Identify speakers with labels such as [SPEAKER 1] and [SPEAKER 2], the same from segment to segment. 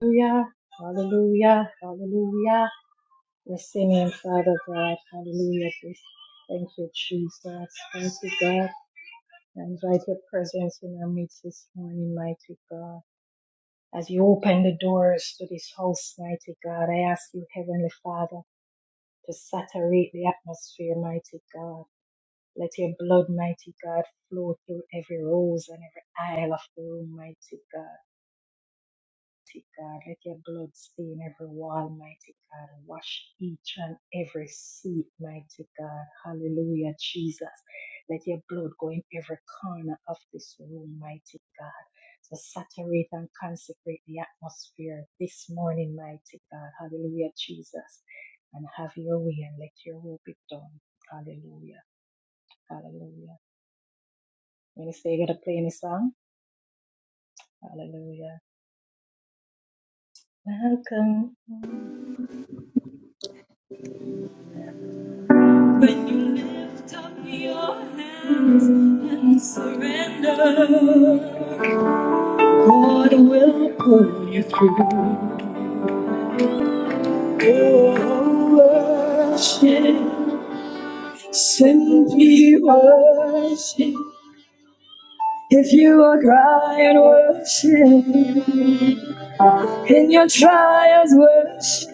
[SPEAKER 1] Hallelujah, hallelujah, hallelujah. We're singing, Father God, hallelujah. Please. Thank you, Jesus. Thank you, God. I invite your presence in our midst this morning, mighty God. As you open the doors to this house, mighty God, I ask you, Heavenly Father, to saturate the atmosphere, mighty God. Let your blood, mighty God, flow through every rose and every aisle of the room, mighty God. mighty God. Let your blood stain every wall, mighty God. Wash each and every seat, mighty God. Hallelujah, Jesus. Let your blood go in every corner of this room, mighty God. So saturate and consecrate the atmosphere this morning, mighty God. Hallelujah, Jesus. And have your way and let your will be done. Hallelujah. Hallelujah. Minister, you got to play any song? Hallelujah. Welcome.
[SPEAKER 2] When you lift up your hands and surrender, God will pull you through. Oh, worship, simply worship. If you are crying, worship. In your trials, worship.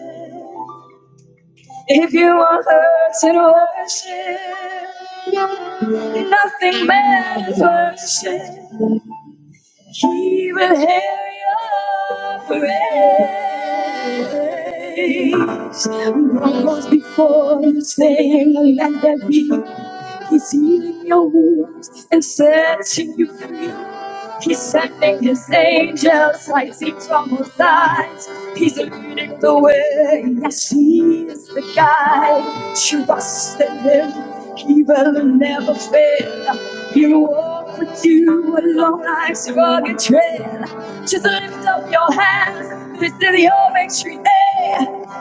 [SPEAKER 2] If you are hurting, worship. Nothing matters, worship. He will hear your praise. Broncos before you sing, let there be. He's healing your wounds and setting you free. He's sending his angels like seeds from all sides. He's leading the way. Yes, he is the guide. Trust in him. He will never fail. You walk with you along life's rugged trail. Just lift up your hands, this is your victory day.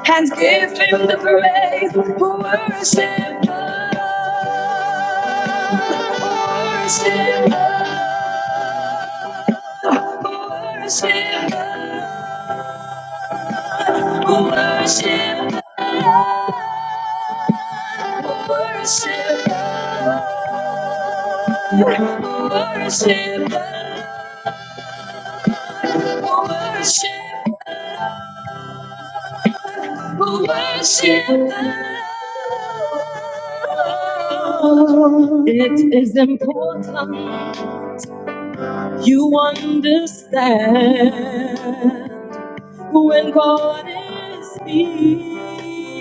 [SPEAKER 2] And give him the praise, worship God, worship God, worship God, worship God, worship God. Worship God, We'll worship, the Lord. we'll worship the Lord. It is important you understand when God is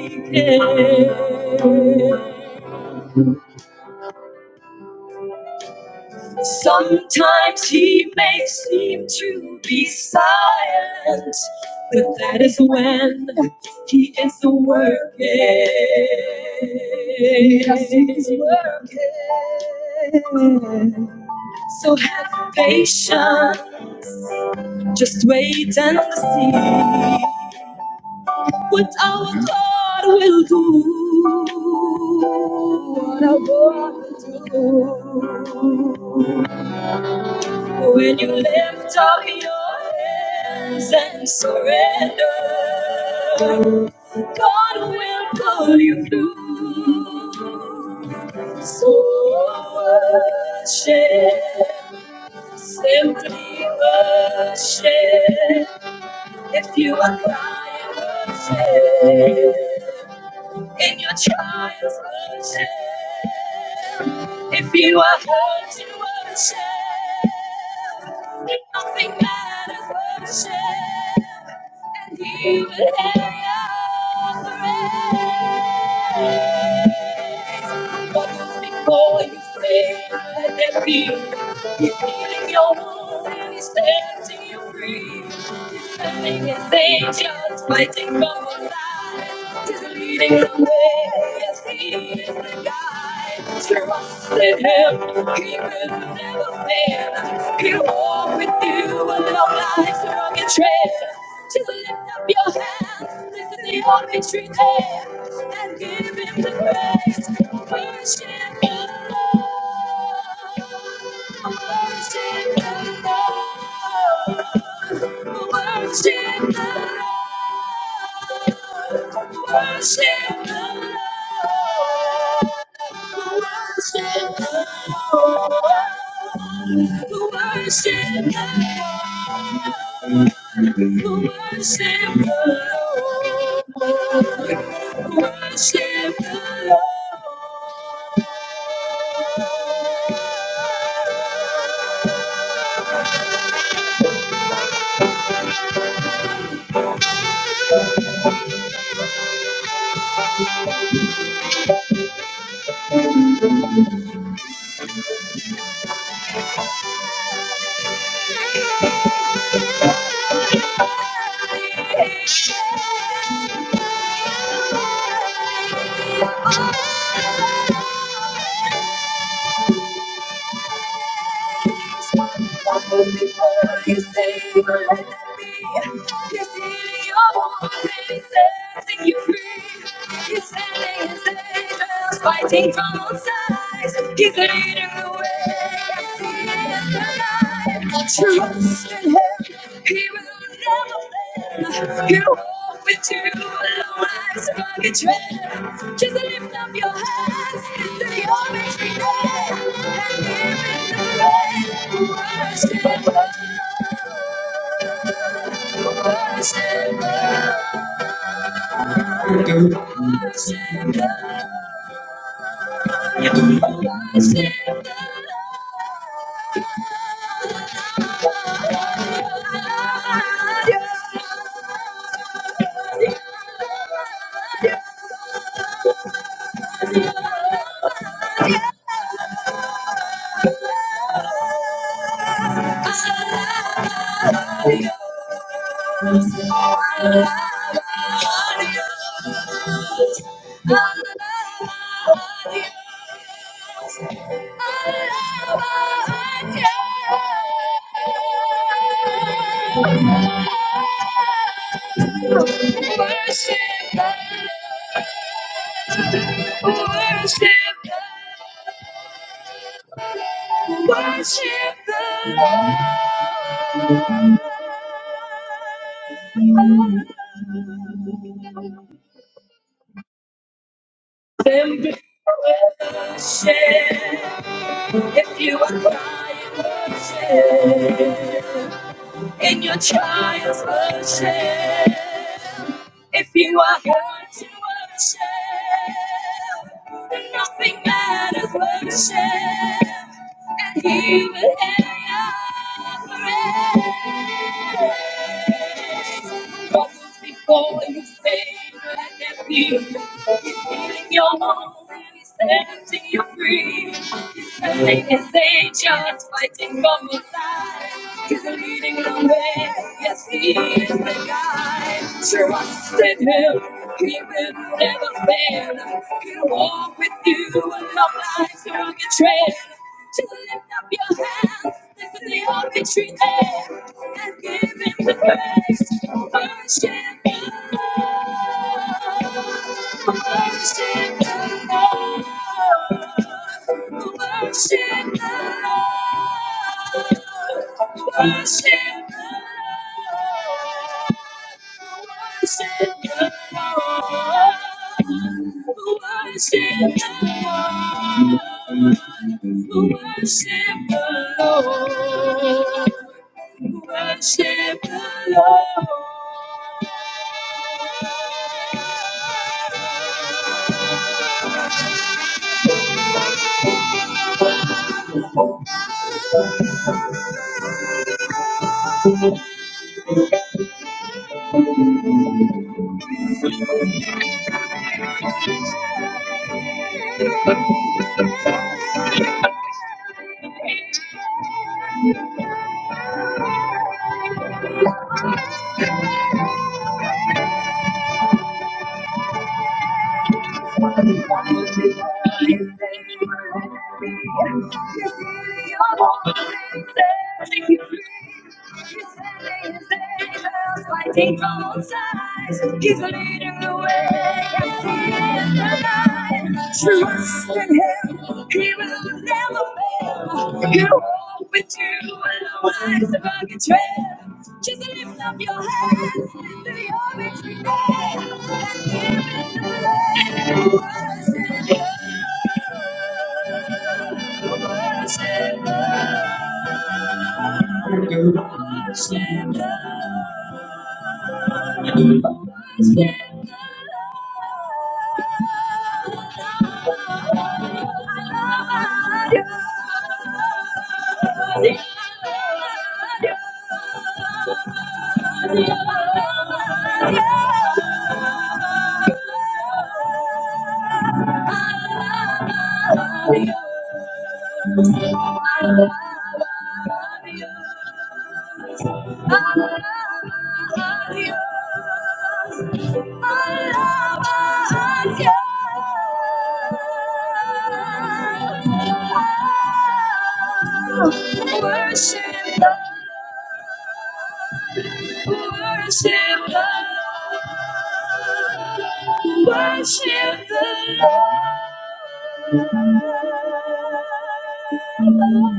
[SPEAKER 2] speaking. Sometimes he may seem to be silent, but that is when he is working. 'Cause He's working. So have patience, just wait and see what our God will do. What our God will do. When you lift up your hands and surrender, God will pull you through. So worship, simply worship. If you are crying, worship in your child's worship. If you are hurt, you worship. If nothing matters, worship. And he will hear your praise. What was before you pray, let it be. He's healing your wound and he's setting you free. He's sending his angels fighting from your side. He's leading the way. Yes, he is the guide. Trust in him. He will never fail. He'll walk with you along life's rugged trail. Just lift up your hands. This is the only tree there. And give him the praise. Worship the Lord. Worship the Lord. Oh Fighting from all sides, he's leading the way. Yes, he is alive. Trust in him, he will never fail. You walk with two alone life's rugged trail. Just lift up your hands into the army tree day. And give it yeah. Adios, adios, adios, adios, adios, adios, adios. Worship God, worship God, worship God. Then be with us, yeah. If you are crying, worship in your child's worship. If you are hurting, worship. Nothing matters, worship. And he will hear your prayer. But was before you saved and appeared? He's healing your home and he's setting you free. He's sending his angels fighting for your side. He's leading the way. Yes, he is the God. Trust in him, he will never fail. He'll walk with you along life's rugged trail. To lift up your hands, this the only tree there, and give him the praise. Worship God, worship God, worship Take all sides, he's leading the way. I see the light. Trust in him, he will never fail. You walk with you and the lights of a betrayal. Just lift up your hands to your victory. day. Worship, worship, I love you. Alaba a Dios, alaba a Dios. Oh, Worship the Lord. worship the Lord, worship the Lord.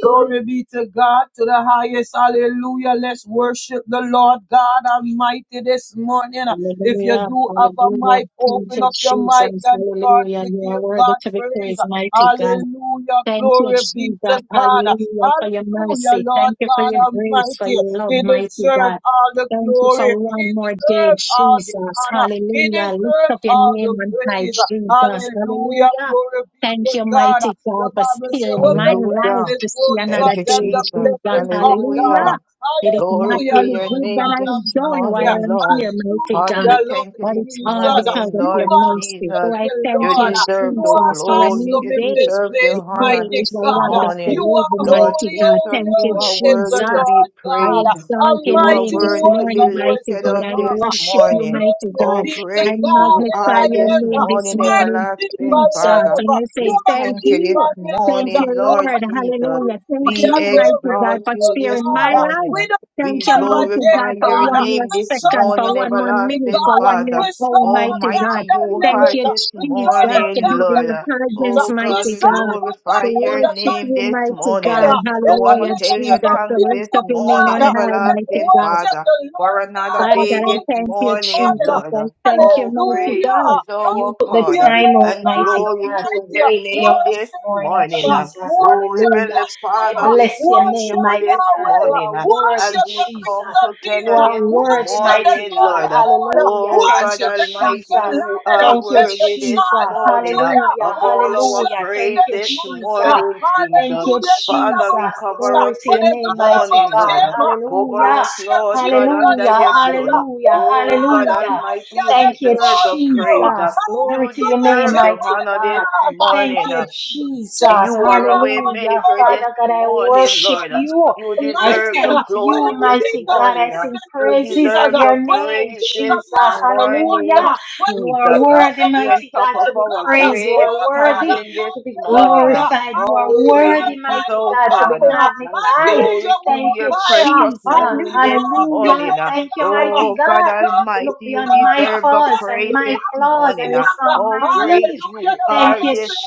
[SPEAKER 2] Glory be to God to the highest. Hallelujah. Let's worship the Lord God Almighty this morning. If you
[SPEAKER 1] Hallelujah.
[SPEAKER 2] do have a
[SPEAKER 1] Hallelujah.
[SPEAKER 2] mic,
[SPEAKER 1] Thank
[SPEAKER 2] open
[SPEAKER 1] you,
[SPEAKER 2] up your
[SPEAKER 1] Jesus.
[SPEAKER 2] mic and start
[SPEAKER 1] Hallelujah.
[SPEAKER 2] to
[SPEAKER 1] You are
[SPEAKER 2] give
[SPEAKER 1] worthy
[SPEAKER 2] God
[SPEAKER 1] to be
[SPEAKER 2] praise.
[SPEAKER 1] praised, mighty God.
[SPEAKER 2] Hallelujah.
[SPEAKER 1] Thank you,
[SPEAKER 2] Glory
[SPEAKER 1] Jesus.
[SPEAKER 2] be to God.
[SPEAKER 1] Hallelujah for your
[SPEAKER 2] Hallelujah,
[SPEAKER 1] mercy.
[SPEAKER 2] Lord
[SPEAKER 1] Thank you for
[SPEAKER 2] God
[SPEAKER 1] your grace, for
[SPEAKER 2] Almighty.
[SPEAKER 1] your love,
[SPEAKER 2] He
[SPEAKER 1] mighty
[SPEAKER 2] deserves
[SPEAKER 1] God.
[SPEAKER 2] all the
[SPEAKER 1] Thank you
[SPEAKER 2] glory.
[SPEAKER 1] for
[SPEAKER 2] He
[SPEAKER 1] one more day,
[SPEAKER 2] deserves all the
[SPEAKER 1] Jesus.
[SPEAKER 2] honor. He
[SPEAKER 1] Hallelujah. Lift
[SPEAKER 2] deserves
[SPEAKER 1] up your
[SPEAKER 2] all
[SPEAKER 1] name
[SPEAKER 2] the
[SPEAKER 1] on high,
[SPEAKER 2] praise.
[SPEAKER 1] Jesus.
[SPEAKER 2] Hallelujah.
[SPEAKER 1] Hallelujah.
[SPEAKER 2] Glory be
[SPEAKER 1] Thank
[SPEAKER 2] to
[SPEAKER 1] you,
[SPEAKER 2] God.
[SPEAKER 1] mighty
[SPEAKER 2] The
[SPEAKER 1] God, for
[SPEAKER 2] Bible says,
[SPEAKER 1] stealing
[SPEAKER 2] when the
[SPEAKER 1] my life
[SPEAKER 3] Hallelujah.
[SPEAKER 2] praises
[SPEAKER 1] to see
[SPEAKER 2] goes
[SPEAKER 1] another
[SPEAKER 3] Thank
[SPEAKER 2] up,
[SPEAKER 3] you,
[SPEAKER 2] then
[SPEAKER 1] day,
[SPEAKER 2] the
[SPEAKER 3] Jesus.
[SPEAKER 1] Jesus.
[SPEAKER 2] blessing come down.
[SPEAKER 1] Hallelujah.
[SPEAKER 3] Hallelujah.
[SPEAKER 1] It is
[SPEAKER 3] Glory
[SPEAKER 1] not
[SPEAKER 3] to
[SPEAKER 2] Hallelujah,
[SPEAKER 1] any
[SPEAKER 3] your
[SPEAKER 2] Lord
[SPEAKER 1] good that
[SPEAKER 3] name
[SPEAKER 1] I
[SPEAKER 2] God
[SPEAKER 3] this
[SPEAKER 1] have done
[SPEAKER 2] Almighty.
[SPEAKER 1] while
[SPEAKER 3] morning,
[SPEAKER 1] I'm
[SPEAKER 3] Lord.
[SPEAKER 1] here, mighty
[SPEAKER 3] Father,
[SPEAKER 1] God.
[SPEAKER 3] we
[SPEAKER 2] Hallelujah, Lord
[SPEAKER 3] thank you
[SPEAKER 1] But
[SPEAKER 3] this
[SPEAKER 1] it's all
[SPEAKER 2] Jesus.
[SPEAKER 1] because
[SPEAKER 3] morning,
[SPEAKER 1] of
[SPEAKER 2] You
[SPEAKER 1] your
[SPEAKER 3] Lord
[SPEAKER 2] are
[SPEAKER 1] mercy. So
[SPEAKER 3] Jesus.
[SPEAKER 1] I
[SPEAKER 2] worthy,
[SPEAKER 1] thank
[SPEAKER 3] You
[SPEAKER 1] you,
[SPEAKER 2] Lord.
[SPEAKER 3] deserve
[SPEAKER 2] You
[SPEAKER 1] Jesus,
[SPEAKER 3] the
[SPEAKER 2] are
[SPEAKER 1] for a
[SPEAKER 3] glory.
[SPEAKER 1] new
[SPEAKER 2] awesome
[SPEAKER 3] You
[SPEAKER 2] in
[SPEAKER 1] day.
[SPEAKER 2] this
[SPEAKER 3] deserve the
[SPEAKER 1] We
[SPEAKER 2] place,
[SPEAKER 3] honor
[SPEAKER 1] praise
[SPEAKER 2] mighty
[SPEAKER 1] the
[SPEAKER 3] this
[SPEAKER 1] land
[SPEAKER 2] God.
[SPEAKER 1] of
[SPEAKER 2] You
[SPEAKER 3] morning.
[SPEAKER 2] are
[SPEAKER 3] Lord
[SPEAKER 1] mighty
[SPEAKER 2] holy,
[SPEAKER 1] God.
[SPEAKER 3] Jesus,
[SPEAKER 2] holy,
[SPEAKER 1] Thank
[SPEAKER 3] you
[SPEAKER 1] you,
[SPEAKER 2] holy
[SPEAKER 3] are
[SPEAKER 2] is the
[SPEAKER 3] worthy to
[SPEAKER 1] Jesus.
[SPEAKER 3] be
[SPEAKER 2] Lord
[SPEAKER 1] I
[SPEAKER 2] God.
[SPEAKER 3] praised.
[SPEAKER 1] exalt your
[SPEAKER 3] You are
[SPEAKER 1] name
[SPEAKER 2] Almighty
[SPEAKER 1] this
[SPEAKER 3] worthy
[SPEAKER 2] was
[SPEAKER 3] to be
[SPEAKER 1] morning,
[SPEAKER 2] and was
[SPEAKER 1] mighty
[SPEAKER 3] lifted
[SPEAKER 2] to
[SPEAKER 1] God.
[SPEAKER 3] up
[SPEAKER 1] I
[SPEAKER 2] come.
[SPEAKER 3] this
[SPEAKER 1] worship
[SPEAKER 2] Oh,
[SPEAKER 1] you,
[SPEAKER 3] morning.
[SPEAKER 1] mighty
[SPEAKER 2] glory
[SPEAKER 3] Oh,
[SPEAKER 1] God.
[SPEAKER 2] be to
[SPEAKER 1] I
[SPEAKER 3] great
[SPEAKER 2] God
[SPEAKER 3] you
[SPEAKER 2] in the
[SPEAKER 3] are
[SPEAKER 1] magnify your
[SPEAKER 3] this
[SPEAKER 2] highest.
[SPEAKER 1] name this
[SPEAKER 3] morning,
[SPEAKER 2] My
[SPEAKER 1] morning,
[SPEAKER 3] everlasting
[SPEAKER 2] Redeemer
[SPEAKER 1] Jesus.
[SPEAKER 3] Father.
[SPEAKER 1] And
[SPEAKER 2] lives.
[SPEAKER 1] I say,
[SPEAKER 2] Your
[SPEAKER 3] We
[SPEAKER 1] thank
[SPEAKER 3] thank you this
[SPEAKER 1] you.
[SPEAKER 2] Redeemer
[SPEAKER 1] Thank
[SPEAKER 2] lives.
[SPEAKER 3] morning,
[SPEAKER 1] you,
[SPEAKER 3] Lord
[SPEAKER 2] Oh,
[SPEAKER 1] Lord.
[SPEAKER 3] Jesus.
[SPEAKER 1] Hallelujah. Thank
[SPEAKER 3] We
[SPEAKER 2] Hallelujah,
[SPEAKER 1] you, mighty
[SPEAKER 2] glory
[SPEAKER 1] God,
[SPEAKER 2] be
[SPEAKER 3] exalt
[SPEAKER 1] for
[SPEAKER 3] you
[SPEAKER 2] to
[SPEAKER 3] this
[SPEAKER 1] sparing my
[SPEAKER 2] God.
[SPEAKER 3] morning.
[SPEAKER 1] life.
[SPEAKER 2] We don't
[SPEAKER 1] Thank
[SPEAKER 3] We
[SPEAKER 1] you,
[SPEAKER 2] serve a
[SPEAKER 1] mighty
[SPEAKER 2] dead
[SPEAKER 1] God,
[SPEAKER 3] glorify
[SPEAKER 1] for
[SPEAKER 3] your
[SPEAKER 2] God.
[SPEAKER 1] one more
[SPEAKER 3] name
[SPEAKER 2] We
[SPEAKER 3] this
[SPEAKER 2] serve
[SPEAKER 1] second,
[SPEAKER 2] a
[SPEAKER 1] for
[SPEAKER 3] morning,
[SPEAKER 1] one more
[SPEAKER 2] mighty
[SPEAKER 1] minute,
[SPEAKER 3] everlasting
[SPEAKER 1] for
[SPEAKER 2] God.
[SPEAKER 1] one
[SPEAKER 2] We
[SPEAKER 3] Father.
[SPEAKER 1] more hour,
[SPEAKER 2] serve a
[SPEAKER 1] mighty
[SPEAKER 2] God
[SPEAKER 1] God.
[SPEAKER 3] Almighty,
[SPEAKER 2] that
[SPEAKER 3] you
[SPEAKER 1] Thank
[SPEAKER 3] are
[SPEAKER 1] you,
[SPEAKER 2] liveth.
[SPEAKER 3] this
[SPEAKER 1] Jesus,
[SPEAKER 2] We serve a
[SPEAKER 1] to be
[SPEAKER 3] morning,
[SPEAKER 2] God
[SPEAKER 1] in
[SPEAKER 2] that
[SPEAKER 3] Lord.
[SPEAKER 1] your
[SPEAKER 2] reigns.
[SPEAKER 1] presence,
[SPEAKER 3] Oh
[SPEAKER 2] We
[SPEAKER 3] God,
[SPEAKER 1] mighty
[SPEAKER 3] we
[SPEAKER 1] God.
[SPEAKER 2] serve a God
[SPEAKER 1] We
[SPEAKER 3] glorify
[SPEAKER 2] that is
[SPEAKER 3] your
[SPEAKER 2] a
[SPEAKER 1] worship
[SPEAKER 3] name
[SPEAKER 1] you,
[SPEAKER 3] this
[SPEAKER 2] constant
[SPEAKER 1] mighty
[SPEAKER 3] morning.
[SPEAKER 1] God.
[SPEAKER 2] fire.
[SPEAKER 3] We
[SPEAKER 2] Ever
[SPEAKER 3] want to
[SPEAKER 1] Hallelujah,
[SPEAKER 3] tell
[SPEAKER 2] living,
[SPEAKER 1] Jesus.
[SPEAKER 3] your
[SPEAKER 2] ever
[SPEAKER 1] So
[SPEAKER 3] thanks this
[SPEAKER 1] lift up
[SPEAKER 2] faithful
[SPEAKER 1] your name
[SPEAKER 3] morning,
[SPEAKER 1] on
[SPEAKER 2] God.
[SPEAKER 1] high,
[SPEAKER 2] Let's
[SPEAKER 1] mighty
[SPEAKER 3] everlasting
[SPEAKER 1] God.
[SPEAKER 2] worship
[SPEAKER 3] Father,
[SPEAKER 2] the
[SPEAKER 3] for
[SPEAKER 2] Lord
[SPEAKER 3] another
[SPEAKER 2] God
[SPEAKER 1] Father God,
[SPEAKER 3] day
[SPEAKER 1] I gotta
[SPEAKER 3] this
[SPEAKER 2] Almighty.
[SPEAKER 1] thank you,
[SPEAKER 3] morning,
[SPEAKER 1] Jesus.
[SPEAKER 2] Hallelujah.
[SPEAKER 3] Lord.
[SPEAKER 1] I thank you,
[SPEAKER 3] Oh,
[SPEAKER 1] mighty
[SPEAKER 2] Hallelujah,
[SPEAKER 3] great
[SPEAKER 1] God,
[SPEAKER 3] is
[SPEAKER 1] that you
[SPEAKER 3] our
[SPEAKER 1] took the
[SPEAKER 3] God,
[SPEAKER 2] Hallelujah,
[SPEAKER 1] time
[SPEAKER 2] Lord
[SPEAKER 1] out,
[SPEAKER 3] and
[SPEAKER 2] God
[SPEAKER 1] mighty
[SPEAKER 3] glory
[SPEAKER 1] God,
[SPEAKER 3] to
[SPEAKER 1] to
[SPEAKER 2] Almighty.
[SPEAKER 3] your
[SPEAKER 1] wake me up
[SPEAKER 3] name this
[SPEAKER 1] this
[SPEAKER 2] Worship
[SPEAKER 1] morning,
[SPEAKER 2] Him.
[SPEAKER 3] morning.
[SPEAKER 1] Jesus.
[SPEAKER 3] Oh,
[SPEAKER 2] Worship
[SPEAKER 1] Hallelujah.
[SPEAKER 3] Heavenly
[SPEAKER 1] I
[SPEAKER 3] Father,
[SPEAKER 2] Yeshua.
[SPEAKER 1] bless
[SPEAKER 3] we
[SPEAKER 1] your
[SPEAKER 3] thank you
[SPEAKER 1] name,
[SPEAKER 2] Worship
[SPEAKER 3] for
[SPEAKER 1] mighty
[SPEAKER 3] this
[SPEAKER 1] God.
[SPEAKER 2] Yahweh.
[SPEAKER 1] You
[SPEAKER 3] morning
[SPEAKER 1] are
[SPEAKER 3] as
[SPEAKER 1] worthy,
[SPEAKER 2] Worship the
[SPEAKER 3] we
[SPEAKER 1] Jesus.
[SPEAKER 3] come
[SPEAKER 2] Prince of
[SPEAKER 1] You
[SPEAKER 3] together
[SPEAKER 2] Peace.
[SPEAKER 3] this
[SPEAKER 1] are worthy,
[SPEAKER 2] Worship the
[SPEAKER 1] mighty
[SPEAKER 3] morning,
[SPEAKER 2] Lord
[SPEAKER 1] God.
[SPEAKER 2] of
[SPEAKER 3] Lord.
[SPEAKER 2] Lords.
[SPEAKER 1] Hallelujah.
[SPEAKER 3] Oh
[SPEAKER 1] Thank
[SPEAKER 3] God
[SPEAKER 1] you,
[SPEAKER 2] Worship the
[SPEAKER 3] Almighty,
[SPEAKER 1] Jesus.
[SPEAKER 2] conquering
[SPEAKER 3] you
[SPEAKER 2] lion uh,
[SPEAKER 3] are
[SPEAKER 1] Thank you,
[SPEAKER 2] and the
[SPEAKER 3] worthy this
[SPEAKER 1] Jesus.
[SPEAKER 2] tribe of
[SPEAKER 3] morning uh,
[SPEAKER 2] Judah.
[SPEAKER 1] Hallelujah.
[SPEAKER 3] of all our
[SPEAKER 2] Worship
[SPEAKER 1] Hallelujah.
[SPEAKER 2] him
[SPEAKER 1] Thank
[SPEAKER 3] praise
[SPEAKER 2] this
[SPEAKER 1] you,
[SPEAKER 3] this
[SPEAKER 2] morning.
[SPEAKER 1] Jesus.
[SPEAKER 2] uh,
[SPEAKER 3] morning,
[SPEAKER 1] Thank
[SPEAKER 3] Jesus.
[SPEAKER 1] you,
[SPEAKER 2] Hallelujah. It's not
[SPEAKER 3] Father, we
[SPEAKER 2] about
[SPEAKER 1] Jesus.
[SPEAKER 2] us,
[SPEAKER 3] cover
[SPEAKER 2] uh,
[SPEAKER 1] Glory
[SPEAKER 3] us
[SPEAKER 1] to
[SPEAKER 2] but
[SPEAKER 3] this
[SPEAKER 1] your
[SPEAKER 2] it's
[SPEAKER 1] name,
[SPEAKER 2] all
[SPEAKER 1] mighty
[SPEAKER 3] morning,
[SPEAKER 2] about
[SPEAKER 1] God.
[SPEAKER 3] Lord.
[SPEAKER 2] him. uh.
[SPEAKER 3] Cover
[SPEAKER 1] Hallelujah.
[SPEAKER 3] us,
[SPEAKER 2] Worship
[SPEAKER 3] Lord
[SPEAKER 2] Jesus
[SPEAKER 3] God, under
[SPEAKER 1] Hallelujah,
[SPEAKER 3] your
[SPEAKER 2] Christ.
[SPEAKER 3] blood.
[SPEAKER 2] uh.
[SPEAKER 1] hallelujah,
[SPEAKER 2] Oh
[SPEAKER 3] Oh
[SPEAKER 2] God
[SPEAKER 3] God
[SPEAKER 1] hallelujah.
[SPEAKER 3] Almighty,
[SPEAKER 2] Almighty, I
[SPEAKER 3] you
[SPEAKER 1] Thank you,
[SPEAKER 3] deserve
[SPEAKER 2] exalt
[SPEAKER 3] the
[SPEAKER 2] you. uh.
[SPEAKER 3] praise.
[SPEAKER 1] Jesus.
[SPEAKER 3] uh,
[SPEAKER 2] I
[SPEAKER 1] Glory
[SPEAKER 3] You
[SPEAKER 1] to your
[SPEAKER 2] exalt
[SPEAKER 1] name,
[SPEAKER 3] deserve
[SPEAKER 2] you,
[SPEAKER 3] the
[SPEAKER 2] my
[SPEAKER 1] mighty
[SPEAKER 3] honor this
[SPEAKER 1] God.
[SPEAKER 2] God. uh.
[SPEAKER 1] Thank
[SPEAKER 2] I
[SPEAKER 3] morning.
[SPEAKER 1] you,
[SPEAKER 2] exalt you,
[SPEAKER 1] Jesus.
[SPEAKER 3] You are a
[SPEAKER 2] Redeemer,
[SPEAKER 3] way
[SPEAKER 2] my
[SPEAKER 1] Hallelujah.
[SPEAKER 3] maker
[SPEAKER 2] God.
[SPEAKER 3] this
[SPEAKER 1] Father God, I
[SPEAKER 3] morning,
[SPEAKER 1] worship
[SPEAKER 3] Lord.
[SPEAKER 1] you.
[SPEAKER 3] You
[SPEAKER 1] I
[SPEAKER 3] deserve
[SPEAKER 2] Almighty,
[SPEAKER 3] the
[SPEAKER 1] thank
[SPEAKER 2] uh, when
[SPEAKER 1] you,
[SPEAKER 3] glory
[SPEAKER 2] I
[SPEAKER 3] this
[SPEAKER 2] think
[SPEAKER 1] mighty
[SPEAKER 2] of
[SPEAKER 1] God.
[SPEAKER 2] the
[SPEAKER 3] morning.
[SPEAKER 1] I sing
[SPEAKER 2] goodness of
[SPEAKER 3] You
[SPEAKER 1] praises
[SPEAKER 2] Jesus,
[SPEAKER 1] to
[SPEAKER 3] deserve
[SPEAKER 2] uh,
[SPEAKER 3] the
[SPEAKER 1] your
[SPEAKER 2] when I
[SPEAKER 1] name,
[SPEAKER 3] praise
[SPEAKER 2] think
[SPEAKER 3] this
[SPEAKER 2] of
[SPEAKER 1] Jesus.
[SPEAKER 2] the awesome
[SPEAKER 3] morning,
[SPEAKER 1] Hallelujah.
[SPEAKER 2] wonder, uh, when
[SPEAKER 1] You
[SPEAKER 2] I
[SPEAKER 3] Jesus.
[SPEAKER 1] are
[SPEAKER 2] think of
[SPEAKER 1] worthy,
[SPEAKER 2] the
[SPEAKER 3] We're on
[SPEAKER 1] mighty
[SPEAKER 2] person
[SPEAKER 3] top
[SPEAKER 2] of
[SPEAKER 1] God,
[SPEAKER 3] of
[SPEAKER 1] to
[SPEAKER 2] our
[SPEAKER 1] be
[SPEAKER 3] our
[SPEAKER 2] God,
[SPEAKER 1] praised. You
[SPEAKER 2] uh,
[SPEAKER 3] grave
[SPEAKER 2] oh
[SPEAKER 1] are
[SPEAKER 2] God
[SPEAKER 1] worthy
[SPEAKER 3] standing this
[SPEAKER 1] to be
[SPEAKER 2] Almighty
[SPEAKER 3] morning.
[SPEAKER 2] Lord, uh,
[SPEAKER 1] glorified.
[SPEAKER 2] I
[SPEAKER 1] You are
[SPEAKER 3] Oh,
[SPEAKER 2] need the
[SPEAKER 1] worthy,
[SPEAKER 3] great is,
[SPEAKER 1] mighty
[SPEAKER 2] revival
[SPEAKER 3] oh
[SPEAKER 1] God, to be
[SPEAKER 3] God,
[SPEAKER 2] fire,
[SPEAKER 3] and
[SPEAKER 2] I
[SPEAKER 1] magnified.
[SPEAKER 2] need
[SPEAKER 3] glory
[SPEAKER 2] your
[SPEAKER 3] to
[SPEAKER 1] Thank
[SPEAKER 2] more
[SPEAKER 3] your
[SPEAKER 1] you,
[SPEAKER 2] fire,
[SPEAKER 3] precious
[SPEAKER 1] Jesus.
[SPEAKER 2] I
[SPEAKER 3] name
[SPEAKER 2] need
[SPEAKER 3] this
[SPEAKER 2] more of you,
[SPEAKER 1] Hallelujah.
[SPEAKER 3] morning.
[SPEAKER 2] Lord
[SPEAKER 1] Thank you,
[SPEAKER 2] God,
[SPEAKER 1] mighty
[SPEAKER 3] Oh,
[SPEAKER 2] uh,
[SPEAKER 3] God
[SPEAKER 2] oh
[SPEAKER 1] God.
[SPEAKER 2] Lord
[SPEAKER 1] You
[SPEAKER 3] Almighty,
[SPEAKER 1] look
[SPEAKER 3] you
[SPEAKER 1] beyond
[SPEAKER 2] Jesus,
[SPEAKER 1] my
[SPEAKER 2] uh,
[SPEAKER 3] deserve the
[SPEAKER 1] faults
[SPEAKER 2] yes,
[SPEAKER 1] and
[SPEAKER 2] you
[SPEAKER 3] praise
[SPEAKER 1] my
[SPEAKER 3] this
[SPEAKER 2] are.
[SPEAKER 1] flaws
[SPEAKER 3] morning.
[SPEAKER 1] and you saw
[SPEAKER 3] Oh,
[SPEAKER 1] my
[SPEAKER 3] great
[SPEAKER 1] needs.
[SPEAKER 2] Hallelujah.
[SPEAKER 3] you
[SPEAKER 2] The
[SPEAKER 1] Thank
[SPEAKER 3] are
[SPEAKER 2] Bible
[SPEAKER 1] you,
[SPEAKER 3] this
[SPEAKER 2] said,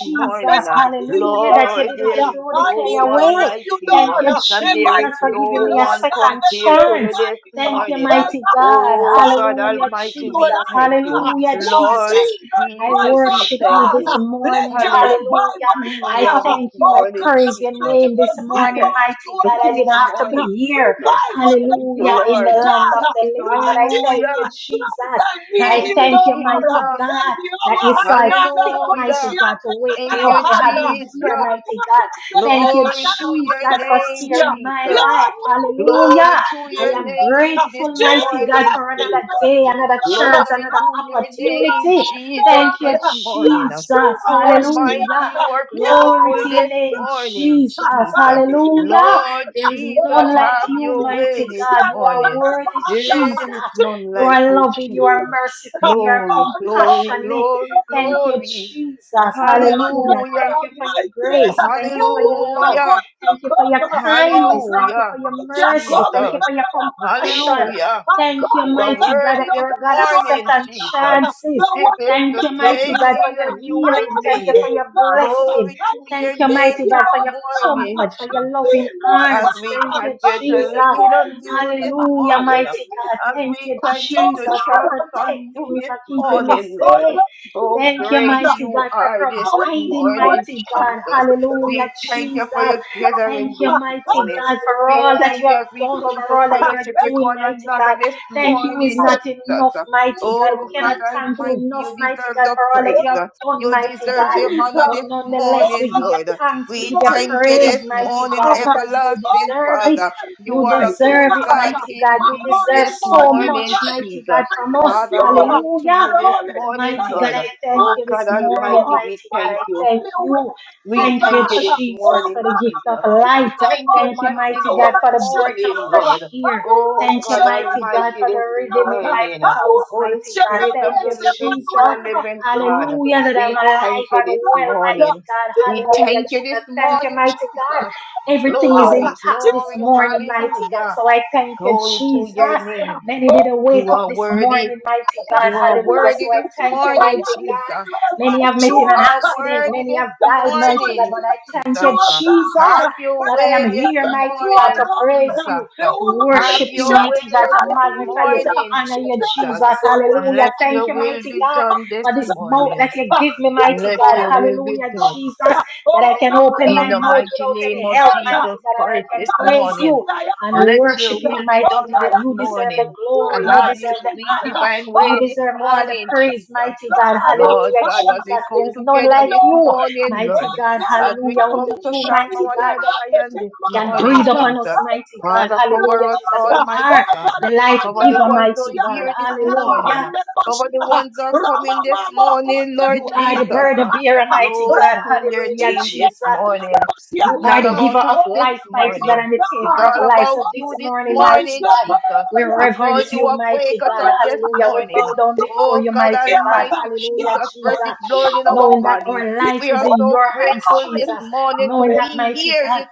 [SPEAKER 2] if
[SPEAKER 1] Jesus.
[SPEAKER 3] morning.
[SPEAKER 2] I need you,
[SPEAKER 1] Hallelujah. That
[SPEAKER 2] Lord
[SPEAKER 1] you
[SPEAKER 3] Lord,
[SPEAKER 1] didn't
[SPEAKER 2] God,
[SPEAKER 3] there
[SPEAKER 2] uh,
[SPEAKER 3] is
[SPEAKER 1] throw the
[SPEAKER 2] I
[SPEAKER 1] clay
[SPEAKER 3] no
[SPEAKER 2] need
[SPEAKER 3] one
[SPEAKER 2] more
[SPEAKER 1] away.
[SPEAKER 2] of
[SPEAKER 3] like
[SPEAKER 2] you,
[SPEAKER 3] you,
[SPEAKER 1] Thank
[SPEAKER 3] uh,
[SPEAKER 2] Lord.
[SPEAKER 1] you,
[SPEAKER 2] uh,
[SPEAKER 3] and
[SPEAKER 2] If
[SPEAKER 3] there
[SPEAKER 2] I
[SPEAKER 3] is
[SPEAKER 1] Jesus, for
[SPEAKER 3] no
[SPEAKER 2] seek you,
[SPEAKER 1] giving me a
[SPEAKER 2] Lord
[SPEAKER 3] one
[SPEAKER 2] God,
[SPEAKER 1] second
[SPEAKER 2] then I
[SPEAKER 3] compared
[SPEAKER 2] will
[SPEAKER 3] to you
[SPEAKER 1] chance.
[SPEAKER 2] find
[SPEAKER 3] this
[SPEAKER 2] you.
[SPEAKER 1] Thank
[SPEAKER 2] uh,
[SPEAKER 1] you,
[SPEAKER 3] morning. uh.
[SPEAKER 2] Oh
[SPEAKER 1] mighty
[SPEAKER 2] God, if I
[SPEAKER 1] God.
[SPEAKER 3] Oh,
[SPEAKER 2] call
[SPEAKER 3] God
[SPEAKER 1] Hallelujah,
[SPEAKER 2] upon you,
[SPEAKER 3] Almighty,
[SPEAKER 2] you
[SPEAKER 1] Jesus.
[SPEAKER 3] we
[SPEAKER 2] will
[SPEAKER 3] thank you.
[SPEAKER 2] answer.
[SPEAKER 1] Hallelujah,
[SPEAKER 2] Lord
[SPEAKER 3] Lord
[SPEAKER 1] Jesus.
[SPEAKER 2] Jesus
[SPEAKER 1] I
[SPEAKER 3] Jesus,
[SPEAKER 2] Christ, oh
[SPEAKER 3] we
[SPEAKER 1] worship you
[SPEAKER 3] thank
[SPEAKER 2] God,
[SPEAKER 1] this
[SPEAKER 2] uh,
[SPEAKER 3] you.
[SPEAKER 2] let
[SPEAKER 1] morning.
[SPEAKER 2] your
[SPEAKER 3] Hallelujah
[SPEAKER 1] Hallelujah.
[SPEAKER 2] revival
[SPEAKER 1] I
[SPEAKER 2] fire. uh,
[SPEAKER 1] thank
[SPEAKER 3] this
[SPEAKER 1] you.
[SPEAKER 2] Oh
[SPEAKER 1] I
[SPEAKER 3] morning,
[SPEAKER 2] God,
[SPEAKER 1] praise your
[SPEAKER 3] Jesus.
[SPEAKER 2] Almighty,
[SPEAKER 1] name this
[SPEAKER 3] We
[SPEAKER 2] revive
[SPEAKER 1] morning,
[SPEAKER 3] thank
[SPEAKER 2] us to
[SPEAKER 1] mighty
[SPEAKER 3] you
[SPEAKER 1] God. I
[SPEAKER 2] this
[SPEAKER 3] this
[SPEAKER 1] didn't have to be
[SPEAKER 2] morning.
[SPEAKER 3] morning,
[SPEAKER 1] here.
[SPEAKER 3] Jesus.
[SPEAKER 2] Revive us this
[SPEAKER 3] Thank you,
[SPEAKER 1] Hallelujah.
[SPEAKER 2] morning,
[SPEAKER 1] In the
[SPEAKER 3] Lord.
[SPEAKER 1] land
[SPEAKER 2] God.
[SPEAKER 1] of
[SPEAKER 2] uh,
[SPEAKER 1] the living. But
[SPEAKER 2] Lord
[SPEAKER 1] I thank
[SPEAKER 2] Jesus
[SPEAKER 3] Hallelujah.
[SPEAKER 1] you, Jesus.
[SPEAKER 2] Christ, I need
[SPEAKER 1] I
[SPEAKER 3] Thank
[SPEAKER 2] you,
[SPEAKER 3] you,
[SPEAKER 1] thank you,
[SPEAKER 2] Lord. uh,
[SPEAKER 1] mighty
[SPEAKER 3] Jesus.
[SPEAKER 1] God, that you saw it fit, mighty
[SPEAKER 3] Hallelujah.
[SPEAKER 1] God, to wake
[SPEAKER 3] Thank
[SPEAKER 1] me up,
[SPEAKER 3] you,
[SPEAKER 1] to have me here,
[SPEAKER 3] Jesus.
[SPEAKER 1] mighty God. Thank you,
[SPEAKER 3] Glory to
[SPEAKER 1] Jesus,
[SPEAKER 3] your
[SPEAKER 1] for
[SPEAKER 3] name,
[SPEAKER 1] sparing my
[SPEAKER 3] Jesus.
[SPEAKER 2] Lord,
[SPEAKER 1] life.
[SPEAKER 2] my
[SPEAKER 3] Glory
[SPEAKER 1] Hallelujah.
[SPEAKER 2] God,
[SPEAKER 3] to
[SPEAKER 1] I
[SPEAKER 3] your
[SPEAKER 1] am
[SPEAKER 3] name
[SPEAKER 2] Jesus,
[SPEAKER 3] this
[SPEAKER 1] grateful, mighty God,
[SPEAKER 3] morning,
[SPEAKER 2] Jesus,
[SPEAKER 1] for another
[SPEAKER 3] Jesus.
[SPEAKER 2] Jesus,
[SPEAKER 1] day, another
[SPEAKER 2] Jesus,
[SPEAKER 1] chance,
[SPEAKER 3] Glory
[SPEAKER 1] another
[SPEAKER 3] to your name,
[SPEAKER 1] opportunity.
[SPEAKER 3] Jesus,
[SPEAKER 1] Thank you,
[SPEAKER 3] this
[SPEAKER 2] God,
[SPEAKER 3] morning.
[SPEAKER 1] Jesus.
[SPEAKER 2] Yeshua
[SPEAKER 3] You are mighty,
[SPEAKER 1] Hallelujah.
[SPEAKER 2] Mashiach,
[SPEAKER 3] you are
[SPEAKER 1] Glory
[SPEAKER 3] powerful
[SPEAKER 1] to
[SPEAKER 2] Yahweh,
[SPEAKER 1] your
[SPEAKER 3] this
[SPEAKER 1] name,
[SPEAKER 3] morning,
[SPEAKER 1] Jesus.
[SPEAKER 2] God, I
[SPEAKER 3] Jesus.
[SPEAKER 2] need you,
[SPEAKER 1] Hallelujah.
[SPEAKER 3] Lord
[SPEAKER 2] Lord.
[SPEAKER 1] There is
[SPEAKER 2] Oh,
[SPEAKER 3] Jesus,
[SPEAKER 1] none
[SPEAKER 2] my
[SPEAKER 1] like
[SPEAKER 3] have
[SPEAKER 2] God,
[SPEAKER 1] you,
[SPEAKER 3] your way
[SPEAKER 1] mighty
[SPEAKER 2] Jesus,
[SPEAKER 3] this
[SPEAKER 1] God. You are
[SPEAKER 3] morning.
[SPEAKER 1] worthy, Jesus.
[SPEAKER 3] There is
[SPEAKER 2] Jesus,
[SPEAKER 3] none
[SPEAKER 1] You
[SPEAKER 3] like
[SPEAKER 1] are
[SPEAKER 3] you,
[SPEAKER 1] loving. You
[SPEAKER 3] Jesus.
[SPEAKER 2] Jesus,
[SPEAKER 1] are merciful. You are
[SPEAKER 3] Glory, glory,
[SPEAKER 1] compassionate.
[SPEAKER 3] glory,
[SPEAKER 1] Thank you,
[SPEAKER 2] Lord
[SPEAKER 3] glory.
[SPEAKER 1] Jesus. Hallelujah.
[SPEAKER 2] God
[SPEAKER 3] Hallelujah,
[SPEAKER 1] Thank you for your
[SPEAKER 2] Almighty,
[SPEAKER 1] grace. Thank you
[SPEAKER 2] who
[SPEAKER 1] for
[SPEAKER 2] was
[SPEAKER 1] your
[SPEAKER 2] I
[SPEAKER 1] love.
[SPEAKER 3] hallelujah.
[SPEAKER 2] going to
[SPEAKER 1] Thank you for
[SPEAKER 2] come?
[SPEAKER 1] your
[SPEAKER 2] Oh
[SPEAKER 1] kindness.
[SPEAKER 2] God
[SPEAKER 1] Thank you for
[SPEAKER 3] Hallelujah,
[SPEAKER 1] your
[SPEAKER 2] Almighty, I
[SPEAKER 1] mercy.
[SPEAKER 2] come
[SPEAKER 1] Thank you
[SPEAKER 3] Jesus.
[SPEAKER 1] for
[SPEAKER 2] because
[SPEAKER 1] your
[SPEAKER 2] I am a king.
[SPEAKER 1] compassion.
[SPEAKER 3] Hallelujah.
[SPEAKER 2] I
[SPEAKER 1] Thank you,
[SPEAKER 2] come
[SPEAKER 3] You are
[SPEAKER 1] mighty
[SPEAKER 2] because
[SPEAKER 1] God,
[SPEAKER 2] I
[SPEAKER 1] that
[SPEAKER 3] worthy
[SPEAKER 2] know
[SPEAKER 3] this
[SPEAKER 1] you're a
[SPEAKER 2] that
[SPEAKER 1] God of
[SPEAKER 2] you are
[SPEAKER 3] morning,
[SPEAKER 2] my
[SPEAKER 1] second
[SPEAKER 2] God.
[SPEAKER 3] Jesus.
[SPEAKER 1] chances.
[SPEAKER 2] The
[SPEAKER 3] This
[SPEAKER 2] one who
[SPEAKER 3] is
[SPEAKER 1] Thank
[SPEAKER 3] the
[SPEAKER 1] you,
[SPEAKER 2] can
[SPEAKER 1] mighty
[SPEAKER 3] day
[SPEAKER 2] supply
[SPEAKER 1] God, for
[SPEAKER 2] us.
[SPEAKER 1] your
[SPEAKER 3] that you
[SPEAKER 2] I
[SPEAKER 3] have
[SPEAKER 1] healing.
[SPEAKER 2] am a
[SPEAKER 1] Thank you
[SPEAKER 3] made.
[SPEAKER 1] for
[SPEAKER 2] king,
[SPEAKER 1] your
[SPEAKER 2] God. I
[SPEAKER 1] blessing.
[SPEAKER 3] Glory
[SPEAKER 2] am a
[SPEAKER 3] to your
[SPEAKER 1] Thank you,
[SPEAKER 2] king,
[SPEAKER 1] mighty
[SPEAKER 3] name
[SPEAKER 1] God,
[SPEAKER 3] this
[SPEAKER 1] for
[SPEAKER 2] Yahweh
[SPEAKER 1] your
[SPEAKER 2] God.
[SPEAKER 3] morning,
[SPEAKER 2] I
[SPEAKER 1] comfort, for
[SPEAKER 3] Jesus
[SPEAKER 1] your loving
[SPEAKER 2] need more
[SPEAKER 3] as
[SPEAKER 1] arms.
[SPEAKER 3] we
[SPEAKER 1] Thank
[SPEAKER 2] fire. I
[SPEAKER 1] you,
[SPEAKER 3] continue to
[SPEAKER 1] Jesus.
[SPEAKER 2] need
[SPEAKER 3] lean
[SPEAKER 2] more
[SPEAKER 3] on you
[SPEAKER 2] zeal.
[SPEAKER 3] this
[SPEAKER 2] I
[SPEAKER 1] Hallelujah,
[SPEAKER 3] morning,
[SPEAKER 2] need
[SPEAKER 1] mighty
[SPEAKER 2] more
[SPEAKER 1] God.
[SPEAKER 3] as
[SPEAKER 1] Thank
[SPEAKER 3] we
[SPEAKER 1] you,
[SPEAKER 2] Oh
[SPEAKER 3] continue to
[SPEAKER 1] Jesus, for
[SPEAKER 2] God
[SPEAKER 3] trust
[SPEAKER 1] protecting
[SPEAKER 3] on
[SPEAKER 2] Almighty,
[SPEAKER 3] you
[SPEAKER 1] me,
[SPEAKER 2] Lord.
[SPEAKER 3] this
[SPEAKER 1] for keeping me
[SPEAKER 3] morning,
[SPEAKER 2] Oh
[SPEAKER 3] Lord.
[SPEAKER 1] safe.
[SPEAKER 2] Lord Jesus,
[SPEAKER 3] Oh,
[SPEAKER 1] Thank you,
[SPEAKER 3] great
[SPEAKER 2] Lord.
[SPEAKER 1] mighty
[SPEAKER 3] you
[SPEAKER 1] God, for
[SPEAKER 3] are this
[SPEAKER 2] Power,
[SPEAKER 1] providing,
[SPEAKER 3] morning,
[SPEAKER 1] mighty God.
[SPEAKER 3] Jesus.
[SPEAKER 1] Hallelujah,
[SPEAKER 3] We thank you
[SPEAKER 1] Jesus.
[SPEAKER 3] for your
[SPEAKER 1] Thank
[SPEAKER 3] gathering
[SPEAKER 1] you,
[SPEAKER 3] this
[SPEAKER 2] power.
[SPEAKER 1] mighty
[SPEAKER 3] morning.
[SPEAKER 1] God, for
[SPEAKER 3] We
[SPEAKER 1] all that
[SPEAKER 3] thank
[SPEAKER 1] you
[SPEAKER 3] you
[SPEAKER 1] have
[SPEAKER 3] as we
[SPEAKER 1] done,
[SPEAKER 3] come to
[SPEAKER 1] for all
[SPEAKER 2] Hallelujah.
[SPEAKER 1] that you're
[SPEAKER 3] fellowship with
[SPEAKER 1] doing,
[SPEAKER 3] one
[SPEAKER 1] mighty God.
[SPEAKER 3] another this
[SPEAKER 1] Thank you is
[SPEAKER 3] morning,
[SPEAKER 1] not
[SPEAKER 3] Jesus.
[SPEAKER 1] enough, mighty God. We
[SPEAKER 3] Oh,
[SPEAKER 1] cannot
[SPEAKER 3] God
[SPEAKER 1] thank
[SPEAKER 3] Almighty,
[SPEAKER 1] you enough,
[SPEAKER 3] you
[SPEAKER 1] mighty
[SPEAKER 3] deserve
[SPEAKER 1] God,
[SPEAKER 3] the
[SPEAKER 1] for all that
[SPEAKER 3] praise.
[SPEAKER 1] you
[SPEAKER 2] Hallelujah.
[SPEAKER 1] have done,
[SPEAKER 3] You
[SPEAKER 1] mighty
[SPEAKER 3] deserve
[SPEAKER 1] God.
[SPEAKER 3] the
[SPEAKER 2] Jesus.
[SPEAKER 3] honor
[SPEAKER 2] Oh,
[SPEAKER 1] But
[SPEAKER 3] this
[SPEAKER 1] nonetheless, we
[SPEAKER 3] morning,
[SPEAKER 1] give you
[SPEAKER 3] Lord.
[SPEAKER 2] glory,
[SPEAKER 1] thanks, we
[SPEAKER 3] We
[SPEAKER 1] give you
[SPEAKER 2] glory,
[SPEAKER 3] thank you
[SPEAKER 2] glory,
[SPEAKER 1] praise,
[SPEAKER 3] this
[SPEAKER 1] mighty
[SPEAKER 3] morning,
[SPEAKER 1] God,
[SPEAKER 2] God.
[SPEAKER 1] because you
[SPEAKER 2] Oh,
[SPEAKER 3] everlasting
[SPEAKER 1] deserve it.
[SPEAKER 3] Father.
[SPEAKER 2] God,
[SPEAKER 3] You
[SPEAKER 1] You
[SPEAKER 3] are a
[SPEAKER 2] mighty
[SPEAKER 3] good
[SPEAKER 1] deserve it,
[SPEAKER 3] God
[SPEAKER 2] God.
[SPEAKER 1] mighty God.
[SPEAKER 2] My
[SPEAKER 1] You
[SPEAKER 3] indeed
[SPEAKER 1] deserve
[SPEAKER 2] only
[SPEAKER 3] this
[SPEAKER 1] so
[SPEAKER 2] motive,
[SPEAKER 1] much,
[SPEAKER 3] morning,
[SPEAKER 2] God, this
[SPEAKER 1] mighty God,
[SPEAKER 3] Jesus.
[SPEAKER 1] from
[SPEAKER 2] morning
[SPEAKER 1] us.
[SPEAKER 2] is
[SPEAKER 3] Father,
[SPEAKER 2] you.
[SPEAKER 3] we look to
[SPEAKER 2] My
[SPEAKER 1] Hallelujah.
[SPEAKER 3] you this
[SPEAKER 2] only
[SPEAKER 1] But
[SPEAKER 3] morning,
[SPEAKER 1] mighty God,
[SPEAKER 2] desire
[SPEAKER 3] Lord.
[SPEAKER 1] I
[SPEAKER 2] this
[SPEAKER 1] thank
[SPEAKER 3] Oh
[SPEAKER 1] you
[SPEAKER 2] morning
[SPEAKER 1] this
[SPEAKER 3] God
[SPEAKER 2] is you.
[SPEAKER 1] morning,
[SPEAKER 3] Almighty, we
[SPEAKER 1] mighty
[SPEAKER 2] My
[SPEAKER 1] God.
[SPEAKER 3] thank
[SPEAKER 1] I
[SPEAKER 3] you.
[SPEAKER 1] thank
[SPEAKER 2] only
[SPEAKER 1] you.
[SPEAKER 2] way is you,
[SPEAKER 3] We
[SPEAKER 1] Thank you,
[SPEAKER 3] thank you
[SPEAKER 2] God.
[SPEAKER 3] this
[SPEAKER 1] Jesus,
[SPEAKER 2] Oh,
[SPEAKER 3] morning,
[SPEAKER 1] for the
[SPEAKER 2] God,
[SPEAKER 1] gift
[SPEAKER 3] Jesus.
[SPEAKER 1] of
[SPEAKER 2] Almighty,
[SPEAKER 1] life.
[SPEAKER 2] so
[SPEAKER 3] Thank you,
[SPEAKER 1] Thank
[SPEAKER 2] morning,
[SPEAKER 1] you,
[SPEAKER 2] God,
[SPEAKER 3] mighty,
[SPEAKER 2] I
[SPEAKER 1] mighty God,
[SPEAKER 3] this
[SPEAKER 1] for the
[SPEAKER 2] worship
[SPEAKER 1] breath of
[SPEAKER 2] you.
[SPEAKER 3] morning,
[SPEAKER 1] fresh
[SPEAKER 3] Lord.
[SPEAKER 2] I
[SPEAKER 1] air.
[SPEAKER 3] Oh,
[SPEAKER 1] Thank you,
[SPEAKER 3] God
[SPEAKER 2] worship your
[SPEAKER 1] mighty God,
[SPEAKER 2] thank
[SPEAKER 3] Almighty,
[SPEAKER 1] for the
[SPEAKER 2] you,
[SPEAKER 3] this
[SPEAKER 1] rhythm in
[SPEAKER 2] God.
[SPEAKER 1] my
[SPEAKER 3] morning.
[SPEAKER 2] I
[SPEAKER 1] pulse,
[SPEAKER 3] Holy
[SPEAKER 1] mighty
[SPEAKER 2] worship
[SPEAKER 1] God.
[SPEAKER 2] your
[SPEAKER 3] Spirit
[SPEAKER 1] Thank
[SPEAKER 3] of the
[SPEAKER 1] you,
[SPEAKER 2] Prince
[SPEAKER 3] living,
[SPEAKER 1] Jesus.
[SPEAKER 3] true
[SPEAKER 2] Emmanuel.
[SPEAKER 3] living
[SPEAKER 2] God,
[SPEAKER 3] God,
[SPEAKER 1] Hallelujah,
[SPEAKER 2] my
[SPEAKER 1] that I'm
[SPEAKER 3] we
[SPEAKER 2] God,
[SPEAKER 3] thank
[SPEAKER 1] alive
[SPEAKER 3] you
[SPEAKER 2] my
[SPEAKER 1] and
[SPEAKER 3] this
[SPEAKER 1] well,
[SPEAKER 2] God.
[SPEAKER 1] mighty
[SPEAKER 3] morning.
[SPEAKER 1] God.
[SPEAKER 3] We
[SPEAKER 2] Today,
[SPEAKER 1] Hallelujah,
[SPEAKER 3] thank you
[SPEAKER 1] Jesus.
[SPEAKER 3] this
[SPEAKER 1] Thank you,
[SPEAKER 3] morning,
[SPEAKER 1] mighty God.
[SPEAKER 3] Jesus.
[SPEAKER 1] Everything is
[SPEAKER 2] God.
[SPEAKER 3] Glory,
[SPEAKER 1] intact
[SPEAKER 2] Today,
[SPEAKER 1] this
[SPEAKER 3] glory,
[SPEAKER 1] morning, mighty
[SPEAKER 2] God.
[SPEAKER 1] God.
[SPEAKER 3] hallelujah.
[SPEAKER 1] So I thank you,
[SPEAKER 3] Glory to your
[SPEAKER 1] Jesus.
[SPEAKER 3] name.
[SPEAKER 1] Many didn't wake
[SPEAKER 3] You
[SPEAKER 1] up
[SPEAKER 3] are
[SPEAKER 1] this
[SPEAKER 3] worthy.
[SPEAKER 1] morning, mighty God.
[SPEAKER 3] You are
[SPEAKER 1] Hallelujah.
[SPEAKER 3] worthy
[SPEAKER 1] So I
[SPEAKER 3] this
[SPEAKER 1] thank you, mighty
[SPEAKER 3] morning, Jesus.
[SPEAKER 1] God. Many have met in
[SPEAKER 3] You
[SPEAKER 1] an
[SPEAKER 3] are
[SPEAKER 1] accident.
[SPEAKER 3] worthy
[SPEAKER 1] Many
[SPEAKER 3] this
[SPEAKER 1] have died, mighty God.
[SPEAKER 3] morning,
[SPEAKER 1] But I thank
[SPEAKER 3] Jesus.
[SPEAKER 1] you, Jesus
[SPEAKER 3] Have your
[SPEAKER 1] that I am
[SPEAKER 3] way this
[SPEAKER 1] here, mighty God, to
[SPEAKER 3] morning,
[SPEAKER 1] praise you
[SPEAKER 3] Jesus.
[SPEAKER 1] to
[SPEAKER 3] Have
[SPEAKER 1] worship you,
[SPEAKER 3] your way
[SPEAKER 1] mighty God, to
[SPEAKER 3] this
[SPEAKER 1] magnify you, to
[SPEAKER 3] morning,
[SPEAKER 1] honor you,
[SPEAKER 3] Jesus.
[SPEAKER 1] Jesus.
[SPEAKER 3] And
[SPEAKER 1] Hallelujah.
[SPEAKER 3] let
[SPEAKER 1] Thank
[SPEAKER 3] your
[SPEAKER 1] you,
[SPEAKER 3] will
[SPEAKER 1] mighty
[SPEAKER 3] be
[SPEAKER 1] God,
[SPEAKER 3] done this
[SPEAKER 1] for this mouth
[SPEAKER 3] morning.
[SPEAKER 1] that you give me,
[SPEAKER 3] And
[SPEAKER 1] mighty
[SPEAKER 3] let
[SPEAKER 1] God.
[SPEAKER 3] your will be
[SPEAKER 1] Hallelujah,
[SPEAKER 2] Thank
[SPEAKER 3] done.
[SPEAKER 2] you.
[SPEAKER 1] Jesus,
[SPEAKER 2] Oh
[SPEAKER 1] that I can
[SPEAKER 2] God
[SPEAKER 1] open
[SPEAKER 3] In
[SPEAKER 1] my
[SPEAKER 3] the
[SPEAKER 1] mouth
[SPEAKER 2] Almighty,
[SPEAKER 3] mighty
[SPEAKER 1] without
[SPEAKER 3] name
[SPEAKER 1] any
[SPEAKER 3] of
[SPEAKER 1] help,
[SPEAKER 2] Jesus.
[SPEAKER 1] mighty
[SPEAKER 3] Jesus
[SPEAKER 1] God,
[SPEAKER 2] Oh
[SPEAKER 1] and
[SPEAKER 3] Christ
[SPEAKER 1] I can
[SPEAKER 3] this
[SPEAKER 2] God
[SPEAKER 1] praise
[SPEAKER 3] morning.
[SPEAKER 1] you
[SPEAKER 2] Almighty, I am
[SPEAKER 1] and
[SPEAKER 2] a
[SPEAKER 3] Let
[SPEAKER 1] worship
[SPEAKER 3] your
[SPEAKER 2] need.
[SPEAKER 3] will
[SPEAKER 2] Oh
[SPEAKER 1] you,
[SPEAKER 3] be
[SPEAKER 1] mighty
[SPEAKER 3] done
[SPEAKER 2] God
[SPEAKER 3] this
[SPEAKER 1] God. You
[SPEAKER 2] Almighty,
[SPEAKER 1] deserve the
[SPEAKER 3] morning.
[SPEAKER 2] you
[SPEAKER 1] glory.
[SPEAKER 3] And
[SPEAKER 1] You
[SPEAKER 2] Lord
[SPEAKER 3] have your
[SPEAKER 1] deserve the
[SPEAKER 2] Jesus.
[SPEAKER 3] sweet
[SPEAKER 2] Oh
[SPEAKER 1] honor.
[SPEAKER 2] God,
[SPEAKER 3] divine
[SPEAKER 1] You
[SPEAKER 3] way this
[SPEAKER 1] deserve all the
[SPEAKER 3] morning,
[SPEAKER 1] praise,
[SPEAKER 3] Jesus.
[SPEAKER 1] mighty God.
[SPEAKER 2] I
[SPEAKER 3] Lord
[SPEAKER 1] Hallelujah,
[SPEAKER 3] God, as
[SPEAKER 1] Jesus.
[SPEAKER 2] am
[SPEAKER 3] we
[SPEAKER 2] a
[SPEAKER 3] come
[SPEAKER 1] There
[SPEAKER 2] need,
[SPEAKER 1] is none
[SPEAKER 3] together
[SPEAKER 1] like
[SPEAKER 3] this
[SPEAKER 1] you,
[SPEAKER 2] Lord.
[SPEAKER 3] morning,
[SPEAKER 1] mighty
[SPEAKER 2] Oh
[SPEAKER 3] Lord,
[SPEAKER 1] God.
[SPEAKER 2] God
[SPEAKER 3] as we
[SPEAKER 1] Hallelujah. Only
[SPEAKER 3] come
[SPEAKER 2] Almighty,
[SPEAKER 3] to
[SPEAKER 1] you,
[SPEAKER 3] sharpen
[SPEAKER 1] mighty
[SPEAKER 2] you
[SPEAKER 3] one
[SPEAKER 2] give
[SPEAKER 1] God
[SPEAKER 3] another
[SPEAKER 2] us the
[SPEAKER 3] iron this
[SPEAKER 2] kingdom of
[SPEAKER 1] can
[SPEAKER 3] morning,
[SPEAKER 1] breathe
[SPEAKER 2] God. Oh God,
[SPEAKER 1] upon us,
[SPEAKER 3] Jesus.
[SPEAKER 2] I am
[SPEAKER 1] mighty
[SPEAKER 2] a
[SPEAKER 1] God.
[SPEAKER 3] Father,
[SPEAKER 2] need, Lord.
[SPEAKER 3] cover
[SPEAKER 1] Hallelujah,
[SPEAKER 3] us,
[SPEAKER 1] Jesus. You
[SPEAKER 3] Almighty
[SPEAKER 1] are
[SPEAKER 2] Oh
[SPEAKER 3] God.
[SPEAKER 2] God,
[SPEAKER 1] the life
[SPEAKER 3] Cover the
[SPEAKER 1] giver,
[SPEAKER 3] ones who
[SPEAKER 2] I'm Oh,
[SPEAKER 1] mighty
[SPEAKER 3] are
[SPEAKER 1] God.
[SPEAKER 3] here
[SPEAKER 2] my
[SPEAKER 3] this morning.
[SPEAKER 1] Hallelujah.
[SPEAKER 3] Cover the ones who are coming this morning, Lord
[SPEAKER 1] You are the
[SPEAKER 3] Jesus.
[SPEAKER 1] burden bearer, mighty
[SPEAKER 3] Glory
[SPEAKER 1] God.
[SPEAKER 3] to your
[SPEAKER 1] Hallelujah,
[SPEAKER 3] name this
[SPEAKER 1] Jesus.
[SPEAKER 3] morning.
[SPEAKER 1] You
[SPEAKER 3] It's
[SPEAKER 1] are
[SPEAKER 3] not
[SPEAKER 1] the giver
[SPEAKER 3] about
[SPEAKER 1] of
[SPEAKER 3] us this
[SPEAKER 1] life, mighty God,
[SPEAKER 3] morning.
[SPEAKER 1] and the
[SPEAKER 3] It's
[SPEAKER 1] taker
[SPEAKER 2] God.
[SPEAKER 1] of
[SPEAKER 3] all
[SPEAKER 1] life. So
[SPEAKER 3] about
[SPEAKER 2] Oh,
[SPEAKER 3] you
[SPEAKER 1] this
[SPEAKER 3] this
[SPEAKER 1] morning,
[SPEAKER 2] my
[SPEAKER 1] mighty
[SPEAKER 3] morning,
[SPEAKER 1] God,
[SPEAKER 3] Jesus,
[SPEAKER 1] we
[SPEAKER 2] shepherd. He
[SPEAKER 3] because
[SPEAKER 1] reverence
[SPEAKER 3] you
[SPEAKER 1] you,
[SPEAKER 3] have waked
[SPEAKER 1] mighty
[SPEAKER 3] us
[SPEAKER 1] God.
[SPEAKER 3] up this
[SPEAKER 1] Hallelujah. We
[SPEAKER 3] morning.
[SPEAKER 2] is
[SPEAKER 1] bow down before
[SPEAKER 3] Oh
[SPEAKER 1] you,
[SPEAKER 3] God
[SPEAKER 1] mighty God.
[SPEAKER 2] Yahweh.
[SPEAKER 3] Almighty
[SPEAKER 1] Hallelujah,
[SPEAKER 3] Jesus, breath
[SPEAKER 1] Jesus.
[SPEAKER 3] is
[SPEAKER 2] Yahweh.
[SPEAKER 3] blown in our
[SPEAKER 1] Knowing that
[SPEAKER 2] Yahweh.
[SPEAKER 3] body.
[SPEAKER 1] our
[SPEAKER 2] Yahweh.
[SPEAKER 1] life
[SPEAKER 3] We
[SPEAKER 1] is
[SPEAKER 3] are
[SPEAKER 1] in
[SPEAKER 3] so
[SPEAKER 1] your hands,
[SPEAKER 3] grateful this
[SPEAKER 1] Jesus.
[SPEAKER 3] morning to
[SPEAKER 1] Knowing
[SPEAKER 2] God.
[SPEAKER 1] that,
[SPEAKER 3] be
[SPEAKER 1] mighty
[SPEAKER 3] here
[SPEAKER 1] God.
[SPEAKER 3] this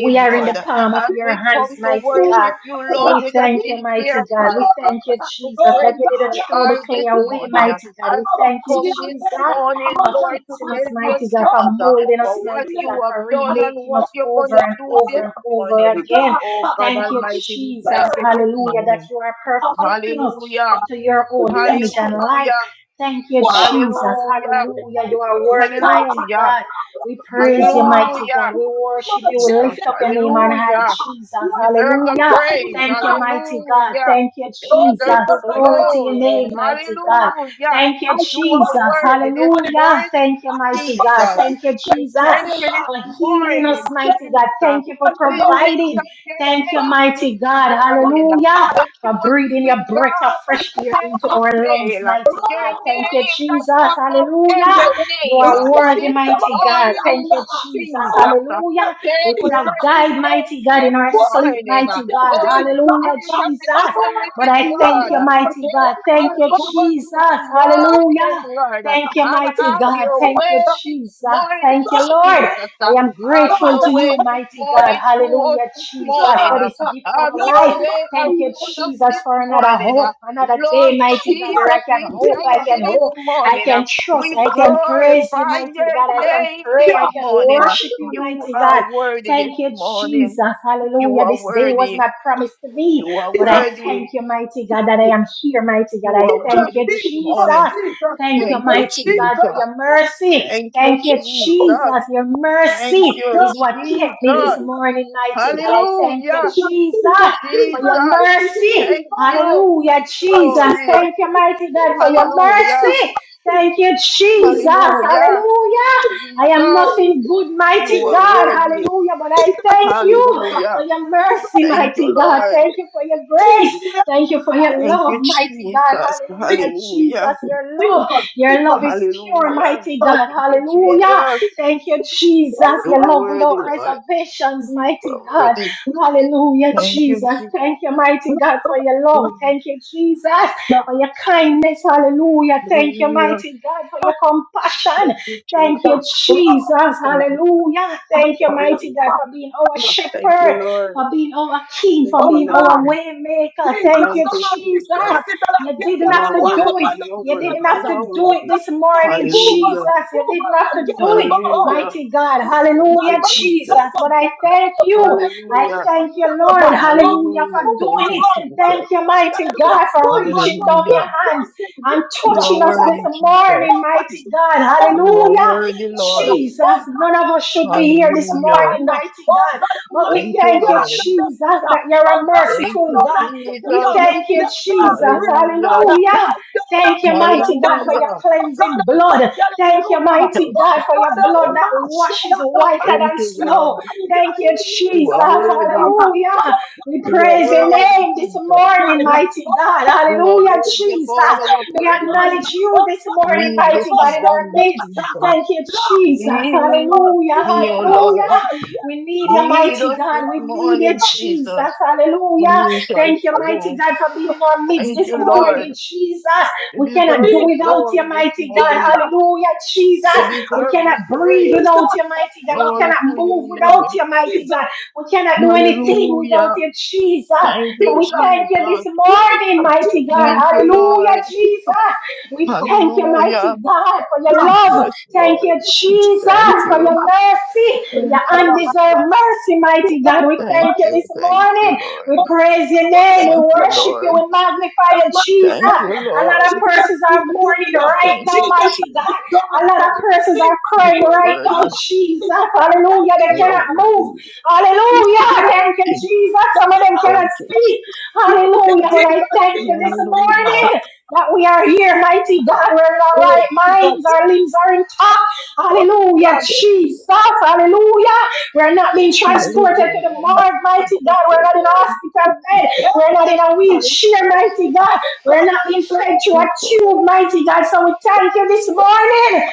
[SPEAKER 1] We are in the
[SPEAKER 3] Lord,
[SPEAKER 1] palm of
[SPEAKER 3] as
[SPEAKER 1] your
[SPEAKER 3] we come
[SPEAKER 1] hands,
[SPEAKER 3] to
[SPEAKER 1] mighty
[SPEAKER 2] Oh
[SPEAKER 1] God.
[SPEAKER 3] worship you,
[SPEAKER 1] So
[SPEAKER 3] Lord,
[SPEAKER 1] we
[SPEAKER 3] with a
[SPEAKER 1] thank you, mighty
[SPEAKER 3] sincere
[SPEAKER 1] God. We
[SPEAKER 3] heart. uh,
[SPEAKER 1] thank you,
[SPEAKER 3] To
[SPEAKER 1] Jesus, that
[SPEAKER 3] praise
[SPEAKER 1] you didn't
[SPEAKER 2] God
[SPEAKER 3] you
[SPEAKER 1] throw the
[SPEAKER 3] are
[SPEAKER 1] clay
[SPEAKER 3] this
[SPEAKER 2] Almighty,
[SPEAKER 1] away,
[SPEAKER 2] oh
[SPEAKER 3] morning, uh,
[SPEAKER 1] mighty God.
[SPEAKER 3] as
[SPEAKER 1] We
[SPEAKER 3] we
[SPEAKER 1] thank you,
[SPEAKER 3] come this
[SPEAKER 1] Jesus,
[SPEAKER 3] morning,
[SPEAKER 1] for
[SPEAKER 3] Lord, to
[SPEAKER 1] fixing us,
[SPEAKER 3] tell you
[SPEAKER 1] mighty God, for
[SPEAKER 3] thanks uh,
[SPEAKER 1] molding us,
[SPEAKER 3] for what
[SPEAKER 1] mighty
[SPEAKER 3] you
[SPEAKER 1] God,
[SPEAKER 3] have
[SPEAKER 1] for
[SPEAKER 3] done and
[SPEAKER 1] remaking
[SPEAKER 3] what
[SPEAKER 1] us
[SPEAKER 3] you're going
[SPEAKER 1] over
[SPEAKER 3] to
[SPEAKER 1] and
[SPEAKER 3] do
[SPEAKER 1] over
[SPEAKER 3] this
[SPEAKER 1] and over
[SPEAKER 3] morning.
[SPEAKER 1] again.
[SPEAKER 3] Oh God
[SPEAKER 1] Thank you,
[SPEAKER 3] Almighty, we
[SPEAKER 1] Jesus,
[SPEAKER 3] thank you this
[SPEAKER 1] hallelujah, that
[SPEAKER 3] morning.
[SPEAKER 1] you are perfecting us
[SPEAKER 3] Hallelujah.
[SPEAKER 1] into your own image and life.
[SPEAKER 3] Hallelujah.
[SPEAKER 1] Thank you, Jesus,
[SPEAKER 3] Hallelujah.
[SPEAKER 1] hallelujah. You are worthy, mighty
[SPEAKER 3] Hallelujah.
[SPEAKER 1] God. We praise you, mighty
[SPEAKER 3] Hallelujah.
[SPEAKER 1] God. We worship you. We
[SPEAKER 3] Jesus.
[SPEAKER 1] lift up your name on high,
[SPEAKER 3] Hallelujah.
[SPEAKER 1] Jesus.
[SPEAKER 3] You deserve the
[SPEAKER 1] Hallelujah.
[SPEAKER 3] praise.
[SPEAKER 1] Thank you,
[SPEAKER 2] God,
[SPEAKER 1] mighty God.
[SPEAKER 3] Hallelujah.
[SPEAKER 1] Thank you,
[SPEAKER 3] You
[SPEAKER 2] Lord
[SPEAKER 1] Jesus.
[SPEAKER 3] deserve
[SPEAKER 2] Jesus,
[SPEAKER 3] the
[SPEAKER 2] I am
[SPEAKER 1] Glory to
[SPEAKER 2] off
[SPEAKER 1] your
[SPEAKER 2] the
[SPEAKER 3] glory.
[SPEAKER 1] name,
[SPEAKER 2] enemy.
[SPEAKER 1] mighty God.
[SPEAKER 3] Hallelujah.
[SPEAKER 1] Thank you,
[SPEAKER 2] I
[SPEAKER 3] You
[SPEAKER 1] Jesus.
[SPEAKER 3] are
[SPEAKER 2] back for
[SPEAKER 3] worthy
[SPEAKER 2] this
[SPEAKER 3] this
[SPEAKER 2] morning.
[SPEAKER 1] Hallelujah.
[SPEAKER 3] morning,
[SPEAKER 1] Thank you,
[SPEAKER 2] I
[SPEAKER 1] mighty
[SPEAKER 3] Jesus.
[SPEAKER 1] God.
[SPEAKER 2] back
[SPEAKER 1] Thank you,
[SPEAKER 3] I
[SPEAKER 2] this
[SPEAKER 1] Jesus,
[SPEAKER 3] thank
[SPEAKER 2] morning,
[SPEAKER 3] you this
[SPEAKER 2] God.
[SPEAKER 1] for healing us,
[SPEAKER 3] morning,
[SPEAKER 2] Back
[SPEAKER 1] mighty God.
[SPEAKER 3] Jesus.
[SPEAKER 1] Thank
[SPEAKER 2] this
[SPEAKER 1] you for
[SPEAKER 3] We
[SPEAKER 2] morning, Lord.
[SPEAKER 3] lift
[SPEAKER 1] providing.
[SPEAKER 3] up your
[SPEAKER 1] Thank you,
[SPEAKER 3] hand
[SPEAKER 2] Back,
[SPEAKER 1] mighty
[SPEAKER 3] this
[SPEAKER 1] God.
[SPEAKER 2] back,
[SPEAKER 3] morning.
[SPEAKER 1] Hallelujah.
[SPEAKER 3] The
[SPEAKER 2] God.
[SPEAKER 1] For breathing
[SPEAKER 3] true
[SPEAKER 1] your
[SPEAKER 3] and
[SPEAKER 1] breath of
[SPEAKER 3] God that
[SPEAKER 1] fresh air into
[SPEAKER 3] never
[SPEAKER 1] our lungs,
[SPEAKER 3] fail.
[SPEAKER 1] mighty
[SPEAKER 3] Your
[SPEAKER 1] God.
[SPEAKER 2] Rama
[SPEAKER 1] Thank you,
[SPEAKER 2] Mosende.
[SPEAKER 3] name
[SPEAKER 1] Jesus.
[SPEAKER 3] that's above
[SPEAKER 1] Hallelujah.
[SPEAKER 3] every
[SPEAKER 1] You
[SPEAKER 3] name.
[SPEAKER 1] are
[SPEAKER 2] Rama
[SPEAKER 1] worthy,
[SPEAKER 3] This
[SPEAKER 1] mighty God. Thank
[SPEAKER 3] morning,
[SPEAKER 2] Isabasianda.
[SPEAKER 1] you, Jesus.
[SPEAKER 2] I want
[SPEAKER 3] Jesus.
[SPEAKER 2] to
[SPEAKER 1] Hallelujah.
[SPEAKER 2] be
[SPEAKER 1] We
[SPEAKER 3] Take
[SPEAKER 1] could have
[SPEAKER 2] Jesus.
[SPEAKER 3] worthy
[SPEAKER 1] died,
[SPEAKER 3] day
[SPEAKER 1] mighty God,
[SPEAKER 3] this
[SPEAKER 1] in our
[SPEAKER 2] What
[SPEAKER 1] sleep,
[SPEAKER 3] morning. uh,
[SPEAKER 1] mighty
[SPEAKER 2] is
[SPEAKER 1] God.
[SPEAKER 3] Holy
[SPEAKER 2] Jesus?
[SPEAKER 1] Hallelujah,
[SPEAKER 3] Spirit of
[SPEAKER 1] Jesus.
[SPEAKER 3] the
[SPEAKER 2] I
[SPEAKER 3] true and
[SPEAKER 1] But
[SPEAKER 3] living
[SPEAKER 1] I thank
[SPEAKER 3] God.
[SPEAKER 2] want
[SPEAKER 1] you,
[SPEAKER 3] uh,
[SPEAKER 1] mighty God.
[SPEAKER 3] Take
[SPEAKER 1] Thank you,
[SPEAKER 3] control this
[SPEAKER 1] Jesus.
[SPEAKER 3] morning,
[SPEAKER 1] Hallelujah.
[SPEAKER 3] Lord. uh,
[SPEAKER 1] Thank
[SPEAKER 2] to
[SPEAKER 1] you,
[SPEAKER 3] And
[SPEAKER 2] be
[SPEAKER 1] mighty
[SPEAKER 3] have
[SPEAKER 1] God.
[SPEAKER 3] your
[SPEAKER 1] Thank you,
[SPEAKER 3] way
[SPEAKER 2] Jesus.
[SPEAKER 3] this
[SPEAKER 1] Jesus.
[SPEAKER 3] morning,
[SPEAKER 1] Thank you, Lord.
[SPEAKER 3] Jesus.
[SPEAKER 1] I
[SPEAKER 3] uh,
[SPEAKER 1] am
[SPEAKER 3] Have
[SPEAKER 1] grateful
[SPEAKER 3] your
[SPEAKER 1] to
[SPEAKER 3] way
[SPEAKER 1] you,
[SPEAKER 3] this
[SPEAKER 1] mighty God.
[SPEAKER 3] morning through us
[SPEAKER 1] Hallelujah,
[SPEAKER 3] this
[SPEAKER 1] Jesus,
[SPEAKER 3] morning.
[SPEAKER 1] for
[SPEAKER 3] uh,
[SPEAKER 1] this gift of
[SPEAKER 3] Have your
[SPEAKER 1] life.
[SPEAKER 3] way
[SPEAKER 1] Thank you,
[SPEAKER 3] around us
[SPEAKER 1] Jesus,
[SPEAKER 3] this
[SPEAKER 1] for another
[SPEAKER 3] morning. uh,
[SPEAKER 1] hope, another day,
[SPEAKER 3] Lord
[SPEAKER 1] mighty God, where
[SPEAKER 3] Jesus,
[SPEAKER 1] I can
[SPEAKER 3] we
[SPEAKER 1] hope, I
[SPEAKER 3] thank
[SPEAKER 1] can
[SPEAKER 3] you
[SPEAKER 1] hope.
[SPEAKER 3] this
[SPEAKER 2] Jesus,
[SPEAKER 1] I
[SPEAKER 3] morning.
[SPEAKER 1] can
[SPEAKER 3] uh,
[SPEAKER 1] trust.
[SPEAKER 3] We
[SPEAKER 1] I can praise you,
[SPEAKER 3] glorify
[SPEAKER 1] mighty
[SPEAKER 3] your
[SPEAKER 1] God. I can
[SPEAKER 3] name
[SPEAKER 1] pray.
[SPEAKER 3] this
[SPEAKER 1] I can
[SPEAKER 3] morning.
[SPEAKER 1] worship you,
[SPEAKER 3] You
[SPEAKER 1] mighty
[SPEAKER 3] are
[SPEAKER 1] God.
[SPEAKER 3] worthy this
[SPEAKER 1] Thank you, Jesus.
[SPEAKER 3] morning. You
[SPEAKER 1] Hallelujah.
[SPEAKER 3] are
[SPEAKER 1] This day was
[SPEAKER 3] worthy.
[SPEAKER 1] not promised to me,
[SPEAKER 3] You are
[SPEAKER 1] but I thank
[SPEAKER 3] worthy.
[SPEAKER 1] you, mighty God, that I
[SPEAKER 3] You,
[SPEAKER 1] am here, mighty God.
[SPEAKER 3] you
[SPEAKER 1] I
[SPEAKER 3] are
[SPEAKER 1] thank
[SPEAKER 3] worthy
[SPEAKER 1] you,
[SPEAKER 3] this
[SPEAKER 2] Jesus,
[SPEAKER 1] Jesus.
[SPEAKER 3] morning.
[SPEAKER 2] Jesus,
[SPEAKER 1] Thank you,
[SPEAKER 3] Thank you,
[SPEAKER 1] mighty God, for
[SPEAKER 3] Jesus.
[SPEAKER 1] your mercy.
[SPEAKER 3] Thank you,
[SPEAKER 1] Thank you,
[SPEAKER 3] Jesus.
[SPEAKER 1] Jesus. Your
[SPEAKER 3] Thank
[SPEAKER 1] mercy
[SPEAKER 3] you,
[SPEAKER 1] is what kept me this
[SPEAKER 3] Jesus.
[SPEAKER 2] Jesus,
[SPEAKER 1] morning,
[SPEAKER 2] Jesus, Jesus, Jesus, Jesus, Jesus, God, Jesus, Jesus, Jesus, Jesus, Jesus, Jesus,
[SPEAKER 1] mighty God. I thank you,
[SPEAKER 3] Hallelujah.
[SPEAKER 1] Jesus, for
[SPEAKER 3] Jesus.
[SPEAKER 1] your mercy.
[SPEAKER 3] Thank you.
[SPEAKER 1] Hallelujah, Jesus.
[SPEAKER 3] Glory.
[SPEAKER 1] Thank you, mighty God, for your
[SPEAKER 3] Hallelujah.
[SPEAKER 1] mercy. Thank you, Jesus.
[SPEAKER 3] Hallelujah.
[SPEAKER 1] Hallelujah. I am
[SPEAKER 3] Jesus,
[SPEAKER 1] nothing good,
[SPEAKER 3] you
[SPEAKER 1] mighty
[SPEAKER 3] are
[SPEAKER 1] God.
[SPEAKER 3] worthy.
[SPEAKER 1] Hallelujah. But I thank you for
[SPEAKER 3] Hallelujah.
[SPEAKER 1] your mercy,
[SPEAKER 3] Thank you,
[SPEAKER 1] mighty God.
[SPEAKER 3] Lord.
[SPEAKER 1] Thank you for your grace.
[SPEAKER 2] Jesus,
[SPEAKER 1] Thank you for your
[SPEAKER 3] Thank
[SPEAKER 1] love,
[SPEAKER 3] you,
[SPEAKER 1] mighty God.
[SPEAKER 3] Jesus.
[SPEAKER 1] Hallelujah.
[SPEAKER 3] Hallelujah.
[SPEAKER 1] Jesus, your love. Your love is pure,
[SPEAKER 3] Hallelujah.
[SPEAKER 1] mighty God.
[SPEAKER 3] Thank you,
[SPEAKER 1] Hallelujah.
[SPEAKER 3] Jesus.
[SPEAKER 1] Thank you, Jesus.
[SPEAKER 3] You
[SPEAKER 1] Your
[SPEAKER 3] are
[SPEAKER 1] love
[SPEAKER 3] worthy,
[SPEAKER 1] without
[SPEAKER 3] Lord.
[SPEAKER 1] reservations,
[SPEAKER 3] You are
[SPEAKER 1] mighty God.
[SPEAKER 3] worthy.
[SPEAKER 1] Hallelujah,
[SPEAKER 3] Thank you,
[SPEAKER 1] Jesus.
[SPEAKER 3] Jesus.
[SPEAKER 1] Thank you, mighty God, for your love. Thank you, Jesus
[SPEAKER 2] Jesus, Jesus.
[SPEAKER 1] for your kindness. Hallelujah. Thank you,
[SPEAKER 3] Hallelujah.
[SPEAKER 1] mighty God, for your compassion.
[SPEAKER 3] Thank you, Jesus.
[SPEAKER 2] Oh
[SPEAKER 1] Thank you,
[SPEAKER 2] God,
[SPEAKER 1] Jesus. Hallelujah. Thank you,
[SPEAKER 3] Hallelujah.
[SPEAKER 1] mighty God, for being our
[SPEAKER 3] Thank you,
[SPEAKER 1] shepherd,
[SPEAKER 3] Lord.
[SPEAKER 1] for being our king,
[SPEAKER 3] Thank
[SPEAKER 1] for
[SPEAKER 3] you,
[SPEAKER 1] being our
[SPEAKER 3] Lord.
[SPEAKER 1] waymaker.
[SPEAKER 2] Jesus,
[SPEAKER 1] Thank
[SPEAKER 3] Thank
[SPEAKER 1] you,
[SPEAKER 2] come
[SPEAKER 3] you,
[SPEAKER 2] on, sister
[SPEAKER 1] Jesus.
[SPEAKER 3] Jesus.
[SPEAKER 2] Lord, sister Lord,
[SPEAKER 1] You
[SPEAKER 2] get
[SPEAKER 1] didn't
[SPEAKER 3] You
[SPEAKER 2] up
[SPEAKER 1] have
[SPEAKER 3] are
[SPEAKER 2] and
[SPEAKER 1] to
[SPEAKER 2] walk
[SPEAKER 1] do
[SPEAKER 3] worthy.
[SPEAKER 1] it.
[SPEAKER 2] upon
[SPEAKER 3] You
[SPEAKER 2] them,
[SPEAKER 3] are
[SPEAKER 1] You
[SPEAKER 2] sister
[SPEAKER 1] didn't
[SPEAKER 3] worthy.
[SPEAKER 1] have
[SPEAKER 3] You
[SPEAKER 2] Lord.
[SPEAKER 1] to
[SPEAKER 3] are
[SPEAKER 1] do
[SPEAKER 2] Oh
[SPEAKER 1] it
[SPEAKER 3] worthy.
[SPEAKER 1] this
[SPEAKER 2] God, mighty,
[SPEAKER 1] morning,
[SPEAKER 2] move
[SPEAKER 3] Hallelujah.
[SPEAKER 1] Jesus.
[SPEAKER 2] around,
[SPEAKER 1] You
[SPEAKER 2] move
[SPEAKER 1] didn't have to
[SPEAKER 2] around, get
[SPEAKER 1] do
[SPEAKER 2] up,
[SPEAKER 1] it,
[SPEAKER 2] go home.
[SPEAKER 3] Hallelujah.
[SPEAKER 1] mighty God.
[SPEAKER 3] Thank
[SPEAKER 1] Hallelujah,
[SPEAKER 3] you, Jesus.
[SPEAKER 1] Jesus. But I thank you. I
[SPEAKER 3] Hallelujah.
[SPEAKER 1] thank you, Lord. Hallelujah,
[SPEAKER 3] Hallelujah.
[SPEAKER 1] for doing
[SPEAKER 3] Thank
[SPEAKER 1] it.
[SPEAKER 3] you, Jesus.
[SPEAKER 1] Thank you, mighty God, for
[SPEAKER 2] Move
[SPEAKER 1] reaching
[SPEAKER 2] along,
[SPEAKER 1] down
[SPEAKER 2] do
[SPEAKER 3] Hallelujah.
[SPEAKER 1] your hands
[SPEAKER 2] something
[SPEAKER 1] and
[SPEAKER 3] You
[SPEAKER 2] different.
[SPEAKER 3] are
[SPEAKER 1] touching us
[SPEAKER 2] Come
[SPEAKER 1] this
[SPEAKER 3] worthy,
[SPEAKER 2] on,
[SPEAKER 3] Jesus.
[SPEAKER 1] morning,
[SPEAKER 2] come on,
[SPEAKER 1] mighty God.
[SPEAKER 2] come
[SPEAKER 3] You are
[SPEAKER 2] on,
[SPEAKER 1] Hallelujah.
[SPEAKER 3] worthy, Lord.
[SPEAKER 1] Jesus,
[SPEAKER 2] Oh
[SPEAKER 1] none of us should
[SPEAKER 2] God,
[SPEAKER 1] be here this
[SPEAKER 3] Hallelujah.
[SPEAKER 1] morning,
[SPEAKER 2] behind.
[SPEAKER 1] mighty
[SPEAKER 2] Oh
[SPEAKER 1] God.
[SPEAKER 2] God, I'm
[SPEAKER 1] But
[SPEAKER 2] like,
[SPEAKER 1] we
[SPEAKER 3] Thank you,
[SPEAKER 1] thank you,
[SPEAKER 3] Lord.
[SPEAKER 1] Jesus, that you're a
[SPEAKER 2] oh God,
[SPEAKER 3] Thank
[SPEAKER 2] I
[SPEAKER 1] merciful
[SPEAKER 3] you,
[SPEAKER 1] God.
[SPEAKER 2] know
[SPEAKER 3] Jesus.
[SPEAKER 2] that
[SPEAKER 1] We
[SPEAKER 2] down.
[SPEAKER 1] thank you,
[SPEAKER 2] Let blood
[SPEAKER 1] Jesus.
[SPEAKER 2] bring us
[SPEAKER 3] Hallelujah.
[SPEAKER 2] God. Lie down
[SPEAKER 1] Hallelujah.
[SPEAKER 2] and
[SPEAKER 1] Thank you,
[SPEAKER 2] sit
[SPEAKER 1] mighty God,
[SPEAKER 2] down.
[SPEAKER 1] for your
[SPEAKER 3] Hallelujah.
[SPEAKER 2] Oh God
[SPEAKER 1] cleansing blood.
[SPEAKER 2] Almighty,
[SPEAKER 1] Thank you,
[SPEAKER 2] hallelujah.
[SPEAKER 1] mighty
[SPEAKER 3] Thank
[SPEAKER 2] Oh
[SPEAKER 1] God,
[SPEAKER 3] you,
[SPEAKER 1] for
[SPEAKER 2] God
[SPEAKER 1] your blood
[SPEAKER 3] Jesus.
[SPEAKER 1] that
[SPEAKER 2] Almighty,
[SPEAKER 1] washes
[SPEAKER 2] shalakata. Oh
[SPEAKER 1] whiter
[SPEAKER 3] Thank
[SPEAKER 1] than
[SPEAKER 3] you,
[SPEAKER 1] snow.
[SPEAKER 3] Lord.
[SPEAKER 2] God, you
[SPEAKER 1] Thank
[SPEAKER 2] gotta lead
[SPEAKER 1] you,
[SPEAKER 3] You
[SPEAKER 1] Jesus.
[SPEAKER 2] your
[SPEAKER 3] are
[SPEAKER 2] leaders. But
[SPEAKER 3] worthy.
[SPEAKER 2] oh God
[SPEAKER 1] Hallelujah.
[SPEAKER 2] Almighty,
[SPEAKER 1] We
[SPEAKER 3] You are
[SPEAKER 1] praise your
[SPEAKER 3] worthy,
[SPEAKER 1] name this
[SPEAKER 3] Jesus.
[SPEAKER 2] I'm gonna this
[SPEAKER 1] morning,
[SPEAKER 2] morning. Oh God
[SPEAKER 1] mighty God.
[SPEAKER 2] Almighty,
[SPEAKER 3] You are
[SPEAKER 1] Hallelujah,
[SPEAKER 2] I'm
[SPEAKER 3] worthy
[SPEAKER 2] gonna
[SPEAKER 3] of
[SPEAKER 1] Jesus.
[SPEAKER 3] all our
[SPEAKER 1] We
[SPEAKER 2] this
[SPEAKER 3] praise.
[SPEAKER 2] morning.
[SPEAKER 1] acknowledge you
[SPEAKER 2] Oh
[SPEAKER 1] this
[SPEAKER 2] God Almighty,
[SPEAKER 1] morning,
[SPEAKER 3] Lead
[SPEAKER 2] I'm
[SPEAKER 3] this
[SPEAKER 1] mighty
[SPEAKER 2] going
[SPEAKER 1] God, in our
[SPEAKER 3] morning,
[SPEAKER 2] this
[SPEAKER 1] midst.
[SPEAKER 3] Jesus.
[SPEAKER 1] Thank
[SPEAKER 2] morning.
[SPEAKER 1] you,
[SPEAKER 2] Lord,
[SPEAKER 1] Jesus.
[SPEAKER 2] Lord,
[SPEAKER 3] Lead
[SPEAKER 2] Lord,
[SPEAKER 1] Hallelujah,
[SPEAKER 3] me, O
[SPEAKER 2] Lord. Oh
[SPEAKER 3] Lord.
[SPEAKER 1] hallelujah.
[SPEAKER 2] yes,
[SPEAKER 1] We need you,
[SPEAKER 2] Lord,
[SPEAKER 3] Lead
[SPEAKER 1] mighty
[SPEAKER 3] us this
[SPEAKER 1] God. We need you,
[SPEAKER 3] morning,
[SPEAKER 1] Jesus.
[SPEAKER 3] Jesus. And
[SPEAKER 1] Hallelujah.
[SPEAKER 3] we shall
[SPEAKER 1] Thank you, mighty
[SPEAKER 3] follow.
[SPEAKER 1] God, for being
[SPEAKER 2] Lord,
[SPEAKER 1] in our midst
[SPEAKER 3] Thank
[SPEAKER 1] this
[SPEAKER 3] you,
[SPEAKER 2] Lord.
[SPEAKER 1] morning,
[SPEAKER 3] Lord.
[SPEAKER 1] Jesus.
[SPEAKER 3] You
[SPEAKER 1] We cannot
[SPEAKER 3] deserve
[SPEAKER 1] do
[SPEAKER 3] the
[SPEAKER 2] Jesus,
[SPEAKER 1] without you,
[SPEAKER 3] glory this
[SPEAKER 1] mighty
[SPEAKER 2] Jesus,
[SPEAKER 1] God.
[SPEAKER 3] morning.
[SPEAKER 1] Hallelujah, Jesus.
[SPEAKER 3] You
[SPEAKER 2] Jesus,
[SPEAKER 1] We
[SPEAKER 3] deserve the
[SPEAKER 1] cannot breathe
[SPEAKER 3] praise.
[SPEAKER 2] Jesus,
[SPEAKER 1] without you,
[SPEAKER 2] oh
[SPEAKER 1] mighty God. We
[SPEAKER 2] God,
[SPEAKER 3] Glory
[SPEAKER 1] cannot
[SPEAKER 3] to your
[SPEAKER 1] move
[SPEAKER 2] oh
[SPEAKER 1] without
[SPEAKER 3] name.
[SPEAKER 1] you, mighty
[SPEAKER 2] Jesus,
[SPEAKER 1] God. We cannot do anything without
[SPEAKER 3] Hallelujah.
[SPEAKER 1] you, Jesus.
[SPEAKER 3] Thank
[SPEAKER 1] So
[SPEAKER 3] you,
[SPEAKER 2] Jesus,
[SPEAKER 1] we thank you this
[SPEAKER 3] Jesus.
[SPEAKER 2] Jesus,
[SPEAKER 1] morning, mighty God.
[SPEAKER 2] Jesus,
[SPEAKER 3] Thank you,
[SPEAKER 2] Jesus,
[SPEAKER 1] Hallelujah,
[SPEAKER 3] Lord.
[SPEAKER 2] Jesus,
[SPEAKER 1] Jesus. We thank you, mighty
[SPEAKER 3] Hallelujah.
[SPEAKER 1] God, for your love.
[SPEAKER 3] Yes,
[SPEAKER 1] Thank
[SPEAKER 3] Lord.
[SPEAKER 1] you,
[SPEAKER 3] Thank
[SPEAKER 1] Jesus, for
[SPEAKER 3] you.
[SPEAKER 1] your mercy, your
[SPEAKER 3] Thank you.
[SPEAKER 1] undeserved mercy, mighty God. We
[SPEAKER 3] Thank
[SPEAKER 1] thank you
[SPEAKER 3] you.
[SPEAKER 1] this
[SPEAKER 3] Thank
[SPEAKER 1] morning.
[SPEAKER 3] you, Lord.
[SPEAKER 1] We
[SPEAKER 2] oh
[SPEAKER 1] praise your
[SPEAKER 2] God,
[SPEAKER 1] name. We
[SPEAKER 3] Thank you,
[SPEAKER 1] worship you.
[SPEAKER 3] Lord.
[SPEAKER 1] We magnify you,
[SPEAKER 3] Thank
[SPEAKER 1] Jesus.
[SPEAKER 3] you,
[SPEAKER 1] A lot
[SPEAKER 3] Lord.
[SPEAKER 1] of persons are mourning right
[SPEAKER 3] Thank
[SPEAKER 1] now,
[SPEAKER 3] you,
[SPEAKER 1] mighty
[SPEAKER 3] Jesus.
[SPEAKER 1] God. A lot of persons are
[SPEAKER 3] You
[SPEAKER 1] crying
[SPEAKER 3] are
[SPEAKER 1] right now,
[SPEAKER 3] worthy.
[SPEAKER 1] Jesus. Hallelujah. They
[SPEAKER 3] You are
[SPEAKER 1] cannot move.
[SPEAKER 3] worthy.
[SPEAKER 1] Hallelujah.
[SPEAKER 2] Jesus,
[SPEAKER 1] Thank you, Jesus. Some of them cannot
[SPEAKER 3] Thank you, Jesus.
[SPEAKER 1] speak. Hallelujah. But I
[SPEAKER 2] Jesus,
[SPEAKER 1] thank you this
[SPEAKER 2] Jesus,
[SPEAKER 3] Hallelujah.
[SPEAKER 2] Jesus.
[SPEAKER 1] morning that we are here, mighty God.
[SPEAKER 3] Hallelujah.
[SPEAKER 1] We're in our
[SPEAKER 2] Oh,
[SPEAKER 1] right
[SPEAKER 2] Jesus.
[SPEAKER 1] minds. Our limbs are intact.
[SPEAKER 2] Oh,
[SPEAKER 1] Hallelujah,
[SPEAKER 2] God.
[SPEAKER 1] Jesus. Hallelujah. We're not being transported to the
[SPEAKER 3] Hallelujah.
[SPEAKER 1] morgue, mighty
[SPEAKER 3] Thank
[SPEAKER 1] God. We're
[SPEAKER 3] you,
[SPEAKER 1] not in a
[SPEAKER 3] Lord.
[SPEAKER 1] hospital bed.
[SPEAKER 2] Yeah.
[SPEAKER 1] We're not in a
[SPEAKER 2] God.
[SPEAKER 3] Yes,
[SPEAKER 1] wheelchair, mighty God. We're not being fed through a
[SPEAKER 3] Thank you, Lord.
[SPEAKER 1] tube, mighty God. So we thank you this morning.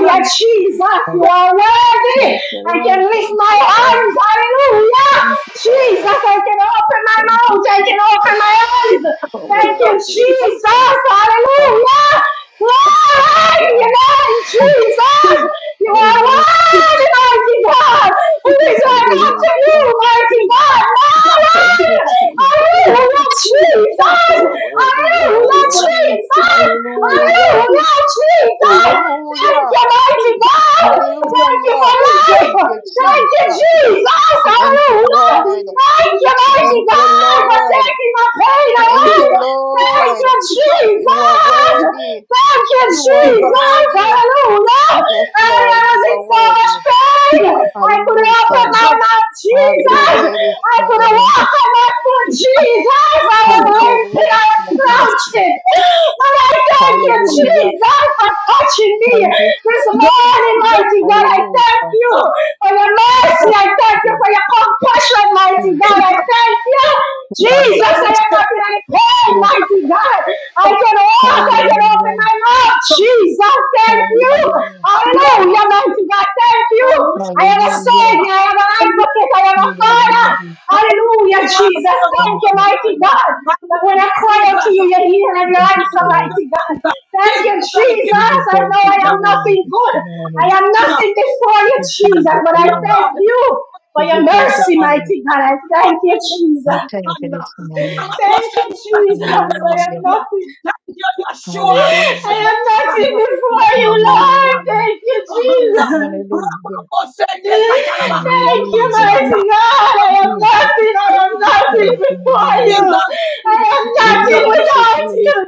[SPEAKER 2] God.
[SPEAKER 1] Jesus. You
[SPEAKER 3] Thank
[SPEAKER 2] God.
[SPEAKER 1] are worthy.
[SPEAKER 3] you,
[SPEAKER 1] I can
[SPEAKER 3] Lord.
[SPEAKER 1] lift
[SPEAKER 3] Thank
[SPEAKER 1] my
[SPEAKER 3] you, Lord.
[SPEAKER 1] arms. Hallelujah.
[SPEAKER 3] Thank you,
[SPEAKER 1] Jesus,
[SPEAKER 3] Lord.
[SPEAKER 1] I can open my
[SPEAKER 3] Thank you,
[SPEAKER 1] mouth. I can
[SPEAKER 3] Jesus,
[SPEAKER 1] open my eyes.
[SPEAKER 3] for
[SPEAKER 1] Thank you,
[SPEAKER 2] Jesus,
[SPEAKER 3] worthy.
[SPEAKER 2] Jesus,
[SPEAKER 1] Jesus.
[SPEAKER 3] Hallelujah.
[SPEAKER 1] Hallelujah. Glory to your Jesus.
[SPEAKER 2] Jesus,
[SPEAKER 1] You are
[SPEAKER 3] Hallelujah.
[SPEAKER 1] worthy, mighty God. Who
[SPEAKER 2] Jesus,
[SPEAKER 1] is
[SPEAKER 2] Jesus,
[SPEAKER 1] like
[SPEAKER 2] Jesus, Jesus,
[SPEAKER 1] unto you,
[SPEAKER 3] Hallelujah.
[SPEAKER 1] mighty God?
[SPEAKER 2] God.
[SPEAKER 3] Thank you,
[SPEAKER 2] Jesus.
[SPEAKER 1] Hallelujah.
[SPEAKER 2] Jesus, Jesus, Jesus. Jesus, Jesus, Jesus,
[SPEAKER 3] Jesus.
[SPEAKER 1] Hallelujah, Jesus.
[SPEAKER 3] You are worthy. You are
[SPEAKER 1] Hallelujah,
[SPEAKER 3] worthy.
[SPEAKER 1] Jesus.
[SPEAKER 3] Hallelujah.
[SPEAKER 1] Hallelujah, Jesus. Thank
[SPEAKER 3] Hallelujah.
[SPEAKER 1] you, mighty God. Thank you for
[SPEAKER 3] Hallelujah.
[SPEAKER 2] Jesus. Jesus,
[SPEAKER 1] life.
[SPEAKER 3] Thank you,
[SPEAKER 2] Jesus, Jesus,
[SPEAKER 1] Thank you,
[SPEAKER 3] Jesus.
[SPEAKER 2] Jesus.
[SPEAKER 1] Jesus.
[SPEAKER 3] Thank you,
[SPEAKER 1] Hallelujah.
[SPEAKER 2] He's
[SPEAKER 3] Lord.
[SPEAKER 1] Thank you, mighty
[SPEAKER 2] done.
[SPEAKER 3] Thank you,
[SPEAKER 1] God, for
[SPEAKER 3] Lord.
[SPEAKER 1] taking my pain
[SPEAKER 3] Thank
[SPEAKER 1] away.
[SPEAKER 2] He's
[SPEAKER 3] you,
[SPEAKER 2] done. He's done.
[SPEAKER 1] Thank
[SPEAKER 3] Lord.
[SPEAKER 1] you,
[SPEAKER 3] You are
[SPEAKER 1] Jesus.
[SPEAKER 3] worthy.
[SPEAKER 1] Thank you,
[SPEAKER 3] You are
[SPEAKER 2] He's done.
[SPEAKER 1] Jesus.
[SPEAKER 3] worthy.
[SPEAKER 1] Hallelujah.
[SPEAKER 3] Yes,
[SPEAKER 1] I
[SPEAKER 3] Lord. You
[SPEAKER 1] was in
[SPEAKER 3] are
[SPEAKER 1] so much
[SPEAKER 3] worthy.
[SPEAKER 1] pain.
[SPEAKER 2] He's
[SPEAKER 1] I couldn't
[SPEAKER 3] Hallelujah.
[SPEAKER 1] open my
[SPEAKER 2] done.
[SPEAKER 1] mouth,
[SPEAKER 3] Have
[SPEAKER 2] He's
[SPEAKER 3] your
[SPEAKER 2] done.
[SPEAKER 1] Jesus.
[SPEAKER 3] way this
[SPEAKER 1] I could have
[SPEAKER 3] morning.
[SPEAKER 1] walked on my foot,
[SPEAKER 2] He's Jesus,
[SPEAKER 1] Jesus. I was
[SPEAKER 3] Have your way
[SPEAKER 1] limping, I
[SPEAKER 3] this
[SPEAKER 1] was
[SPEAKER 3] morning,
[SPEAKER 2] Jesus, Jesus,
[SPEAKER 1] crouching.
[SPEAKER 3] Jesus.
[SPEAKER 1] But I thank you,
[SPEAKER 2] Jesus,
[SPEAKER 3] Hallelujah.
[SPEAKER 1] Jesus, for touching me
[SPEAKER 3] Thank you.
[SPEAKER 1] this morning,
[SPEAKER 2] Jesus,
[SPEAKER 1] mighty
[SPEAKER 2] Jesus,
[SPEAKER 1] God. I
[SPEAKER 3] Hallelujah.
[SPEAKER 1] thank you for your mercy.
[SPEAKER 3] For
[SPEAKER 1] I thank you
[SPEAKER 3] you,
[SPEAKER 1] for your compassion, mighty
[SPEAKER 3] Jesus,
[SPEAKER 1] God.
[SPEAKER 2] Jesus,
[SPEAKER 1] I
[SPEAKER 3] you
[SPEAKER 1] thank you.
[SPEAKER 2] Jesus,
[SPEAKER 3] are
[SPEAKER 1] Jesus, I
[SPEAKER 2] Jesus,
[SPEAKER 1] am not in any pain,
[SPEAKER 3] yes,
[SPEAKER 2] Jesus,
[SPEAKER 1] mighty God. I
[SPEAKER 2] oh,
[SPEAKER 1] can walk, I
[SPEAKER 2] God,
[SPEAKER 1] can open
[SPEAKER 3] Hallelujah.
[SPEAKER 1] my mouth.
[SPEAKER 2] Jesus,
[SPEAKER 1] Jesus, thank
[SPEAKER 2] Jesus, Jesus, Jesus,
[SPEAKER 1] you.
[SPEAKER 3] Hallelujah.
[SPEAKER 2] Jesus, I worship you, Jesus, Jesus, Jesus, Jesus, Jesus, I love
[SPEAKER 1] Hallelujah,
[SPEAKER 2] you,
[SPEAKER 1] mighty
[SPEAKER 2] Jesus.
[SPEAKER 1] God, thank you.
[SPEAKER 2] I
[SPEAKER 1] I am a
[SPEAKER 3] Hallelujah.
[SPEAKER 2] love
[SPEAKER 1] savior, I am an
[SPEAKER 2] you.
[SPEAKER 1] advocate, I am a
[SPEAKER 3] You are
[SPEAKER 2] Jesus, I give
[SPEAKER 1] father.
[SPEAKER 3] worthy.
[SPEAKER 2] you
[SPEAKER 1] Hallelujah,
[SPEAKER 2] praise.
[SPEAKER 1] Jesus, thank
[SPEAKER 3] Thank
[SPEAKER 1] you,
[SPEAKER 3] you.
[SPEAKER 1] mighty God. That when I cry out to you, you hear and you
[SPEAKER 3] Thank you,
[SPEAKER 1] answer,
[SPEAKER 3] Lord.
[SPEAKER 1] mighty God. Thank you,
[SPEAKER 2] Jesus, I give
[SPEAKER 3] You
[SPEAKER 1] Jesus. I
[SPEAKER 3] deserve
[SPEAKER 1] know
[SPEAKER 3] the
[SPEAKER 1] I am
[SPEAKER 3] glory
[SPEAKER 1] nothing
[SPEAKER 3] this
[SPEAKER 1] good. I
[SPEAKER 3] morning.
[SPEAKER 2] you
[SPEAKER 1] am
[SPEAKER 2] praise.
[SPEAKER 1] nothing before you,
[SPEAKER 3] You deserve
[SPEAKER 1] Jesus,
[SPEAKER 3] the
[SPEAKER 1] but I
[SPEAKER 3] honor.
[SPEAKER 1] thank
[SPEAKER 2] God.
[SPEAKER 1] you for
[SPEAKER 3] You
[SPEAKER 1] your
[SPEAKER 3] deserve the
[SPEAKER 1] mercy,
[SPEAKER 3] praise.
[SPEAKER 1] mighty God. I thank you,
[SPEAKER 3] We
[SPEAKER 1] Jesus.
[SPEAKER 3] thank you this morning.
[SPEAKER 1] Thank you, Jesus. I am
[SPEAKER 3] Hallelujah.
[SPEAKER 1] nothing.
[SPEAKER 2] Thank you, Yeshua,
[SPEAKER 1] I
[SPEAKER 3] Hallelujah.
[SPEAKER 1] am
[SPEAKER 2] Mashiach,
[SPEAKER 1] nothing
[SPEAKER 2] Bahanda.
[SPEAKER 1] before you, Lord.
[SPEAKER 3] Hallelujah.
[SPEAKER 1] Thank you, Jesus.
[SPEAKER 3] Hallelujah.
[SPEAKER 2] Rabakosende katalabahanda
[SPEAKER 1] Thank you,
[SPEAKER 3] Hallelujah.
[SPEAKER 2] Ramasianda.
[SPEAKER 1] mighty God.
[SPEAKER 2] Oh,
[SPEAKER 1] I am
[SPEAKER 2] God,
[SPEAKER 3] Jesus,
[SPEAKER 1] nothing. I am nothing
[SPEAKER 3] thank you,
[SPEAKER 1] before
[SPEAKER 2] oh, God,
[SPEAKER 3] Lord.
[SPEAKER 2] oh,
[SPEAKER 1] you. I
[SPEAKER 3] We
[SPEAKER 2] God. Jesus,
[SPEAKER 3] worship you this
[SPEAKER 1] am nothing without you,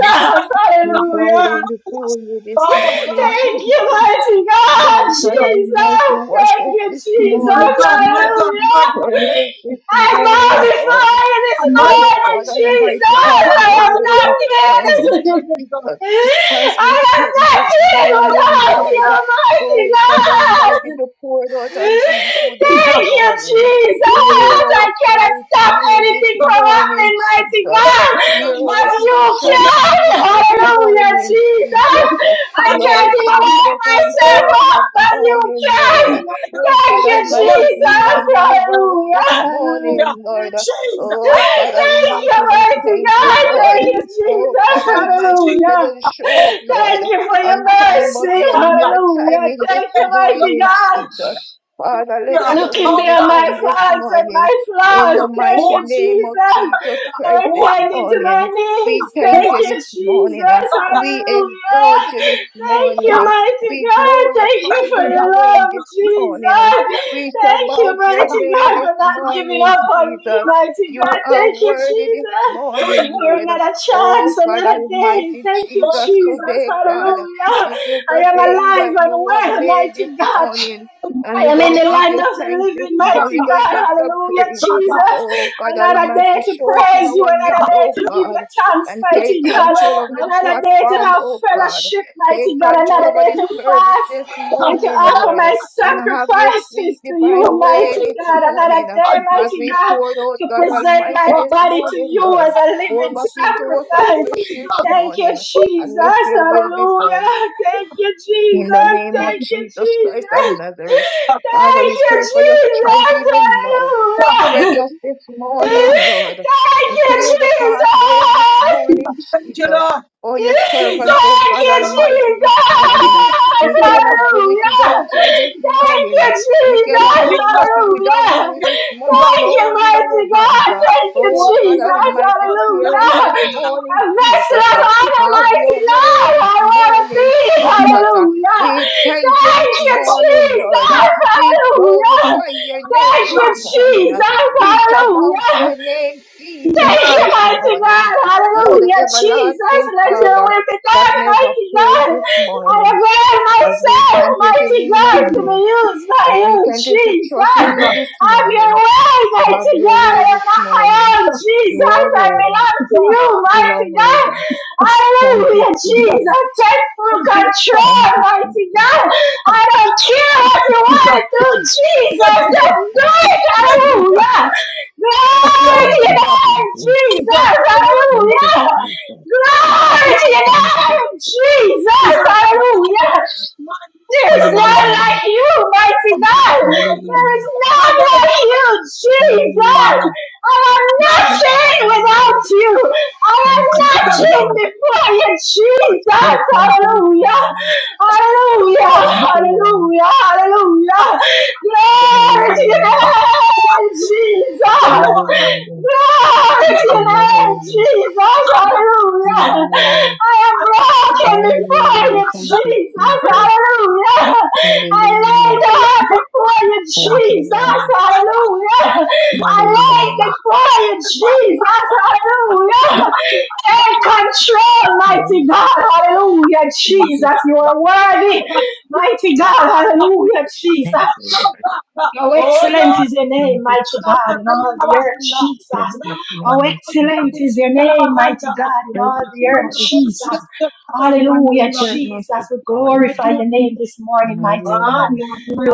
[SPEAKER 2] Jesus, Jesus,
[SPEAKER 3] We
[SPEAKER 2] Jesus.
[SPEAKER 3] bow
[SPEAKER 1] Hallelujah.
[SPEAKER 3] down
[SPEAKER 2] Oh, yes.
[SPEAKER 3] before you this
[SPEAKER 2] Oh,
[SPEAKER 3] morning,
[SPEAKER 2] God.
[SPEAKER 1] Thank
[SPEAKER 2] Jesus,
[SPEAKER 1] you,
[SPEAKER 3] Jesus.
[SPEAKER 1] mighty God,
[SPEAKER 3] Lord God
[SPEAKER 2] Jesus.
[SPEAKER 3] Almighty,
[SPEAKER 1] Jesus.
[SPEAKER 3] wash
[SPEAKER 1] Thank
[SPEAKER 3] us
[SPEAKER 1] you,
[SPEAKER 3] this
[SPEAKER 1] Jesus.
[SPEAKER 3] morning,
[SPEAKER 2] My God, my
[SPEAKER 3] Jesus.
[SPEAKER 2] God,
[SPEAKER 1] Hallelujah.
[SPEAKER 2] my
[SPEAKER 3] Cleanse
[SPEAKER 2] God.
[SPEAKER 3] us this
[SPEAKER 1] I
[SPEAKER 3] morning, Lord.
[SPEAKER 1] magnify you this
[SPEAKER 2] My God,
[SPEAKER 3] Oh
[SPEAKER 1] morning,
[SPEAKER 3] God Almighty,
[SPEAKER 2] my
[SPEAKER 3] have
[SPEAKER 1] Jesus.
[SPEAKER 2] God.
[SPEAKER 1] I am
[SPEAKER 3] your way
[SPEAKER 1] not
[SPEAKER 3] this morning,
[SPEAKER 2] Hallelujah.
[SPEAKER 1] here.
[SPEAKER 2] Jesus.
[SPEAKER 3] Jesus. As
[SPEAKER 1] I
[SPEAKER 3] we
[SPEAKER 1] am
[SPEAKER 3] come
[SPEAKER 1] not
[SPEAKER 3] this
[SPEAKER 1] here
[SPEAKER 3] morning,
[SPEAKER 1] without
[SPEAKER 3] Lord,
[SPEAKER 1] you, mighty
[SPEAKER 3] oh God Almighty,
[SPEAKER 1] God.
[SPEAKER 3] to pour it out
[SPEAKER 1] Thank
[SPEAKER 3] unto you this
[SPEAKER 2] Jesus.
[SPEAKER 1] you,
[SPEAKER 3] morning.
[SPEAKER 1] Jesus.
[SPEAKER 3] Hear
[SPEAKER 2] Jesus.
[SPEAKER 3] our
[SPEAKER 1] I
[SPEAKER 3] cry
[SPEAKER 1] cannot
[SPEAKER 3] to
[SPEAKER 1] stop
[SPEAKER 3] you this
[SPEAKER 1] anything
[SPEAKER 2] Jesus.
[SPEAKER 1] from
[SPEAKER 3] morning,
[SPEAKER 1] happening, mighty
[SPEAKER 3] Jesus.
[SPEAKER 2] Oh
[SPEAKER 1] God.
[SPEAKER 2] God,
[SPEAKER 3] Hear
[SPEAKER 1] But
[SPEAKER 3] our
[SPEAKER 2] Almighty,
[SPEAKER 1] you
[SPEAKER 3] petition
[SPEAKER 2] hallelujah.
[SPEAKER 3] to
[SPEAKER 1] can.
[SPEAKER 3] you this
[SPEAKER 2] Jesus,
[SPEAKER 1] Hallelujah,
[SPEAKER 3] morning, Jesus.
[SPEAKER 1] Jesus. I
[SPEAKER 2] hallelujah,
[SPEAKER 1] can't
[SPEAKER 3] Lord
[SPEAKER 1] even
[SPEAKER 3] Jesus,
[SPEAKER 1] work
[SPEAKER 2] hallelujah.
[SPEAKER 1] myself
[SPEAKER 3] answer
[SPEAKER 2] Oh
[SPEAKER 3] us
[SPEAKER 1] up,
[SPEAKER 3] this
[SPEAKER 2] Lord,
[SPEAKER 1] but
[SPEAKER 2] my God,
[SPEAKER 1] you
[SPEAKER 3] morning,
[SPEAKER 2] my
[SPEAKER 3] Lord.
[SPEAKER 2] God,
[SPEAKER 1] can.
[SPEAKER 3] Oh
[SPEAKER 1] Thank
[SPEAKER 3] God
[SPEAKER 1] you,
[SPEAKER 2] Oh
[SPEAKER 3] Almighty,
[SPEAKER 2] Jesus,
[SPEAKER 3] heal
[SPEAKER 1] Jesus.
[SPEAKER 3] and
[SPEAKER 2] my
[SPEAKER 3] deliver us this
[SPEAKER 1] Hallelujah.
[SPEAKER 2] Savior.
[SPEAKER 3] morning, Lord.
[SPEAKER 2] Jesus,
[SPEAKER 3] Oh God
[SPEAKER 1] Thank
[SPEAKER 2] hallelujah.
[SPEAKER 3] Almighty,
[SPEAKER 1] you,
[SPEAKER 2] Oh
[SPEAKER 3] we
[SPEAKER 1] mighty
[SPEAKER 3] thank
[SPEAKER 2] God,
[SPEAKER 3] you,
[SPEAKER 1] God.
[SPEAKER 2] thank
[SPEAKER 3] Lord.
[SPEAKER 1] Thank
[SPEAKER 2] you,
[SPEAKER 1] you,
[SPEAKER 3] Oh God
[SPEAKER 1] Jesus.
[SPEAKER 2] Thank you,
[SPEAKER 3] Almighty, if
[SPEAKER 2] Jesus.
[SPEAKER 3] I
[SPEAKER 1] Hallelujah.
[SPEAKER 3] don't show
[SPEAKER 2] Oh,
[SPEAKER 3] up,
[SPEAKER 2] God.
[SPEAKER 3] Lord,
[SPEAKER 1] Thank you for your
[SPEAKER 3] on time, but
[SPEAKER 1] mercy.
[SPEAKER 2] Oh,
[SPEAKER 3] on your
[SPEAKER 2] God. Oh,
[SPEAKER 1] Hallelujah.
[SPEAKER 3] timing this
[SPEAKER 1] Thank you, mighty
[SPEAKER 3] morning,
[SPEAKER 2] God.
[SPEAKER 1] God.
[SPEAKER 3] Jesus. Father,
[SPEAKER 2] Oh,
[SPEAKER 3] let
[SPEAKER 2] God.
[SPEAKER 3] your
[SPEAKER 1] Looking
[SPEAKER 3] will
[SPEAKER 2] Oh,
[SPEAKER 3] be
[SPEAKER 1] beyond
[SPEAKER 2] God.
[SPEAKER 1] my
[SPEAKER 3] done
[SPEAKER 2] Jesus.
[SPEAKER 3] this
[SPEAKER 1] faults and my
[SPEAKER 3] morning. In
[SPEAKER 1] flaws.
[SPEAKER 3] the
[SPEAKER 1] Thank you,
[SPEAKER 3] mighty name of
[SPEAKER 1] Jesus,
[SPEAKER 3] Jesus
[SPEAKER 1] for
[SPEAKER 3] Christ this
[SPEAKER 1] attending to my
[SPEAKER 3] morning. We
[SPEAKER 1] needs.
[SPEAKER 3] thank
[SPEAKER 1] Thank
[SPEAKER 3] you
[SPEAKER 1] you,
[SPEAKER 3] this morning. ah.
[SPEAKER 1] Jesus.
[SPEAKER 3] We
[SPEAKER 1] Hallelujah.
[SPEAKER 3] exalt you this
[SPEAKER 1] Thank
[SPEAKER 3] morning.
[SPEAKER 1] you,
[SPEAKER 3] ah.
[SPEAKER 1] mighty
[SPEAKER 3] We
[SPEAKER 1] God. Thank you
[SPEAKER 3] glorify
[SPEAKER 1] for
[SPEAKER 3] your
[SPEAKER 1] your
[SPEAKER 3] name
[SPEAKER 1] love,
[SPEAKER 3] this morning. ah.
[SPEAKER 1] Jesus.
[SPEAKER 3] We shall
[SPEAKER 1] Thank you,
[SPEAKER 3] bow to your
[SPEAKER 1] mighty
[SPEAKER 3] name
[SPEAKER 1] God,
[SPEAKER 3] this
[SPEAKER 1] for not giving
[SPEAKER 3] morning,
[SPEAKER 1] up on me,
[SPEAKER 3] Jesus.
[SPEAKER 1] mighty
[SPEAKER 3] You
[SPEAKER 1] God.
[SPEAKER 3] are
[SPEAKER 1] Thank you,
[SPEAKER 3] worthy this
[SPEAKER 1] Jesus,
[SPEAKER 3] morning,
[SPEAKER 1] for
[SPEAKER 3] Lord.
[SPEAKER 1] another chance,
[SPEAKER 3] Oh, God
[SPEAKER 1] another day.
[SPEAKER 3] Almighty
[SPEAKER 1] Thank you,
[SPEAKER 3] Jesus,
[SPEAKER 1] Jesus.
[SPEAKER 3] today, God,
[SPEAKER 1] Hallelujah.
[SPEAKER 3] this is
[SPEAKER 1] I
[SPEAKER 3] the
[SPEAKER 1] am
[SPEAKER 3] day that
[SPEAKER 1] alive and
[SPEAKER 3] you have
[SPEAKER 1] well,
[SPEAKER 3] made this
[SPEAKER 1] mighty God.
[SPEAKER 3] morning. And
[SPEAKER 1] I
[SPEAKER 3] we're
[SPEAKER 1] am
[SPEAKER 3] going
[SPEAKER 1] in
[SPEAKER 3] to
[SPEAKER 1] the
[SPEAKER 3] give
[SPEAKER 1] land
[SPEAKER 3] you
[SPEAKER 1] of the
[SPEAKER 3] thanks this
[SPEAKER 1] living,
[SPEAKER 3] morning.
[SPEAKER 1] mighty
[SPEAKER 3] We're going
[SPEAKER 1] God.
[SPEAKER 3] to give you
[SPEAKER 1] Hallelujah,
[SPEAKER 3] praise.
[SPEAKER 1] Jesus.
[SPEAKER 3] Oh, God
[SPEAKER 1] Another day
[SPEAKER 3] Almighty,
[SPEAKER 1] to
[SPEAKER 3] show up in
[SPEAKER 1] praise you,
[SPEAKER 3] our
[SPEAKER 1] another
[SPEAKER 3] midst,
[SPEAKER 2] Yes, God.
[SPEAKER 1] day
[SPEAKER 3] oh,
[SPEAKER 1] to give you
[SPEAKER 3] God.
[SPEAKER 1] thanks,
[SPEAKER 3] And
[SPEAKER 2] Yes,
[SPEAKER 3] take
[SPEAKER 1] mighty
[SPEAKER 2] the
[SPEAKER 1] God.
[SPEAKER 3] control of this
[SPEAKER 2] Lord.
[SPEAKER 1] Another day to
[SPEAKER 3] platform,
[SPEAKER 1] have
[SPEAKER 3] oh, God.
[SPEAKER 1] fellowship, mighty
[SPEAKER 3] Take
[SPEAKER 1] God.
[SPEAKER 3] control
[SPEAKER 1] Another
[SPEAKER 3] over
[SPEAKER 1] day
[SPEAKER 3] this
[SPEAKER 1] to
[SPEAKER 3] service
[SPEAKER 1] fast
[SPEAKER 3] this
[SPEAKER 2] Thank
[SPEAKER 1] and to
[SPEAKER 3] morning,
[SPEAKER 1] offer
[SPEAKER 3] Lord.
[SPEAKER 1] my
[SPEAKER 3] And have your
[SPEAKER 1] sacrifices
[SPEAKER 3] sweet
[SPEAKER 1] to you,
[SPEAKER 3] divine
[SPEAKER 1] mighty
[SPEAKER 3] way this
[SPEAKER 1] God. Another
[SPEAKER 3] morning.
[SPEAKER 1] day,
[SPEAKER 3] As
[SPEAKER 1] mighty
[SPEAKER 3] we
[SPEAKER 1] God,
[SPEAKER 3] pour out,
[SPEAKER 1] to
[SPEAKER 3] God
[SPEAKER 1] present my
[SPEAKER 3] Almighty, this
[SPEAKER 1] body to
[SPEAKER 3] morning,
[SPEAKER 1] you
[SPEAKER 3] Lord,
[SPEAKER 1] as a
[SPEAKER 3] pour
[SPEAKER 1] living
[SPEAKER 3] back into us
[SPEAKER 1] sacrifice.
[SPEAKER 3] afresh this
[SPEAKER 1] Thank you,
[SPEAKER 3] morning, and let
[SPEAKER 1] Jesus.
[SPEAKER 3] your will be done.
[SPEAKER 1] Hallelujah. Thank you,
[SPEAKER 3] In the
[SPEAKER 1] Jesus.
[SPEAKER 3] name of
[SPEAKER 1] Thank you,
[SPEAKER 3] Jesus Christ
[SPEAKER 1] Jesus.
[SPEAKER 3] of
[SPEAKER 1] Thank
[SPEAKER 3] Nazareth, Father, we
[SPEAKER 1] you,
[SPEAKER 3] pray for your strength
[SPEAKER 1] Jesus.
[SPEAKER 3] even now.
[SPEAKER 1] Hallelujah.
[SPEAKER 3] Strengthen us this morning, Lord,
[SPEAKER 1] Thank
[SPEAKER 3] and
[SPEAKER 1] you,
[SPEAKER 3] clear the pathway this
[SPEAKER 1] Jesus.
[SPEAKER 3] morning,
[SPEAKER 2] you,
[SPEAKER 3] Jesus.
[SPEAKER 2] Lord.
[SPEAKER 3] For your
[SPEAKER 2] Jesus,
[SPEAKER 3] servants,
[SPEAKER 2] thank
[SPEAKER 3] oh
[SPEAKER 1] Thank
[SPEAKER 3] God
[SPEAKER 1] you,
[SPEAKER 2] you, Lord.
[SPEAKER 3] Almighty, this
[SPEAKER 1] Jesus!
[SPEAKER 3] morning.
[SPEAKER 2] Jesus, thank
[SPEAKER 3] We
[SPEAKER 2] you,
[SPEAKER 3] cannot
[SPEAKER 2] Lord.
[SPEAKER 3] do it
[SPEAKER 1] Hallelujah!
[SPEAKER 3] without you
[SPEAKER 2] Because
[SPEAKER 3] this
[SPEAKER 2] Jesus,
[SPEAKER 1] Thank
[SPEAKER 3] morning.
[SPEAKER 1] you,
[SPEAKER 3] We cannot
[SPEAKER 2] because
[SPEAKER 1] Jesus!
[SPEAKER 3] do
[SPEAKER 2] Jesus,
[SPEAKER 3] nothing without
[SPEAKER 1] Hallelujah!
[SPEAKER 3] you
[SPEAKER 2] you
[SPEAKER 3] this morning.
[SPEAKER 1] Thank you,
[SPEAKER 3] Hold in
[SPEAKER 1] mighty
[SPEAKER 3] our hands.
[SPEAKER 1] God!
[SPEAKER 2] are
[SPEAKER 1] Thank you,
[SPEAKER 2] God. Because you
[SPEAKER 3] Oh
[SPEAKER 2] are the Lord.
[SPEAKER 3] God
[SPEAKER 1] Jesus!
[SPEAKER 3] Almighty,
[SPEAKER 2] Because you
[SPEAKER 3] steer
[SPEAKER 2] are
[SPEAKER 3] us
[SPEAKER 2] the
[SPEAKER 1] Hallelujah!
[SPEAKER 3] this
[SPEAKER 1] A
[SPEAKER 3] morning,
[SPEAKER 1] vessel
[SPEAKER 3] Jesus.
[SPEAKER 1] of honor,
[SPEAKER 3] Have
[SPEAKER 1] mighty
[SPEAKER 3] your way
[SPEAKER 1] God!
[SPEAKER 3] this
[SPEAKER 1] I want to
[SPEAKER 3] morning,
[SPEAKER 1] be!
[SPEAKER 3] Jesus.
[SPEAKER 1] Hallelujah!
[SPEAKER 3] We thank you
[SPEAKER 1] Thank
[SPEAKER 3] this
[SPEAKER 1] you,
[SPEAKER 2] Lord.
[SPEAKER 3] morning, Lord.
[SPEAKER 2] Jesus,
[SPEAKER 1] Jesus!
[SPEAKER 2] Jesus,
[SPEAKER 3] We
[SPEAKER 1] Hallelujah!
[SPEAKER 3] glorify your name
[SPEAKER 1] Thank
[SPEAKER 3] this
[SPEAKER 1] you,
[SPEAKER 3] morning.
[SPEAKER 1] Jesus!
[SPEAKER 3] We shall bow to
[SPEAKER 1] Hallelujah!
[SPEAKER 3] your name,
[SPEAKER 2] Jesus,
[SPEAKER 3] Jesus,
[SPEAKER 1] Thank
[SPEAKER 2] Jesus.
[SPEAKER 1] you,
[SPEAKER 3] this
[SPEAKER 1] mighty God.
[SPEAKER 3] morning.
[SPEAKER 2] God,
[SPEAKER 3] You are the
[SPEAKER 2] I
[SPEAKER 1] Hallelujah. Jesus,
[SPEAKER 3] everlasting
[SPEAKER 1] let your
[SPEAKER 3] Father
[SPEAKER 1] will be
[SPEAKER 3] that
[SPEAKER 1] done,
[SPEAKER 3] never
[SPEAKER 1] mighty
[SPEAKER 3] failed
[SPEAKER 1] God.
[SPEAKER 3] this
[SPEAKER 1] I
[SPEAKER 3] morning.
[SPEAKER 1] avail
[SPEAKER 3] As we
[SPEAKER 1] myself,
[SPEAKER 3] continue to
[SPEAKER 1] mighty
[SPEAKER 3] lean
[SPEAKER 1] God,
[SPEAKER 3] on
[SPEAKER 1] to be
[SPEAKER 3] you,
[SPEAKER 1] used by
[SPEAKER 3] as
[SPEAKER 1] you,
[SPEAKER 3] we continue to trust
[SPEAKER 1] Jesus.
[SPEAKER 3] in you this
[SPEAKER 1] Have your
[SPEAKER 3] morning,
[SPEAKER 1] way,
[SPEAKER 3] have
[SPEAKER 1] mighty
[SPEAKER 3] your
[SPEAKER 1] God. I
[SPEAKER 3] way
[SPEAKER 1] am
[SPEAKER 3] this
[SPEAKER 1] not my
[SPEAKER 3] morning.
[SPEAKER 1] own,
[SPEAKER 3] You
[SPEAKER 1] Jesus.
[SPEAKER 3] are
[SPEAKER 1] I
[SPEAKER 3] worthy.
[SPEAKER 1] belong to you,
[SPEAKER 3] You
[SPEAKER 1] mighty
[SPEAKER 3] are
[SPEAKER 1] God.
[SPEAKER 3] worthy. Thank you,
[SPEAKER 1] Hallelujah,
[SPEAKER 3] Jesus.
[SPEAKER 1] Jesus. Take full
[SPEAKER 3] Thank
[SPEAKER 1] control,
[SPEAKER 3] you,
[SPEAKER 1] mighty
[SPEAKER 3] Jesus.
[SPEAKER 1] God. I don't care what you want to do, Jesus.
[SPEAKER 2] think
[SPEAKER 1] Just do
[SPEAKER 3] Thank you,
[SPEAKER 1] it.
[SPEAKER 3] Jesus.
[SPEAKER 1] Hallelujah. Glory to
[SPEAKER 3] Thank
[SPEAKER 1] your
[SPEAKER 3] you,
[SPEAKER 1] name,
[SPEAKER 3] Jesus.
[SPEAKER 1] Jesus.
[SPEAKER 3] Thank you,
[SPEAKER 1] Hallelujah.
[SPEAKER 3] Jesus.
[SPEAKER 1] Glory to your
[SPEAKER 3] Thank you.
[SPEAKER 1] name, Jesus. Hallelujah. There is none
[SPEAKER 3] Hallelujah.
[SPEAKER 1] like you, mighty God. There
[SPEAKER 3] Hallelujah.
[SPEAKER 1] is none like you, Jesus.
[SPEAKER 3] Hallelujah.
[SPEAKER 1] I am nothing
[SPEAKER 3] Hallelujah.
[SPEAKER 1] without you. I am
[SPEAKER 3] Thank you,
[SPEAKER 1] nothing
[SPEAKER 3] Jesus.
[SPEAKER 1] before you, Jesus.
[SPEAKER 3] We thank you this
[SPEAKER 1] Hallelujah.
[SPEAKER 3] morning.
[SPEAKER 2] of
[SPEAKER 1] Hallelujah.
[SPEAKER 2] God.
[SPEAKER 3] Thank you, Lord.
[SPEAKER 1] Hallelujah. Hallelujah. Glory to your
[SPEAKER 3] Hallelujah.
[SPEAKER 1] name, Jesus.
[SPEAKER 3] Hallelujah.
[SPEAKER 1] Glory to your name,
[SPEAKER 3] Hallelujah.
[SPEAKER 1] Jesus. Hallelujah.
[SPEAKER 3] Hallelujah.
[SPEAKER 1] I am broken before
[SPEAKER 3] Hallelujah.
[SPEAKER 1] you,
[SPEAKER 3] Thank you,
[SPEAKER 1] Jesus.
[SPEAKER 3] Jesus.
[SPEAKER 1] Hallelujah. I lay
[SPEAKER 3] Hallelujah.
[SPEAKER 1] down before you,
[SPEAKER 3] Thank you,
[SPEAKER 1] Jesus.
[SPEAKER 3] Lord.
[SPEAKER 1] Hallelujah. I lay
[SPEAKER 3] Hallelujah.
[SPEAKER 1] before you, Jesus. Hallelujah. Take control, mighty
[SPEAKER 3] Hallelujah.
[SPEAKER 1] God. Hallelujah,
[SPEAKER 3] Thank you,
[SPEAKER 1] Jesus. You are worthy, mighty God. Hallelujah, Jesus.
[SPEAKER 3] thank you, Lord.
[SPEAKER 1] Oh,
[SPEAKER 2] Oh
[SPEAKER 1] excellent
[SPEAKER 2] Lord,
[SPEAKER 1] is your name,
[SPEAKER 3] Thank you,
[SPEAKER 1] mighty
[SPEAKER 3] Jesus.
[SPEAKER 1] God, in all the earth, Jesus.
[SPEAKER 3] Thank you,
[SPEAKER 1] Oh,
[SPEAKER 3] Lord
[SPEAKER 1] excellent
[SPEAKER 3] Jesus.
[SPEAKER 1] is your name, mighty God, in
[SPEAKER 3] Thank
[SPEAKER 1] all
[SPEAKER 3] you,
[SPEAKER 1] the earth,
[SPEAKER 3] Lord Jesus.
[SPEAKER 1] Jesus. Hallelujah,
[SPEAKER 3] Certain us this
[SPEAKER 1] Jesus. We
[SPEAKER 3] morning,
[SPEAKER 1] glorify
[SPEAKER 3] Lord,
[SPEAKER 1] your name this morning,
[SPEAKER 3] and I
[SPEAKER 1] mighty
[SPEAKER 3] will
[SPEAKER 1] God.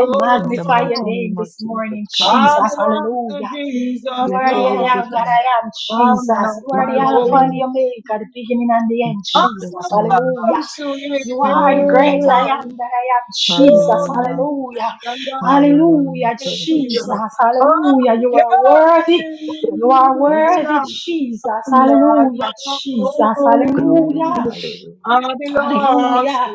[SPEAKER 1] I
[SPEAKER 3] in the
[SPEAKER 1] magnify
[SPEAKER 3] mighty
[SPEAKER 1] your name
[SPEAKER 3] name of
[SPEAKER 1] this
[SPEAKER 3] Jesus
[SPEAKER 1] morning,
[SPEAKER 3] Christ
[SPEAKER 2] I
[SPEAKER 3] of
[SPEAKER 1] Jesus.
[SPEAKER 3] Nazareth.
[SPEAKER 2] belong to
[SPEAKER 1] Hallelujah.
[SPEAKER 2] Jesus,
[SPEAKER 1] You
[SPEAKER 3] Let
[SPEAKER 1] are
[SPEAKER 3] your
[SPEAKER 1] the I
[SPEAKER 3] will
[SPEAKER 1] am
[SPEAKER 3] be
[SPEAKER 2] Lord.
[SPEAKER 1] that
[SPEAKER 3] done.
[SPEAKER 1] I am, Jesus.
[SPEAKER 2] I'm not
[SPEAKER 1] You are
[SPEAKER 3] In
[SPEAKER 2] my
[SPEAKER 1] the
[SPEAKER 3] Jesus'
[SPEAKER 1] Alpha and the
[SPEAKER 3] name.
[SPEAKER 2] own.
[SPEAKER 1] Omega, the beginning and the
[SPEAKER 3] In
[SPEAKER 1] end,
[SPEAKER 2] I
[SPEAKER 3] Jesus'
[SPEAKER 1] Jesus.
[SPEAKER 3] name.
[SPEAKER 1] Hallelujah.
[SPEAKER 2] belong to
[SPEAKER 1] You are the great I am
[SPEAKER 3] Hallelujah.
[SPEAKER 2] Him.
[SPEAKER 1] that I am, Jesus.
[SPEAKER 2] Oh,
[SPEAKER 3] Hallelujah.
[SPEAKER 1] Hallelujah.
[SPEAKER 2] yeah.
[SPEAKER 1] Hallelujah,
[SPEAKER 3] Hallelujah. Thank you, Jesus.
[SPEAKER 1] Jesus. Hallelujah. You are worthy. You are
[SPEAKER 3] Thank you,
[SPEAKER 1] worthy,
[SPEAKER 3] Jesus.
[SPEAKER 1] Jesus.
[SPEAKER 2] Not my
[SPEAKER 1] Hallelujah, Jesus.
[SPEAKER 3] Glory.
[SPEAKER 2] own.
[SPEAKER 1] Hallelujah.
[SPEAKER 3] Hallelujah.
[SPEAKER 2] I belong to
[SPEAKER 1] Hallelujah.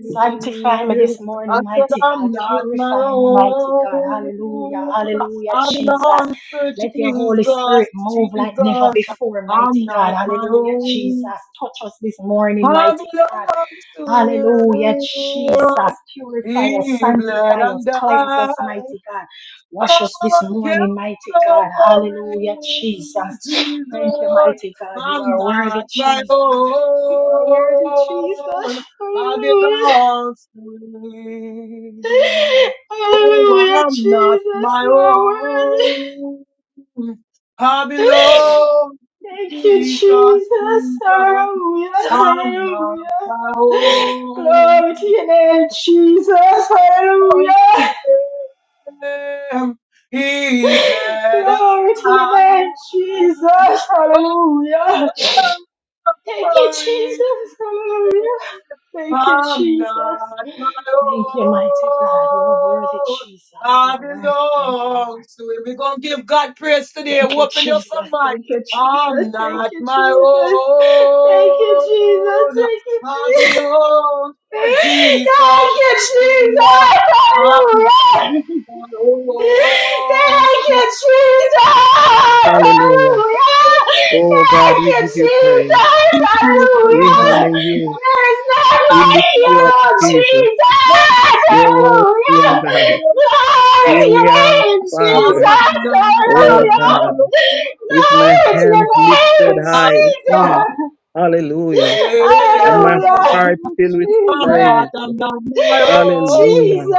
[SPEAKER 1] Sanctify me this
[SPEAKER 2] you. I
[SPEAKER 1] morning,
[SPEAKER 2] said
[SPEAKER 1] mighty God.
[SPEAKER 2] I'm not my
[SPEAKER 1] Purify me, mighty God.
[SPEAKER 2] own.
[SPEAKER 1] Hallelujah. Hallelujah,
[SPEAKER 2] I
[SPEAKER 1] Jesus.
[SPEAKER 2] belong to
[SPEAKER 1] Let your Holy
[SPEAKER 2] Jesus.
[SPEAKER 1] Spirit move like never
[SPEAKER 2] Jesus,
[SPEAKER 1] before,
[SPEAKER 2] I'm
[SPEAKER 1] mighty God.
[SPEAKER 2] not my
[SPEAKER 1] Hallelujah, Jesus.
[SPEAKER 2] own.
[SPEAKER 1] Touch us this morning,
[SPEAKER 2] I
[SPEAKER 1] mighty God.
[SPEAKER 2] belong to
[SPEAKER 1] Hallelujah,
[SPEAKER 2] him.
[SPEAKER 1] Jesus. Purify us,
[SPEAKER 2] He bled
[SPEAKER 1] sanctify us,
[SPEAKER 2] and
[SPEAKER 1] cleanse us,
[SPEAKER 2] died.
[SPEAKER 1] mighty God. Wash us this
[SPEAKER 2] Oh,
[SPEAKER 1] morning, mighty God.
[SPEAKER 2] Calvary,
[SPEAKER 1] Hallelujah, Jesus. Thank you,
[SPEAKER 2] Jesus,
[SPEAKER 1] mighty God. You
[SPEAKER 2] I'm
[SPEAKER 1] are worthy,
[SPEAKER 2] not my
[SPEAKER 1] Jesus. You are worthy, Jesus.
[SPEAKER 2] own. I
[SPEAKER 1] Hallelujah.
[SPEAKER 2] belong to him. Oh,
[SPEAKER 1] Hallelujah,
[SPEAKER 2] I'm not
[SPEAKER 1] Jesus.
[SPEAKER 2] my
[SPEAKER 1] You are
[SPEAKER 2] own. I
[SPEAKER 1] worthy.
[SPEAKER 2] belong
[SPEAKER 1] Thank
[SPEAKER 2] to
[SPEAKER 1] you,
[SPEAKER 2] Jesus,
[SPEAKER 1] Jesus.
[SPEAKER 2] Jesus.
[SPEAKER 1] Hallelujah.
[SPEAKER 2] I'm not
[SPEAKER 1] Hallelujah.
[SPEAKER 2] my own.
[SPEAKER 1] Glory to your name, Jesus. Hallelujah.
[SPEAKER 2] Him, He bled out.
[SPEAKER 1] Glory to your name, Jesus. Hallelujah.
[SPEAKER 2] Oh,
[SPEAKER 1] Thank you,
[SPEAKER 2] glory.
[SPEAKER 1] Jesus. Hallelujah. Thank you,
[SPEAKER 2] I'm
[SPEAKER 1] Jesus.
[SPEAKER 2] not my
[SPEAKER 1] Thank you, mighty God. You are worthy,
[SPEAKER 2] own.
[SPEAKER 1] Jesus. You
[SPEAKER 2] I
[SPEAKER 1] are worthy. Thank you, Lord.
[SPEAKER 2] belong to him. We're going to give God praise today.
[SPEAKER 1] Thank you,
[SPEAKER 2] Open up
[SPEAKER 1] Jesus.
[SPEAKER 2] your mic.
[SPEAKER 1] Thank you, Jesus.
[SPEAKER 2] I'm
[SPEAKER 1] Thank
[SPEAKER 2] not
[SPEAKER 1] you,
[SPEAKER 2] my
[SPEAKER 1] Jesus. Thank you, Jesus.
[SPEAKER 2] own.
[SPEAKER 1] Thank you,
[SPEAKER 2] I
[SPEAKER 1] Jesus.
[SPEAKER 2] belong to Jesus.
[SPEAKER 1] Thank you,
[SPEAKER 2] I'm not
[SPEAKER 1] Jesus.
[SPEAKER 2] my
[SPEAKER 1] Hallelujah.
[SPEAKER 2] own.
[SPEAKER 1] Thank you, Jesus!
[SPEAKER 4] Hallelujah.
[SPEAKER 1] Hallelujah!
[SPEAKER 4] Oh God,
[SPEAKER 1] Thank
[SPEAKER 4] we
[SPEAKER 1] you,
[SPEAKER 4] give you praise.
[SPEAKER 1] Jesus!
[SPEAKER 4] We
[SPEAKER 2] Jesus.
[SPEAKER 4] honor
[SPEAKER 1] Hallelujah!
[SPEAKER 4] you.
[SPEAKER 1] There is none
[SPEAKER 4] We lift
[SPEAKER 1] like you,
[SPEAKER 4] you up,
[SPEAKER 1] Lord
[SPEAKER 4] Jesus.
[SPEAKER 1] Jesus!
[SPEAKER 4] Your word, your
[SPEAKER 1] Hallelujah!
[SPEAKER 4] God.
[SPEAKER 2] I'm not
[SPEAKER 1] Glory
[SPEAKER 4] Here
[SPEAKER 1] to your
[SPEAKER 4] we are,
[SPEAKER 1] name,
[SPEAKER 4] Father.
[SPEAKER 1] Jesus!
[SPEAKER 4] Oh
[SPEAKER 1] Hallelujah!
[SPEAKER 4] God, with my
[SPEAKER 1] Glory to your
[SPEAKER 4] hands lifted
[SPEAKER 1] name,
[SPEAKER 4] high.
[SPEAKER 1] Jesus!
[SPEAKER 4] Mm. Hallelujah. And my
[SPEAKER 1] Hallelujah!
[SPEAKER 4] heart filled with
[SPEAKER 1] Jesus!
[SPEAKER 4] praise.
[SPEAKER 2] under my own.
[SPEAKER 1] Jesus,
[SPEAKER 4] Hallelujah.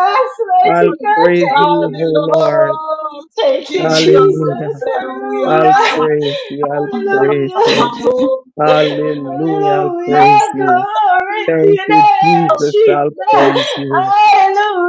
[SPEAKER 4] I'll
[SPEAKER 1] mighty God,
[SPEAKER 4] praise
[SPEAKER 1] thank
[SPEAKER 2] I
[SPEAKER 4] you,
[SPEAKER 1] you.
[SPEAKER 4] oh Lord.
[SPEAKER 2] belong to
[SPEAKER 1] Thank you,
[SPEAKER 2] Jesus.
[SPEAKER 4] Hallelujah.
[SPEAKER 1] Jesus.
[SPEAKER 2] Hallelujah.
[SPEAKER 4] I'll
[SPEAKER 1] Hallelujah.
[SPEAKER 4] praise you. I'll
[SPEAKER 2] I'm not
[SPEAKER 4] praise
[SPEAKER 2] on
[SPEAKER 1] Hallelujah.
[SPEAKER 4] you.
[SPEAKER 2] my own.
[SPEAKER 4] Hallelujah. I'll
[SPEAKER 2] I'm not
[SPEAKER 4] praise
[SPEAKER 1] Hallelujah.
[SPEAKER 4] you.
[SPEAKER 1] Glory to
[SPEAKER 4] Thank
[SPEAKER 1] your
[SPEAKER 4] you,
[SPEAKER 1] name,
[SPEAKER 2] my
[SPEAKER 4] Jesus. I'll
[SPEAKER 2] own.
[SPEAKER 1] Jesus.
[SPEAKER 4] praise you.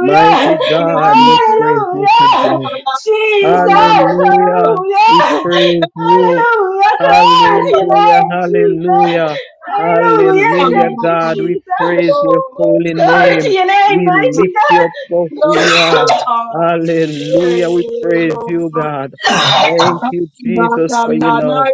[SPEAKER 4] Mighty God, we praise you
[SPEAKER 1] Hallelujah.
[SPEAKER 4] today.
[SPEAKER 1] Jesus.
[SPEAKER 4] Hallelujah. We
[SPEAKER 1] Hallelujah.
[SPEAKER 4] praise you.
[SPEAKER 1] Hallelujah. Glory to your
[SPEAKER 4] Hallelujah.
[SPEAKER 1] name, Jesus.
[SPEAKER 4] Hallelujah.
[SPEAKER 1] Hallelujah.
[SPEAKER 4] Hallelujah.
[SPEAKER 1] Thank you,
[SPEAKER 4] God, we
[SPEAKER 1] Jesus.
[SPEAKER 4] praise your holy
[SPEAKER 1] Glory to
[SPEAKER 4] name.
[SPEAKER 1] your name,
[SPEAKER 4] We
[SPEAKER 1] mighty
[SPEAKER 4] lift you up for who you are. Hallelujah. We praise you,
[SPEAKER 2] Lord,
[SPEAKER 4] God.
[SPEAKER 1] God.
[SPEAKER 4] Thank
[SPEAKER 2] I'm
[SPEAKER 4] you,
[SPEAKER 2] not,
[SPEAKER 4] Jesus, for
[SPEAKER 2] I'm
[SPEAKER 4] your
[SPEAKER 2] not
[SPEAKER 4] love.
[SPEAKER 2] my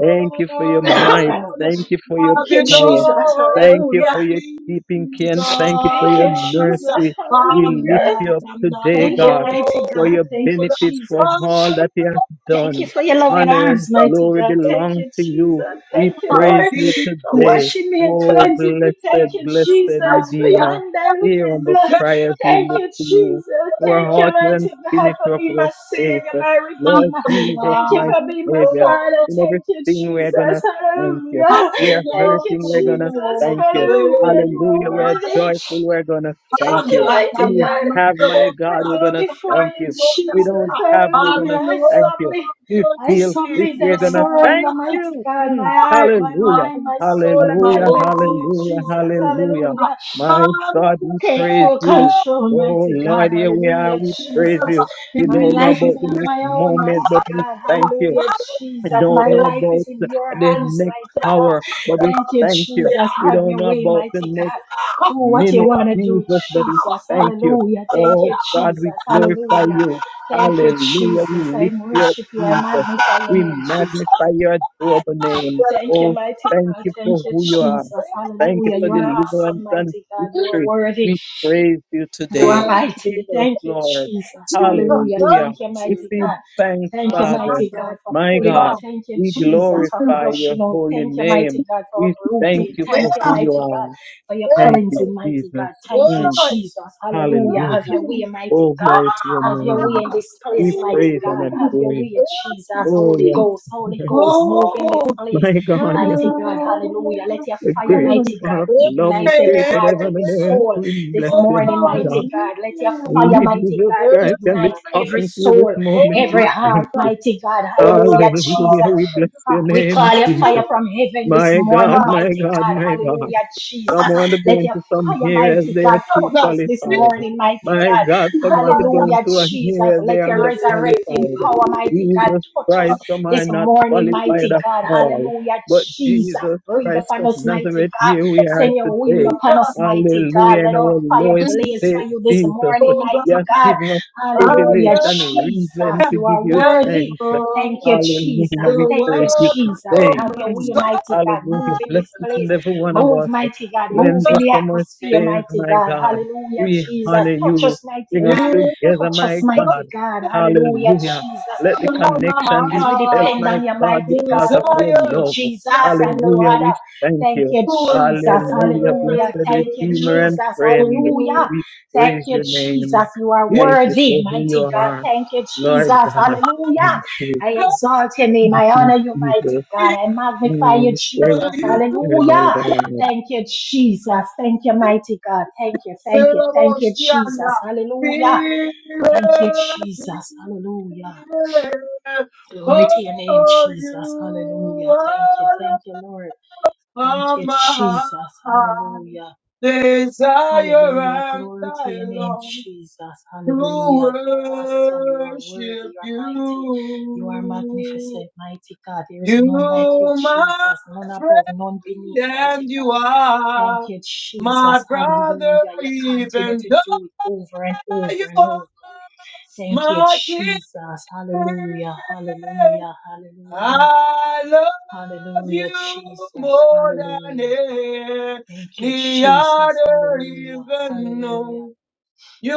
[SPEAKER 4] Thank you for your might.
[SPEAKER 1] Thank
[SPEAKER 4] Thank you for your
[SPEAKER 2] I
[SPEAKER 1] you,
[SPEAKER 4] power.
[SPEAKER 1] Jesus.
[SPEAKER 2] belong
[SPEAKER 4] Thank you
[SPEAKER 1] Hallelujah.
[SPEAKER 2] to
[SPEAKER 4] for your keeping care.
[SPEAKER 2] Jesus.
[SPEAKER 4] and Thank you for
[SPEAKER 1] Thank
[SPEAKER 2] I'm
[SPEAKER 4] your
[SPEAKER 1] you, Jesus.
[SPEAKER 4] mercy. We lift
[SPEAKER 1] Hallelujah.
[SPEAKER 4] you
[SPEAKER 2] not,
[SPEAKER 4] up
[SPEAKER 2] I'm not my
[SPEAKER 4] today,
[SPEAKER 1] Thank you,
[SPEAKER 4] God
[SPEAKER 1] mighty
[SPEAKER 4] for
[SPEAKER 2] own.
[SPEAKER 1] God.
[SPEAKER 4] your
[SPEAKER 1] Thank you,
[SPEAKER 2] I
[SPEAKER 4] benefits,
[SPEAKER 1] Jesus.
[SPEAKER 4] for all that He has
[SPEAKER 2] belong
[SPEAKER 1] Thank you
[SPEAKER 4] done.
[SPEAKER 1] for your loving
[SPEAKER 4] Honor and
[SPEAKER 1] arms, mighty
[SPEAKER 4] glory
[SPEAKER 1] God. Thank
[SPEAKER 4] belong
[SPEAKER 2] to
[SPEAKER 1] you,
[SPEAKER 4] to you.
[SPEAKER 1] Jesus.
[SPEAKER 4] We
[SPEAKER 1] Thank you,
[SPEAKER 4] praise
[SPEAKER 1] Lord,
[SPEAKER 4] you
[SPEAKER 1] for
[SPEAKER 2] Jesus.
[SPEAKER 4] today.
[SPEAKER 1] washing me and
[SPEAKER 4] Oh,
[SPEAKER 1] cleansing me.
[SPEAKER 4] blessed,
[SPEAKER 1] Thank you,
[SPEAKER 4] blessed
[SPEAKER 1] Jesus, for your
[SPEAKER 4] Redeemer. Hear
[SPEAKER 1] undiluted
[SPEAKER 4] humble
[SPEAKER 1] blood.
[SPEAKER 4] cry as we
[SPEAKER 1] Thank
[SPEAKER 4] look
[SPEAKER 1] you,
[SPEAKER 4] to you.
[SPEAKER 1] Jesus.
[SPEAKER 4] Our
[SPEAKER 1] Thank you,
[SPEAKER 4] author and
[SPEAKER 1] mighty God, for
[SPEAKER 4] finisher of
[SPEAKER 1] being
[SPEAKER 4] our
[SPEAKER 1] my Savior,
[SPEAKER 4] faith.
[SPEAKER 1] my
[SPEAKER 2] I'm
[SPEAKER 4] Lord
[SPEAKER 1] Redeemer.
[SPEAKER 4] Jesus,
[SPEAKER 1] Thank you
[SPEAKER 4] my
[SPEAKER 2] not
[SPEAKER 1] for being my
[SPEAKER 4] Savior.
[SPEAKER 1] Father.
[SPEAKER 2] alone.
[SPEAKER 4] In
[SPEAKER 1] Thank you,
[SPEAKER 4] everything we're
[SPEAKER 1] Jesus.
[SPEAKER 4] gonna thank you.
[SPEAKER 2] I
[SPEAKER 1] Hallelujah.
[SPEAKER 4] We are
[SPEAKER 1] Thank you,
[SPEAKER 4] hurting, we're gonna
[SPEAKER 1] Jesus.
[SPEAKER 4] thank you.
[SPEAKER 1] Hallelujah. You are
[SPEAKER 4] Hallelujah, we're joyful,
[SPEAKER 1] worthy.
[SPEAKER 4] we're gonna
[SPEAKER 1] Thank
[SPEAKER 4] thank
[SPEAKER 2] I'm
[SPEAKER 1] you,
[SPEAKER 4] you.
[SPEAKER 2] not,
[SPEAKER 1] mighty
[SPEAKER 2] I'm
[SPEAKER 4] We
[SPEAKER 2] I
[SPEAKER 4] have,
[SPEAKER 2] to
[SPEAKER 4] my
[SPEAKER 1] God. I
[SPEAKER 4] God, we're
[SPEAKER 2] talk
[SPEAKER 1] go
[SPEAKER 4] gonna
[SPEAKER 1] before
[SPEAKER 2] about
[SPEAKER 4] Thank
[SPEAKER 1] you,
[SPEAKER 4] you. We
[SPEAKER 1] Jesus.
[SPEAKER 4] don't have,
[SPEAKER 2] Hallelujah.
[SPEAKER 4] we're going
[SPEAKER 1] Hallelujah.
[SPEAKER 4] to
[SPEAKER 1] I
[SPEAKER 4] thank you.
[SPEAKER 1] submit.
[SPEAKER 4] You
[SPEAKER 2] Hallelujah,
[SPEAKER 1] I
[SPEAKER 4] feel sick,
[SPEAKER 1] submit.
[SPEAKER 2] Jesus.
[SPEAKER 1] I
[SPEAKER 4] we're going
[SPEAKER 2] I'm
[SPEAKER 4] to
[SPEAKER 1] surrender,
[SPEAKER 4] thank
[SPEAKER 1] mighty
[SPEAKER 4] you.
[SPEAKER 1] God,
[SPEAKER 4] Mm.
[SPEAKER 1] my
[SPEAKER 2] not
[SPEAKER 1] heart, my
[SPEAKER 4] Hallelujah.
[SPEAKER 1] mind, my soul,
[SPEAKER 2] not not
[SPEAKER 1] and
[SPEAKER 2] my
[SPEAKER 1] my
[SPEAKER 4] Hallelujah.
[SPEAKER 1] will to you,
[SPEAKER 4] Hallelujah.
[SPEAKER 1] Jesus.
[SPEAKER 2] Jesus.
[SPEAKER 4] Hallelujah.
[SPEAKER 1] Hallelujah.
[SPEAKER 4] My God,
[SPEAKER 2] Hallelujah.
[SPEAKER 4] we
[SPEAKER 1] Take
[SPEAKER 4] praise
[SPEAKER 1] full
[SPEAKER 4] you.
[SPEAKER 1] control,
[SPEAKER 4] Oh
[SPEAKER 1] mighty God.
[SPEAKER 4] Lord, here we are.
[SPEAKER 1] Hallelujah,
[SPEAKER 4] We praise
[SPEAKER 1] Jesus.
[SPEAKER 4] you.
[SPEAKER 2] He
[SPEAKER 4] We
[SPEAKER 1] My
[SPEAKER 4] don't know
[SPEAKER 1] life
[SPEAKER 4] about
[SPEAKER 1] is
[SPEAKER 4] the
[SPEAKER 1] not
[SPEAKER 2] is
[SPEAKER 4] next
[SPEAKER 1] my own,
[SPEAKER 4] moment, but
[SPEAKER 1] mighty
[SPEAKER 4] we
[SPEAKER 1] God.
[SPEAKER 4] thank you.
[SPEAKER 1] Hallelujah,
[SPEAKER 4] I
[SPEAKER 1] Jesus.
[SPEAKER 4] don't
[SPEAKER 1] My
[SPEAKER 4] know
[SPEAKER 1] life
[SPEAKER 4] about
[SPEAKER 1] is in
[SPEAKER 4] the,
[SPEAKER 1] your
[SPEAKER 4] the
[SPEAKER 1] hands,
[SPEAKER 4] next
[SPEAKER 1] mighty God.
[SPEAKER 4] hour, but we
[SPEAKER 1] Thank you,
[SPEAKER 4] thank you.
[SPEAKER 1] Jesus.
[SPEAKER 4] We
[SPEAKER 1] Have
[SPEAKER 4] don't
[SPEAKER 1] your
[SPEAKER 4] know
[SPEAKER 1] way,
[SPEAKER 4] about the
[SPEAKER 1] mighty
[SPEAKER 4] next
[SPEAKER 1] God. Do what you
[SPEAKER 4] minute,
[SPEAKER 2] Hallelujah.
[SPEAKER 1] want to do,
[SPEAKER 4] Jesus, but we
[SPEAKER 2] Hallelujah.
[SPEAKER 1] Jesus.
[SPEAKER 4] thank you.
[SPEAKER 1] Hallelujah. Thank
[SPEAKER 4] Oh
[SPEAKER 1] you,
[SPEAKER 4] God, we
[SPEAKER 1] Jesus.
[SPEAKER 4] glorify
[SPEAKER 1] Hallelujah.
[SPEAKER 4] you.
[SPEAKER 1] Thank you,
[SPEAKER 4] Hallelujah.
[SPEAKER 1] Jesus.
[SPEAKER 4] We
[SPEAKER 1] I
[SPEAKER 4] lift you up,
[SPEAKER 1] worship you. I
[SPEAKER 4] Jesus.
[SPEAKER 1] magnify your
[SPEAKER 4] We
[SPEAKER 1] name, Jesus.
[SPEAKER 4] magnify your adorable name.
[SPEAKER 1] Thank you,
[SPEAKER 4] Oh,
[SPEAKER 1] mighty
[SPEAKER 4] thank
[SPEAKER 1] God.
[SPEAKER 4] you
[SPEAKER 1] Thank
[SPEAKER 4] for
[SPEAKER 1] you,
[SPEAKER 4] who you are.
[SPEAKER 1] Jesus.
[SPEAKER 4] Thank you
[SPEAKER 1] Hallelujah.
[SPEAKER 4] for
[SPEAKER 1] You are
[SPEAKER 4] deliverance
[SPEAKER 1] awesome,
[SPEAKER 4] and
[SPEAKER 1] mighty God. You are
[SPEAKER 4] victory.
[SPEAKER 1] worthy.
[SPEAKER 4] We praise you
[SPEAKER 1] You are
[SPEAKER 4] today.
[SPEAKER 1] mighty.
[SPEAKER 4] Hear us,
[SPEAKER 1] Thank you,
[SPEAKER 4] Lord.
[SPEAKER 1] Jesus. Hallelujah.
[SPEAKER 4] Hallelujah.
[SPEAKER 1] Thank you, mighty
[SPEAKER 4] Receive
[SPEAKER 1] God.
[SPEAKER 4] thanks,
[SPEAKER 1] Thank you,
[SPEAKER 4] Father.
[SPEAKER 1] mighty God, for
[SPEAKER 4] My
[SPEAKER 1] pulling
[SPEAKER 4] God.
[SPEAKER 1] up. Thank you,
[SPEAKER 4] We
[SPEAKER 1] Jesus, for
[SPEAKER 4] glorify your
[SPEAKER 1] flushing out.
[SPEAKER 4] holy
[SPEAKER 1] Thank you, mighty
[SPEAKER 4] name.
[SPEAKER 1] God, for
[SPEAKER 4] We thank
[SPEAKER 1] uprooting.
[SPEAKER 4] you
[SPEAKER 1] Thank
[SPEAKER 4] for
[SPEAKER 1] you,
[SPEAKER 4] who you
[SPEAKER 1] mighty God,
[SPEAKER 4] are.
[SPEAKER 1] for your
[SPEAKER 4] Thank you,
[SPEAKER 1] cleansing, mighty
[SPEAKER 4] Jesus.
[SPEAKER 1] God. Thank you,
[SPEAKER 4] Mm,
[SPEAKER 1] Jesus. Hallelujah.
[SPEAKER 4] hallelujah.
[SPEAKER 1] Have your way, mighty
[SPEAKER 4] Oh, glory to your
[SPEAKER 1] God. Have your way
[SPEAKER 4] name.
[SPEAKER 1] in this
[SPEAKER 4] We
[SPEAKER 1] place, mighty
[SPEAKER 4] praise and
[SPEAKER 1] God. Have
[SPEAKER 4] adore
[SPEAKER 1] your
[SPEAKER 4] you.
[SPEAKER 1] way, Jesus.
[SPEAKER 4] Oh,
[SPEAKER 1] Holy Ghost,
[SPEAKER 4] yes.
[SPEAKER 1] Holy Ghost, move in this place,
[SPEAKER 4] My God, you're
[SPEAKER 1] mighty God. Hallelujah. Let your
[SPEAKER 4] the
[SPEAKER 1] fire,
[SPEAKER 4] great
[SPEAKER 1] mighty
[SPEAKER 4] God
[SPEAKER 1] God,
[SPEAKER 4] of love who
[SPEAKER 1] ignite every
[SPEAKER 4] created
[SPEAKER 1] heart,
[SPEAKER 4] heaven
[SPEAKER 1] every
[SPEAKER 4] and earth.
[SPEAKER 1] soul
[SPEAKER 4] We bless
[SPEAKER 1] this
[SPEAKER 4] him.
[SPEAKER 1] morning, mighty
[SPEAKER 4] God.
[SPEAKER 1] God. Let your
[SPEAKER 2] Oh,
[SPEAKER 1] fire,
[SPEAKER 4] We,
[SPEAKER 1] mighty
[SPEAKER 4] Jesus
[SPEAKER 1] God,
[SPEAKER 2] Amen.
[SPEAKER 4] Christ, can be
[SPEAKER 1] ignite every
[SPEAKER 4] talking to you this
[SPEAKER 1] soul
[SPEAKER 4] moment.
[SPEAKER 2] Oh,
[SPEAKER 4] We
[SPEAKER 1] every
[SPEAKER 4] thank
[SPEAKER 1] heart,
[SPEAKER 4] you.
[SPEAKER 2] Jesus.
[SPEAKER 1] mighty God.
[SPEAKER 2] Oh,
[SPEAKER 1] Hallelujah,
[SPEAKER 4] Hallelujah.
[SPEAKER 1] Jesus.
[SPEAKER 4] We bless your
[SPEAKER 2] God.
[SPEAKER 1] We
[SPEAKER 4] name,
[SPEAKER 1] call your fire
[SPEAKER 4] Jesus.
[SPEAKER 2] Jesus.
[SPEAKER 1] from heaven this
[SPEAKER 4] My
[SPEAKER 1] morning,
[SPEAKER 4] God,
[SPEAKER 2] Father.
[SPEAKER 4] my
[SPEAKER 1] mighty
[SPEAKER 4] God,
[SPEAKER 1] God.
[SPEAKER 4] my God.
[SPEAKER 1] Hallelujah, Jesus.
[SPEAKER 4] Some
[SPEAKER 2] Father.
[SPEAKER 4] want to go
[SPEAKER 1] Let your
[SPEAKER 4] into some
[SPEAKER 1] fire,
[SPEAKER 4] here as
[SPEAKER 1] mighty
[SPEAKER 4] they are
[SPEAKER 1] God,
[SPEAKER 4] too
[SPEAKER 1] touch us this
[SPEAKER 4] qualified.
[SPEAKER 1] morning, mighty
[SPEAKER 4] My God,
[SPEAKER 2] Jesus.
[SPEAKER 4] some
[SPEAKER 1] God.
[SPEAKER 4] want to go
[SPEAKER 2] Father.
[SPEAKER 1] Hallelujah,
[SPEAKER 4] into a
[SPEAKER 1] Jesus.
[SPEAKER 4] here as they
[SPEAKER 1] Let
[SPEAKER 4] are
[SPEAKER 1] your resurrecting
[SPEAKER 4] underqualified.
[SPEAKER 2] Jesus.
[SPEAKER 1] power, mighty God,
[SPEAKER 4] Jesus
[SPEAKER 1] touch us
[SPEAKER 4] Christ, some are
[SPEAKER 1] this
[SPEAKER 4] not
[SPEAKER 1] morning,
[SPEAKER 4] qualified
[SPEAKER 1] mighty
[SPEAKER 4] at
[SPEAKER 1] God.
[SPEAKER 4] all.
[SPEAKER 1] Hallelujah,
[SPEAKER 4] But
[SPEAKER 1] Jesus.
[SPEAKER 4] Jesus
[SPEAKER 1] Breathe
[SPEAKER 4] Christ
[SPEAKER 1] upon
[SPEAKER 4] of
[SPEAKER 1] us, mighty
[SPEAKER 4] Nazareth,
[SPEAKER 1] God.
[SPEAKER 4] here we are
[SPEAKER 1] Send your wind
[SPEAKER 4] today.
[SPEAKER 1] upon us,
[SPEAKER 2] Jesus.
[SPEAKER 1] mighty God.
[SPEAKER 4] Hallelujah. In
[SPEAKER 1] Let our
[SPEAKER 4] our
[SPEAKER 1] fire
[SPEAKER 4] lowest
[SPEAKER 1] blaze for
[SPEAKER 4] state,
[SPEAKER 1] you this
[SPEAKER 4] Jesus.
[SPEAKER 1] morning,
[SPEAKER 2] Oh,
[SPEAKER 4] You
[SPEAKER 1] mighty
[SPEAKER 2] God.
[SPEAKER 4] have
[SPEAKER 1] God.
[SPEAKER 4] given us
[SPEAKER 2] I say,
[SPEAKER 1] Hallelujah,
[SPEAKER 4] privilege and
[SPEAKER 1] Jesus.
[SPEAKER 4] reason to
[SPEAKER 1] You
[SPEAKER 4] give
[SPEAKER 1] are
[SPEAKER 4] you
[SPEAKER 2] and
[SPEAKER 1] worthy.
[SPEAKER 4] thanks.
[SPEAKER 2] for
[SPEAKER 1] Thank you,
[SPEAKER 4] Hallelujah.
[SPEAKER 1] Jesus.
[SPEAKER 4] We
[SPEAKER 2] the
[SPEAKER 1] Thank you,
[SPEAKER 4] praise you
[SPEAKER 2] world
[SPEAKER 1] Jesus.
[SPEAKER 4] today.
[SPEAKER 2] of
[SPEAKER 1] Have
[SPEAKER 2] my
[SPEAKER 1] your
[SPEAKER 4] Hmm.
[SPEAKER 1] way,
[SPEAKER 2] soul,
[SPEAKER 1] mighty God. Move
[SPEAKER 4] Hallelujah.
[SPEAKER 1] in
[SPEAKER 4] Bless
[SPEAKER 1] this
[SPEAKER 4] each
[SPEAKER 1] place.
[SPEAKER 4] and every one of
[SPEAKER 1] Move,
[SPEAKER 4] us.
[SPEAKER 1] mighty God. Move
[SPEAKER 4] Cleanse
[SPEAKER 1] in
[SPEAKER 4] us
[SPEAKER 1] the
[SPEAKER 4] from our
[SPEAKER 1] atmosphere,
[SPEAKER 4] sins,
[SPEAKER 1] mighty
[SPEAKER 4] my
[SPEAKER 1] God.
[SPEAKER 4] God.
[SPEAKER 1] Hallelujah,
[SPEAKER 4] We
[SPEAKER 1] Jesus.
[SPEAKER 4] honor
[SPEAKER 1] Touch
[SPEAKER 4] you.
[SPEAKER 1] us, mighty
[SPEAKER 4] Bring us
[SPEAKER 1] God.
[SPEAKER 2] you
[SPEAKER 4] together,
[SPEAKER 1] Touch us,
[SPEAKER 4] my God.
[SPEAKER 1] mighty God. Hallelujah,
[SPEAKER 4] Hallelujah.
[SPEAKER 1] Jesus.
[SPEAKER 4] Let the connection
[SPEAKER 1] As
[SPEAKER 4] be
[SPEAKER 1] we
[SPEAKER 4] felt,
[SPEAKER 1] depend
[SPEAKER 2] Lama,
[SPEAKER 4] my
[SPEAKER 1] on your
[SPEAKER 4] God,
[SPEAKER 1] mighty
[SPEAKER 4] because
[SPEAKER 1] God,
[SPEAKER 4] of
[SPEAKER 1] we look
[SPEAKER 4] your
[SPEAKER 1] to you,
[SPEAKER 2] desire
[SPEAKER 4] love.
[SPEAKER 1] Jesus,
[SPEAKER 2] not
[SPEAKER 1] and
[SPEAKER 2] to
[SPEAKER 1] no
[SPEAKER 4] Hallelujah. We
[SPEAKER 1] other.
[SPEAKER 4] thank
[SPEAKER 1] Thank
[SPEAKER 4] you.
[SPEAKER 1] you, Jesus.
[SPEAKER 4] Hallelujah. Blessed
[SPEAKER 2] worship
[SPEAKER 1] Hallelujah. Thank
[SPEAKER 2] you.
[SPEAKER 1] you,
[SPEAKER 4] Redeemer
[SPEAKER 2] You
[SPEAKER 4] and
[SPEAKER 1] Jesus.
[SPEAKER 4] friend.
[SPEAKER 2] don't
[SPEAKER 1] Hallelujah.
[SPEAKER 4] We
[SPEAKER 1] Thank
[SPEAKER 4] praise
[SPEAKER 1] you,
[SPEAKER 4] your
[SPEAKER 1] Jesus.
[SPEAKER 4] name.
[SPEAKER 1] You are
[SPEAKER 2] need
[SPEAKER 4] Thank you
[SPEAKER 1] worthy,
[SPEAKER 4] for who
[SPEAKER 1] mighty
[SPEAKER 4] you
[SPEAKER 1] God.
[SPEAKER 4] are,
[SPEAKER 1] Thank you,
[SPEAKER 4] Lord
[SPEAKER 1] Jesus.
[SPEAKER 4] God.
[SPEAKER 1] Hallelujah.
[SPEAKER 4] Thank you,
[SPEAKER 1] I exalt your name.
[SPEAKER 4] thank
[SPEAKER 1] I
[SPEAKER 4] you,
[SPEAKER 1] honor you,
[SPEAKER 4] Jesus.
[SPEAKER 1] mighty
[SPEAKER 2] to
[SPEAKER 1] God. I magnify you,
[SPEAKER 4] Mm,
[SPEAKER 1] Jesus.
[SPEAKER 4] Thank you,
[SPEAKER 2] you.
[SPEAKER 4] eternal
[SPEAKER 1] Hallelujah.
[SPEAKER 4] God.
[SPEAKER 1] Thank you, Jesus. Thank you, mighty God. Thank you, thank you, thank you,
[SPEAKER 2] Selamoshiana,
[SPEAKER 1] Jesus. Hallelujah.
[SPEAKER 2] be
[SPEAKER 1] Thank you, Jesus. Hallelujah. Glory to your name,
[SPEAKER 2] Oh,
[SPEAKER 1] Jesus. Hallelujah.
[SPEAKER 2] you
[SPEAKER 1] Thank you. Thank you, Lord. Thank
[SPEAKER 2] are
[SPEAKER 1] you,
[SPEAKER 2] my
[SPEAKER 1] Jesus. Hallelujah.
[SPEAKER 2] desire
[SPEAKER 1] Hallelujah.
[SPEAKER 2] and
[SPEAKER 1] Glory to
[SPEAKER 2] I
[SPEAKER 1] your name,
[SPEAKER 2] long.
[SPEAKER 1] Jesus. Hallelujah. You are
[SPEAKER 2] to
[SPEAKER 1] awesome. You are worthy.
[SPEAKER 2] worship
[SPEAKER 1] You are mighty. You are
[SPEAKER 2] you.
[SPEAKER 1] magnificent, mighty God. There is
[SPEAKER 2] You,
[SPEAKER 1] none like you,
[SPEAKER 2] my
[SPEAKER 1] Jesus. None
[SPEAKER 2] friend,
[SPEAKER 1] above, none beneath,
[SPEAKER 2] and
[SPEAKER 1] mighty
[SPEAKER 2] you
[SPEAKER 1] God. Thank
[SPEAKER 2] are
[SPEAKER 1] you,
[SPEAKER 2] my
[SPEAKER 1] Jesus.
[SPEAKER 2] brother,
[SPEAKER 1] Hallelujah. You continue
[SPEAKER 2] even
[SPEAKER 1] to
[SPEAKER 2] though
[SPEAKER 1] do it over and
[SPEAKER 2] you
[SPEAKER 1] over and
[SPEAKER 2] are
[SPEAKER 1] over. Thank you,
[SPEAKER 2] my king.
[SPEAKER 1] Jesus. Hallelujah. Hallelujah. Hallelujah.
[SPEAKER 2] I love
[SPEAKER 1] Hallelujah,
[SPEAKER 2] you
[SPEAKER 1] Jesus.
[SPEAKER 2] more than
[SPEAKER 1] Hallelujah. Thank you,
[SPEAKER 2] any
[SPEAKER 1] Jesus.
[SPEAKER 2] other,
[SPEAKER 1] Hallelujah.
[SPEAKER 2] even
[SPEAKER 1] Hallelujah.
[SPEAKER 2] know. You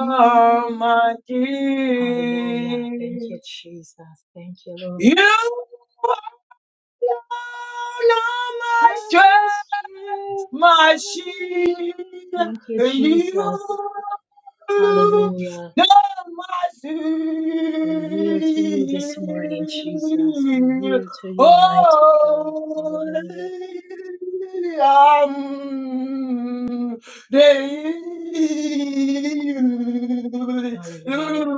[SPEAKER 1] Mm.
[SPEAKER 2] my
[SPEAKER 1] Hallelujah. Thank
[SPEAKER 2] King.
[SPEAKER 1] you, Jesus. Thank you, Lord.
[SPEAKER 2] You alone are
[SPEAKER 1] You're
[SPEAKER 2] my
[SPEAKER 1] my
[SPEAKER 2] strength,
[SPEAKER 1] strength,
[SPEAKER 2] my
[SPEAKER 1] my
[SPEAKER 2] shield.
[SPEAKER 1] shield. Thank you,
[SPEAKER 2] You
[SPEAKER 1] Jesus.
[SPEAKER 2] alone
[SPEAKER 1] Hallelujah.
[SPEAKER 2] are my
[SPEAKER 1] We yield to you this morning, Jesus. We
[SPEAKER 2] shield.
[SPEAKER 1] yield to you, mighty God. Hallelujah.
[SPEAKER 2] Holy am the. My shield,
[SPEAKER 1] Hallelujah.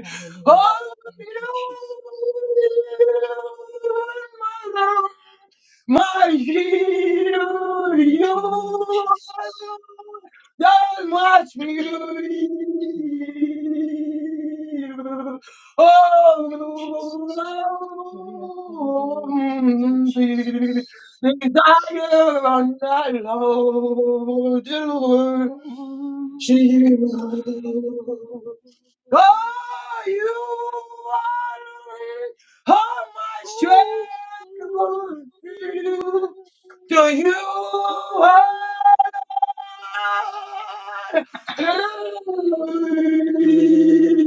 [SPEAKER 1] Hallelujah. Thank you, Jesus. Glory to your name,
[SPEAKER 2] you are
[SPEAKER 1] Jesus.
[SPEAKER 2] not much Oh,
[SPEAKER 1] you, Jesus. Oh, yeah. Hallelujah. Thank you, Jesus.
[SPEAKER 2] the desire on that Jehovah. Oh, you are all my strength. will do. To you are all
[SPEAKER 1] Hallelujah.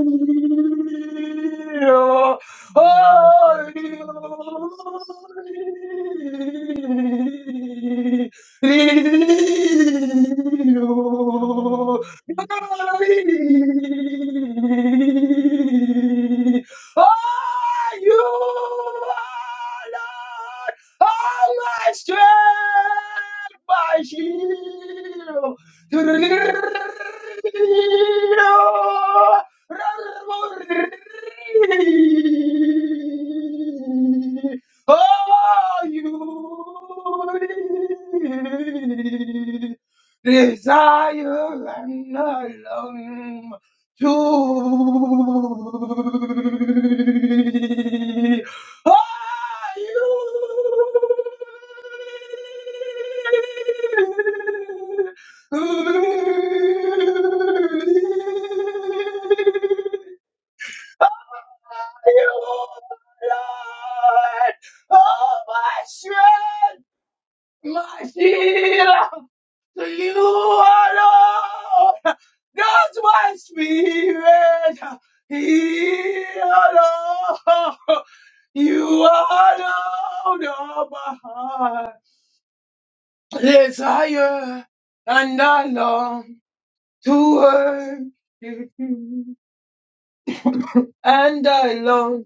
[SPEAKER 1] Hallelujah. Glory to your name, Jesus.
[SPEAKER 2] I
[SPEAKER 1] Hallelujah.
[SPEAKER 2] Holy
[SPEAKER 1] Thank you, Jesus.
[SPEAKER 2] Are you, Lord, all my strength, my shield?
[SPEAKER 1] Hallelujah.
[SPEAKER 2] Are you? desire and I long to are you. You, Lord, oh my strength my shield, to you alone. That's my spirit. Here alone. You alone are my heart. Desire and I long to worship you. And I long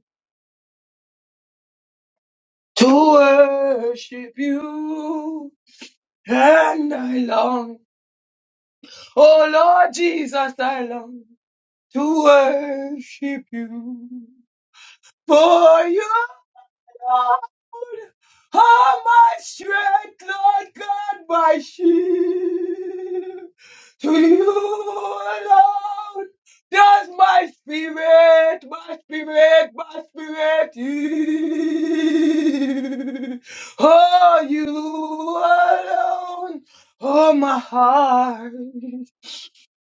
[SPEAKER 2] to worship you. And I long, oh Lord Jesus, I long. to worship you. For you, Lord, are my strength, Lord God, my shield. To you alone does my spirit, my spirit, my spirit yield. Oh, you alone, oh, my heart,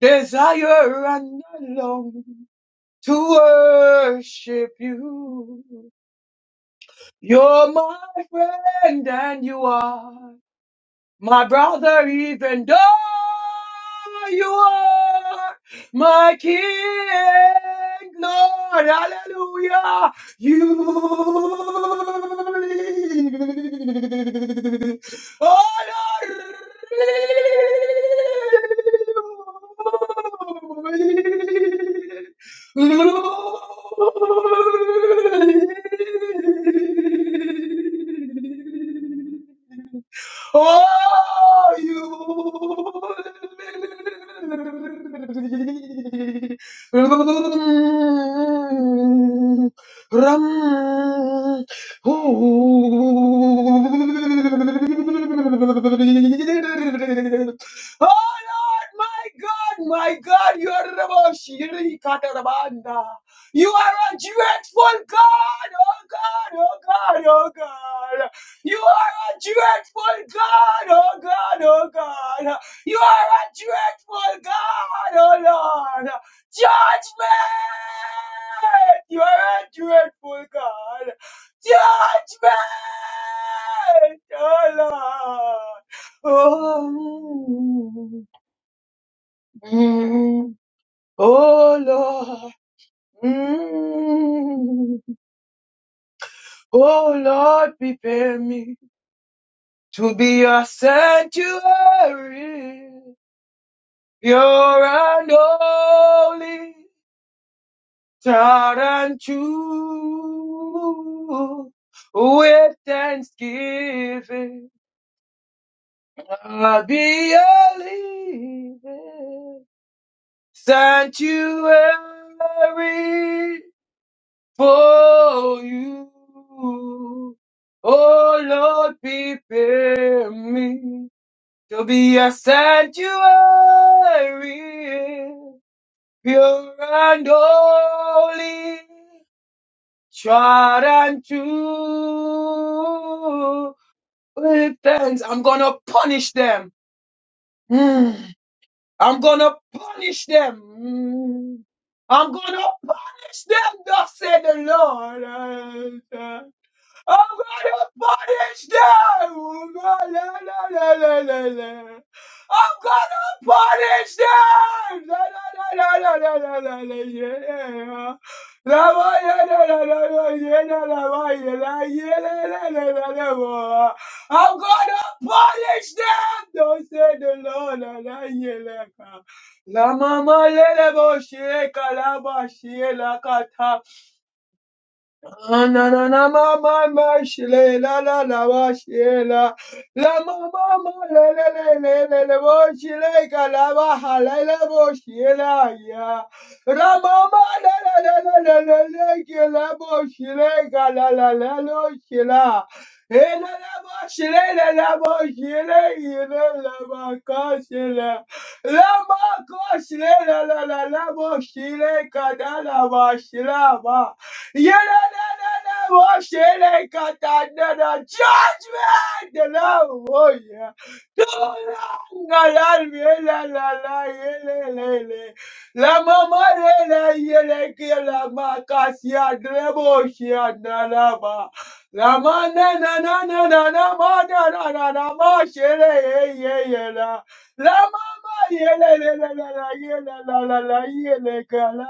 [SPEAKER 2] desire and long to worship you. You're my friend and you are. My brother, even though you are my king, Lord, hallelujah, you Oh, Lord. Oh, you. Ram. Oh. Oh my God, my God, you are Raboshi, Rikatarabanda. You are a dreadful God, oh God, oh God, oh God. You are a dreadful God, oh God, oh God. You are a dreadful God, oh Lord. Judgment! You are a dreadful God. Judgment! Oh Lord. Oh, mm, oh Lord. Mm, oh Lord, prepare me. to be a sanctuary. You're an holy God and true. With thanksgiving, I'll be a living sanctuary for you. Oh Lord, prepare me to be a sanctuary, pure and holy, tried and true. With thanks, I'm gonna punish them. Mm. I'm gonna punish them. Mm. I'm gonna punish them, thus said the Lord. I'm gonna punish them. La, la, la, la, la, la, I'm gonna punish them. La, la, la, la, la, la, la, la, la, yeah. La, la, la, la, la, la, la, yeah, la, la, la, yeah, la, yeah, la, la, la, la, la, la. I'm gonna punish them. Don't say the Lord. La, la, yeah, la, la. La mama lele bo sheka la ba she la kata. Ah, na na na ma ma ma shile la la la wa shila la ma ma ma le le le le le le wo shile ka la wa ha le le wo shila ya la ma ma le le le le le le le ke la wo shile ka la la la lo shila e la la wo shile la la wo shile i la la wa ka shila la ma ko shile la la la la wo shile ka da la wa shila wa Yadadadadaboshelekatadada. Judgment, the Lord, oh yeah. No, no, no, no, no, no, no, no, no, no, no, no. La mama la yele la makasia dreboshia nalaba. La mana na na na na na ma na na na na la la la la la. mama yele La la yeah, la la yele La la. ye ye mama mama mana la Lamamarelayelekelabakasiadreboshiadalaba. Lamananananananananananamosheleyeyeyela. Lamamayelalelelelelelelelelelekela.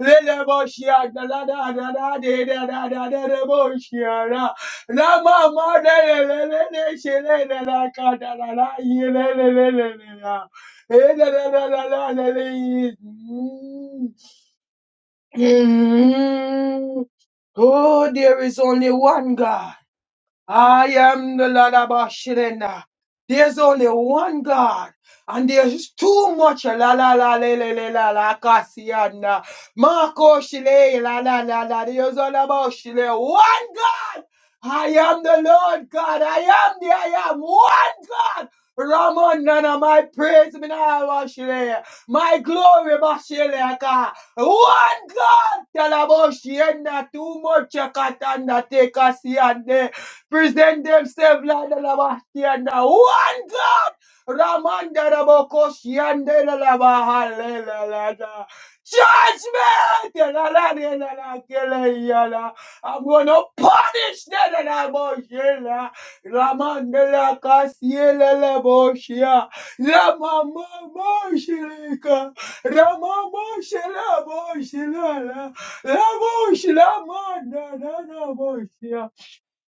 [SPEAKER 2] Leleboshia, da da da da da de da da da da de boshia la la ma de le le le she le le la ka da la la ye le le le le le la e da da da da da le le Mm. Mm. Oh, there is only one God. I am the Lord of Ashirena. There's only one God, and there's too much la la la la la la la la kasiana. Marco Shile la la la la. There's all about Shile. One God. I am the Lord God. I am the I am. One God. Ramon Nana, my praise me now, Bashile. My glory, Bashile. ka. One God. Tell about Shile. Too much katanda take us Present themselves like the Labashianda. One God. Ramanda Rabokoshianda Labahalelada. Judgment. I'm going to punish them. Laboshela. Ramanda Lakasiela Laboshia. Ramama Moshilika. Ramamoshila Boshila, Laboshila, Manda Laboshia.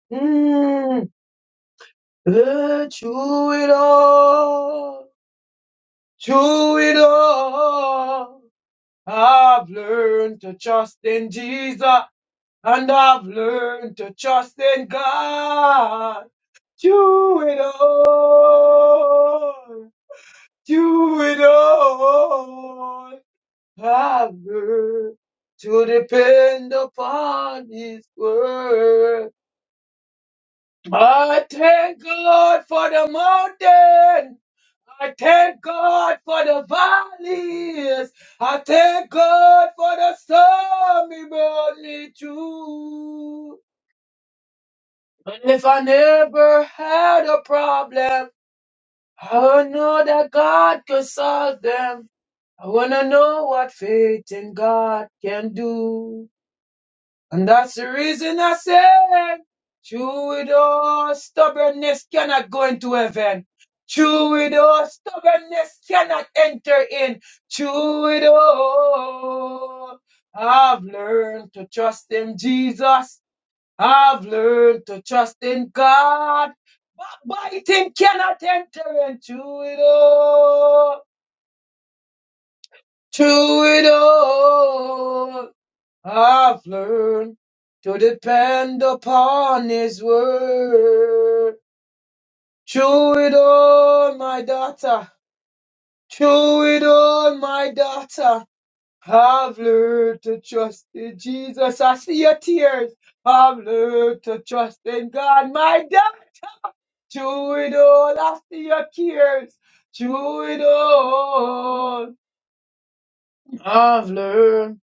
[SPEAKER 2] Mm, eh, through it all, through it all, I've learned to trust in Jesus and I've learned to trust in God. Through it all, through it all, I've learned to depend upon His word. I thank God for the mountain. I thank God for the valleys. I thank God for the storm he brought me through. And if I never had a problem, I would know that God could solve them. I wanna know what faith in God can do. And that's the reason I said, true with all stubbornness cannot go into heaven. True with all stubbornness cannot enter in. True with all. I've learned to trust in Jesus. I've learned to trust in God. But biting cannot enter in. True with all. True with all. I've learned to depend upon His word. Chew it on, my daughter. Chew it on, my daughter. I've learned to trust in Jesus. I see your tears. I've learned to trust in God, my daughter. Chew it on. I see your tears. Chew it on. I've learned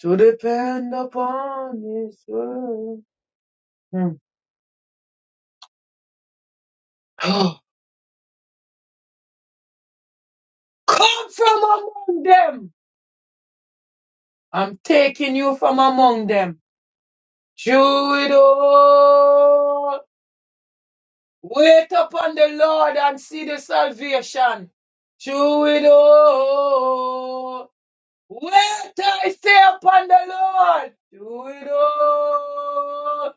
[SPEAKER 2] to depend upon His word. Hmm. Come from among them. I'm taking you from among them. Chew it all. Wait upon the Lord and see the salvation. Chew it all. Wait, I say upon the Lord. Chew it all.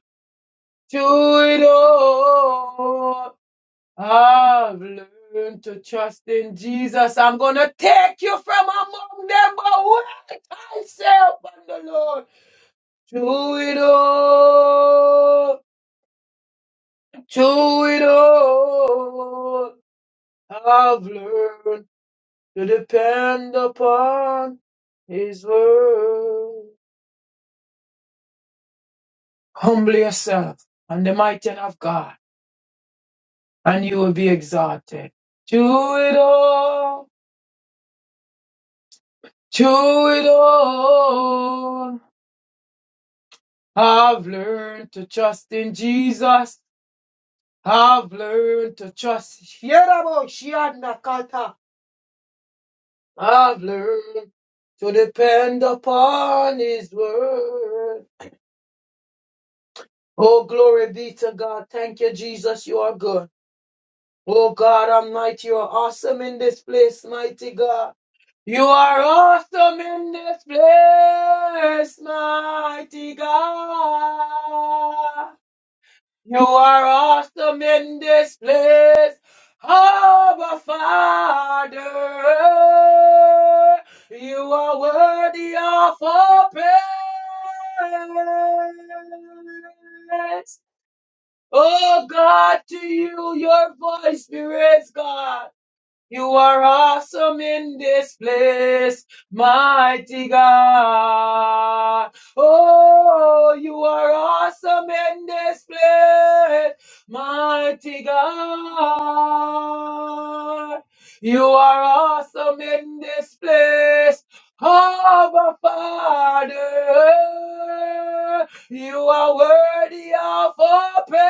[SPEAKER 2] Chew it all. I've learned to trust in Jesus. I'm going to take you from among them, but wait I'll thyself on the Lord. Through it all, through it all, I've learned to depend upon His word. Humble yourself and the mighty hand of God, and you will be exalted. Through it all, through it all. I've learned to trust in Jesus. I've learned to trust. Yerabo Shianakata. I've learned to depend upon His word. Oh, glory be to God. Thank you, Jesus. You are good. Oh, God Almighty, you are awesome in this place, mighty God. You are awesome in this place, mighty God. You are awesome in this place, our Father. You are worthy of all praise. Oh God, to you your voice be raised, God. You are awesome in this place, mighty God. Oh, you are awesome in this place, mighty God. You are awesome in this place, our Father. You are worthy of our praise.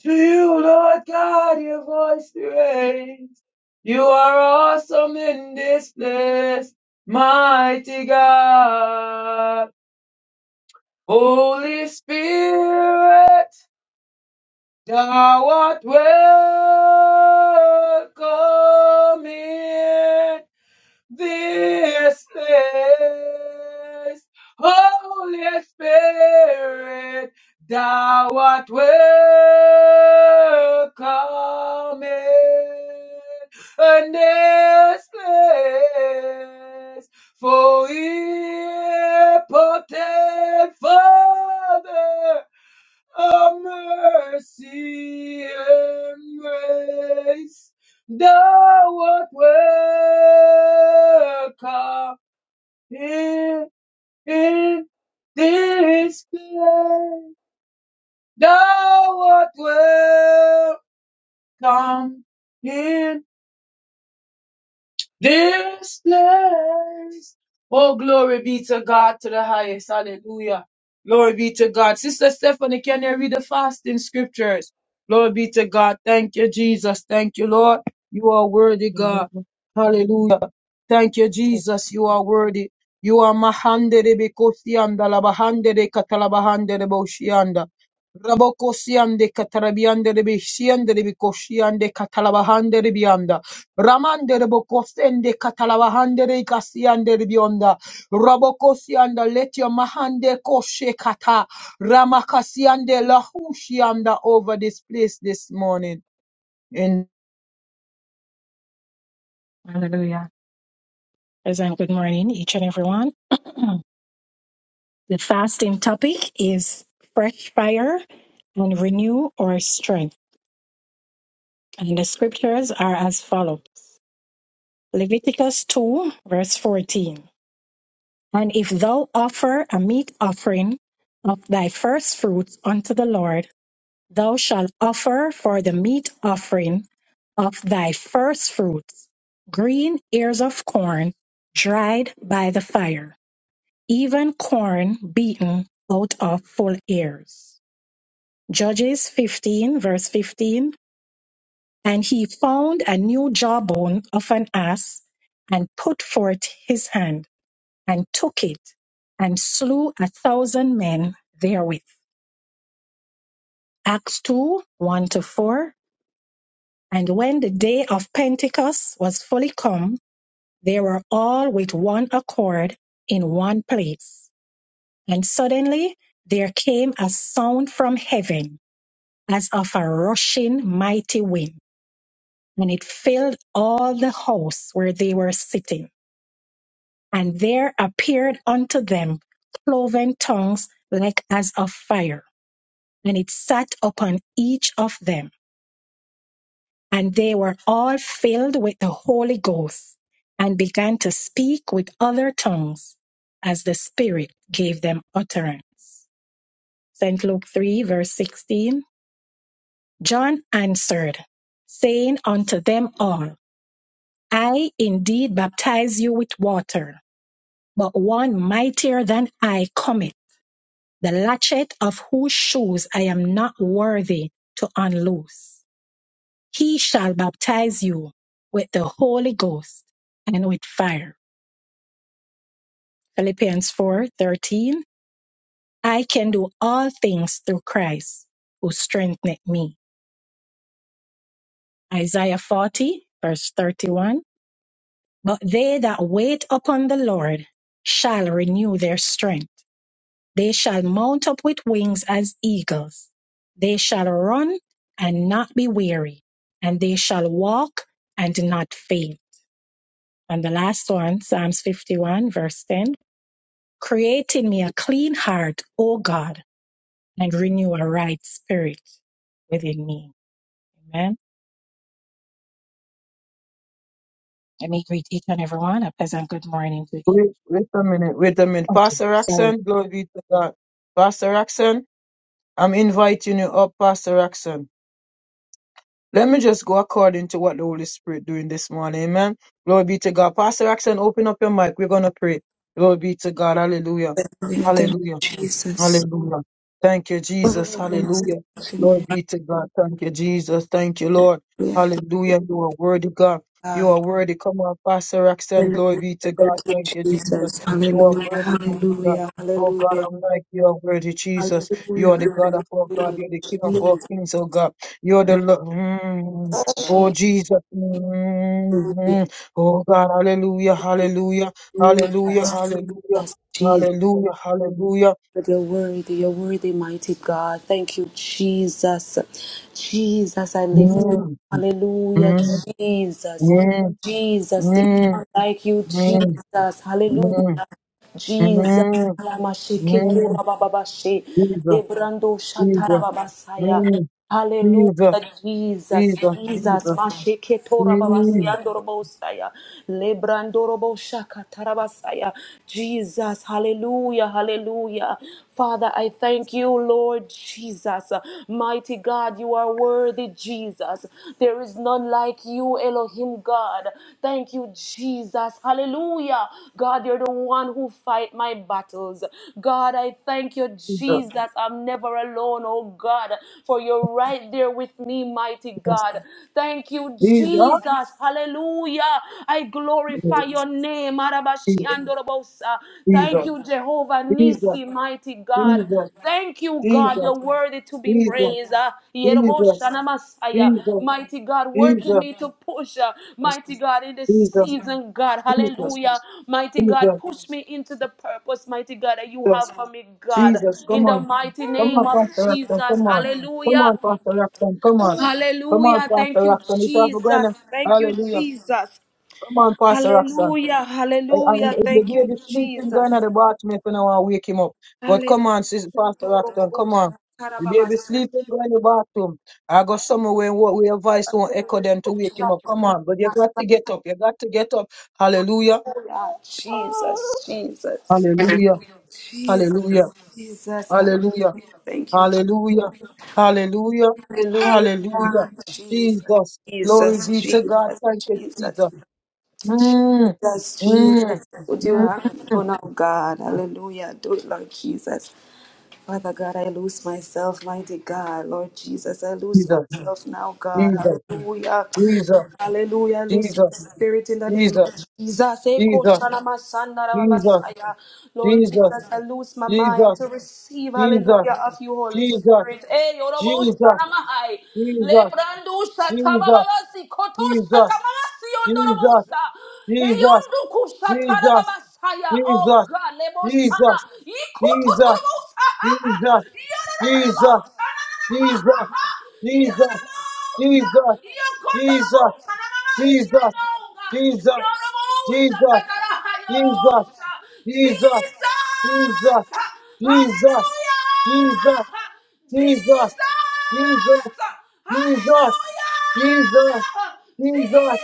[SPEAKER 2] To you, Lord God, your voice we raise. You are awesome in this place, mighty God. Holy Spirit, thou art welcome here this place. Holy Spirit, thou art welcome in this place. For impotent Father Oh, mercy and grace, thou art welcome in, in this place. Thou art welcome in. This place. Oh, glory be to God to the highest. Hallelujah. Glory be to God. Sister Stephanie, can you read the fasting scriptures? Glory be to God. Thank you, Jesus. Thank you, Lord. You are worthy, God. Hallelujah. Thank you, Jesus. You are worthy. You are mahande de bekosianda, labahande de katalabahande de boshianda. Rabokosiande katarabiande de beshiande de bekoshiande katalabahande de bianda. Ramandere bokosende katalabahandere ikasiandere bionda. Rabokosianda let your mahande koshe kata. Ramakasiande lahushianda over this place this morning. And
[SPEAKER 1] Hallelujah. Listen, good morning, each and everyone. The fasting topic is fresh fire and renew our strength. And the scriptures are as follows Leviticus 2, verse 14. And if thou offer a meat offering of thy first fruits unto the Lord, thou shalt offer for the meat offering of thy first fruits green ears of corn dried by the fire, even corn beaten out of full ears. Judges 15, verse 15. And he found a new jawbone of an ass and put forth his hand and took it and slew a thousand men therewith. Acts 2, 1 to 4. And when the day of Pentecost was fully come, they were all with one accord in one place. And suddenly there came a sound from heaven as of a rushing mighty wind and it filled all the house where they were sitting. And there appeared unto them cloven tongues like as of fire, and it sat upon each of them. And they were all filled with the Holy Ghost, and began to speak with other tongues as the Spirit gave them utterance. St. Luke 3, verse 16. John answered, saying unto them all, I indeed baptize you with water but one mightier than I cometh, the latchet of whose shoes I am not worthy to unloose. He shall baptize you with the Holy Ghost and with fire. Philippians 4:13. I can do all things through Christ who strengtheneth me. Isaiah 40, verse 31. But they that wait upon the Lord shall renew their strength. They shall mount up with wings as eagles. They shall run and not be weary, and they shall walk and not faint. And the last one, Psalms 51, verse 10 Create in me a clean heart, O God, and renew a right spirit within me. Amen. Let me greet each and everyone. A pleasant good morning to each.
[SPEAKER 2] wait, wait a minute, wait a minute.
[SPEAKER 1] Okay,
[SPEAKER 2] Pastor
[SPEAKER 1] So.
[SPEAKER 2] Axon, glory be to God. Pastor Axon, I'm inviting you up, Pastor Axon. Let me just go according to what the Holy Spirit doing this morning. Amen. Glory be to God. Pastor Axon, open up your mic. We're going to pray. Glory be to God. Hallelujah.
[SPEAKER 5] Hallelujah. Thank you,
[SPEAKER 2] Hallelujah.
[SPEAKER 5] Jesus.
[SPEAKER 2] Hallelujah. Thank you, Jesus.
[SPEAKER 5] Hallelujah.
[SPEAKER 2] Hallelujah. Glory be to God. Thank you, Jesus. Thank you, Lord. Hallelujah. You are worthy, God. You
[SPEAKER 5] God.
[SPEAKER 2] are worthy. Come on, Pastor Roxanne. Glory be
[SPEAKER 5] Hallelujah.
[SPEAKER 2] to God.
[SPEAKER 5] Thank you,
[SPEAKER 2] Thank you, Jesus.
[SPEAKER 5] Jesus.
[SPEAKER 2] You are
[SPEAKER 5] Hallelujah.
[SPEAKER 2] worthy, mighty God.
[SPEAKER 5] Hallelujah.
[SPEAKER 2] Oh God,
[SPEAKER 5] Hallelujah.
[SPEAKER 2] I'm like you are worthy, Jesus. You
[SPEAKER 5] Hallelujah.
[SPEAKER 2] are the God of all God.
[SPEAKER 5] Hallelujah.
[SPEAKER 2] You're the King of all
[SPEAKER 5] Jesus.
[SPEAKER 2] kings, oh God. You're the Lord. Mm. Oh Jesus. Mm,
[SPEAKER 5] Jesus.
[SPEAKER 2] mm. Oh God, hallelujah, hallelujah, hallelujah,
[SPEAKER 5] Jesus.
[SPEAKER 2] hallelujah,
[SPEAKER 5] Jesus.
[SPEAKER 2] hallelujah, hallelujah.
[SPEAKER 5] You're worthy, you're worthy, mighty God. Thank you, Jesus. Jesus, I lift you. up.
[SPEAKER 2] Mm,
[SPEAKER 5] Hallelujah,
[SPEAKER 2] mm,
[SPEAKER 5] Jesus.
[SPEAKER 2] mm,
[SPEAKER 5] Jesus, there's
[SPEAKER 2] mm,
[SPEAKER 5] none like you,
[SPEAKER 2] mm,
[SPEAKER 5] Jesus. Hallelujah.
[SPEAKER 2] mm,
[SPEAKER 5] Jesus,
[SPEAKER 2] mm,
[SPEAKER 5] Alamasheke
[SPEAKER 2] mm.
[SPEAKER 5] Tora Bababashe,
[SPEAKER 2] Jesus,
[SPEAKER 5] Lebrando Shatara
[SPEAKER 2] Jesus,
[SPEAKER 5] Babasaya.
[SPEAKER 2] mm,
[SPEAKER 5] Hallelujah,
[SPEAKER 2] Jesus,
[SPEAKER 5] Jesus,
[SPEAKER 2] Jesus,
[SPEAKER 5] Jesus,
[SPEAKER 2] Jesus,
[SPEAKER 5] Masheke
[SPEAKER 2] Jesus,
[SPEAKER 5] Torabasiandorobosaya, Lebrandorobo Shakatarabasaya, Jesus, Hallelujah, Hallelujah. Father, I thank you, Lord Jesus. Mighty God, you are worthy, Jesus. There is none like you, Elohim God. Thank you, Jesus. Hallelujah. God, you're the one who fight my battles. God, I thank you, Jesus. I'm never alone, oh God, for your right there with me, mighty God. Thank you,
[SPEAKER 2] Jesus, Jesus, Jesus, Jesus,
[SPEAKER 5] Jesus. Hallelujah. I glorify your name.
[SPEAKER 2] Jesus,
[SPEAKER 5] Arabashiandorobosa. Thank
[SPEAKER 2] Jesus,
[SPEAKER 5] you, Jehovah
[SPEAKER 2] Jesus, Jesus, Jesus,
[SPEAKER 5] Nisi, mighty God.
[SPEAKER 2] Jesus,
[SPEAKER 5] Thank you, God. You're worthy to be praised. Ah, Yerobosana Messiah. Mighty God, work in me to push. ah, Mighty God, in this season, God.
[SPEAKER 2] Jesus, Jesus,
[SPEAKER 5] Hallelujah.
[SPEAKER 2] Jesus,
[SPEAKER 5] Mighty
[SPEAKER 2] Jesus,
[SPEAKER 5] God, push me into the purpose, mighty God, that you
[SPEAKER 2] Jesus,
[SPEAKER 5] have for me, God.
[SPEAKER 2] Jesus,
[SPEAKER 5] In
[SPEAKER 2] come
[SPEAKER 5] the
[SPEAKER 2] on.
[SPEAKER 5] mighty
[SPEAKER 2] Come on,
[SPEAKER 5] name of
[SPEAKER 2] Pastor Roxton,
[SPEAKER 5] Jesus.
[SPEAKER 2] come on. Come
[SPEAKER 5] Hallelujah.
[SPEAKER 2] on, Pastor Roxton, come on. Come on,
[SPEAKER 5] Hallelujah.
[SPEAKER 2] Pastor
[SPEAKER 5] Thank you,
[SPEAKER 2] Roxton, it's all going
[SPEAKER 5] Jesus.
[SPEAKER 2] on.
[SPEAKER 5] Thank you,
[SPEAKER 2] Hallelujah.
[SPEAKER 5] Jesus.
[SPEAKER 2] Come on, Pastor Roxton.
[SPEAKER 5] Hallelujah.
[SPEAKER 2] I, I,
[SPEAKER 5] Hallelujah.
[SPEAKER 2] if the
[SPEAKER 5] Thank you,
[SPEAKER 2] baby sleeping,
[SPEAKER 5] Jesus.
[SPEAKER 2] going to the bathroom, if you know, I wake him up. But come on, sis, Pastor Roxton, come on. The baby sleeping, go in the bathroom. I go somewhere where, where your voice won't echo them to wake him up. Come on, but you got to get up. You got to get up. Hallelujah.
[SPEAKER 5] Jesus, Jesus,
[SPEAKER 2] Hallelujah.
[SPEAKER 5] Jesus,
[SPEAKER 2] Hallelujah.
[SPEAKER 5] Jesus, hallelujah.
[SPEAKER 2] Hallelujah.
[SPEAKER 5] Thank you,
[SPEAKER 2] Hallelujah. Hallelujah.
[SPEAKER 5] hallelujah,
[SPEAKER 2] Hallelujah.
[SPEAKER 5] Jesus,
[SPEAKER 2] Jesus. Glory
[SPEAKER 5] Jesus,
[SPEAKER 2] be to God.
[SPEAKER 5] Jesus,
[SPEAKER 2] Thank you,
[SPEAKER 5] Jesus,
[SPEAKER 2] Jesus. Mm,
[SPEAKER 5] Jesus, Jesus.
[SPEAKER 2] mm,
[SPEAKER 5] Would you have me, oh
[SPEAKER 2] mm.
[SPEAKER 5] now, God? Hallelujah. Do it, Lord Jesus. Father God, I lose myself, mighty God. Lord Jesus, I lose
[SPEAKER 2] Jesus.
[SPEAKER 5] myself now, God.
[SPEAKER 2] Jesus.
[SPEAKER 5] Hallelujah.
[SPEAKER 2] Jesus.
[SPEAKER 5] Hallelujah. I lose my spirit in the name of
[SPEAKER 2] Jesus.
[SPEAKER 5] Jesus, Eko
[SPEAKER 2] Jesus.
[SPEAKER 5] Shanama Sandara Babasaya. Lord
[SPEAKER 2] Jesus.
[SPEAKER 5] Jesus, I lose my mind
[SPEAKER 2] Jesus.
[SPEAKER 5] to receive,
[SPEAKER 2] Jesus. Jesus.
[SPEAKER 5] hallelujah, of you, Holy
[SPEAKER 2] Jesus.
[SPEAKER 5] Spirit. Eh, Yorobo
[SPEAKER 2] Jesus,
[SPEAKER 5] Shanama Hai.
[SPEAKER 2] Jesus,
[SPEAKER 5] Lebrandu
[SPEAKER 2] Jesus, Jesus,
[SPEAKER 5] Shatabababasi, Koto
[SPEAKER 2] Jesus,
[SPEAKER 5] Shatamabasi, Yondorobosa. Heyondu Kushatara Babasaya. Oh God, Lebo Shana. Ikototorobosa. Yorororobosa. Yorororobosa. Yokotororobosa. Nanamasi. Yorobosha. Takaraha, Yorosha. Jesus! Hallelujah! Jesus!
[SPEAKER 2] Jesus,
[SPEAKER 5] Hallelujah!
[SPEAKER 2] Jesus, Jesus,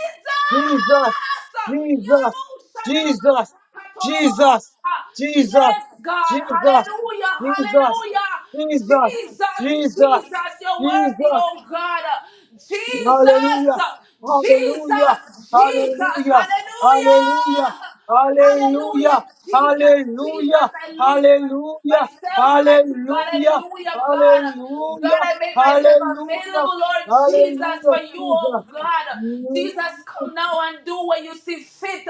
[SPEAKER 2] Jesus, Jesus,
[SPEAKER 5] Yorobosha.
[SPEAKER 2] Jesus, Jesus, Jesus,
[SPEAKER 5] Yorobosha. Yes, God.
[SPEAKER 2] Jesus,
[SPEAKER 5] Hallelujah. Hallelujah.
[SPEAKER 2] Jesus, Jesus,
[SPEAKER 5] Jesus,
[SPEAKER 2] Jesus,
[SPEAKER 5] Jesus, you're worthy,
[SPEAKER 2] Jesus,
[SPEAKER 5] oh God.
[SPEAKER 2] Hallelujah.
[SPEAKER 5] Jesus,
[SPEAKER 2] Hallelujah.
[SPEAKER 5] Jesus, Jesus,
[SPEAKER 2] Hallelujah. Hallelujah.
[SPEAKER 5] hallelujah.
[SPEAKER 2] Hallelujah.
[SPEAKER 5] Hallelujah, Jesus, Jesus,
[SPEAKER 2] Hallelujah.
[SPEAKER 5] I lose my-
[SPEAKER 2] Hallelujah.
[SPEAKER 5] myself, mighty God,
[SPEAKER 2] Hallelujah.
[SPEAKER 5] hallelujah, God. God, I
[SPEAKER 2] Hallelujah.
[SPEAKER 5] make myself
[SPEAKER 2] Hallelujah.
[SPEAKER 5] available, Lord Jesus,
[SPEAKER 2] Hallelujah.
[SPEAKER 5] for you, oh
[SPEAKER 2] Jesus.
[SPEAKER 5] God.
[SPEAKER 2] Mm.
[SPEAKER 5] Jesus, come now and do what you see fit.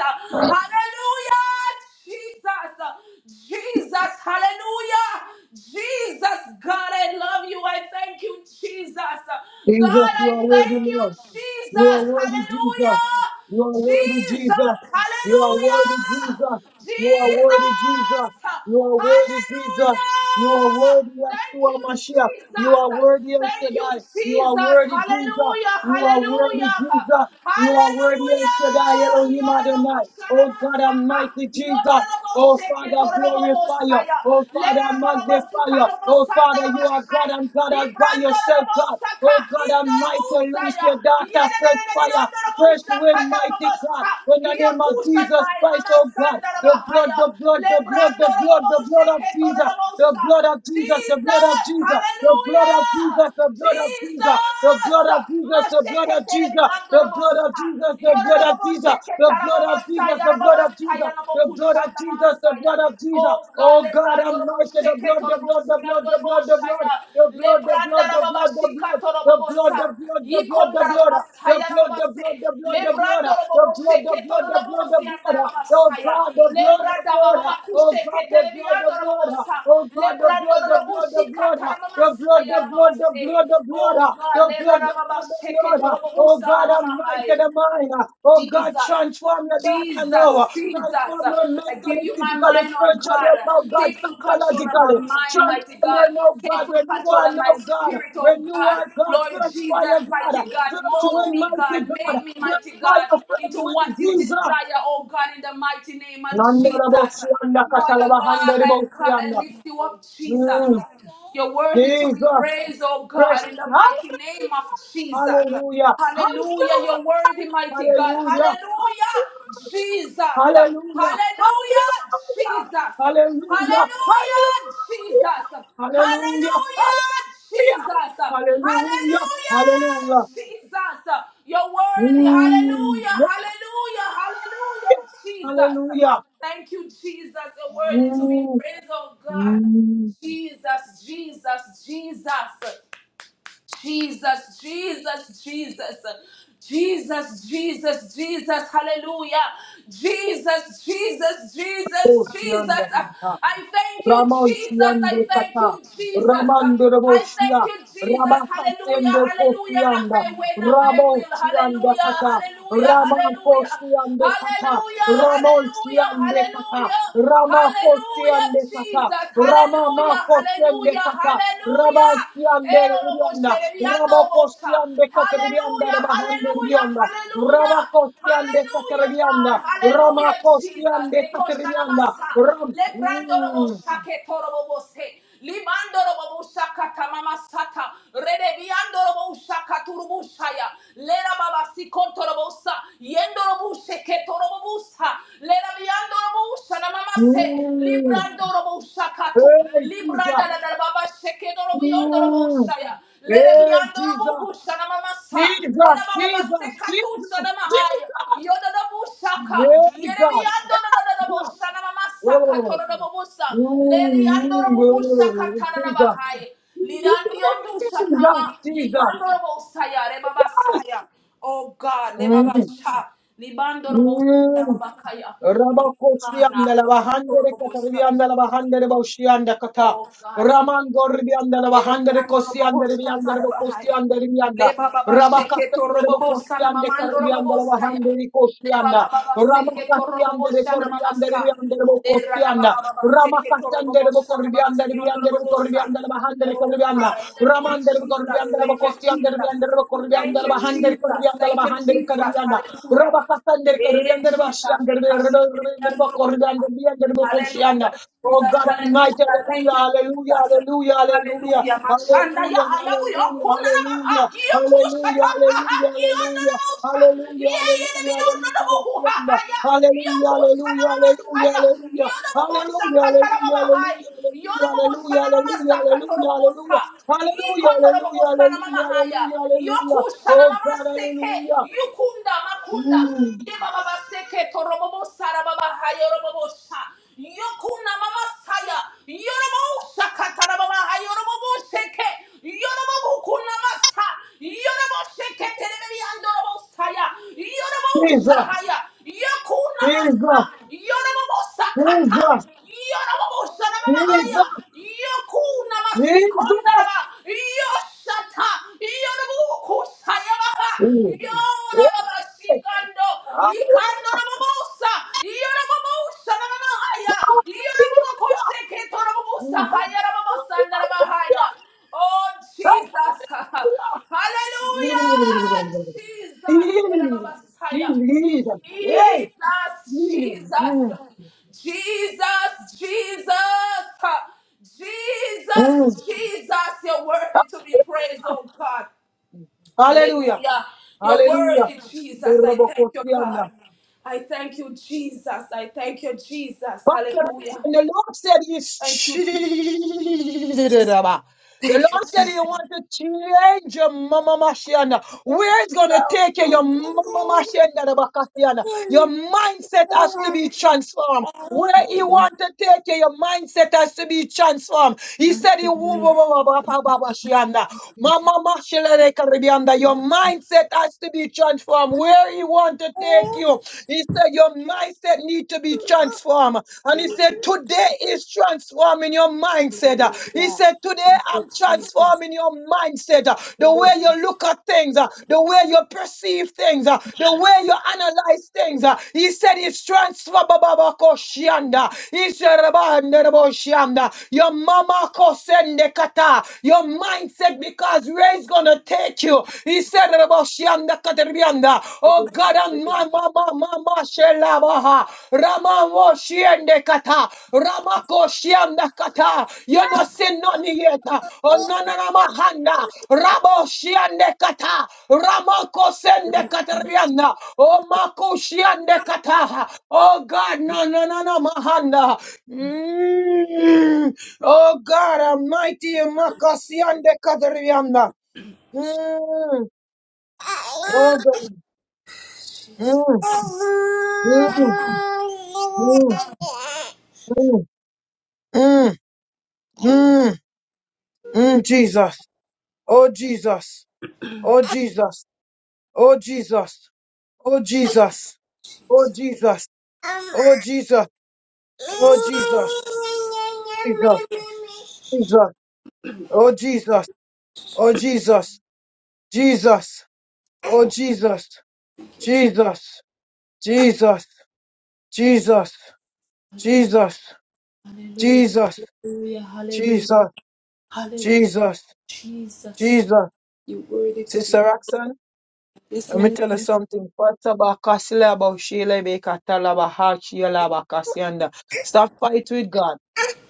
[SPEAKER 5] Hallelujah, Jesus, Jesus, hallelujah. Jesus, God, I love you. I thank you, Jesus.
[SPEAKER 2] Jesus,
[SPEAKER 5] God,
[SPEAKER 2] you
[SPEAKER 5] I
[SPEAKER 2] are worthy,
[SPEAKER 5] thank you,
[SPEAKER 2] Lord. You
[SPEAKER 5] Jesus,
[SPEAKER 2] are worthy,
[SPEAKER 5] hallelujah.
[SPEAKER 2] Jesus. You are worthy,
[SPEAKER 5] Jesus,
[SPEAKER 2] Jesus. You are worthy,
[SPEAKER 5] hallelujah.
[SPEAKER 2] Jesus. You are worthy, Jesus.
[SPEAKER 5] Jesus,
[SPEAKER 2] You are worthy, Jesus.
[SPEAKER 5] hallelujah.
[SPEAKER 2] You are worthy,
[SPEAKER 5] Thank. Thank
[SPEAKER 2] Yeshua
[SPEAKER 5] you,
[SPEAKER 2] Mashiach. You
[SPEAKER 5] Jesus.
[SPEAKER 2] are worthy, El
[SPEAKER 5] Thank you,
[SPEAKER 2] Shaddai. You are
[SPEAKER 5] Jesus.
[SPEAKER 2] worthy, Jesus.
[SPEAKER 5] Hallelujah.
[SPEAKER 2] You are worthy,
[SPEAKER 5] Hallelujah.
[SPEAKER 2] Jesus. You are worthy, El
[SPEAKER 5] Hallelujah.
[SPEAKER 2] Shaddai, Elohim Adonai. Oh God
[SPEAKER 5] Yororobushanamantaka.
[SPEAKER 2] Almighty, Jesus. Oh Father, glorify you.
[SPEAKER 5] Yororobosheketororobobosaya.
[SPEAKER 2] Oh Father, magnify you. Oh Father, you are
[SPEAKER 5] Lerorobobosikalobosandarabashai.
[SPEAKER 2] God and God all by yourself, God.
[SPEAKER 5] Librandororobosaka.
[SPEAKER 2] Oh God Almighty, loose
[SPEAKER 5] Indorobusaya.
[SPEAKER 2] your daughter, fresh fire. Fresh wind, mighty God,
[SPEAKER 5] Yerererereyondorobushakatarababasa.
[SPEAKER 2] in the name of Jesus
[SPEAKER 5] Yokushatai.
[SPEAKER 2] Christ,
[SPEAKER 5] Mama
[SPEAKER 2] oh God, the blood,
[SPEAKER 5] Sandarabahaya.
[SPEAKER 2] the blood, the blood, the blood, the blood of Jesus, the blood
[SPEAKER 5] Lebrandorobobosheketororobosa.
[SPEAKER 2] of Jesus, the blood of
[SPEAKER 5] Jesus,
[SPEAKER 2] Jesus, the blood of Jesus,
[SPEAKER 5] hallelujah.
[SPEAKER 2] the blood of Jesus, the
[SPEAKER 5] Jesus,
[SPEAKER 2] blood of Jesus, the blood of Jesus, the blood of
[SPEAKER 5] Masheketeremiandorobosha.
[SPEAKER 2] Jesus, the blood of Jesus, the blood of
[SPEAKER 5] Yororobobosheketarababasa,
[SPEAKER 2] Jesus, the blood of
[SPEAKER 5] yarababasa,
[SPEAKER 2] Jesus, the blood of Jesus,
[SPEAKER 5] yanabokushandamasa.
[SPEAKER 2] the blood of Jesus.
[SPEAKER 5] Oh God,
[SPEAKER 2] Oh God, I'm mighty, the blood, the blood, the blood, the blood, the
[SPEAKER 5] Lebrandorobosheketorobosiandorobosha.
[SPEAKER 2] blood, the blood, the blood, the blood, the
[SPEAKER 5] Lebrandarababashikatorobosha.
[SPEAKER 2] blood the blood,
[SPEAKER 5] Torobobosa,
[SPEAKER 2] the blood, the blood, the blood, the
[SPEAKER 5] Yikondarabamasaya
[SPEAKER 2] blood, the blood, the blood,
[SPEAKER 5] Rababase,
[SPEAKER 2] the blood,
[SPEAKER 5] Lebrando Robobose,
[SPEAKER 2] the blood, the blood, the
[SPEAKER 5] Ketorobosi
[SPEAKER 2] blood, the
[SPEAKER 5] and
[SPEAKER 2] blood, oh
[SPEAKER 5] Rababasaya,
[SPEAKER 2] God, the blood, the
[SPEAKER 5] Lebrada
[SPEAKER 2] blood,
[SPEAKER 5] Baba
[SPEAKER 2] oh God, the blood, the blood, oh God, the blood, the blood, the blood, the blood, the blood, the blood, the
[SPEAKER 5] Oh God,
[SPEAKER 2] blood, the blood, the blood, the blood, oh God, I'm. Mighty the mind. Oh God,
[SPEAKER 5] Jesus.
[SPEAKER 2] transform the daughter now.
[SPEAKER 5] Jesus, Jesus,
[SPEAKER 2] Transform her
[SPEAKER 5] I give
[SPEAKER 2] mentally,
[SPEAKER 5] you my
[SPEAKER 2] physically,
[SPEAKER 5] mind, oh
[SPEAKER 2] spiritually,
[SPEAKER 5] God.
[SPEAKER 2] oh now, God,
[SPEAKER 5] Take full control of my
[SPEAKER 2] psychologically.
[SPEAKER 5] mind, mighty
[SPEAKER 2] Transform her
[SPEAKER 5] God.
[SPEAKER 2] now,
[SPEAKER 5] Take
[SPEAKER 2] God.
[SPEAKER 5] full
[SPEAKER 2] Renew
[SPEAKER 5] control
[SPEAKER 2] her
[SPEAKER 5] of my
[SPEAKER 2] now, God.
[SPEAKER 5] spirit, oh
[SPEAKER 2] Renew
[SPEAKER 5] God.
[SPEAKER 2] her, God.
[SPEAKER 5] Lord
[SPEAKER 2] Fresh
[SPEAKER 5] Jesus,
[SPEAKER 2] fire, God.
[SPEAKER 5] mighty God.
[SPEAKER 2] Fresh
[SPEAKER 5] Mold
[SPEAKER 2] wind,
[SPEAKER 5] me,
[SPEAKER 2] mighty
[SPEAKER 5] God.
[SPEAKER 2] God.
[SPEAKER 5] Make me,
[SPEAKER 2] Fresh
[SPEAKER 5] mighty God,
[SPEAKER 2] fire, fresh
[SPEAKER 5] into
[SPEAKER 2] wind,
[SPEAKER 5] what you
[SPEAKER 2] Jesus.
[SPEAKER 5] desire, oh God, in the mighty name of
[SPEAKER 2] Nanda rabo
[SPEAKER 5] Jesus. Father
[SPEAKER 2] katalaba
[SPEAKER 5] God,
[SPEAKER 2] handa
[SPEAKER 5] I
[SPEAKER 2] rabo
[SPEAKER 5] cry and lift you up, Jesus.
[SPEAKER 2] Mm,
[SPEAKER 5] You're worthy to be
[SPEAKER 2] Jesus.
[SPEAKER 5] praised, oh
[SPEAKER 2] Praise-
[SPEAKER 5] God, in the mighty name of
[SPEAKER 2] Hallelujah.
[SPEAKER 5] Jesus.
[SPEAKER 2] Hallelujah.
[SPEAKER 5] Hallelujah. You're worthy, mighty God.
[SPEAKER 2] Hallelujah.
[SPEAKER 5] Hallelujah, Jesus.
[SPEAKER 2] Hallelujah.
[SPEAKER 5] Hallelujah,
[SPEAKER 2] Hallelujah.
[SPEAKER 5] Jesus.
[SPEAKER 2] Hallelujah.
[SPEAKER 5] Hallelujah,
[SPEAKER 2] Hallelujah.
[SPEAKER 5] Jesus.
[SPEAKER 2] Hallelujah.
[SPEAKER 5] Hallelujah,
[SPEAKER 2] Hallelujah.
[SPEAKER 5] Jesus.
[SPEAKER 2] Hallelujah.
[SPEAKER 5] Hallelujah,
[SPEAKER 2] Hallelujah.
[SPEAKER 5] Jesus. You're worthy. Hallelujah. Hallelujah. Hallelujah, Jesus.
[SPEAKER 2] Hallelujah.
[SPEAKER 5] Thank you, Jesus. You're worthy to be
[SPEAKER 2] Mm,
[SPEAKER 5] praised, oh God.
[SPEAKER 2] mm.
[SPEAKER 5] Jesus, Jesus, Jesus. Jesus, Jesus, Jesus. Jesus, Jesus, Jesus, hallelujah. Jesus, Jesus, Jesus,
[SPEAKER 2] Oh, Dios
[SPEAKER 5] Jesus.
[SPEAKER 2] mío,
[SPEAKER 5] I thank you, Jesus. I
[SPEAKER 2] Ramontiande
[SPEAKER 5] thank
[SPEAKER 2] kata,
[SPEAKER 5] you, Jesus.
[SPEAKER 2] Ramande
[SPEAKER 5] I thank
[SPEAKER 2] Raboshia,
[SPEAKER 5] you, Jesus. Hallelujah,
[SPEAKER 2] Rabakatende
[SPEAKER 5] hallelujah. Not
[SPEAKER 2] Kosianda,
[SPEAKER 5] my way, not my will.
[SPEAKER 2] Rabotiande
[SPEAKER 5] Hallelujah,
[SPEAKER 2] kata,
[SPEAKER 5] hallelujah, hallelujah.
[SPEAKER 2] Ramankoshiande kata,
[SPEAKER 5] Hallelujah, hallelujah,
[SPEAKER 2] Ramontiande kata,
[SPEAKER 5] hallelujah. Hallelujah,
[SPEAKER 2] Ramakoshiande
[SPEAKER 5] Jesus.
[SPEAKER 2] kata,
[SPEAKER 5] Hallelujah,
[SPEAKER 2] Ramamakoshiande
[SPEAKER 5] hallelujah,
[SPEAKER 2] kata,
[SPEAKER 5] hallelujah.
[SPEAKER 2] Rabatiande
[SPEAKER 5] Eh, orobo,
[SPEAKER 2] Rianda,
[SPEAKER 5] sereriando,
[SPEAKER 2] Rabokoshiande Katrianda,
[SPEAKER 5] Hallelujah,
[SPEAKER 2] Rabahande
[SPEAKER 5] hallelujah,
[SPEAKER 2] Rianda,
[SPEAKER 5] hallelujah.
[SPEAKER 2] Rabakoshiande
[SPEAKER 5] Hallelujah, God.
[SPEAKER 2] Katrianda,
[SPEAKER 5] Hallelujah, Jesus.
[SPEAKER 2] Ramakoshiande
[SPEAKER 5] Ekosta
[SPEAKER 2] Katrianda,
[SPEAKER 5] namasa.
[SPEAKER 2] Ram.
[SPEAKER 5] Lebrando robo
[SPEAKER 2] Mm.
[SPEAKER 5] shake torobo bose. Limando robo shaka tamama Redeviando robo shaka Lera baba si robo sa. Yendo robo sheke torobo busa. Lera viando robo shana mama se.
[SPEAKER 2] Mm.
[SPEAKER 5] Librando robo shaka
[SPEAKER 2] Hey,
[SPEAKER 5] tu.
[SPEAKER 2] Jesus.
[SPEAKER 5] Baba Shekedoro Yondoro
[SPEAKER 2] Mm.
[SPEAKER 5] Bosaya. Let it be
[SPEAKER 2] Hey,
[SPEAKER 5] Andoro
[SPEAKER 2] Jesus.
[SPEAKER 5] Bokushana Mamasa. Let
[SPEAKER 2] Jesus,
[SPEAKER 5] a Baba
[SPEAKER 2] Jesus, Jesus,
[SPEAKER 5] Sekatusana Mahaya.
[SPEAKER 2] Jesus.
[SPEAKER 5] Yododo Busaka.
[SPEAKER 2] Hey,
[SPEAKER 5] Yere be
[SPEAKER 2] God. Hey,
[SPEAKER 5] Andoro
[SPEAKER 2] God.
[SPEAKER 5] Bosana Mamasa
[SPEAKER 2] Oh,
[SPEAKER 5] Katoro Bobusa. Let the
[SPEAKER 2] mm,
[SPEAKER 5] Andoro Busaka
[SPEAKER 2] mm,
[SPEAKER 5] Tanana
[SPEAKER 2] Jesus.
[SPEAKER 5] Bahaya. Lidandi Ondu
[SPEAKER 2] Jesus,
[SPEAKER 5] Shatama.
[SPEAKER 2] Jesus.
[SPEAKER 5] Yikandoro Bosaya. Rebaba Saya. Rebabasaya. Oh God,
[SPEAKER 2] Mm,
[SPEAKER 5] Lebaba Sha. Libandoro Bosaya
[SPEAKER 2] mm.
[SPEAKER 5] Babakaya.
[SPEAKER 2] Rabakotsi
[SPEAKER 5] Kana.
[SPEAKER 2] andala
[SPEAKER 5] Toro
[SPEAKER 2] bahandere katarbi
[SPEAKER 5] Bobusa.
[SPEAKER 2] andala bahandere baushi anda kata.
[SPEAKER 5] Oh God,
[SPEAKER 2] Raman gorbi andala
[SPEAKER 5] Yere
[SPEAKER 2] bahandere
[SPEAKER 5] biyando
[SPEAKER 2] kosi
[SPEAKER 5] robobo
[SPEAKER 2] andere bi andere
[SPEAKER 5] satara
[SPEAKER 2] bokosi
[SPEAKER 5] bahaya.
[SPEAKER 2] andere bi
[SPEAKER 5] Le
[SPEAKER 2] anda.
[SPEAKER 5] baba sheke
[SPEAKER 2] Rabakata
[SPEAKER 5] to
[SPEAKER 2] andere
[SPEAKER 5] robobo
[SPEAKER 2] bokosi
[SPEAKER 5] sana
[SPEAKER 2] ande
[SPEAKER 5] mamando
[SPEAKER 2] karbi
[SPEAKER 5] robobo
[SPEAKER 2] andala
[SPEAKER 5] saya.
[SPEAKER 2] bahandere kosi
[SPEAKER 5] Le
[SPEAKER 2] anda.
[SPEAKER 5] baba baba seke to
[SPEAKER 2] Ramakasi
[SPEAKER 5] robobo
[SPEAKER 2] andere
[SPEAKER 5] shana
[SPEAKER 2] korbi
[SPEAKER 5] mama
[SPEAKER 2] andere bi
[SPEAKER 5] sa.
[SPEAKER 2] andere
[SPEAKER 5] Le
[SPEAKER 2] bokosi
[SPEAKER 5] rada
[SPEAKER 2] anda.
[SPEAKER 5] baba baba seke to
[SPEAKER 2] Ramakasi
[SPEAKER 5] robobo
[SPEAKER 2] andere
[SPEAKER 5] shata
[SPEAKER 2] bokorbi
[SPEAKER 5] baba
[SPEAKER 2] andere bi
[SPEAKER 5] siondo
[SPEAKER 2] andere
[SPEAKER 5] robobo
[SPEAKER 2] bokorbi
[SPEAKER 5] sa.
[SPEAKER 2] andala bahandere
[SPEAKER 5] Oh
[SPEAKER 2] karbi
[SPEAKER 5] God,
[SPEAKER 2] anda.
[SPEAKER 5] I thank you,
[SPEAKER 2] Ramandar
[SPEAKER 5] Jesus.
[SPEAKER 2] Gorbiandar
[SPEAKER 5] Thank you,
[SPEAKER 2] Bakostiandar
[SPEAKER 5] Jesus.
[SPEAKER 2] Biandar
[SPEAKER 5] Thank
[SPEAKER 2] Bakurbiandar
[SPEAKER 5] you,
[SPEAKER 2] Bahandar
[SPEAKER 5] Jesus.
[SPEAKER 2] Kurbiandar
[SPEAKER 5] Thank you,
[SPEAKER 2] Bahandar
[SPEAKER 5] Jesus.
[SPEAKER 2] Kurbianda
[SPEAKER 5] Hallelujah.
[SPEAKER 2] Rabakatandar
[SPEAKER 5] Eh,
[SPEAKER 2] Kurbiandar
[SPEAKER 5] Jesus,
[SPEAKER 2] Bashiandar
[SPEAKER 5] eh, kashe te biyando robobo.
[SPEAKER 2] Bakurbiandar Biandar Bakursianda
[SPEAKER 5] Hallelujah,
[SPEAKER 2] Oh
[SPEAKER 5] Jesus.
[SPEAKER 2] God Almighty,
[SPEAKER 5] Hallelujah. Thank
[SPEAKER 2] hallelujah,
[SPEAKER 5] you,
[SPEAKER 2] hallelujah,
[SPEAKER 5] Jesus.
[SPEAKER 2] hallelujah,
[SPEAKER 5] Hallelujah.
[SPEAKER 2] hallelujah,
[SPEAKER 5] Mashanda ya haya
[SPEAKER 2] hallelujah,
[SPEAKER 5] bu yo
[SPEAKER 2] hallelujah,
[SPEAKER 5] kuna na maha.
[SPEAKER 2] hallelujah.
[SPEAKER 5] Yo kusha
[SPEAKER 2] Hallelujah,
[SPEAKER 5] ta ha ha.
[SPEAKER 2] hallelujah,
[SPEAKER 5] Yo ndo na
[SPEAKER 2] hallelujah.
[SPEAKER 5] mausha.
[SPEAKER 2] Hallelujah,
[SPEAKER 5] Ye ye de bi
[SPEAKER 2] hallelujah,
[SPEAKER 5] yo ndo na mahu ha ha
[SPEAKER 2] hallelujah.
[SPEAKER 5] ya. Yo
[SPEAKER 2] Hallelujah,
[SPEAKER 5] kusha na
[SPEAKER 2] hallelujah, hallelujah,
[SPEAKER 5] mama saya.
[SPEAKER 2] hallelujah.
[SPEAKER 5] Yo ndo mahu
[SPEAKER 2] Hallelujah,
[SPEAKER 5] saka ta na
[SPEAKER 2] hallelujah,
[SPEAKER 5] mama hai.
[SPEAKER 2] hallelujah,
[SPEAKER 5] Yo ndo mahu sa
[SPEAKER 2] hallelujah, hallelujah,
[SPEAKER 5] na mama
[SPEAKER 2] hallelujah,
[SPEAKER 5] saka to na mahu
[SPEAKER 2] hallelujah.
[SPEAKER 5] sa.
[SPEAKER 2] Hallelujah,
[SPEAKER 5] Yikotoro
[SPEAKER 2] hallelujah,
[SPEAKER 5] babosana mama
[SPEAKER 2] hallelujah,
[SPEAKER 5] haya.
[SPEAKER 2] hallelujah, hallelujah.
[SPEAKER 5] Yokushana
[SPEAKER 2] Oh
[SPEAKER 5] mama
[SPEAKER 2] God,
[SPEAKER 5] seke.
[SPEAKER 2] hallelujah.
[SPEAKER 5] Yukunda makunda.
[SPEAKER 2] Mm.
[SPEAKER 5] Yeba baba seke toro babosara baba haya robobosha. Yokuna mama saya. Yorobosha katara baba haya robobosheke. Yorobokuna masa. Yorobosheke terebi andorobosaya.
[SPEAKER 2] Jesus,
[SPEAKER 5] Yorobosaya. Yokuna
[SPEAKER 2] Jesus,
[SPEAKER 5] masa. Yorobosakata.
[SPEAKER 2] Jesus,
[SPEAKER 5] Yorobosana mama haya.
[SPEAKER 2] Jesus,
[SPEAKER 5] Yokuna
[SPEAKER 2] Jesus.
[SPEAKER 5] masikondaraba. Yoshata. Yorubuku sayabaka.
[SPEAKER 2] Mm. Yeah.
[SPEAKER 5] Yorababa shikando. Yikando
[SPEAKER 2] Hallelujah.
[SPEAKER 5] rababosa. Yorababosa rababahaya.
[SPEAKER 2] Hallelujah.
[SPEAKER 5] Yorababakoshe ketorababosa. Haya rababosa ndarabahaya. Oh, Jesus.
[SPEAKER 2] Jesus.
[SPEAKER 5] Hallelujah. Jesus. Rababasaya. Jesus,
[SPEAKER 2] Hey. Mm.
[SPEAKER 5] Jesus, Jesus, Jesus,
[SPEAKER 2] Mm.
[SPEAKER 5] Jesus, Jesus, you're worthy to be praised, oh God.
[SPEAKER 2] Hallelujah.
[SPEAKER 5] Hallelujah. You're
[SPEAKER 2] Hallelujah.
[SPEAKER 5] worthy, Jesus. I thank you, God.
[SPEAKER 2] Borobokosiana.
[SPEAKER 5] I thank you, Jesus. I thank you, Jesus.
[SPEAKER 2] Pastor,
[SPEAKER 5] Hallelujah.
[SPEAKER 2] and the Lord said he's
[SPEAKER 5] Thank you, Jesus.
[SPEAKER 2] cheated. Abba. The Lord said He wants to change your mama Mashiana. Where is going to take you, your mama Mashiana, the Bakasiana? Your mindset has to be transformed. Where he want to take you, your mindset has to be transformed. He said, he woo- woo- woo- woo- woo- woo- woo- woo- shianda. Mama mashele de karibianda. Your mindset has to be transformed. Where he want to take you, he said, your mindset need to be transformed. And he said, today is transforming your mindset mindset. uh, He said, Today I'm transforming your mindset. uh, The way you look at things, uh, the way you perceive things, uh, the way you analyze things. uh, He said, It's transformababakoshianda. He said, "Rabanderaboshianda." Your mama kosende kata. Your mindset because where is gonna take you. He said, Oh God, and mama, mama, ma ma ma shelabaha. Rama wo shiende kata. Rama ko shianda kata. You no sin no nieta. Oh no no no mahanda. Rabo shiende kata. Rama ko sende kata rianda. Oh mako ko shiende kata. Oh God, no no no no mahanda. Mm. Oh God, Almighty, makasiende kata rianda. Mm. Oh God. Mm. Mm, mm, mm, mm, mm, mm, Jesus. Oh, Jesus. Oh, Jesus. Oh, Jesus. Oh, Jesus. Oh, Jesus. Oh,
[SPEAKER 5] Hallelujah,
[SPEAKER 2] Jesus. Oh, Jesus. Jesus. Jesus. Oh, Jesus. Oh, Jesus. Jesus. Oh, Jesus. Jesus. Jesus. Jesus. Jesus. Jesus.
[SPEAKER 5] hallelujah,
[SPEAKER 2] Jesus.
[SPEAKER 5] hallelujah,
[SPEAKER 2] Jesus.
[SPEAKER 5] Jesus.
[SPEAKER 2] Jesus. Sister Roxanne? Let me tell you something. Patabakasilaboshelebekatalabahashiyalabakasianda. Stop fight with God.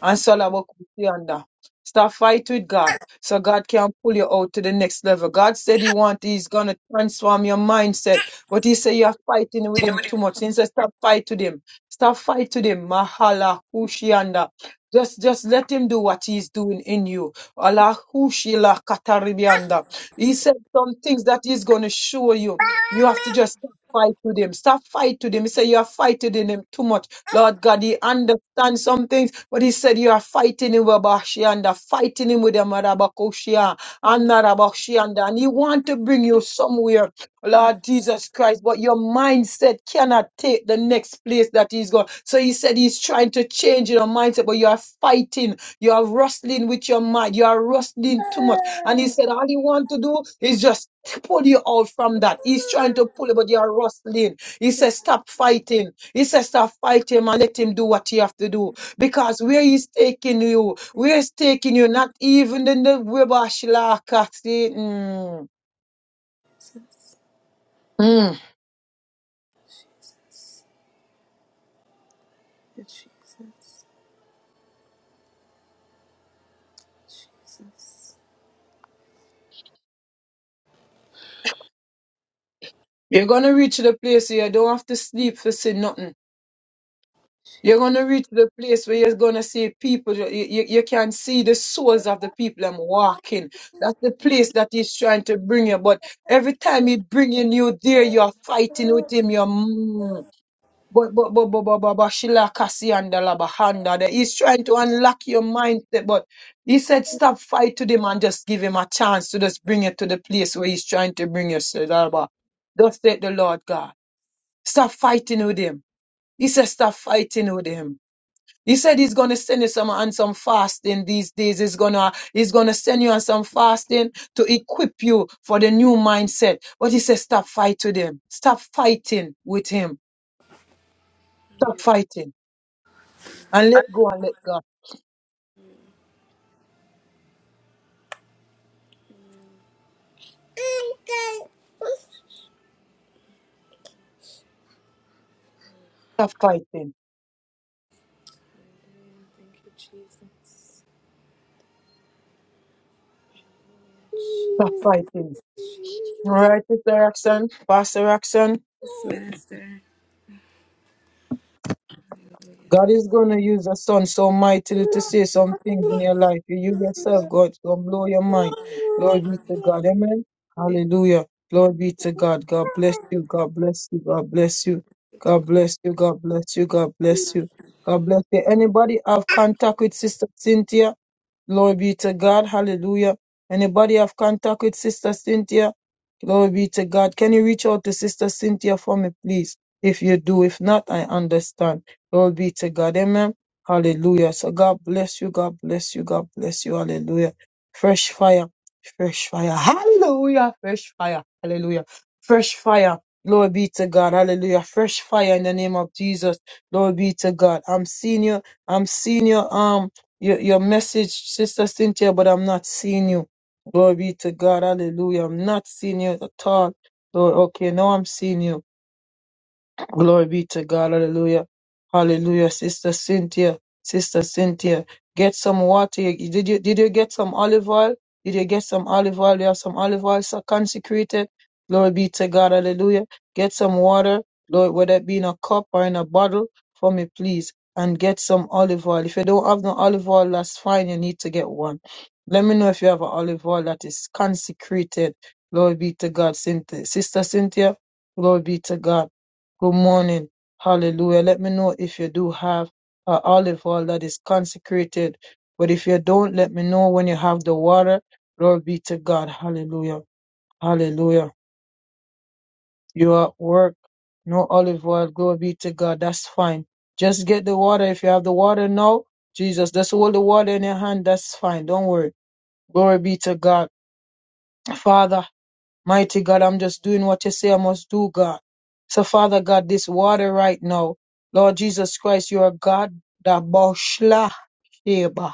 [SPEAKER 2] And Salabakusianda. Stop fight with God. So God can pull you out to the next level. God said He want, He's gonna transform your mindset. But He said you're fighting with Him too much. He said stop fight with Him. Stop fight with Him. Mahala kushianda. Just, just let him do what he's doing in you. Alahushila kataribianda. He said some things that he's going to show you. You have to just stop fight with him. Stop fight with him. He said you are fighting in him too much. Lord God, he understands some things, but he said you are fighting him with Bashianda, fighting him with the Marabakoshia and Narabashianda. And he want to bring you somewhere Lord Jesus Christ, but your mindset cannot take the next place that he's gone. So he said he's trying to change your mindset, but you are fighting, you are wrestling with your mind, you are wrestling too much. And he said all he want to do is just pull you out from that. He's trying to pull you, but you are wrestling. He says stop fighting. He says stop fighting and let him do what he have to do. Because where he's taking you, where he's taking you, not even in the Webashilaka. See, mm. You're gonna reach the place where you don't have to sleep for see nothing. You're gonna reach the place where you're gonna see people. You, you, you can see the souls of the people I'm walking. That's the place that he's trying to bring you. But every time he bringing you there, you're fighting with him. You're mm, but but but but but but but Sheila Kasi and the Labahanda. there. He's trying to unlock your mindset, but he said stop fight to him and just give him a chance to just bring you to the place where he's trying to bring you. So, Laba, Thus said the Lord God. Stop fighting with him. He said, stop fighting with him. He said he's gonna send you some on some fasting these days. He's gonna he's gonna send you on some fasting to equip you for the new mindset. But he said, stop fight with him. Stop fighting with him. Stop fighting and let go and let God. Stop fighting. Stop fighting. All right, Sister Roxanne, Pastor Roxanne. God is going to use a son so mightily to say some things in your life. You yourself, God, it's going to blow your mind. Glory be to God. Amen. Hallelujah. Glory be to God. God bless you. God bless you. God bless you. God bless you. God bless you. God bless you. God bless you. Anybody have contact with Sister Cynthia? Glory be to God. Hallelujah. Anybody have contact with Sister Cynthia? Glory be to God. Can you reach out to Sister Cynthia for me, please? If you do, if not, I understand. Glory be to God. Amen. Hallelujah. So God bless you. God bless you. God bless you. Hallelujah. Fresh fire. Fresh fire. Hallelujah. Fresh fire. Hallelujah. Fresh fire. Glory be to God. Hallelujah. Fresh fire in the name of Jesus. Glory be to God. I'm seeing you. I'm seeing your um your, your message, Sister Cynthia, but I'm not seeing you. Glory be to God. Hallelujah. I'm not seeing you at all. Lord, okay, now I'm seeing you. Glory be to God. Hallelujah. Hallelujah. Sister Cynthia. Sister Cynthia. Get some water. You- Did you did you get some olive oil? Did you get some olive oil? You have some olive oil so consecrated. Glory be to God. Hallelujah. Get some water. Lord, whether it be in a cup or in a bottle, for me, please. And get some olive oil. If you don't have no olive oil, that's fine. You need to get one. Let me know if you have an olive oil that is consecrated. Glory be to God, Cynthia. Sister Cynthia. Glory be to God. Good morning. Hallelujah. Let me know if you do have an olive oil that is consecrated. But if you don't, let me know when you have the water. Glory be to God. Hallelujah. Hallelujah. You are at work. No olive oil. Glory be to God. That's fine. Just get the water. If you have the water now, Jesus, just hold the water in your hand. That's fine. Don't worry. Glory be to God. Father, Mighty God, I'm just doing what you say I must do, God. So, Father God, this water right now, Lord Jesus Christ, you are God. Da boshla Daboshla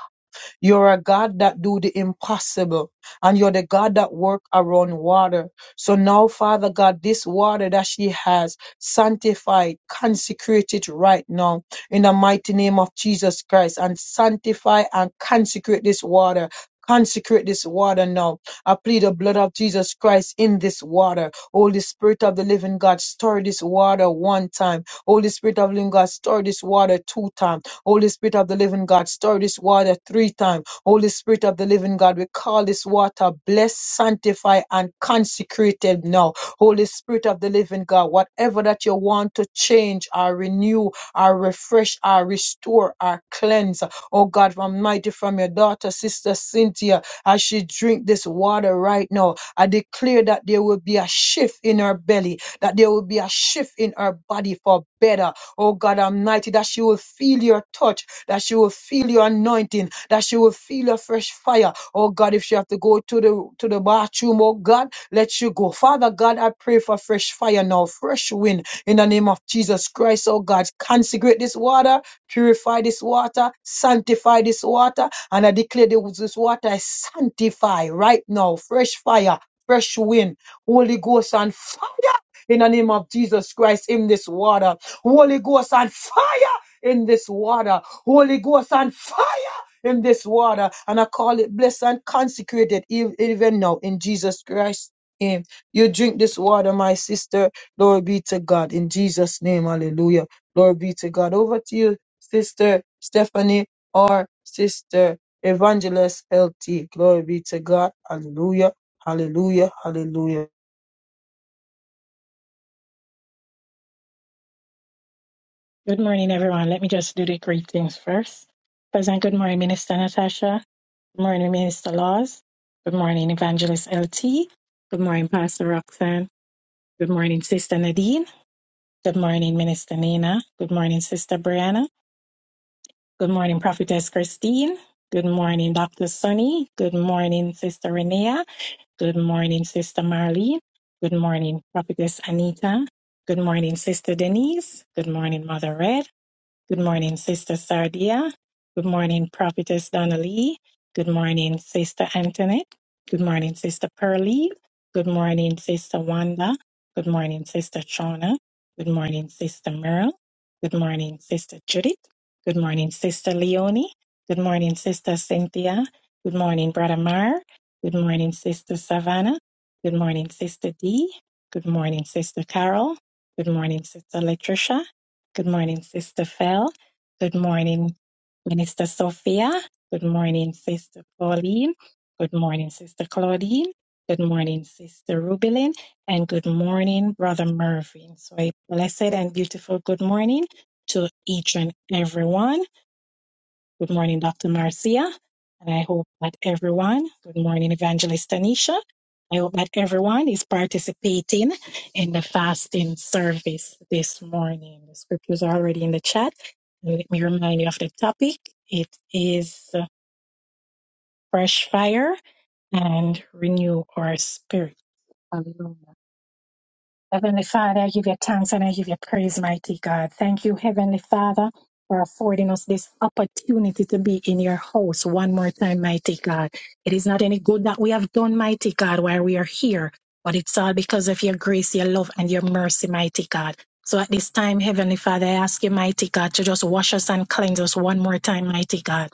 [SPEAKER 2] you're a God that do the impossible and you're the God that work around water. So now, Father God, this water that she has sanctified, consecrated right now in the mighty name of Jesus Christ and sanctify and consecrate this water. Consecrate this water now. I plead the blood of Jesus Christ in this water. Holy Spirit of the living God, stir this water one time. Holy Spirit of the living God, stir this water two times. Holy Spirit of the living God, stir this water three times. Holy Spirit of the living God, we call this water blessed, sanctified, and consecrated now. Holy Spirit of the living God, whatever that you want to change or renew or refresh or restore or cleanse, oh God, from mighty from your daughter, sister Cynthia, as she drink this water right now, I declare that there will be a shift in her belly, that there will be a shift in her body for better Oh God Almighty, that she will feel your touch, that she will feel your anointing, that she will feel your fresh fire. Oh God, if she have to go to the to the bathroom, oh God, let you go. Father God, I pray for fresh fire now, fresh wind in the name of Jesus Christ. Oh God, consecrate this water, purify this water, sanctify this water, and I declare this this water is sanctified right now. Fresh fire, fresh wind, Holy Ghost and fire in the name of Jesus Christ in this water. Holy Ghost on fire in this water. Holy Ghost on fire in this water. And I call it blessed and consecrated ev- even now in Jesus Christ's name. You drink this water, my sister. Glory be to God in Jesus' name. Hallelujah. Glory be to God. Over to you, sister Stephanie or sister Evangelist L T. Glory be to God. Hallelujah. Hallelujah. Hallelujah.
[SPEAKER 1] Good morning, everyone. Let me just do the greetings first. President, good morning, Minister Natasha. Good morning, Minister Laws. Good morning, Evangelist LT. Good morning, Pastor Roxanne. Good morning, Sister Nadine. Good morning, Minister Nina. Good morning, Sister Brianna. Good morning, Prophetess Christine. Good morning, Dr. Sunny. Good morning, Sister Renea. Good morning, Sister Marlene. Good morning, Prophetess Anita. Good morning, Sister Denise. Good morning, Mother Red. Good morning, Sister Sardia. Good morning, Prophetess Donnelly. Good morning, Sister Antoinette. Good morning, Sister Pearlie. Good morning, Sister Wanda. Good morning, Sister Shauna. Good morning, Sister Merle. Good morning, Sister Judith. Good morning, Sister Leonie. Good morning, Sister Cynthia. Good morning, Brother Mar. Good morning, Sister Savannah. Good morning, Sister Dee. Good morning, Sister Carol. Good morning, Sister Latricia. Good morning, Sister Phil. Good morning, Minister Sophia. Good morning, Sister Pauline. Good morning, Sister Claudine. Good morning, Sister Rubilin. And good morning, Brother Mervyn. So a blessed and beautiful good morning to each and everyone. Good morning, Dr. Marcia. And I hope that everyone, good morning, Evangelist Tanisha. I hope that everyone is participating in the fasting service this morning. The scriptures are already in the chat. And Let me remind you of the topic. It is uh, fresh fire and renew our spirit. Hallelujah. Heavenly Father, I give you thanks and I give you praise, mighty God. Thank you, Heavenly Father, for affording us this opportunity to be in your house one more time, mighty God. It is not any good that we have done, mighty God, while we are here, but it's all because of your grace, your love, and your mercy, mighty God. So at this time, Heavenly Father, I ask you, mighty God, to just wash us and cleanse us one more time, mighty God.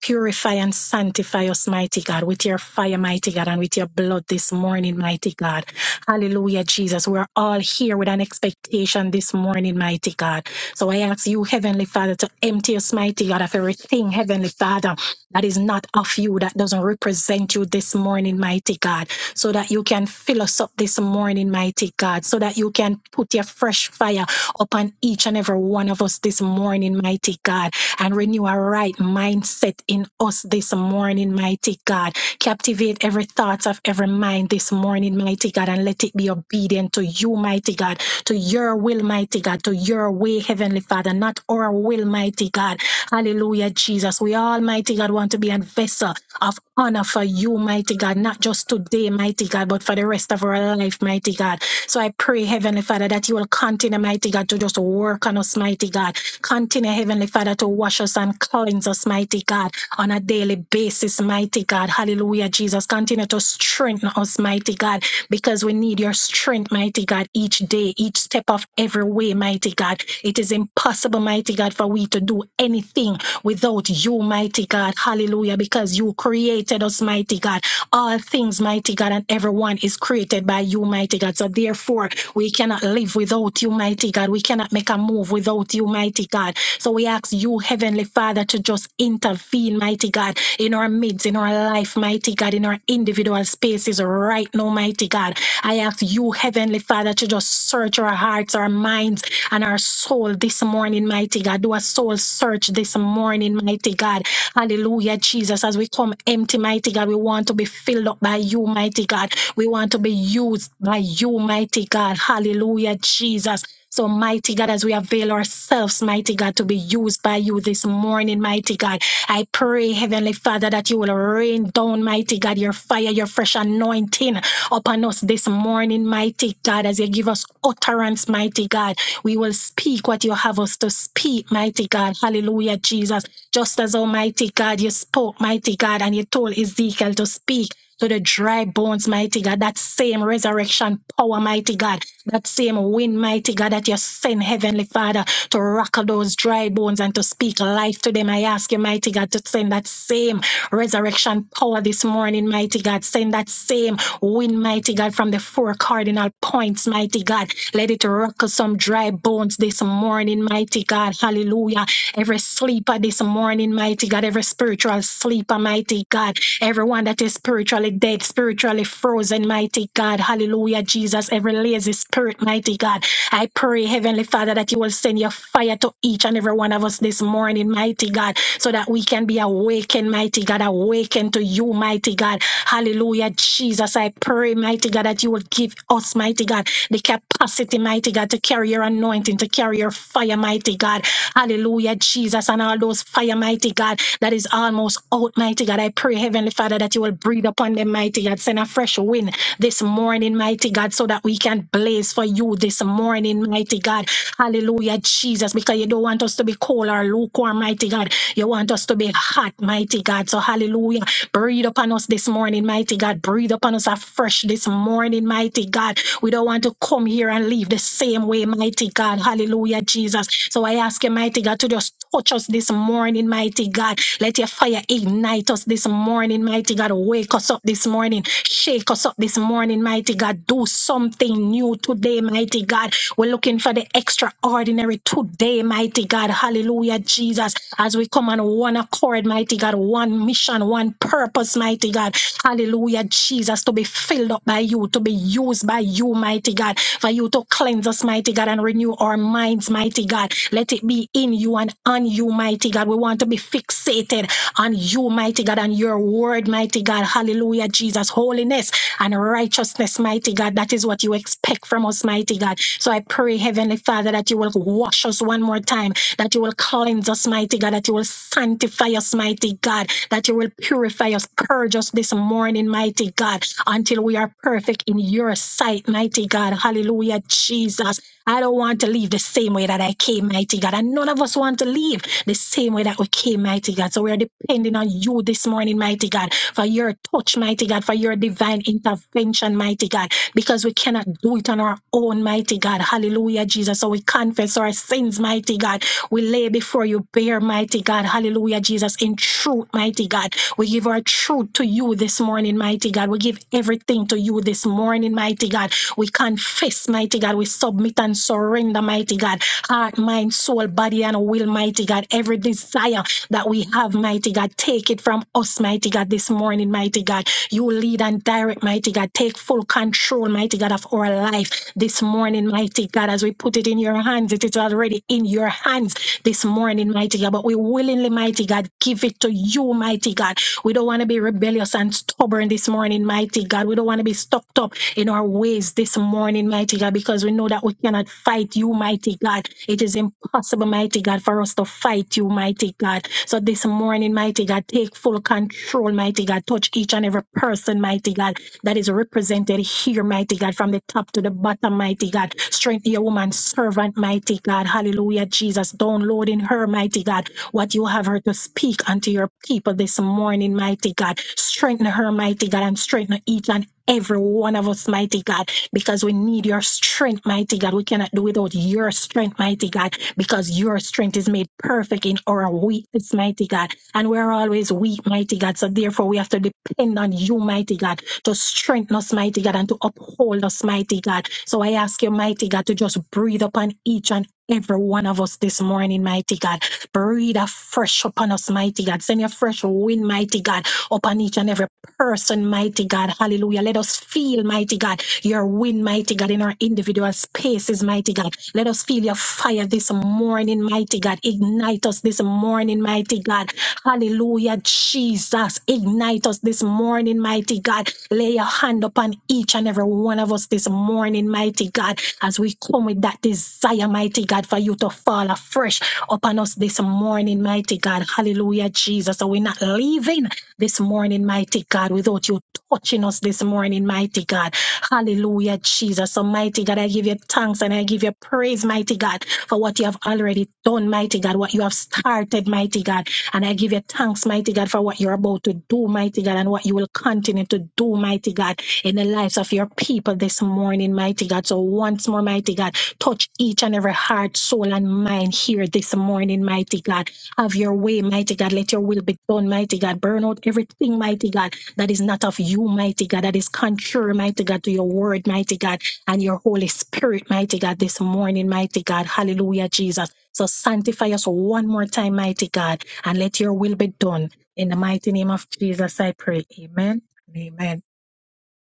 [SPEAKER 1] Purify and sanctify us, mighty God, with your fire, mighty God, and with your blood this morning, mighty God. Hallelujah, Jesus. We're all here with an expectation this morning, mighty God. So I ask you, Heavenly Father, to empty us, mighty God, of everything, Heavenly Father, that is not of you, that doesn't represent you this morning, mighty God, so that you can fill us up this morning, mighty God, so that you can put your fresh fire upon each and every one of us this morning, mighty God and renew a right mindset in us this morning, mighty God. Captivate every thought of every mind this morning, mighty God, and let it be obedient to you, mighty God, to your will, mighty God, to your way, Heavenly Father, not our will, mighty God. Hallelujah, Jesus. We Almighty God want to be a vessel of honor for you, mighty God, not just today, mighty God, but for the rest of our life, mighty God. So I pray, Heavenly Father, that you will continue, mighty God, to just work on us, mighty God Continue, Heavenly Father, to wash us and cleanse us, mighty God, on a daily basis, mighty God. Hallelujah, Jesus. Continue to strengthen us, mighty God, because we need your strength, mighty God, each day, each step of every way, mighty God. It is impossible, mighty God, for we to do anything without you, mighty God. Hallelujah, because you created us, mighty God. All things, mighty God, and everyone is created by you, mighty God. So therefore, we cannot live without you, mighty God. We cannot make a move without you, mighty God. So we ask you, Heavenly Father, to just intervene, mighty God, in our midst, in our life, mighty God, in our individual spaces right now, mighty God. I ask you, Heavenly Father, to just search our hearts, our minds, and our soul this morning, mighty God. Do a soul search this morning, mighty God. Hallelujah, Jesus. As we come empty, mighty God, we want to be filled up by you, mighty God. We want to be used by you, mighty God. Hallelujah, Jesus. So, mighty God, as we avail ourselves, mighty God, to be used by you this morning, mighty God, I pray, Heavenly Father, that you will rain down, mighty God, your fire, your fresh anointing upon us this morning, mighty God, as you give us utterance, mighty God. We will speak what you have us to speak, mighty God. Hallelujah, Jesus. Just as Almighty God, you spoke, mighty God, and you told Ezekiel to speak to the dry bones, mighty God, that same resurrection power, mighty God, that same wind, mighty God, that you send, Heavenly Father, to rock those dry bones and to speak life to them. I ask you, mighty God, to send that same resurrection power this morning, mighty God. Send that same wind, mighty God, from the four cardinal points, mighty God. Let it rock some dry bones this morning, mighty God. Hallelujah. Every sleeper this morning, mighty God, every spiritual sleeper, mighty God. Everyone that is spiritually dead, spiritually frozen, mighty God. Hallelujah, Jesus. Every lazy spirit, mighty God. I pray, Heavenly Father, that you will send your fire to each and every one of us this morning, mighty God, so that we can be awakened, mighty God, awakened to you, mighty God. Hallelujah, Jesus. I pray, mighty God, that you will give us, mighty God, the capacity, mighty God, to carry your anointing, to carry your fire, mighty God. Hallelujah, Jesus, and all those fire, mighty God that is almost out, mighty God. I pray, Heavenly Father, that you will breathe upon them, mighty God. Send a fresh wind this morning, mighty God, so that we can blaze for you this morning, mighty God. Hallelujah, Jesus, because you don't want us to be cold or lukewarm, mighty God. You want us to be hot, mighty God. So, hallelujah. Breathe upon us this morning, mighty God. Breathe upon us afresh this morning, mighty God. We don't want to come here and leave the same same way, mighty God. Hallelujah, Jesus. So I ask you, mighty God, to just touch us this morning, mighty God. Let your fire ignite us this morning, mighty God. Wake us up this morning. Shake us up this morning, mighty God. Do something new today, mighty God. We're looking for the extraordinary today, mighty God. Hallelujah, Jesus. As we come on one accord, mighty God, one mission, one purpose, mighty God. Hallelujah, Jesus, to be filled up by you, to be used by you, mighty God for you to cleanse us, mighty God, and renew our minds, mighty God. Let it be in you and on you, mighty God. We want to be fixated on you, mighty God, and your word, mighty God. Hallelujah, Jesus. Holiness and righteousness, mighty God. That is what you expect from us, mighty God. So I pray, Heavenly Father, that you will wash us one more time, that you will cleanse us, mighty God, that you will sanctify us, mighty God, that you will purify us, purge us this morning, mighty God until we are perfect in your sight, mighty God. Hallelujah, Jesus. I don't want to leave the same way that I came, mighty God. And none of us want to leave the same way that we came, mighty God. So we are depending on you this morning, mighty God, for your touch, mighty God, for your divine intervention, mighty God, because we cannot do it on our own, mighty God. Hallelujah, Jesus. So we confess our sins, mighty God. We lay before you bare, mighty God. Hallelujah, Jesus, in truth, mighty God. We give our truth to you this morning, mighty God. We give everything to you this morning, mighty God. We confess, mighty God. We submit and surrender, mighty God. Heart, mind, soul, body, and will, mighty God. Every desire that we have, mighty God, take it from us, mighty God, this morning, mighty God. You lead and direct, mighty God. Take full control, mighty God, of our life this morning, mighty God. As we put it in your hands, it is already in your hands this morning, mighty God. But we willingly, mighty God, give it to you, mighty God. We don't want to be rebellious and stubborn this morning, mighty God. We don't want to be stuck up in our ways this morning, mighty God, because we know that we cannot fight you, mighty God. It is impossible, mighty God, for us to fight you, mighty God. So this morning, mighty God, take full control, mighty God. Touch each and every person, mighty God, that is represented here, mighty God, from the top to the bottom, mighty God. Strengthen your woman servant, mighty God. Hallelujah, Jesus. Download in her, mighty God what you have her to speak unto your people this morning, mighty God. Strengthen her, mighty God, and strengthen each and every one of us, mighty God, because we need your strength, mighty God. We cannot do without your strength, mighty God, because your strength is made perfect in our weakness, mighty God. And we're always weak, mighty God. So therefore, we have to depend on you, mighty God, to strengthen us, mighty God, and to uphold us, mighty God. So I ask you, mighty God, to just breathe upon each and every one of us this morning, mighty God. Breathe afresh upon us, mighty God. Send your fresh wind, mighty God, upon each and every person, mighty God. Hallelujah. Let us feel, mighty God, your wind, mighty God, in our individual spaces, mighty God. Let us feel your fire this morning, mighty God. Ignite us this morning, mighty God. Hallelujah, Jesus. Ignite us this morning, mighty God. Lay your hand upon each and every one of us this morning, mighty God, as we come with that desire, mighty God, for you to fall afresh upon us this morning, mighty God. Hallelujah, Jesus. So we're not leaving this morning, mighty God, without you touching us this morning, mighty God. Hallelujah, Jesus. So, mighty God, I give you thanks and I give you praise, mighty God, for what you have already done, mighty God, what you have started, mighty God. And I give you thanks, mighty God, for what you're about to do, mighty God, and what you will continue to do, mighty God, in the lives of your people this morning, mighty God. So, once more, mighty God, Touch each and every heart, soul, and mind here this morning, mighty God. Have your way, mighty God. Let your will be done, mighty God. Burn out everything, mighty God, that is not of you, mighty God, that is contrary, mighty God, to your word, mighty God, and your Holy Spirit, mighty God, this morning, mighty God. Hallelujah, Jesus. So sanctify us one more time, mighty God, and let your will be done. In the mighty name of Jesus, I pray. Amen. and Amen.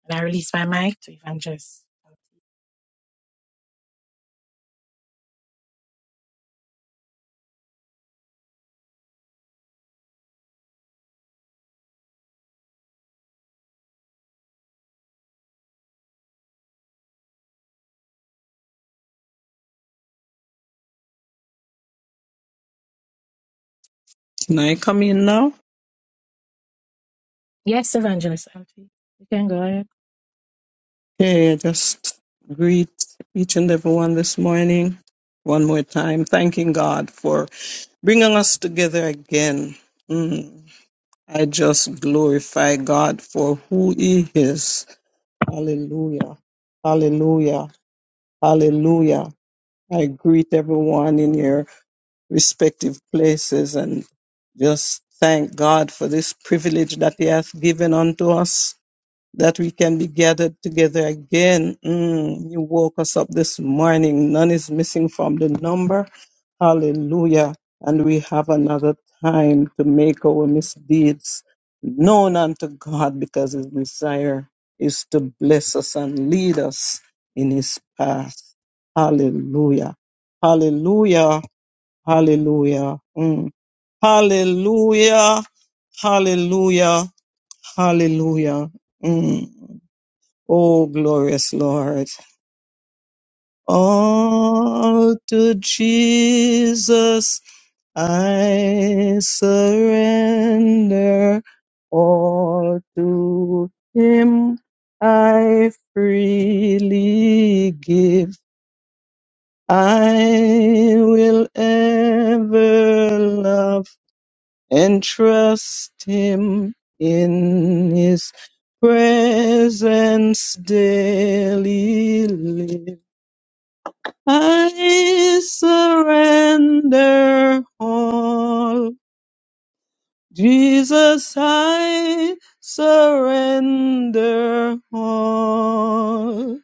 [SPEAKER 1] And I release my mic to Evangelist.
[SPEAKER 4] Can I come in now?
[SPEAKER 1] Yes, Evangelist. Auntie, You can go
[SPEAKER 4] Hey, I just greet each and everyone this morning one more time, thanking God for bringing us together again. Mm, I just glorify God for who He is. Hallelujah. Hallelujah. Hallelujah. I greet everyone in your respective places and just thank God for this privilege that He has given unto us that we can be gathered together again. Mm, you woke us up this morning. None is missing from the number. Hallelujah. And we have another time to make our misdeeds known unto God because his desire is to bless us and lead us in his path. Hallelujah. Hallelujah. Hallelujah. Mm. Hallelujah. Hallelujah. Hallelujah. Mm. O glorious Lord. All to Jesus I surrender. All to Him I freely give. I will ever love and trust Him in His presence daily live. I surrender all. Jesus, I surrender all.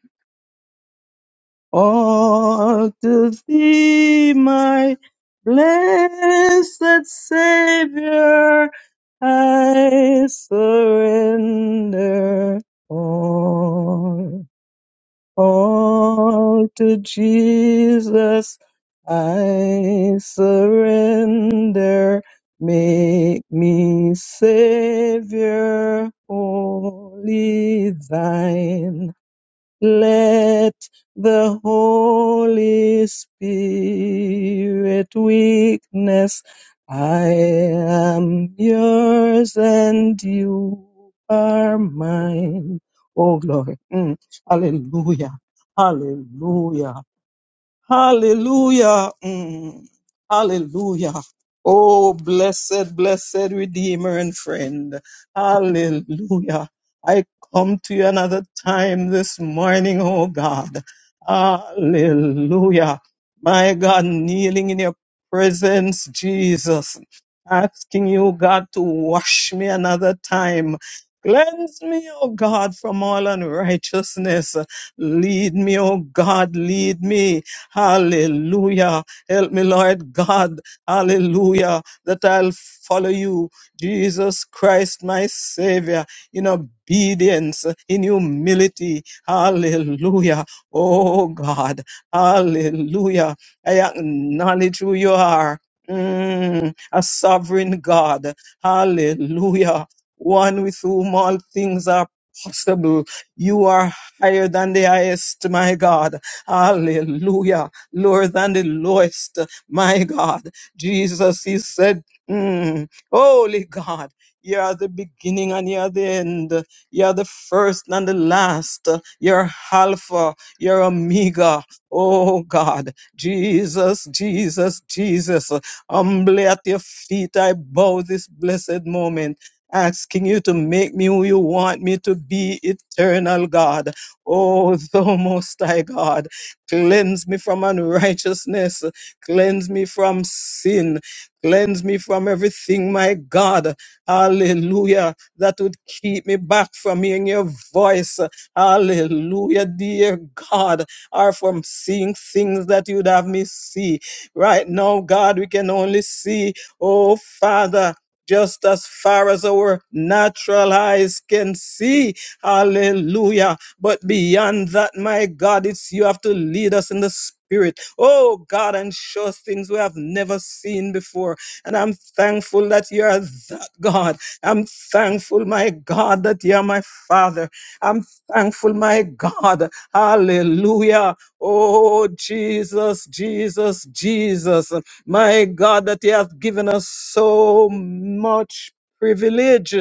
[SPEAKER 4] All to thee, my blessed Savior, I surrender all. All to Jesus I surrender. Make me Savior, wholly thine. Let the Holy Spirit witness I am yours and you are mine. Oh, glory. Mm. Hallelujah. Hallelujah. Hallelujah. Mm. Hallelujah. Oh, blessed, blessed Redeemer and friend. Hallelujah. I come to you another time this morning, oh God. Hallelujah. My God, kneeling in your presence, Jesus, asking you, God, to wash me another time. Cleanse me, oh God, from all unrighteousness. Lead me, oh God, lead me Hallelujah. Help me, Lord God. Hallelujah. That I'll follow you, Jesus Christ, my Savior, in obedience, in humility. Hallelujah. Oh God. Hallelujah. I acknowledge who you are. Mm, a sovereign God. Hallelujah. One with whom all things are possible. You are higher than the highest, my God. Hallelujah. Lower than the lowest. My God. Jesus, He said, mm, Holy God, you are the beginning and you are the end. You are the first and the last. You're Alpha. You're Omega. Oh God. Jesus, Jesus, Jesus. Humbly at your feet, I bow this blessed moment. Asking you to make me who you want me to be, eternal God. Oh, thou most high God. Cleanse me from unrighteousness. Cleanse me from sin. Cleanse me from everything, my God. Hallelujah. That would keep me back from hearing your voice. Hallelujah, dear God. Or from seeing things that you'd have me see. Right now, God, we can only see, oh Father. Just as far as our natural eyes can see. Hallelujah but beyond that, my God, it's you have to lead us in the spirit. Oh God, and show us things we have never seen before. And I'm thankful that you are that God. I'm thankful, my God, that you are my Father. I'm thankful, my God. Hallelujah. Oh Jesus, Jesus, Jesus. My God, that you have given us so much privilege.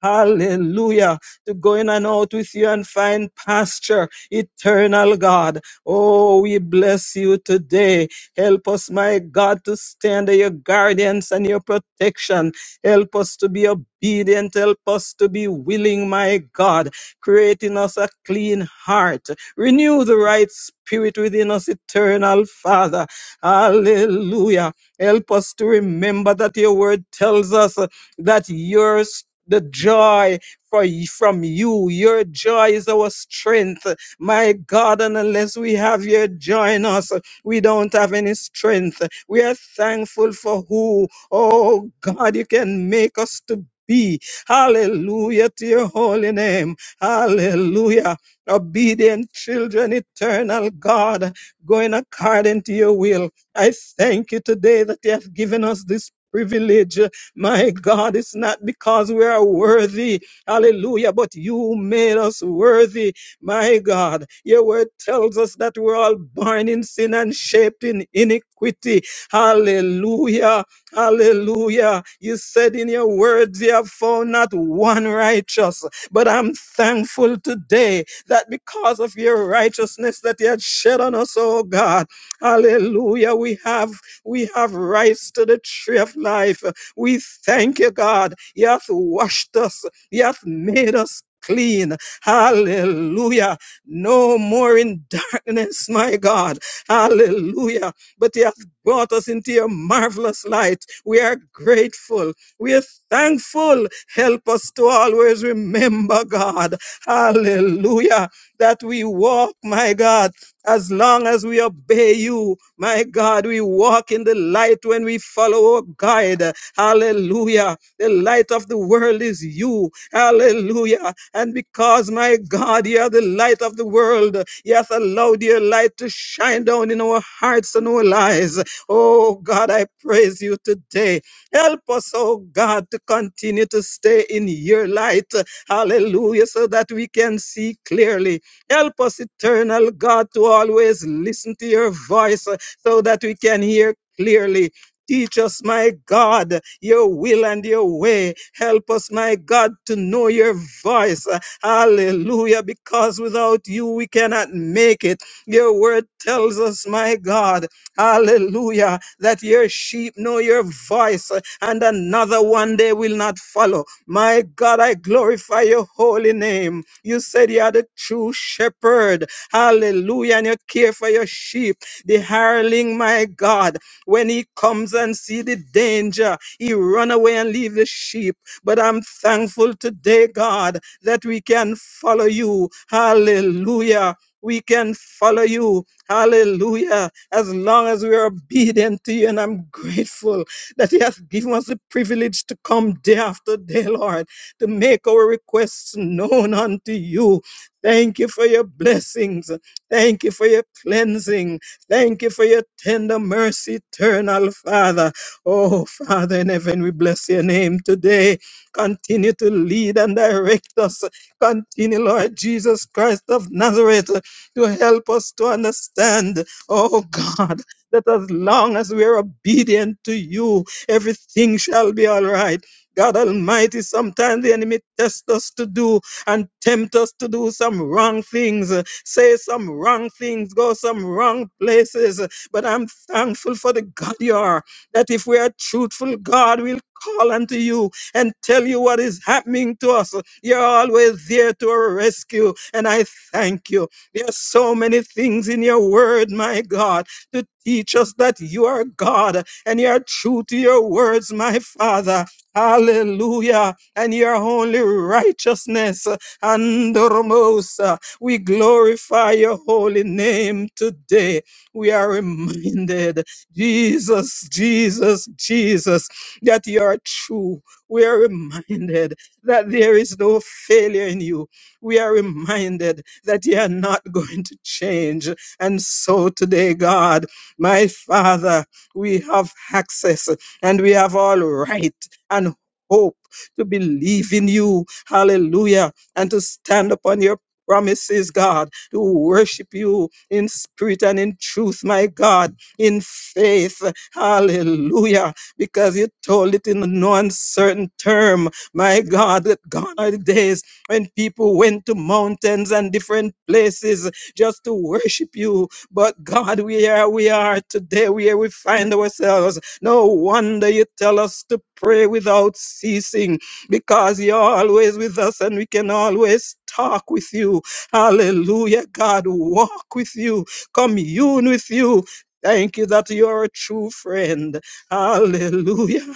[SPEAKER 4] Hallelujah to go in and out with you and find pasture, eternal God. Oh, we bless you today. Help us, my God, to stand under your guardians and your protection. Help us to be obedient. Help us to be willing, my God. Create in us a clean heart. Renew the right spirit within us, eternal Father. Hallelujah. Help us to remember that your word tells us uh, that yours the joy for y- from you. Your joy is our strength, my God. And unless we have your joy in us, we don't have any strength. We are thankful for who, oh God, you can make us to be. Hallelujah to your holy name. Hallelujah. Obedient children, eternal God, going according to your will. I thank you today that you have given us this privilege. My God, it's not because we are worthy, Hallelujah. But you made us worthy, my God. Your word tells us that we're all born in sin and shaped in iniquity. Hallelujah. Hallelujah. You said in your words, you have found not one righteous. But I'm thankful today that because of your righteousness that you had shed on us, oh God. Hallelujah. We have we have rights to the tree of life. We thank you, God. You have washed us. He hath made us clean. Hallelujah. No more in darkness, my God. Hallelujah. But He hath brought us into your marvelous light. We are grateful. We are thankful. Help us to always remember, God. Hallelujah. That we walk, my God, as long as we obey you. My God, we walk in the light when we follow our guide. Hallelujah. The light of the world is you. Hallelujah. And because, my God, you are the light of the world, yes, allow your light to shine down in our hearts and our lives. Oh, God, I praise you today. Help us, oh God, to continue to stay in your light. Hallelujah, so that we can see clearly. Help us, eternal God, to always listen to your voice uh, so that we can hear clearly Teach us, my God, your will and your way. Help us, my God, to know your voice. Hallelujah. Because without you, we cannot make it. Your word tells us, my God, hallelujah, that your sheep know your voice and another one they will not follow. My God, I glorify your holy name. You said you are the true shepherd. Hallelujah. And you care for your sheep, the hireling, my God. When he comes and see the danger, he run away and leave the sheep. But I'm thankful today, God, that we can follow you. Hallelujah. We can follow you. Hallelujah. As long as we are obedient to you. And I'm grateful that He has given us the privilege to come day after day, Lord, to make our requests known unto you. Thank you for your blessings. Thank you for your cleansing. Thank you for your tender mercy, eternal Father. Oh, Father in heaven, we bless your name today. Continue to lead and direct us. Continue, Lord Jesus Christ of Nazareth, to help us to understand, oh God, that as long as we are obedient to you, everything shall be all right. God Almighty, sometimes the enemy tests us to do and tempt us to do some wrong things say some wrong things, go some wrong places. But I'm thankful for the God you are, that if we are truthful, God will call unto you and tell you what is happening to us. You're always there to our rescue, and I thank you. There are so many things in your word, my God, to teach us that you are God and you are true to your words, my Father. Hallelujah. And your only righteousness. Andormos. We glorify your holy name today. We are reminded, Jesus, Jesus, Jesus, that you are true. We are reminded that there is no failure in you. We are reminded that you are not going to change. And so today, God, my Father, we have access and we have all right and hope to believe in you. Hallelujah. And to stand upon your promises, God, to worship you in spirit and in truth, my God, in faith. Hallelujah. Because you told it in no uncertain term, my God, that gone are the days when people went to mountains and different places just to worship you. But God, we are we are today where we find ourselves. No wonder you tell us to pray without ceasing because you're always with us and we can always talk with you. Hallelujah, God, walk with you, commune with you. Thank you that you're a true friend. Hallelujah,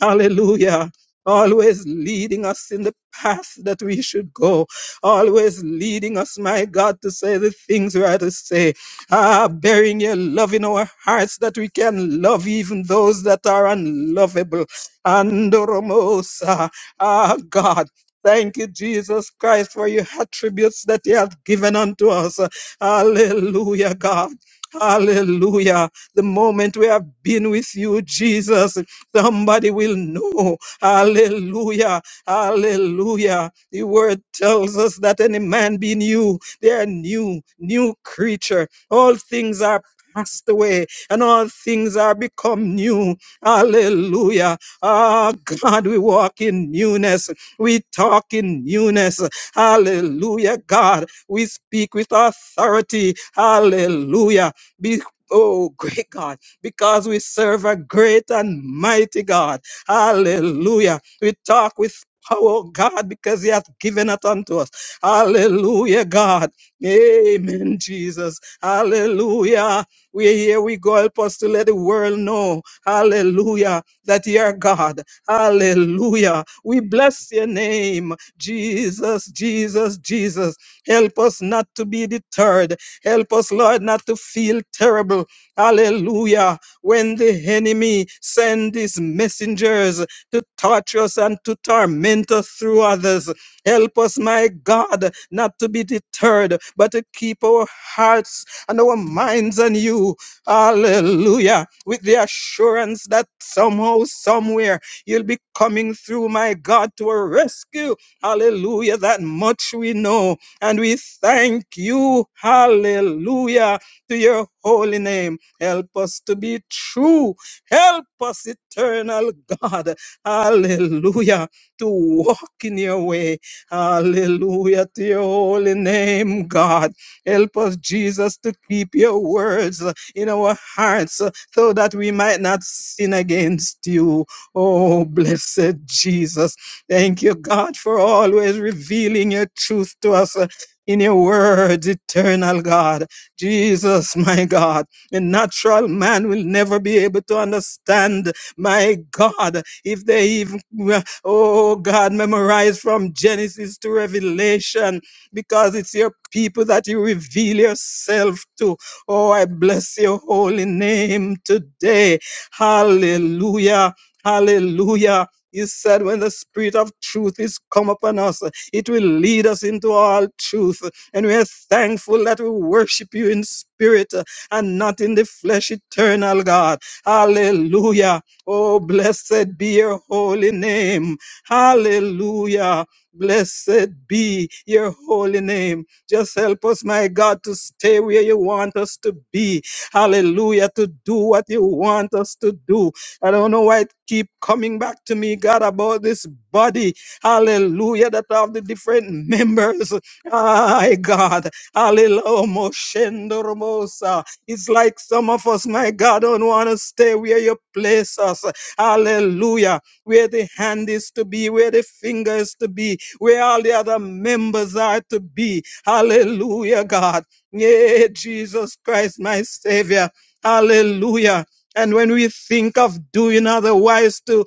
[SPEAKER 4] hallelujah. Always leading us in the path that we should go. Always leading us, my God, to say the things we are to say. Ah, bearing your love in our hearts that we can love even those that are unlovable. Andoromosa. Ah, God. Thank you, Jesus Christ, for your attributes that you have given unto us. Hallelujah, God. Hallelujah. The moment we have been with you, Jesus, somebody will know. Hallelujah. Hallelujah. The word tells us that any man be new, they are new, new creature. All things are passed away and all things are become new. Hallelujah. Ah, God, we walk in newness. We talk in newness. Hallelujah, God. We speak with authority. Hallelujah. Be Oh, great God, because we serve a great and mighty God. Hallelujah. We talk with power, God, because He hath given it unto us. Hallelujah, God. Amen, Jesus. Hallelujah. we here. We go. Help us to let the world know. Hallelujah that you're God. Hallelujah. We bless your name, Jesus, Jesus, Jesus. Help us not to be deterred. Help us, Lord, not to feel terrible. Hallelujah. When the enemy send his messengers to torture us and to torment us through others, help us, my God, not to be deterred, but to keep our hearts and our minds on you. Hallelujah with the assurance that somehow, somewhere, you'll be coming through, my God, to a rescue. Hallelujah. That much we know. And we thank you. Hallelujah. To your holy name. Help us to be true. Help us, eternal God. Hallelujah. To walk in your way. Hallelujah. To your holy name, God. Help us, Jesus, to keep your words in our hearts so that we might not sin against you. Oh, blessed Jesus. Thank you, God, for always revealing your truth to us. uh, In your words, eternal God, Jesus, my God, A natural man will never be able to understand, my God, if they even, uh, oh God, memorize from Genesis to Revelation, because it's your people that you reveal yourself to. Oh, I bless your holy name today. Hallelujah. Hallelujah. You said when the spirit of truth is come upon us, it will lead us into all truth. And we are thankful that we worship you in spirit uh, and not in the flesh, eternal God. Hallelujah. Oh, blessed be your holy name. Hallelujah. Blessed be your holy name. Just help us, my God, to stay where you want us to be. Hallelujah, to do what you want us to do. I don't know why it keep coming back to me, God, about this body. Hallelujah, that of the different members. My God. Hallelujah. Moshendo Romosa. It's like some of us, my God, don't want to stay where you place us. Hallelujah. Where the hand is to be, where the finger is to be, where all the other members are to be. Hallelujah, God. Yeah, Jesus Christ, my Savior. Hallelujah. And when we think of doing otherwise to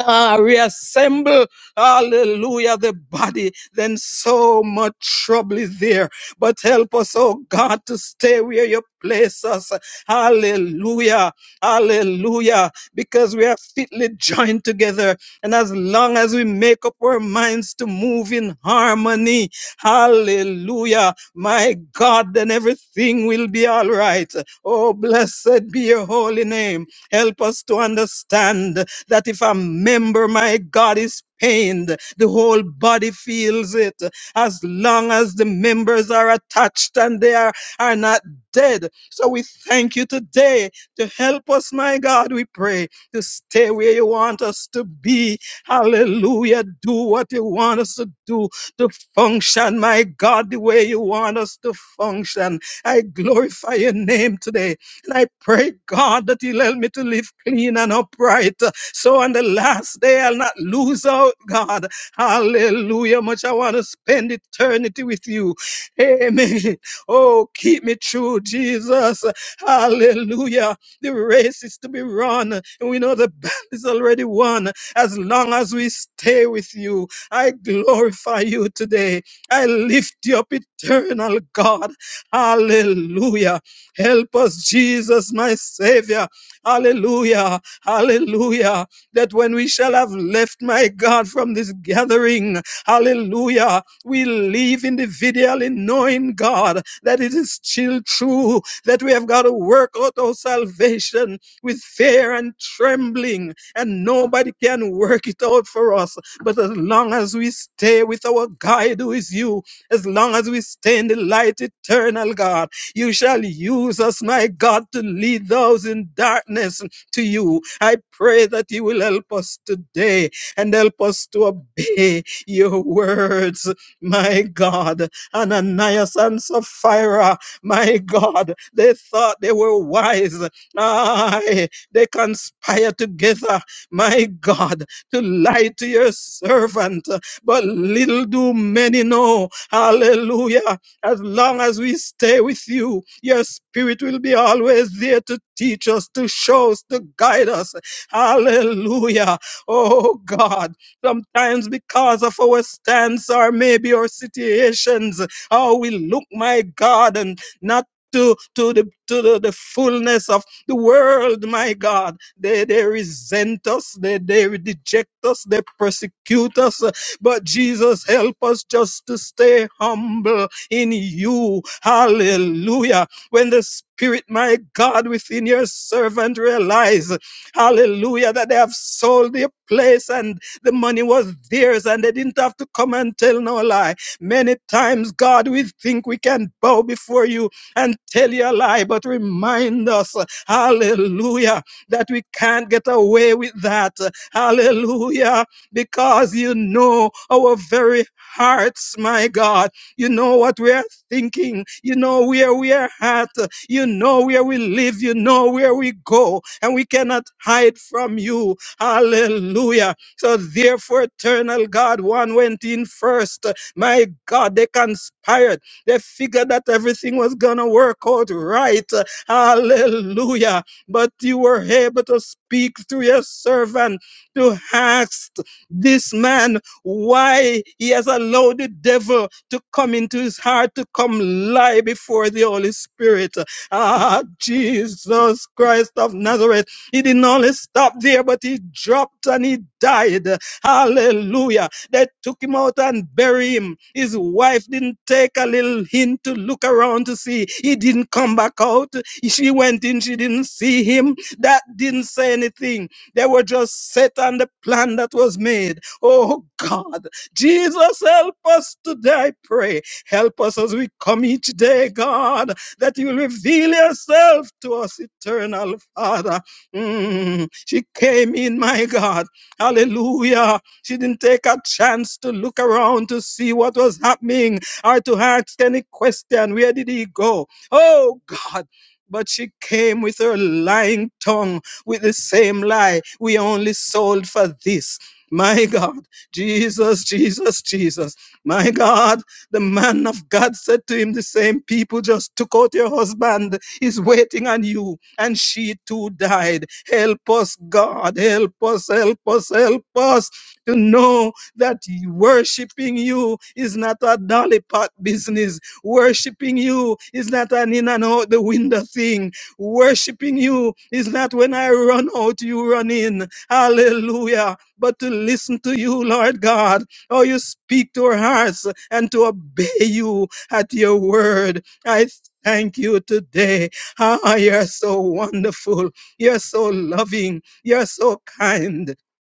[SPEAKER 4] Ah, reassemble, hallelujah, the body, then so much trouble is there. But help us, oh God, to stay where you place us. Hallelujah, hallelujah, because we are fitly joined together. And as long as we make up our minds to move in harmony, hallelujah, my God, then everything will be all right. Oh, blessed be your holy name. Help us to understand that if a member, my God, is pained, the whole body feels it. As long as the members are attached and they are, are not dead. So we thank you today to help us, my God, we pray, to stay where you want us to be. Hallelujah. Do what you want us to do, to function, my God, the way you want us to function. I glorify your name today. And I pray, God, that you'll help me to live clean and upright. So on the last day, I'll not lose out, God. Hallelujah. Much I want to spend eternity with you. Amen. Oh, keep me true, Jesus. Hallelujah. The race is to be run, and we know the battle is already won as long as we stay with you. I glorify you today. I lift you up, eternal God. Hallelujah. Help us, Jesus, my Savior. Hallelujah. Hallelujah that when we shall have left, my God, from this gathering, hallelujah, we leave individually knowing, God, that it is still true that we have got to work out our salvation with fear and trembling, and nobody can work it out for us. But as long as we stay with our guide, who is you, as long as we stay in the light eternal, God, you shall use us, my God, to lead those in darkness to you. I pray that you will help us today and help us to obey your words, my God. Ananias and Sapphira, my God, they thought they were wise. Aye, they conspire together, my God, to lie to your servant. But little do many know, hallelujah, as long as we stay with you, your spirit will be always there to teach us, to show us, to guide us. Hallelujah. Oh God. Sometimes because of our stance or maybe our situations, how we look, my God, and not to, to the to the, the fullness of the world, my God. They they resent us, they they reject us, they persecute us. But Jesus, help us just to stay humble in you. Hallelujah. When the Spirit, my God, within your servant realize, hallelujah, that they have sold their place and the money was theirs and they didn't have to come and tell no lie. Many times, God, we think we can bow before you and tell you a lie, but remind us, hallelujah, that we can't get away with that. Hallelujah, because you know our very hearts, my God. You know what we are thinking. You know where we are at. You know where we live. You know where we go. And we cannot hide from you. Hallelujah. So therefore, eternal God, one went in first. My God, they conspired. They figured that everything was going to work out right. Hallelujah. But you were able to speak through your servant to ask this man why he has allowed the devil to come into his heart, to come lie before the Holy Spirit. Ah, Jesus Christ of Nazareth. He didn't only stop there, but he dropped and he died. Hallelujah. They took him out and buried him. His wife didn't take a little hint to look around to see. He didn't come back out. She went in, she didn't see him. That didn't say anything. They were just set on the plan that was made. Oh God. Jesus, help us today, I pray. Help us as we come each day, God, that you will reveal yourself to us, eternal Father. Mm, She came in, my God. Hallelujah. She didn't take a chance to look around to see what was happening or to ask any question. Where did he go? Oh, God. But she came with her lying tongue with the same lie. We only sold for this. My God. Jesus, Jesus, Jesus. My God, the man of God said to him, The same people just took out your husband. He's waiting on you. And she too died. Help us, God. Help us, help us, help us to know that worshiping you is not a dolly pot business. Worshiping you is not an in and out the window thing. Worshiping you is not when I run out, you run in. Hallelujah but to listen to you, Lord God. Oh, you speak to our hearts and to obey you at your word. I thank you today. Ah, you're so wonderful. You're so loving. You're so kind.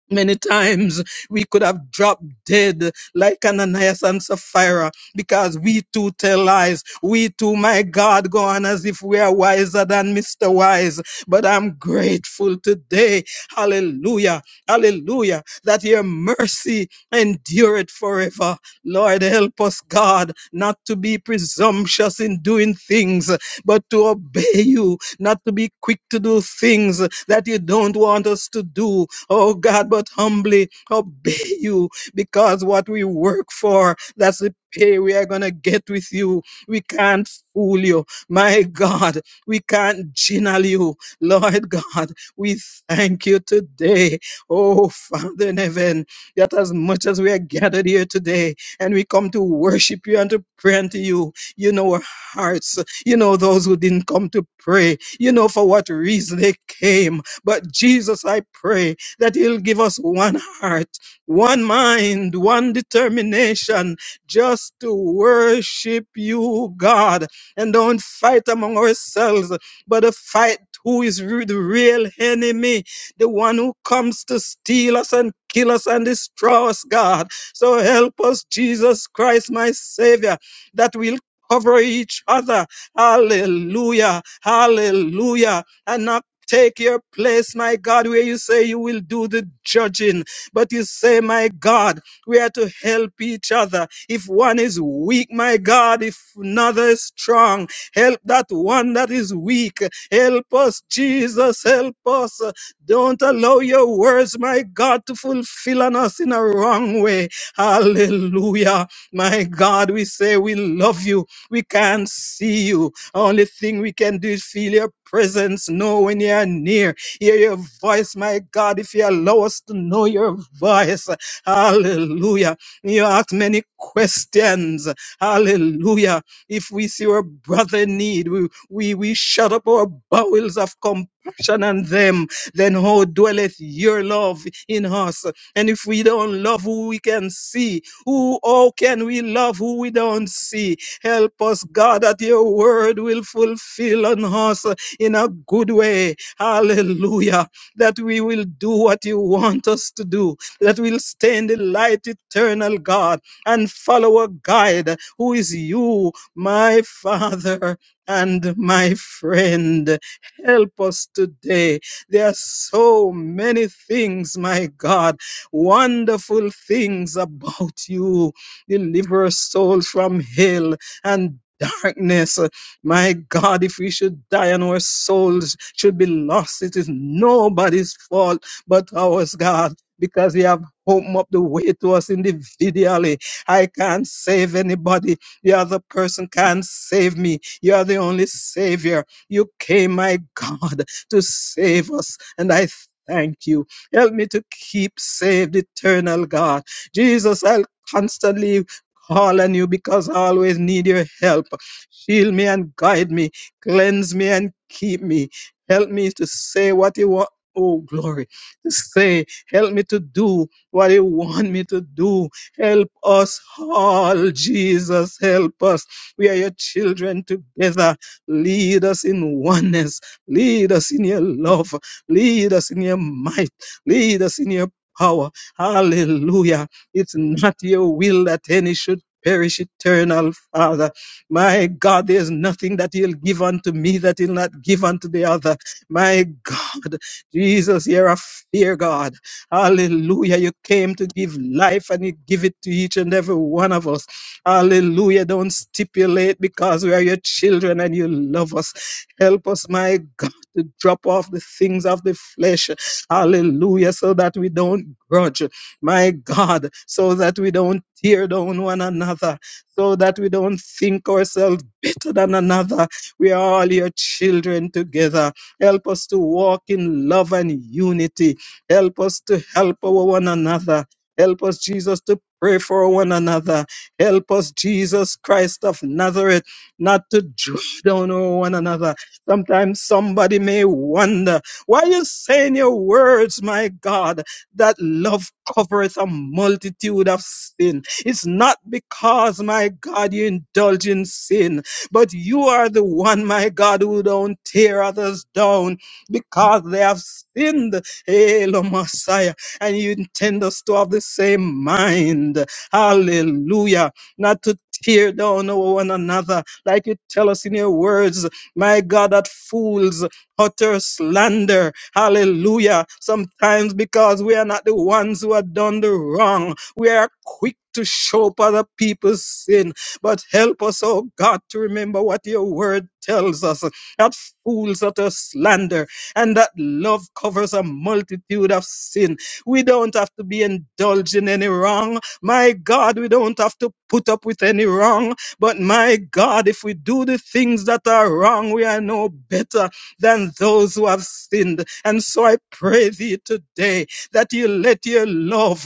[SPEAKER 4] Many times we could have dropped dead like Ananias and Sapphira because we too tell lies. We too, my God, go on as if we are wiser than Mr. Wise. But I'm grateful today. Hallelujah. Hallelujah. That your mercy endureth forever. Lord, help us, God, not to be presumptuous in doing things, but to obey you, not to be quick to do things that you don't want us to do. Oh, God, but humbly obey you because what we work for, that's the pay we are going to get with you. We can't fool you. My God, we can't jingle you. Lord God, we thank you today Oh, Father in heaven, that as much as we are gathered here today and we come to worship you and to pray unto you, you know our hearts. You know those who didn't come to pray. You know for what reason they came. But Jesus, I pray that you'll give us one heart, one mind, one determination just to worship you, God, and don't fight among ourselves, but to fight who is re- the real enemy the one who comes to steal us and kill us and destroy us, God. So help us, Jesus Christ, my Savior, that we'll cover each other. Hallelujah. Hallelujah. And not Take your place, my God, where you say you will do the judging. But you say, my God, we are to help each other. If one is weak, my God, if another is strong, help that one that is weak. Help us, Jesus, help us. Don't allow your words, my God, to fulfill on us in a wrong way. Hallelujah. My God, we say we love you. We can't see you. Only thing we can do is feel your presence, know when you are near. Hear your voice, my God, if you allow us to know your voice. Hallelujah. You ask many questions. Hallelujah. If we see our brother in need, we, we, we shut up our bowels of compassion on them then how dwelleth your love in us? And if we don't love who we can see, who how can we love who we don't see? Help us, God, that your word will fulfill on us in a good way. Hallelujah. That we will do what you want us to do, that we'll stay in the light, eternal God, and follow a guide who is you, my Father and my friend. Help us today there are so many things, my God, wonderful things about you. Deliver us, soul from hell and darkness. My God, if we should die and our souls should be lost, it is nobody's fault but ours, God, because you have opened up the way to us individually. I can't save anybody. The other person can't save me. You are the only Savior. You came, my God to save us. And I thank you. Help me to keep saved, eternal God. Jesus, I'll constantly call on you because I always need your help. Shield me and guide me, cleanse me and keep me. Help me to say what you want. Oh, glory. To say, help me to do what you want me to do. Help us all, Jesus. Help us. We are your children together. Lead us in oneness Lead us in your love. Lead us in your might. Lead us in your power. Hallelujah. It's not your will that any should perish eternal, Father. My God, there's nothing that you'll give unto me that you'll not give unto the other. My God, Jesus, you're a fear God. Hallelujah. You came to give life and you give it to each and every one of us. Hallelujah. Don't stipulate because we are your children and you love us. Help us, my God, to drop off the things of the flesh. Hallelujah. So that we don't grudge, my God, so that we don't tear down one another, so that we don't think ourselves better than another. We are all your children together. Help us to walk in love and unity. Help us to help our one another. Help us, Jesus, to pray for one another. Help us, Jesus Christ of Nazareth, not to draw down on one another Sometimes somebody may wonder why you say in your words, my God, that love covereth a multitude of sin. It's not because, my God, you indulge in sin, but you are the one, my God, who don't tear others down because they have sinned. Hail, O Messiah. And you intend us to have the same mind. Hallelujah. Not to tear down over one another, like you tell us in your words. My God, that fools utter slander. Hallelujah. Sometimes because we are not the ones who have done the wrong, we are quick to show up other people's sin. But help us, oh God, to remember what your word tells us that fools utter slander and that love covers a multitude of sin. We don't have to be indulged in any wrong. My God, we don't have to put up with any wrong. But my God, if we do the things that are wrong, we are no better than those who have sinned. And so I pray thee today that you let your love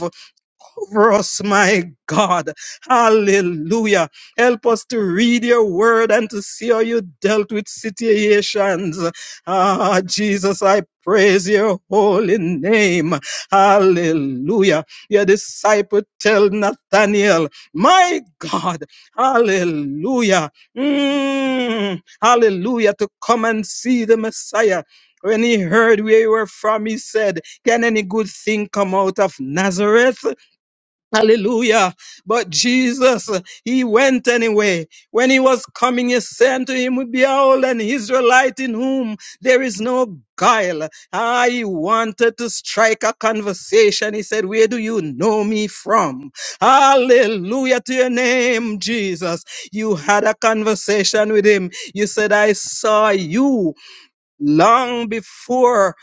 [SPEAKER 4] over us, my God. Hallelujah. Help us to read your word and to see how you dealt with situations. Ah, Jesus, I praise your holy name. Hallelujah. Your disciple tell Nathaniel, my God, hallelujah. Mm, hallelujah to come and see the Messiah. When he heard where you were from, he said, Can any good thing come out of Nazareth? Hallelujah. But Jesus, he went anyway. When he was coming, he said to him, Behold, an Israelite in whom there is no guile. I wanted to strike a conversation. He said, Where do you know me from? Hallelujah to your name, Jesus. You had a conversation with him. You said, I saw you long before.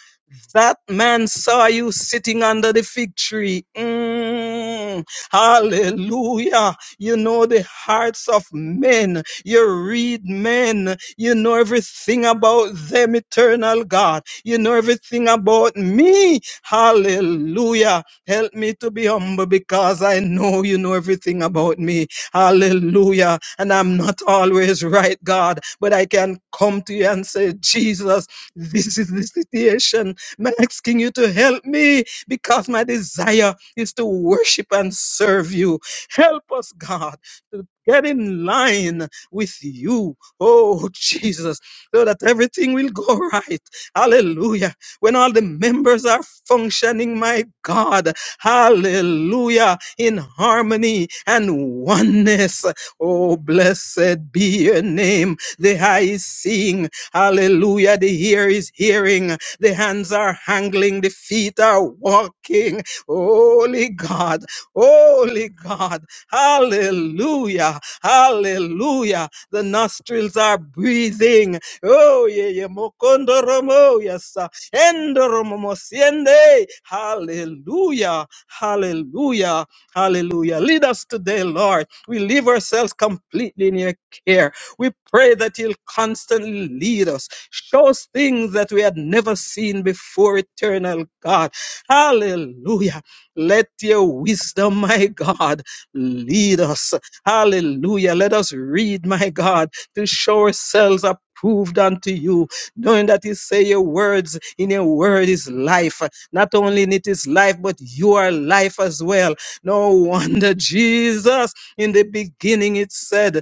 [SPEAKER 4] That man saw you sitting under the fig tree. Mm, hallelujah. You know the hearts of men. You read men. You know everything about them, eternal God. You know everything about me. Hallelujah. Help me to be humble because I know you know everything about me. Hallelujah. And I'm not always right, God, but I can come to you and say, Jesus, this is the situation. I'm asking you to help me because my desire is to worship and serve you. Help us, God, to get in line with you, oh Jesus, so that everything will go right. Hallelujah. When all the members are functioning, my God, hallelujah, in harmony and oneness. Oh, blessed be your name. The eye is seeing, hallelujah. The ear is hearing, the hands are hangling, the feet are walking. Holy God, holy God, hallelujah, hallelujah. The nostrils are breathing. Oh, yeah, yeah, mokondoromo, yes, sir. Endoromomosiende. hallelujah, hallelujah, hallelujah. Lead us today, Lord. We leave ourselves completely in your care. We pray that you'll constantly lead us. Show us things that we had never seen before, eternal God. Hallelujah. Let your wisdom, my God, lead us. Hallelujah. Let us read, my God, to show ourselves approved unto you, knowing that you say your words, in your word is life. Not only in it is life, but you are life as well. No wonder, Jesus, in the beginning it said,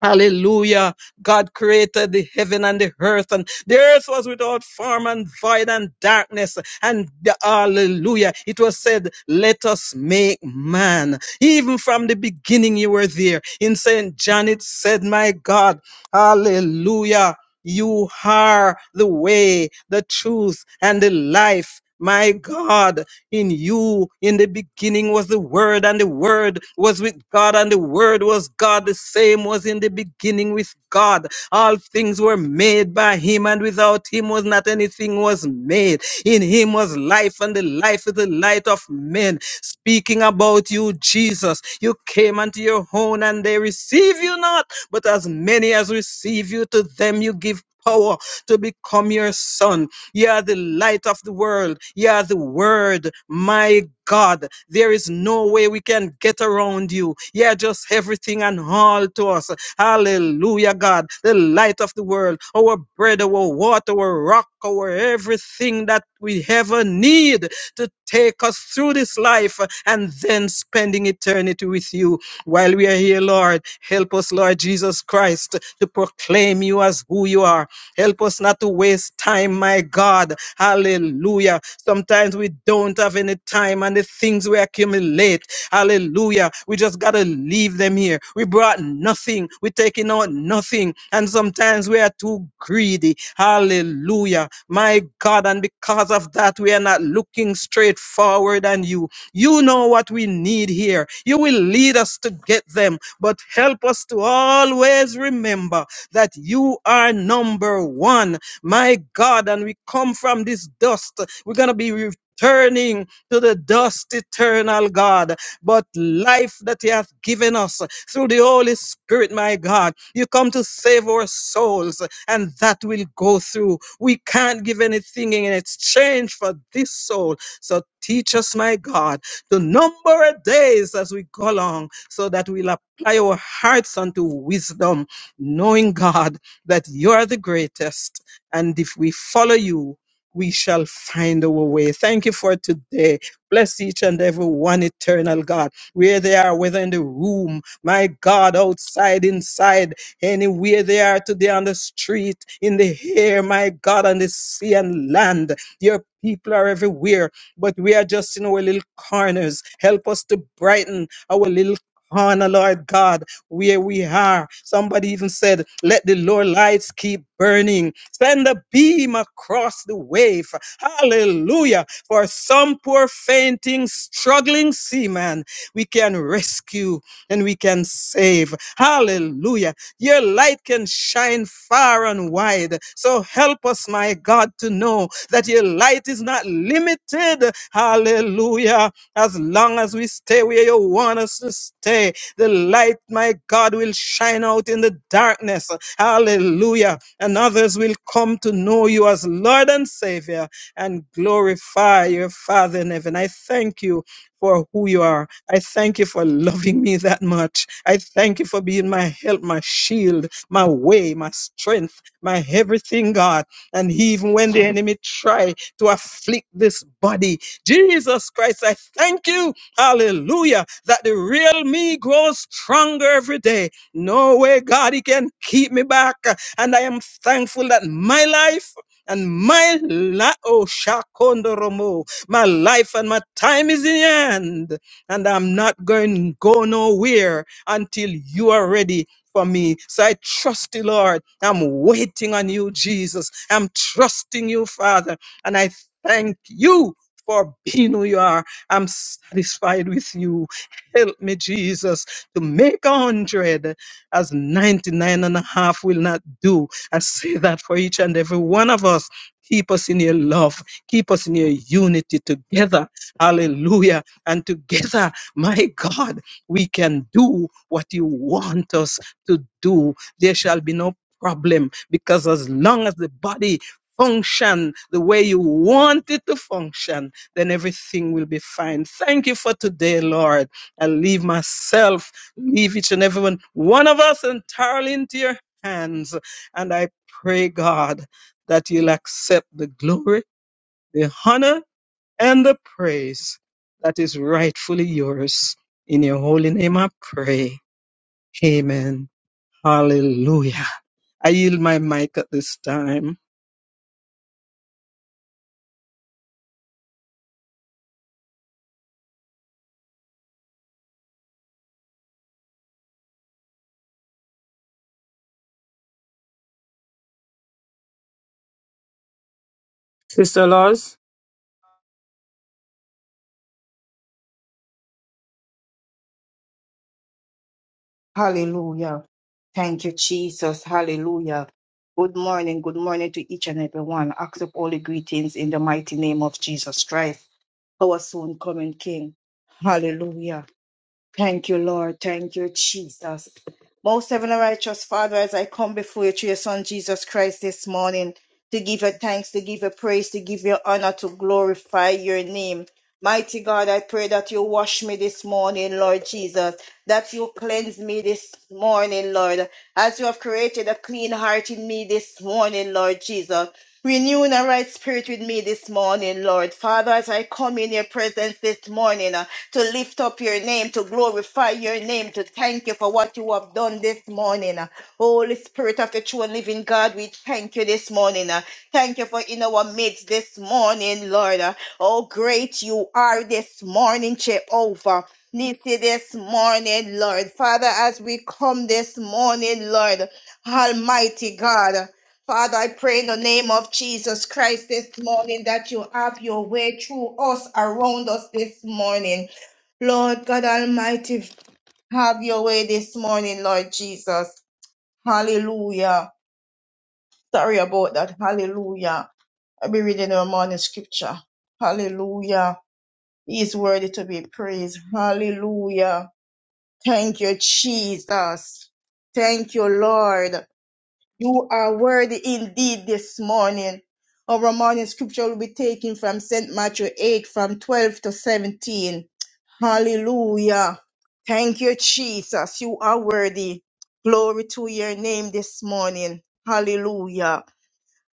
[SPEAKER 4] Hallelujah. God created the heaven and the earth, and the earth was without form and void and darkness. And the- hallelujah. It was said, Let us make man. Even from the beginning, you were there. In St. John, it said, My God, hallelujah. You are the way, the truth, and the life. My God, in you, in the beginning was the Word, and the Word was with God, and the Word was God. The same was in the beginning with God. All things were made by Him, and without Him was not anything was made. In Him was life, and the life is the light of men. Speaking about you, Jesus, you came unto your own, and they receive you not. But as many as receive you, to them you give power to become your sons you are the light of the world. You are the word. My God, there is no way we can get around you. You are just everything and all to us. Hallelujah, God, the light of the world, our bread, our water, our rock, our everything that we ever need to take us through this life and then spending eternity with you. While we are here, Lord, help us, Lord Jesus Christ, to proclaim you as who you are. Help us not to waste time, my God. Hallelujah. Sometimes we don't have any time and the things we accumulate. Hallelujah. We just got to leave them here. We brought nothing. We're taking out nothing. And sometimes we are too greedy. Hallelujah. My God. And because of that, we are not looking straight forward on you. You know what we need here. You will lead us to get them. But help us to always remember that you are number one, my God. And we come from this dust. We're going to be returning to the dust, eternal God. But life that He hath given us through the Holy Spirit, my God, you come to save our souls, and that will go through. We can't give anything in exchange for this soul. So teach us, my God, to number our days as we go along, so that we'll apply our hearts unto wisdom knowing God that you are the greatest. And if we follow you, we shall find our way. Thank you for today. Bless each and every one, eternal God, where they are, whether in the room, my God, outside, inside, anywhere they are today on the street, in the air, my God, on the sea and land. Your people are everywhere, but we are just in our little corners. Help us to brighten our little corner, Lord God where we are. Somebody even said, Let the Lord lights keep burning. Send a beam across the wave. Hallelujah. For some poor fainting, struggling seaman, we can rescue and we can save. Hallelujah. Your light can shine far and wide. So help us, my God, to know that your light is not limited. Hallelujah. As long as we stay where you want us to stay, the light, my God, will shine out in the darkness. Hallelujah. And others will come to know you as Lord and Savior and glorify your Father in heaven. I thank you for who you are. I thank you for loving me that much. I thank you for being my help, my shield, my way, my strength, my everything, God. And even when the enemy try to afflict this body, Jesus Christ, I thank you, hallelujah, that the real me grows stronger every day. No way, God, he can keep me back. And I am thankful that my life and my la oh my life and my time is in your hand, and I'm not going to go nowhere until you are ready for me. So I trust you, Lord. I'm waiting on you, Jesus. I'm trusting you, Father, and I thank you. For being who you are, I'm satisfied with you. Help me, Jesus, to make a hundred as 99 and a half will not do. I say that for each and every one of us. Keep us in your love. Keep us in your unity together. Hallelujah. And together, my God, we can do what you want us to do. There shall be no problem because as long as the body function the way you want it to function, then everything will be fine. Thank you for today, Lord. I leave myself, leave each and every one, one of us entirely into your hands. And I pray, God, that you'll accept the glory the honor and the praise that is rightfully yours. In your holy name I pray. Amen. Hallelujah. I yield my mic at this time.
[SPEAKER 2] Sister Laws.
[SPEAKER 3] Hallelujah. Thank you, Jesus. Hallelujah. Good morning. Good morning to each and every one. Accept all the greetings in the mighty name of Jesus Christ. our soon coming King. Hallelujah. Thank you, Lord. Thank you, Jesus. Most heaven and righteous Father, as I come before you through your Son Jesus Christ this morning, to give you thanks, to give you praise, to give you honor, to glorify your name. Mighty God, I pray that you wash me this morning, Lord Jesus, that you cleanse me this morning, Lord, as you have created a clean heart in me this morning, Lord Jesus. renew a right spirit with me this morning, Lord. Father, as I come in your presence this morning, to lift up your name, to glorify your name, to thank you for what you have done this morning. Holy Spirit of the true and living God, we thank you this morning. Thank you for in our midst this morning, Lord. Oh, great you are this morning, Jehovah. Nisi this morning, Lord. Father, as we come this morning, Lord, Almighty God. Father, I pray in the name of Jesus Christ this morning that you have your way through us, around us this morning. Lord God Almighty, have your way this morning, Lord Jesus. Hallelujah. Sorry about that. Hallelujah. I'll be reading our morning scripture. Hallelujah. He is worthy to be praised. Hallelujah. Thank you, Jesus. Thank you, Lord. You are worthy indeed this morning. Our morning scripture will be taken from St. Matthew 8 from 12 to 17. Hallelujah. Thank you, Jesus. You are worthy. Glory to your name this morning. Hallelujah.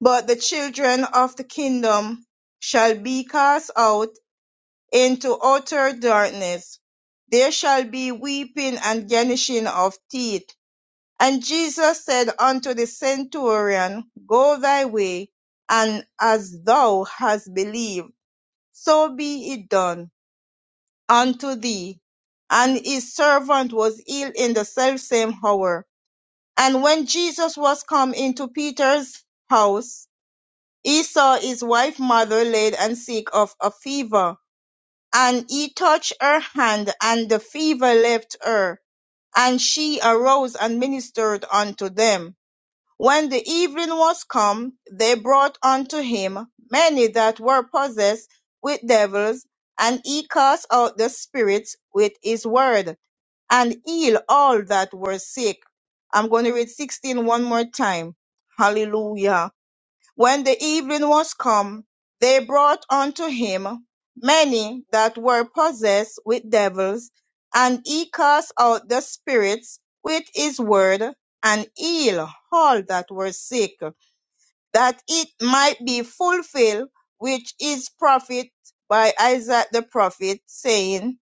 [SPEAKER 3] But the children of the kingdom shall be cast out into utter darkness. There shall be weeping and gnashing of teeth and Jesus said unto the centurion, Go thy way, and as thou hast believed, so be it done unto thee. And his servant was healed in the selfsame hour. And when Jesus was come into Peter's house, he saw his wife mother laid and sick of a fever. And he touched her hand, and the fever left her. And she arose and ministered unto them. When the evening was come, they brought unto him many that were possessed with devils, and he cast out the spirits with his word, and healed all that were sick. I'm going to read sixteen one more time. Hallelujah. When the evening was come, they brought unto him many that were possessed with devils, and he cast out the spirits with his word, and healed all that were sick, that it might be fulfilled which is prophet by Isaiah the prophet, saying,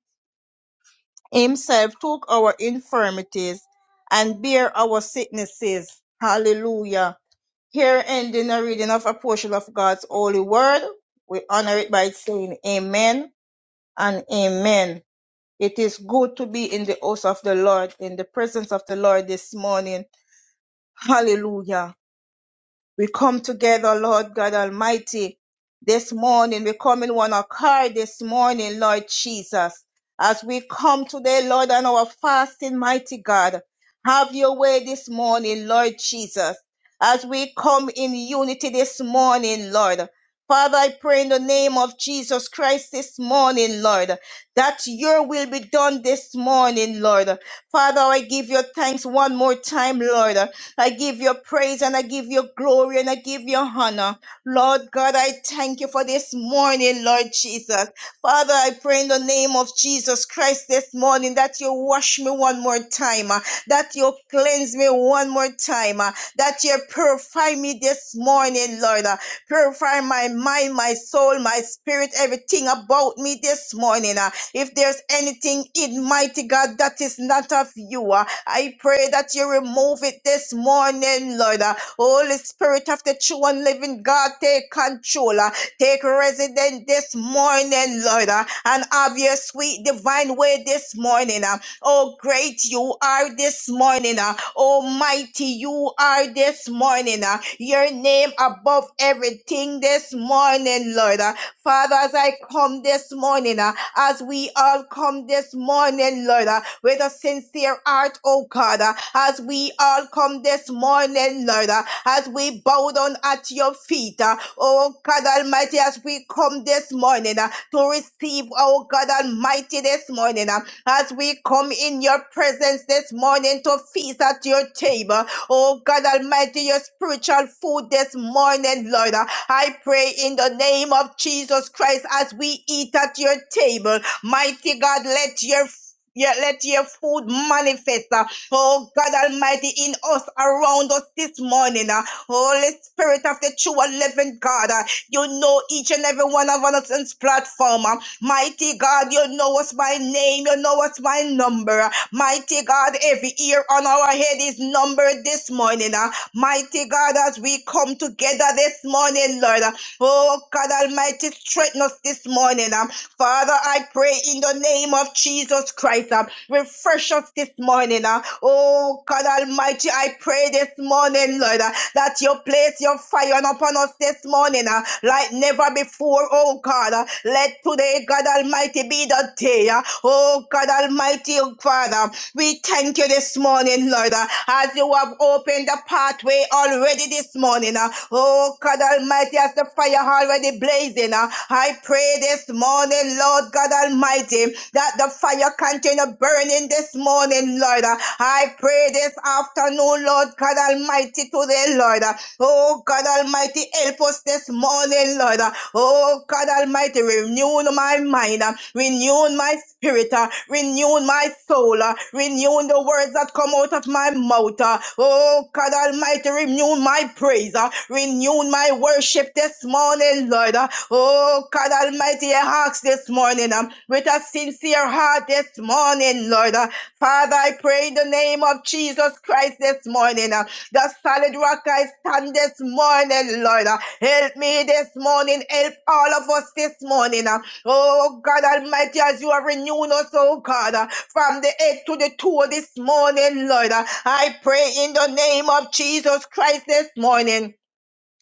[SPEAKER 3] Himself took our infirmities and bare our sicknesses. Hallelujah. Here ending the no reading of a portion of God's holy word. We honor it by saying amen and amen. It is good to be in the house of the Lord, in the presence of the Lord this morning. Hallelujah. We come together, Lord God Almighty, this morning. We come in one accord this morning, Lord Jesus. As we come today, Lord, on our fasting, mighty God, have your way this morning, Lord Jesus. As we come in unity this morning, Lord. Father, I pray in the name of Jesus Christ this morning, Lord, that your will be done this morning, Lord. Father, I give you thanks one more time, Lord I give you praise and I give you glory and I give you honor. Lord God, I thank you for this morning, Lord Jesus. Father, I pray in the name of Jesus Christ this morning that you wash me one more time, uh, that you cleanse me one more time, uh, that you purify me this morning, Lord. uh, Purify my mind, my soul, my spirit, everything about me this morning. uh, If there's anything in mighty God that is not of you, uh, I pray that you remove it this morning, Lord. Uh, Holy Spirit of the true and living God, take control. uh, Take resident this morning, Lord, uh, and have your sweet divine way this morning. uh. Oh, great you are this morning. uh. Almighty you are this morning. uh. Your name above everything this morning, Lord. uh. Father, as I come this morning, uh, as we all come this morning, Lord, uh, with a sincere heart, oh God, uh, as we all come this morning, Lord, uh, as we bow down at your feet, uh, oh God Almighty, as we come this morning uh, to receive, oh God Almighty, this morning, uh, as we come in your presence this morning to feast at your table, oh God Almighty, your spiritual food this morning, Lord, uh, I pray in the name of Jesus Christ as we eat at your table. Mighty God, let your yeah, let your food manifest, uh, oh God Almighty, in us, around us this morning. uh, Holy Spirit of the true and living God, uh, you know each and every one of us on this platform. uh, Mighty God, you know us by name, you know us by number. uh, Mighty God, every ear on our head is numbered this morning. uh, Mighty God, as we come together this morning, Lord. Oh, God Almighty, strengthen us this morning. Um, Father, I pray in the name of Jesus Christ. Um, refresh us this morning. Uh, oh, God Almighty, I pray this morning, Lord, uh, that you place your fire upon us this morning uh, like never before, oh God. Uh, let today, God Almighty, be the day. uh, oh, God Almighty, oh, Father. We thank you this morning, Lord, uh, as you have opened the pathway already this morning. uh, Oh, God Almighty, as the fire already blazing, uh, I pray this morning, Lord God Almighty, that the fire continue burning this morning, Lord. uh, I pray this afternoon, Lord God Almighty, today, Lord. uh, Oh God Almighty, help us this morning, Lord. Oh God Almighty, renew my mind, renew my spirit, renew my soul, renew the words that come out of my mouth. Oh God Almighty, renew my praise, renew my worship this morning, Lord. Oh God Almighty, I ask this morning um, with a sincere heart this morning, Lord. Father, I pray in the name of Jesus Christ this morning. The solid rock I stand this morning, Lord. Help me this morning. Help all of us this morning. Oh God Almighty, as you are renewing us, oh God, from the eight to the two this morning, Lord. I pray in the name of Jesus Christ this morning.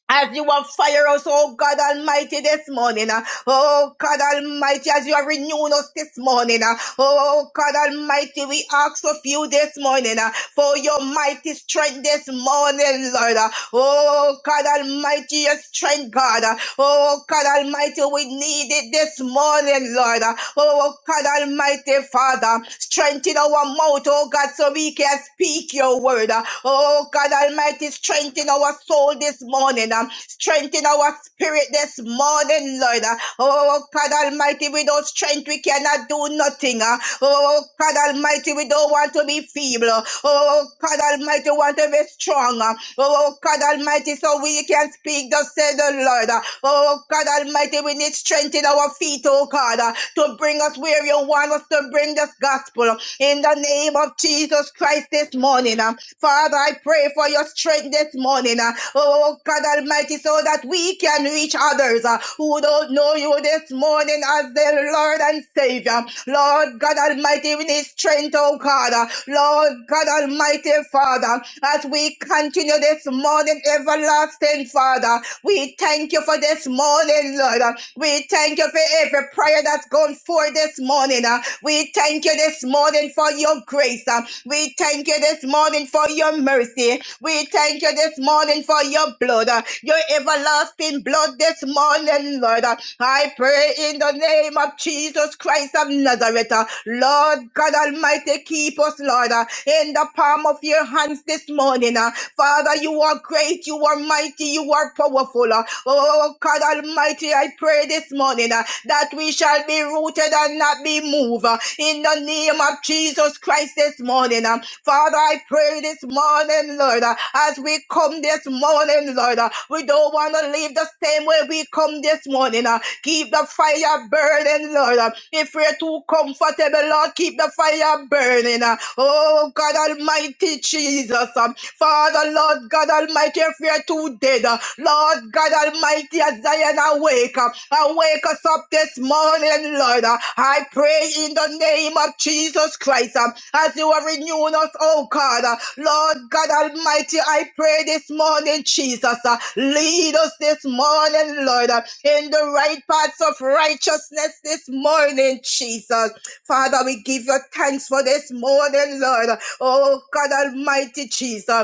[SPEAKER 3] As you have fired us, oh God Almighty, this morning. ah. Oh God Almighty, as you have renewed us this morning. ah. Oh God Almighty, we ask of you this morning ah, for your mighty strength this morning, Lord. uh, Oh, God Almighty, your strength, God. Oh, God Almighty, we need it this morning, Lord. Oh, God Almighty, Father, strengthen our mouth, oh God, so we can speak your word. Oh, God Almighty, strengthen our soul this morning. Strengthen our spirit this morning, Lord. Oh, God Almighty, without strength we cannot do nothing. ah. Oh, God Almighty, we don't want to be feeble. Oh, God Almighty, we want to be strong. ah. Oh, God Almighty, so we can speak, thus said the Lord. ah. Oh, God Almighty, we need strength in our feet, oh God, ah, to bring us where you want us to bring this gospel. In the name of Jesus. Jesus Christ this morning. Um, Father, I pray for your strength this morning. uh, Oh, God Almighty, so that we can reach others uh, who don't know you this morning as their Lord and Savior. Lord God Almighty, we need strength, oh God. uh, Lord God Almighty, Father, as we continue this morning, everlasting Father. We thank you for this morning, Lord. We thank you for every prayer that's gone forth this morning. uh. We thank you this morning for your grace. uh. We thank you this morning for your mercy. We thank you this morning for your blood, uh, your everlasting blood this morning, Lord. uh. I pray in the name of Jesus Christ of Nazareth. uh, Lord God Almighty, keep us, Lord, uh, in the palm of your hands this morning. uh. Father, you are great, you are mighty, you are powerful. uh. Oh, oh, oh, God Almighty, I pray this morning uh, that we shall be rooted and not be moved. uh, In the name of Jesus Christ this morning. uh. Father, I pray this morning, Lord, uh, as we come this morning, Lord, uh, we don't want to leave the same way we come this morning. uh. Keep the fire burning, Lord. If we're too comfortable, Lord, keep the fire burning. Oh, God Almighty Jesus. Father, Lord God Almighty, if we're too dead, Lord God Almighty, as Zion awake, awake us up this morning, and Lord. Uh, I pray in the name of Jesus Christ um, as you are renewing us, oh God. uh, Lord God Almighty, I pray this morning, Jesus, uh, lead us this morning, Lord, uh, in the right paths of righteousness this morning, Jesus. Father, we give you thanks for this morning, Lord. Oh God Almighty, Jesus.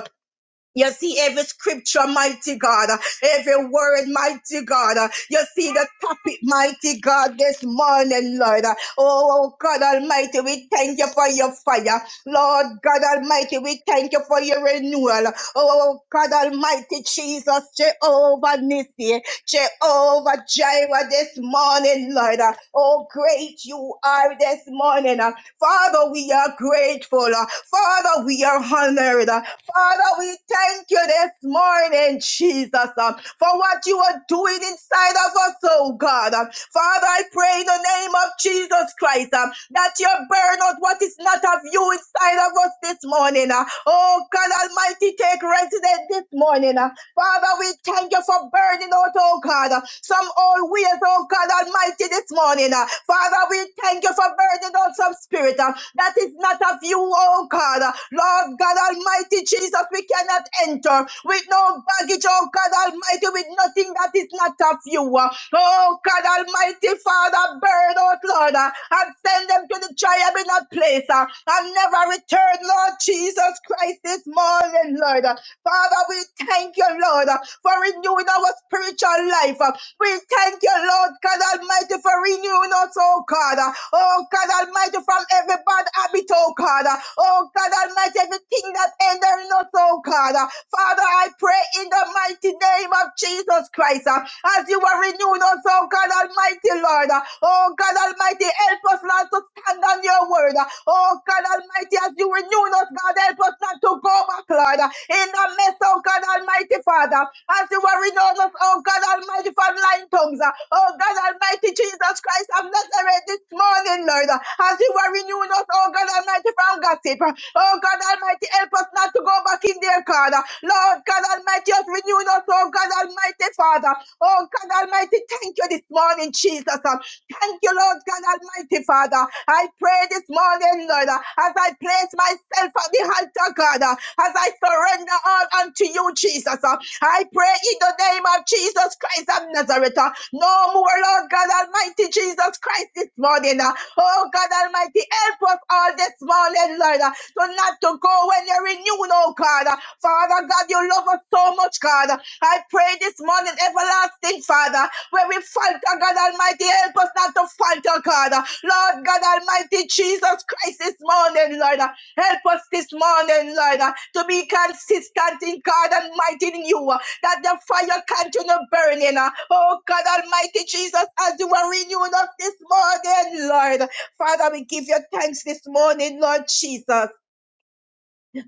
[SPEAKER 3] You see every scripture, mighty God, every word, mighty God. You see the topic, mighty God, this morning, Lord. Oh, God Almighty, we thank you for your fire. Lord God Almighty, we thank you for your renewal. Oh, God Almighty, Jesus, Jehovah Nissi, Jehovah Jireh this morning, Lord. Oh, great you are this morning. Father, we are grateful. Father, we are honored. Father, we thank you this morning, Jesus, um, for what you are doing inside of us, oh God. Um, Father, I pray in the name of Jesus Christ um, that you burn out what is not of you inside of us this morning. uh. oh God Almighty, take residence this morning. uh. Father, we thank you for burning out, oh God, uh, some old ways, oh God Almighty, this morning. uh. Father, we thank you for burning out some spirit uh, that is not of you, oh God. uh. Lord God Almighty. Almighty Jesus, we cannot enter with no baggage, oh God Almighty, with nothing that is not of you. Oh God Almighty Father, burn out, Lord, uh, and send them to the triumphant place uh, and never return, Lord Jesus Christ, this morning, Lord. Father, we thank you, Lord, uh, for renewing our spiritual life. uh, we thank you, Lord God Almighty, for renewing us, oh God. uh, Oh God Almighty, from every bad habit, oh God. uh, Oh God Almighty, everything anything that hindering us, oh God. Uh, Father, I pray in the mighty name of Jesus Christ, uh, as you are renewing us, oh God Almighty, Lord. uh, Oh God Almighty, help us, Lord, to stand on your word. uh, Oh God Almighty, as you renew us, God, help us not to go back, Lord. uh, In the midst, oh God Almighty, Father, as you are renewing us, oh God Almighty, from lying tongues. uh, Oh God Almighty, Jesus Christ of Nazareth, this morning, Lord, uh, as you are renewing us, oh God Almighty, from gossip. uh, Oh God Almighty, help us not to go back in there, God. Lord God Almighty, just renew us, oh God Almighty, Father. Oh God Almighty, thank you this morning, Jesus. Thank you, Lord God Almighty, Father. I pray this morning, Lord, as I place myself at the altar, God, as I surrender all unto you, Jesus. I pray in the name of Jesus Christ of Nazareth. No more, Lord God Almighty, Jesus Christ, this morning. Oh God Almighty, help us all this morning, Lord, to not not to go when you're renewed, oh God. Father God, you love us so much, God. I pray this morning, everlasting Father, where we falter, God Almighty, help us not to falter, God. Lord God Almighty, Jesus Christ this morning, Lord. Help us this morning, Lord, to be consistent in God Almighty in you, that the fire continue burning. Oh God Almighty Jesus, as you are renewing us this morning, Lord. Father, we give you thanks this morning, Lord Jesus.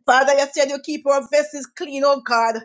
[SPEAKER 3] Father, you said you keep our vessels clean, oh God.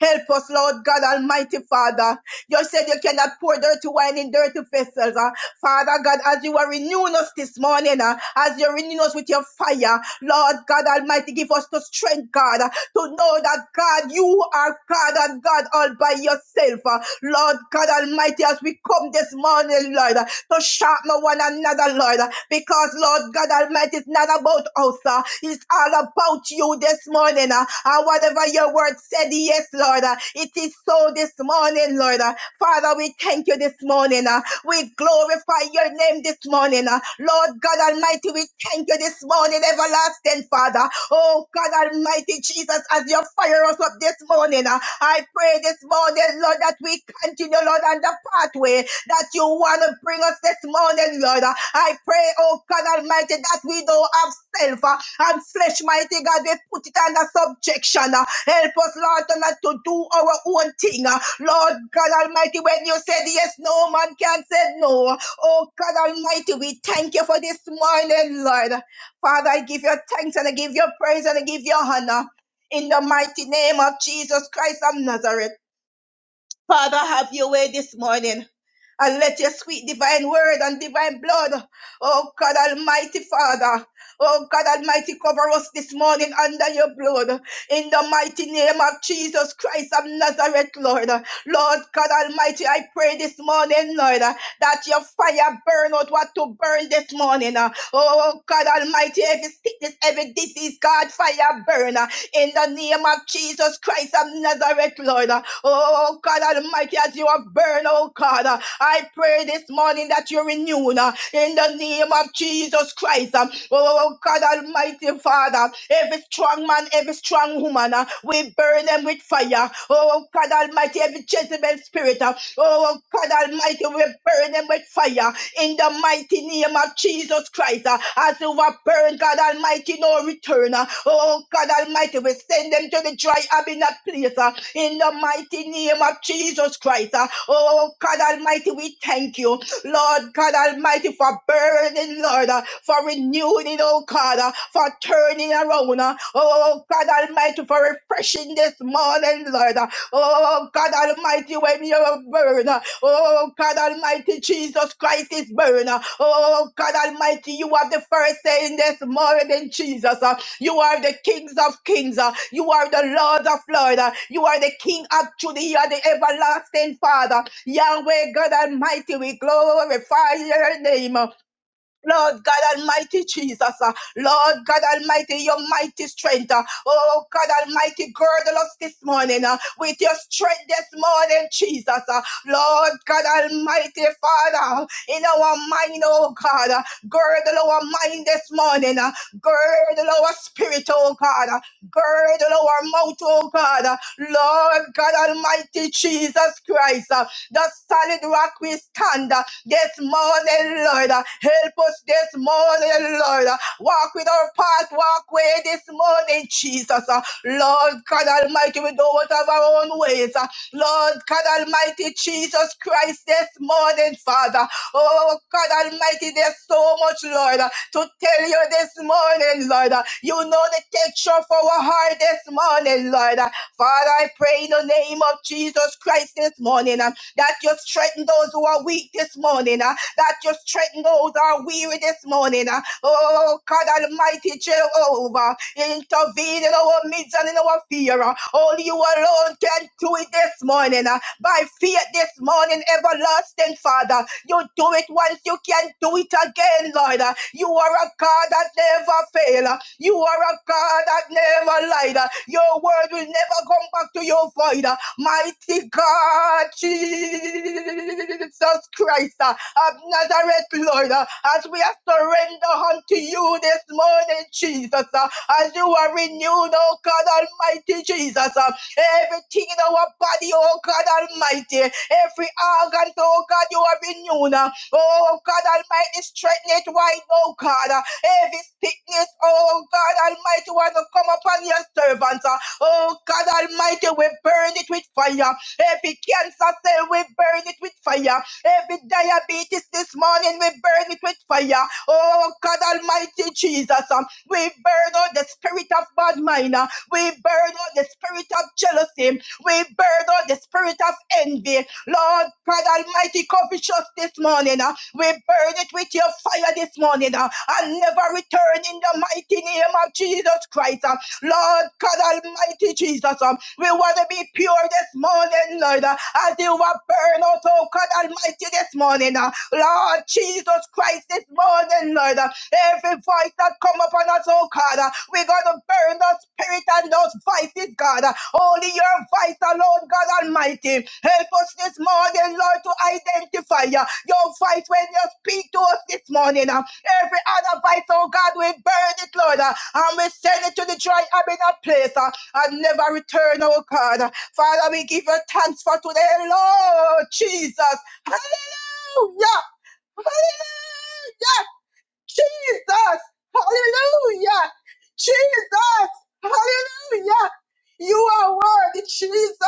[SPEAKER 3] Help us, Lord God Almighty Father. You said you cannot pour dirty wine in dirty vessels. uh. Father God, as you are renewing us this morning, uh, as you're renewing us with your fire, Lord God Almighty, give us the strength, God, uh, to know that God, you are God and God all by yourself. uh. Lord God Almighty, as we come this morning, Lord, uh, to sharpen one another, Lord, uh, because Lord God Almighty, it's not about us. uh, It's it's all about you this morning. uh, and whatever your word said, yes, Lord, uh, it is so this morning, Lord. uh. Father, we thank you this morning. uh, we glorify your name this morning. uh. Lord God Almighty, we thank you this morning, everlasting Father. Oh God Almighty Jesus, as you fire us up this morning, uh, I pray this morning, Lord, that we continue, Lord, on the pathway that you want to bring us this morning, Lord. I pray, oh God Almighty, that we don't have self uh, and flesh, mighty God. We put it under subjection. uh. Help us, Lord, to not to do our own thing. uh. Lord God Almighty, when you said yes, no man can say no. Oh God Almighty, we thank you for this morning, Lord. Father, I give you thanks and I give you praise and I give you honor. In the mighty name of Jesus Christ of Nazareth. Father, have your way this morning and let your sweet divine word and divine blood, oh God Almighty Father, oh God Almighty, cover us this morning under your blood. In the mighty name of Jesus Christ of Nazareth, Lord. Lord God Almighty, I pray this morning, Lord, that your fire burn out what to burn this morning. Oh God Almighty, every sickness, every disease, God, fire burn. In the name of Jesus Christ of Nazareth, Lord. Oh God Almighty, as you have burned, oh God. I pray this morning that you renew uh, in the name of Jesus Christ. uh, Oh oh, oh, God Almighty Father, every strong man, every strong woman, uh, we burn them with fire. Oh oh, God Almighty, every Jezebel spirit, uh, oh oh, God Almighty, we burn them with fire in the mighty name of Jesus Christ. uh, As you were burned, God Almighty, no return. uh, Oh God Almighty, we send them to the dry abyss place. uh, in the mighty name of Jesus Christ. Uh, Oh, God Almighty, we thank you. Lord God Almighty, for burning, Lord, uh, for renewing, oh God, uh, for turning around. uh, Oh, God Almighty, for refreshing this morning, Lord. uh, Oh, God Almighty, when you burn. uh, Oh, God Almighty, Jesus Christ is burn. uh, Oh, God Almighty, you are the first saying this morning, Jesus. uh, you are the kings of kings. uh, You are the lords of lords. uh, You are the king of truth. You are the everlasting father. Yahweh God Almighty, we glorify your name. Lord God Almighty Jesus, uh, Lord God Almighty, your mighty strength. uh, oh God Almighty, girdle us this morning uh, with your strength this morning, Jesus. uh, Lord God Almighty, Father, in our mind, oh God, uh, girdle our mind this morning, uh, girdle our spirit, oh God, uh, girdle our mouth, oh God, uh, Lord God Almighty, Jesus Christ. uh, the solid rock we stand uh, this morning, Lord. Uh, Help us this morning, Lord. Uh, Walk with our path, walk way this morning, Jesus. Uh, Lord God Almighty, we don't want have our own ways. Uh, Lord God Almighty, Jesus Christ, this morning, Father. Oh God Almighty, there's so much, Lord, uh, to tell you this morning, Lord. Uh, You know the texture of our heart this morning, Lord. Uh, Father, I pray in the name of Jesus Christ this morning. uh, that you strengthen those who are weak this morning, uh, that you strengthen those who are weary this morning. uh. Oh, God Almighty Jehovah, intervene in our midst and in our fear. uh. Only you alone can do it this morning. uh. By faith this morning, everlasting Father, you do it once, you can do it again, Lord. uh. You are a God that never fails. You are a God that never lied. uh, Your word will never come back to your void. uh. Mighty God, Jesus Christ uh, of Nazareth, Lord, uh, as we are surrender unto you this morning, Jesus, uh, as you are renewed, oh God Almighty, Jesus, uh, everything in our body, oh God Almighty, every organ, oh God, you are renewed, uh, oh God Almighty, strengthen it wide, oh God, uh, every sickness, oh God Almighty, want to come upon your servants, uh, Oh God Almighty, we burn it with fire. Every cancer cell, we burn it with fire. Every diabetes this morning, we burn it with fire. Oh God Almighty Jesus, um, we burn out the spirit of bad mind. uh, We burn out the spirit of jealousy. We burn out the spirit of envy. Lord God Almighty, covetous this morning. uh, We burn it with your fire this morning uh, and never return in the mighty name of Jesus Christ. uh, Lord God Almighty Jesus, um, we want to be pure this morning, Lord, uh, as you were burned out, oh God Almighty, this morning. uh, Lord Jesus Christ, this morning, Lord, uh, every voice that come upon us, oh God, uh, we're going to burn those spirit and those voices, God. uh, Only your voice alone, God Almighty. Help us this morning, Lord, to identify uh, your voice when you speak to us this morning. uh, Every other voice, oh God, we burn it, Lord. uh, and we send it to the dry abandoned place uh, and never return, oh God. Father, we give you thanks for today, Lord Jesus. Hallelujah! Hallelujah! Jesus, hallelujah. Jesus, hallelujah. You are worthy, Jesus.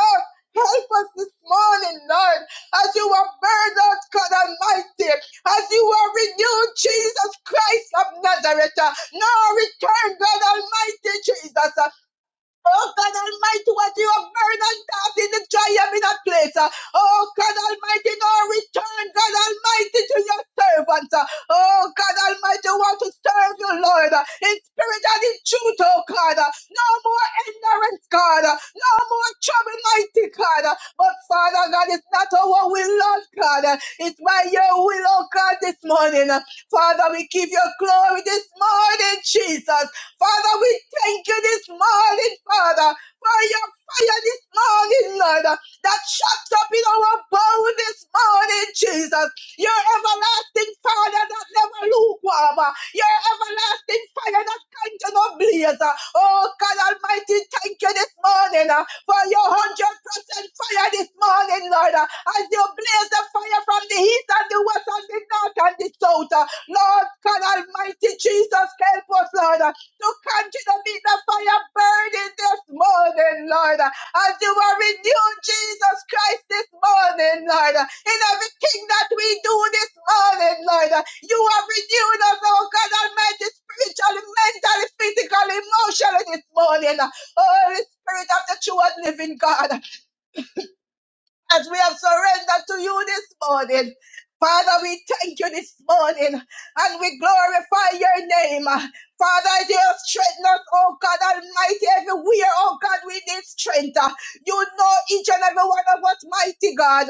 [SPEAKER 3] Help us this morning, Lord, as you are burned out, God Almighty, as you are renewed, Jesus Christ of Nazareth. Now return, God Almighty, Jesus. Oh God Almighty, what you have burned and cast in the triumph in that place. uh, Oh God Almighty, now return, God Almighty, to your servants. uh, Oh God Almighty, I want to serve you, Lord, uh, in spirit and in truth, oh God. uh, No more ignorance, God. uh, No more trouble, mighty God. uh, But Father God, it's not our will, Lord God. uh, It's by your will, oh God, this morning. uh, Father, we give you glory this morning, Jesus. Father, we thank you this morning, Father, for your fire this morning, Lord, that shuts up in our bones this morning, Jesus. Your everlasting fire that never lukewarm. uh, Your everlasting fire that can't no blaze. uh. Oh, God Almighty, thank you this morning uh, for your 100% fire this morning, Lord. uh, As you blaze the fire from the east and the west and the north and the south. uh. Lord, God Almighty, Jesus, help us, Lord. uh, to continue to meet the fire burning this morning, Lord. As you are renewed, Jesus Christ, this morning, Lord. In everything that we do this morning, Lord, you have renewed us, oh God Almighty, spiritually, mentally, physically, emotionally this morning. Holy Spirit of the true and living God as we have surrendered to you this morning. Father, we thank you this morning and we glorify your name. Father, dear, strengthen us, oh God Almighty, everywhere, oh God, we need strength. You know each and every one of us, mighty God.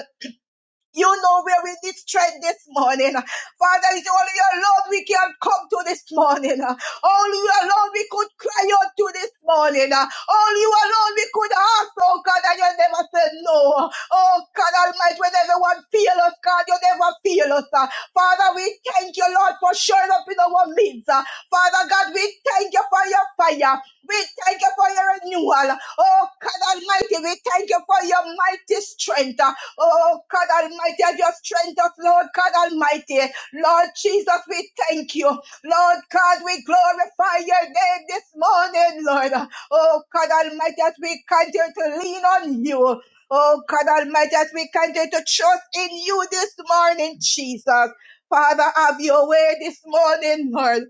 [SPEAKER 3] You know where we need strength this morning. Father, it's only your Lord we can come to this morning. Only you alone we could cry out to this morning. Only you alone we could ask, oh God, and you never said no. Oh God Almighty, when everyone feel us, God, you never feel us. uh. Father, we thank you, Lord, for showing up in our midst. uh. Father God, we thank you for your fire. We thank you for your renewal. Oh God Almighty, we thank you for your mighty strength. uh. Oh God Almighty, and your strength us, Lord God Almighty. Lord Jesus, we thank you. Lord God, we glorify your name this morning, Lord. Oh God Almighty, as we continue to lean on you. Oh God Almighty, as we continue to trust in you this morning, Jesus. Father, have your way this morning, Lord.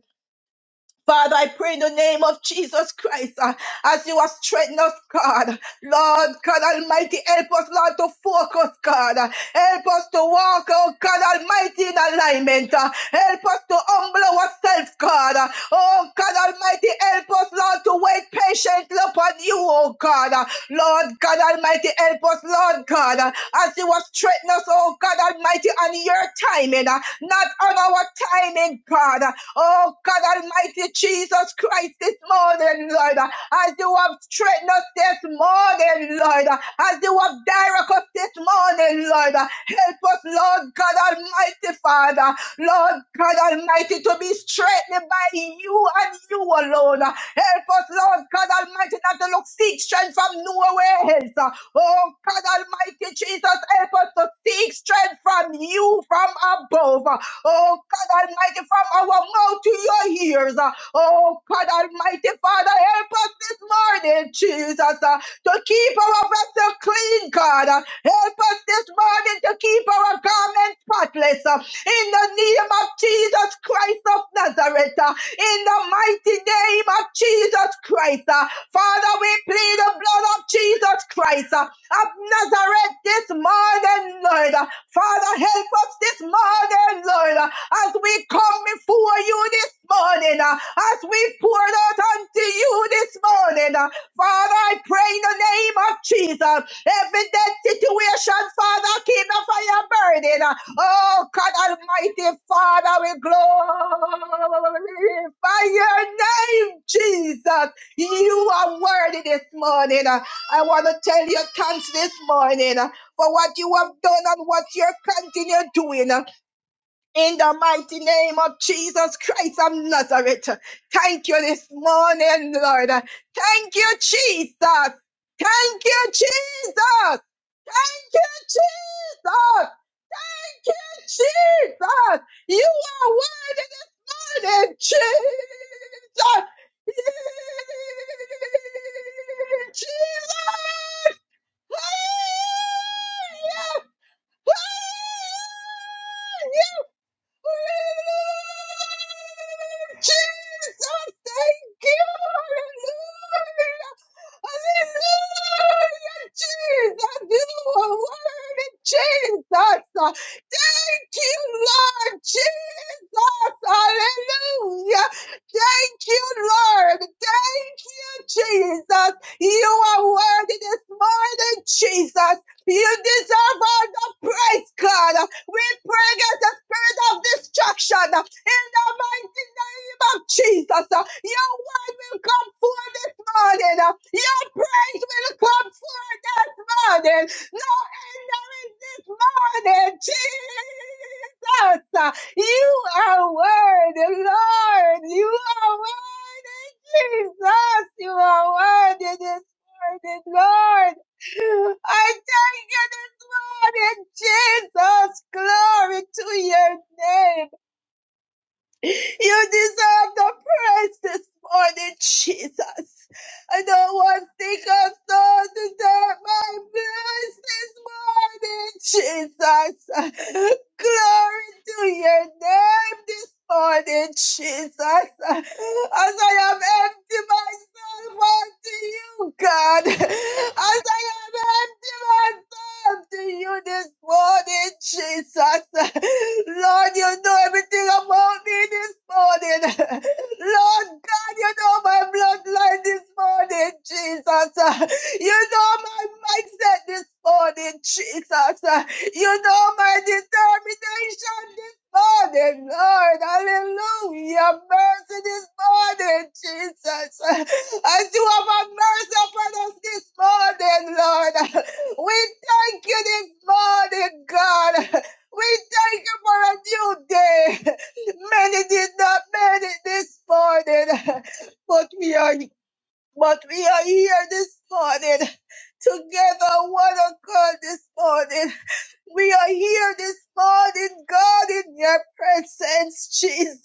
[SPEAKER 3] Father, I pray in the name of Jesus Christ, uh, as you have strengthened us, God. Lord, God Almighty, help us, Lord, to focus, God. Uh, Help us to walk, oh God Almighty, in alignment. uh, Help us to humble ourselves, God. Uh, Oh God Almighty, help us, Lord, to wait patiently upon you, oh God. Uh, Lord, God Almighty, help us, Lord, God, uh, as you have strengthened us, oh God Almighty, on your timing, uh, not on our timing, God. Uh, Oh, God Almighty Jesus Christ, this morning, Lord, uh, as you have straightened us this morning, Lord, uh, as you have directed us this morning, Lord, uh, help us, Lord God Almighty Father, Lord God Almighty, to be strengthened by you and you alone. Help us, Lord God Almighty, not to look seek strength from nowhere else. Oh, God Almighty Jesus, help us to seek strength from you from above. Oh, God Almighty, from our mouth to your ears. Oh, God Almighty Father, help us this morning, Jesus, uh, to keep our vessel clean, God. Uh, Help us this morning to keep our garment spotless. uh, In the name of Jesus Christ of Nazareth. uh, In the mighty name of Jesus Christ. uh, Father, we plead the blood of Jesus Christ uh, of Nazareth this morning, Lord. Uh, Father, help us this morning, Lord, uh, as we come before you this morning, uh, as we pour out unto you this morning. uh, Father, I pray in the name of Jesus. Every dead situation, Father, keep the fire burning. uh, Oh, God Almighty, Father, we glorify your name, Jesus. You are worthy this morning. Uh, I want to tell you thanks this morning uh, for what you have done and what you're continue doing. uh, In the mighty name of Jesus Christ of Nazareth. Thank you this morning, Lord. Uh, Thank you, Jesus. Thank you, Jesus. Thank you, Jesus. Jesus, you are worthy this morning, Jesus. Jesus, hallelujah, hallelujah, Jesus, thank you, hallelujah, hallelujah, Jesus, you are worthy, Jesus. Thank you, Lord Jesus. Hallelujah. Thank you, Lord. Thank you, Jesus. You are worthy this morning, Jesus. You deserve all the praise, God. We pray against the spirit of destruction in the mighty name of Jesus. Your word will come forth this morning. Your praise will come forth this morning. No end there is this morning, Jesus. You are worthy, Lord. You are worthy, Jesus. You are worthy this morning, Lord. I thank you this morning, Jesus. Glory to your name. You deserve the praise this morning, Jesus. I don't want to think of those that deserve my praise this morning, Jesus. Glory to your name this morning, Jesus. As I have emptied myself unto you, God. As I have emptied myself to you this morning, Jesus. Lord, you know everything about me this morning. Lord God, you know my bloodline this morning, Jesus. You know my mindset this morning, Jesus. You know my determination this morning, Lord. Hallelujah. Mercy this morning, Jesus. As you have had mercy upon us this morning, Lord. We thank you this morning, God. We thank you for a new day. Many did not make it this morning, but we are but we are here this morning, together, one accord this morning. We are here this morning, God, in your presence, Jesus.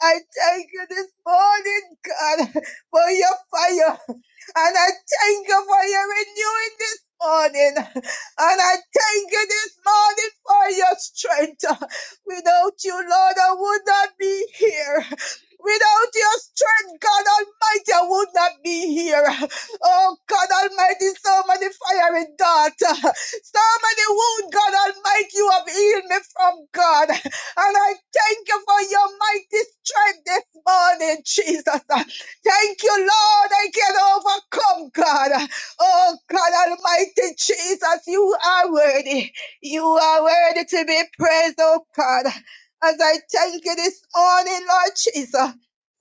[SPEAKER 3] I thank you this morning, God, for your fire. And I thank you for your renewing this morning. And I thank you this morning for your strength. Without you, Lord, I would not be here. Without your strength, God Almighty, I would not be here. Oh, God Almighty, so many fiery darts. Somebody wound, God Almighty, you have healed me from God. And I thank you for your mighty strength this morning, Jesus. Thank you, Lord. I can overcome, God. Oh, God Almighty, Jesus, you are worthy. You are worthy to be praised, oh God. As I thank you this morning, Lord Jesus.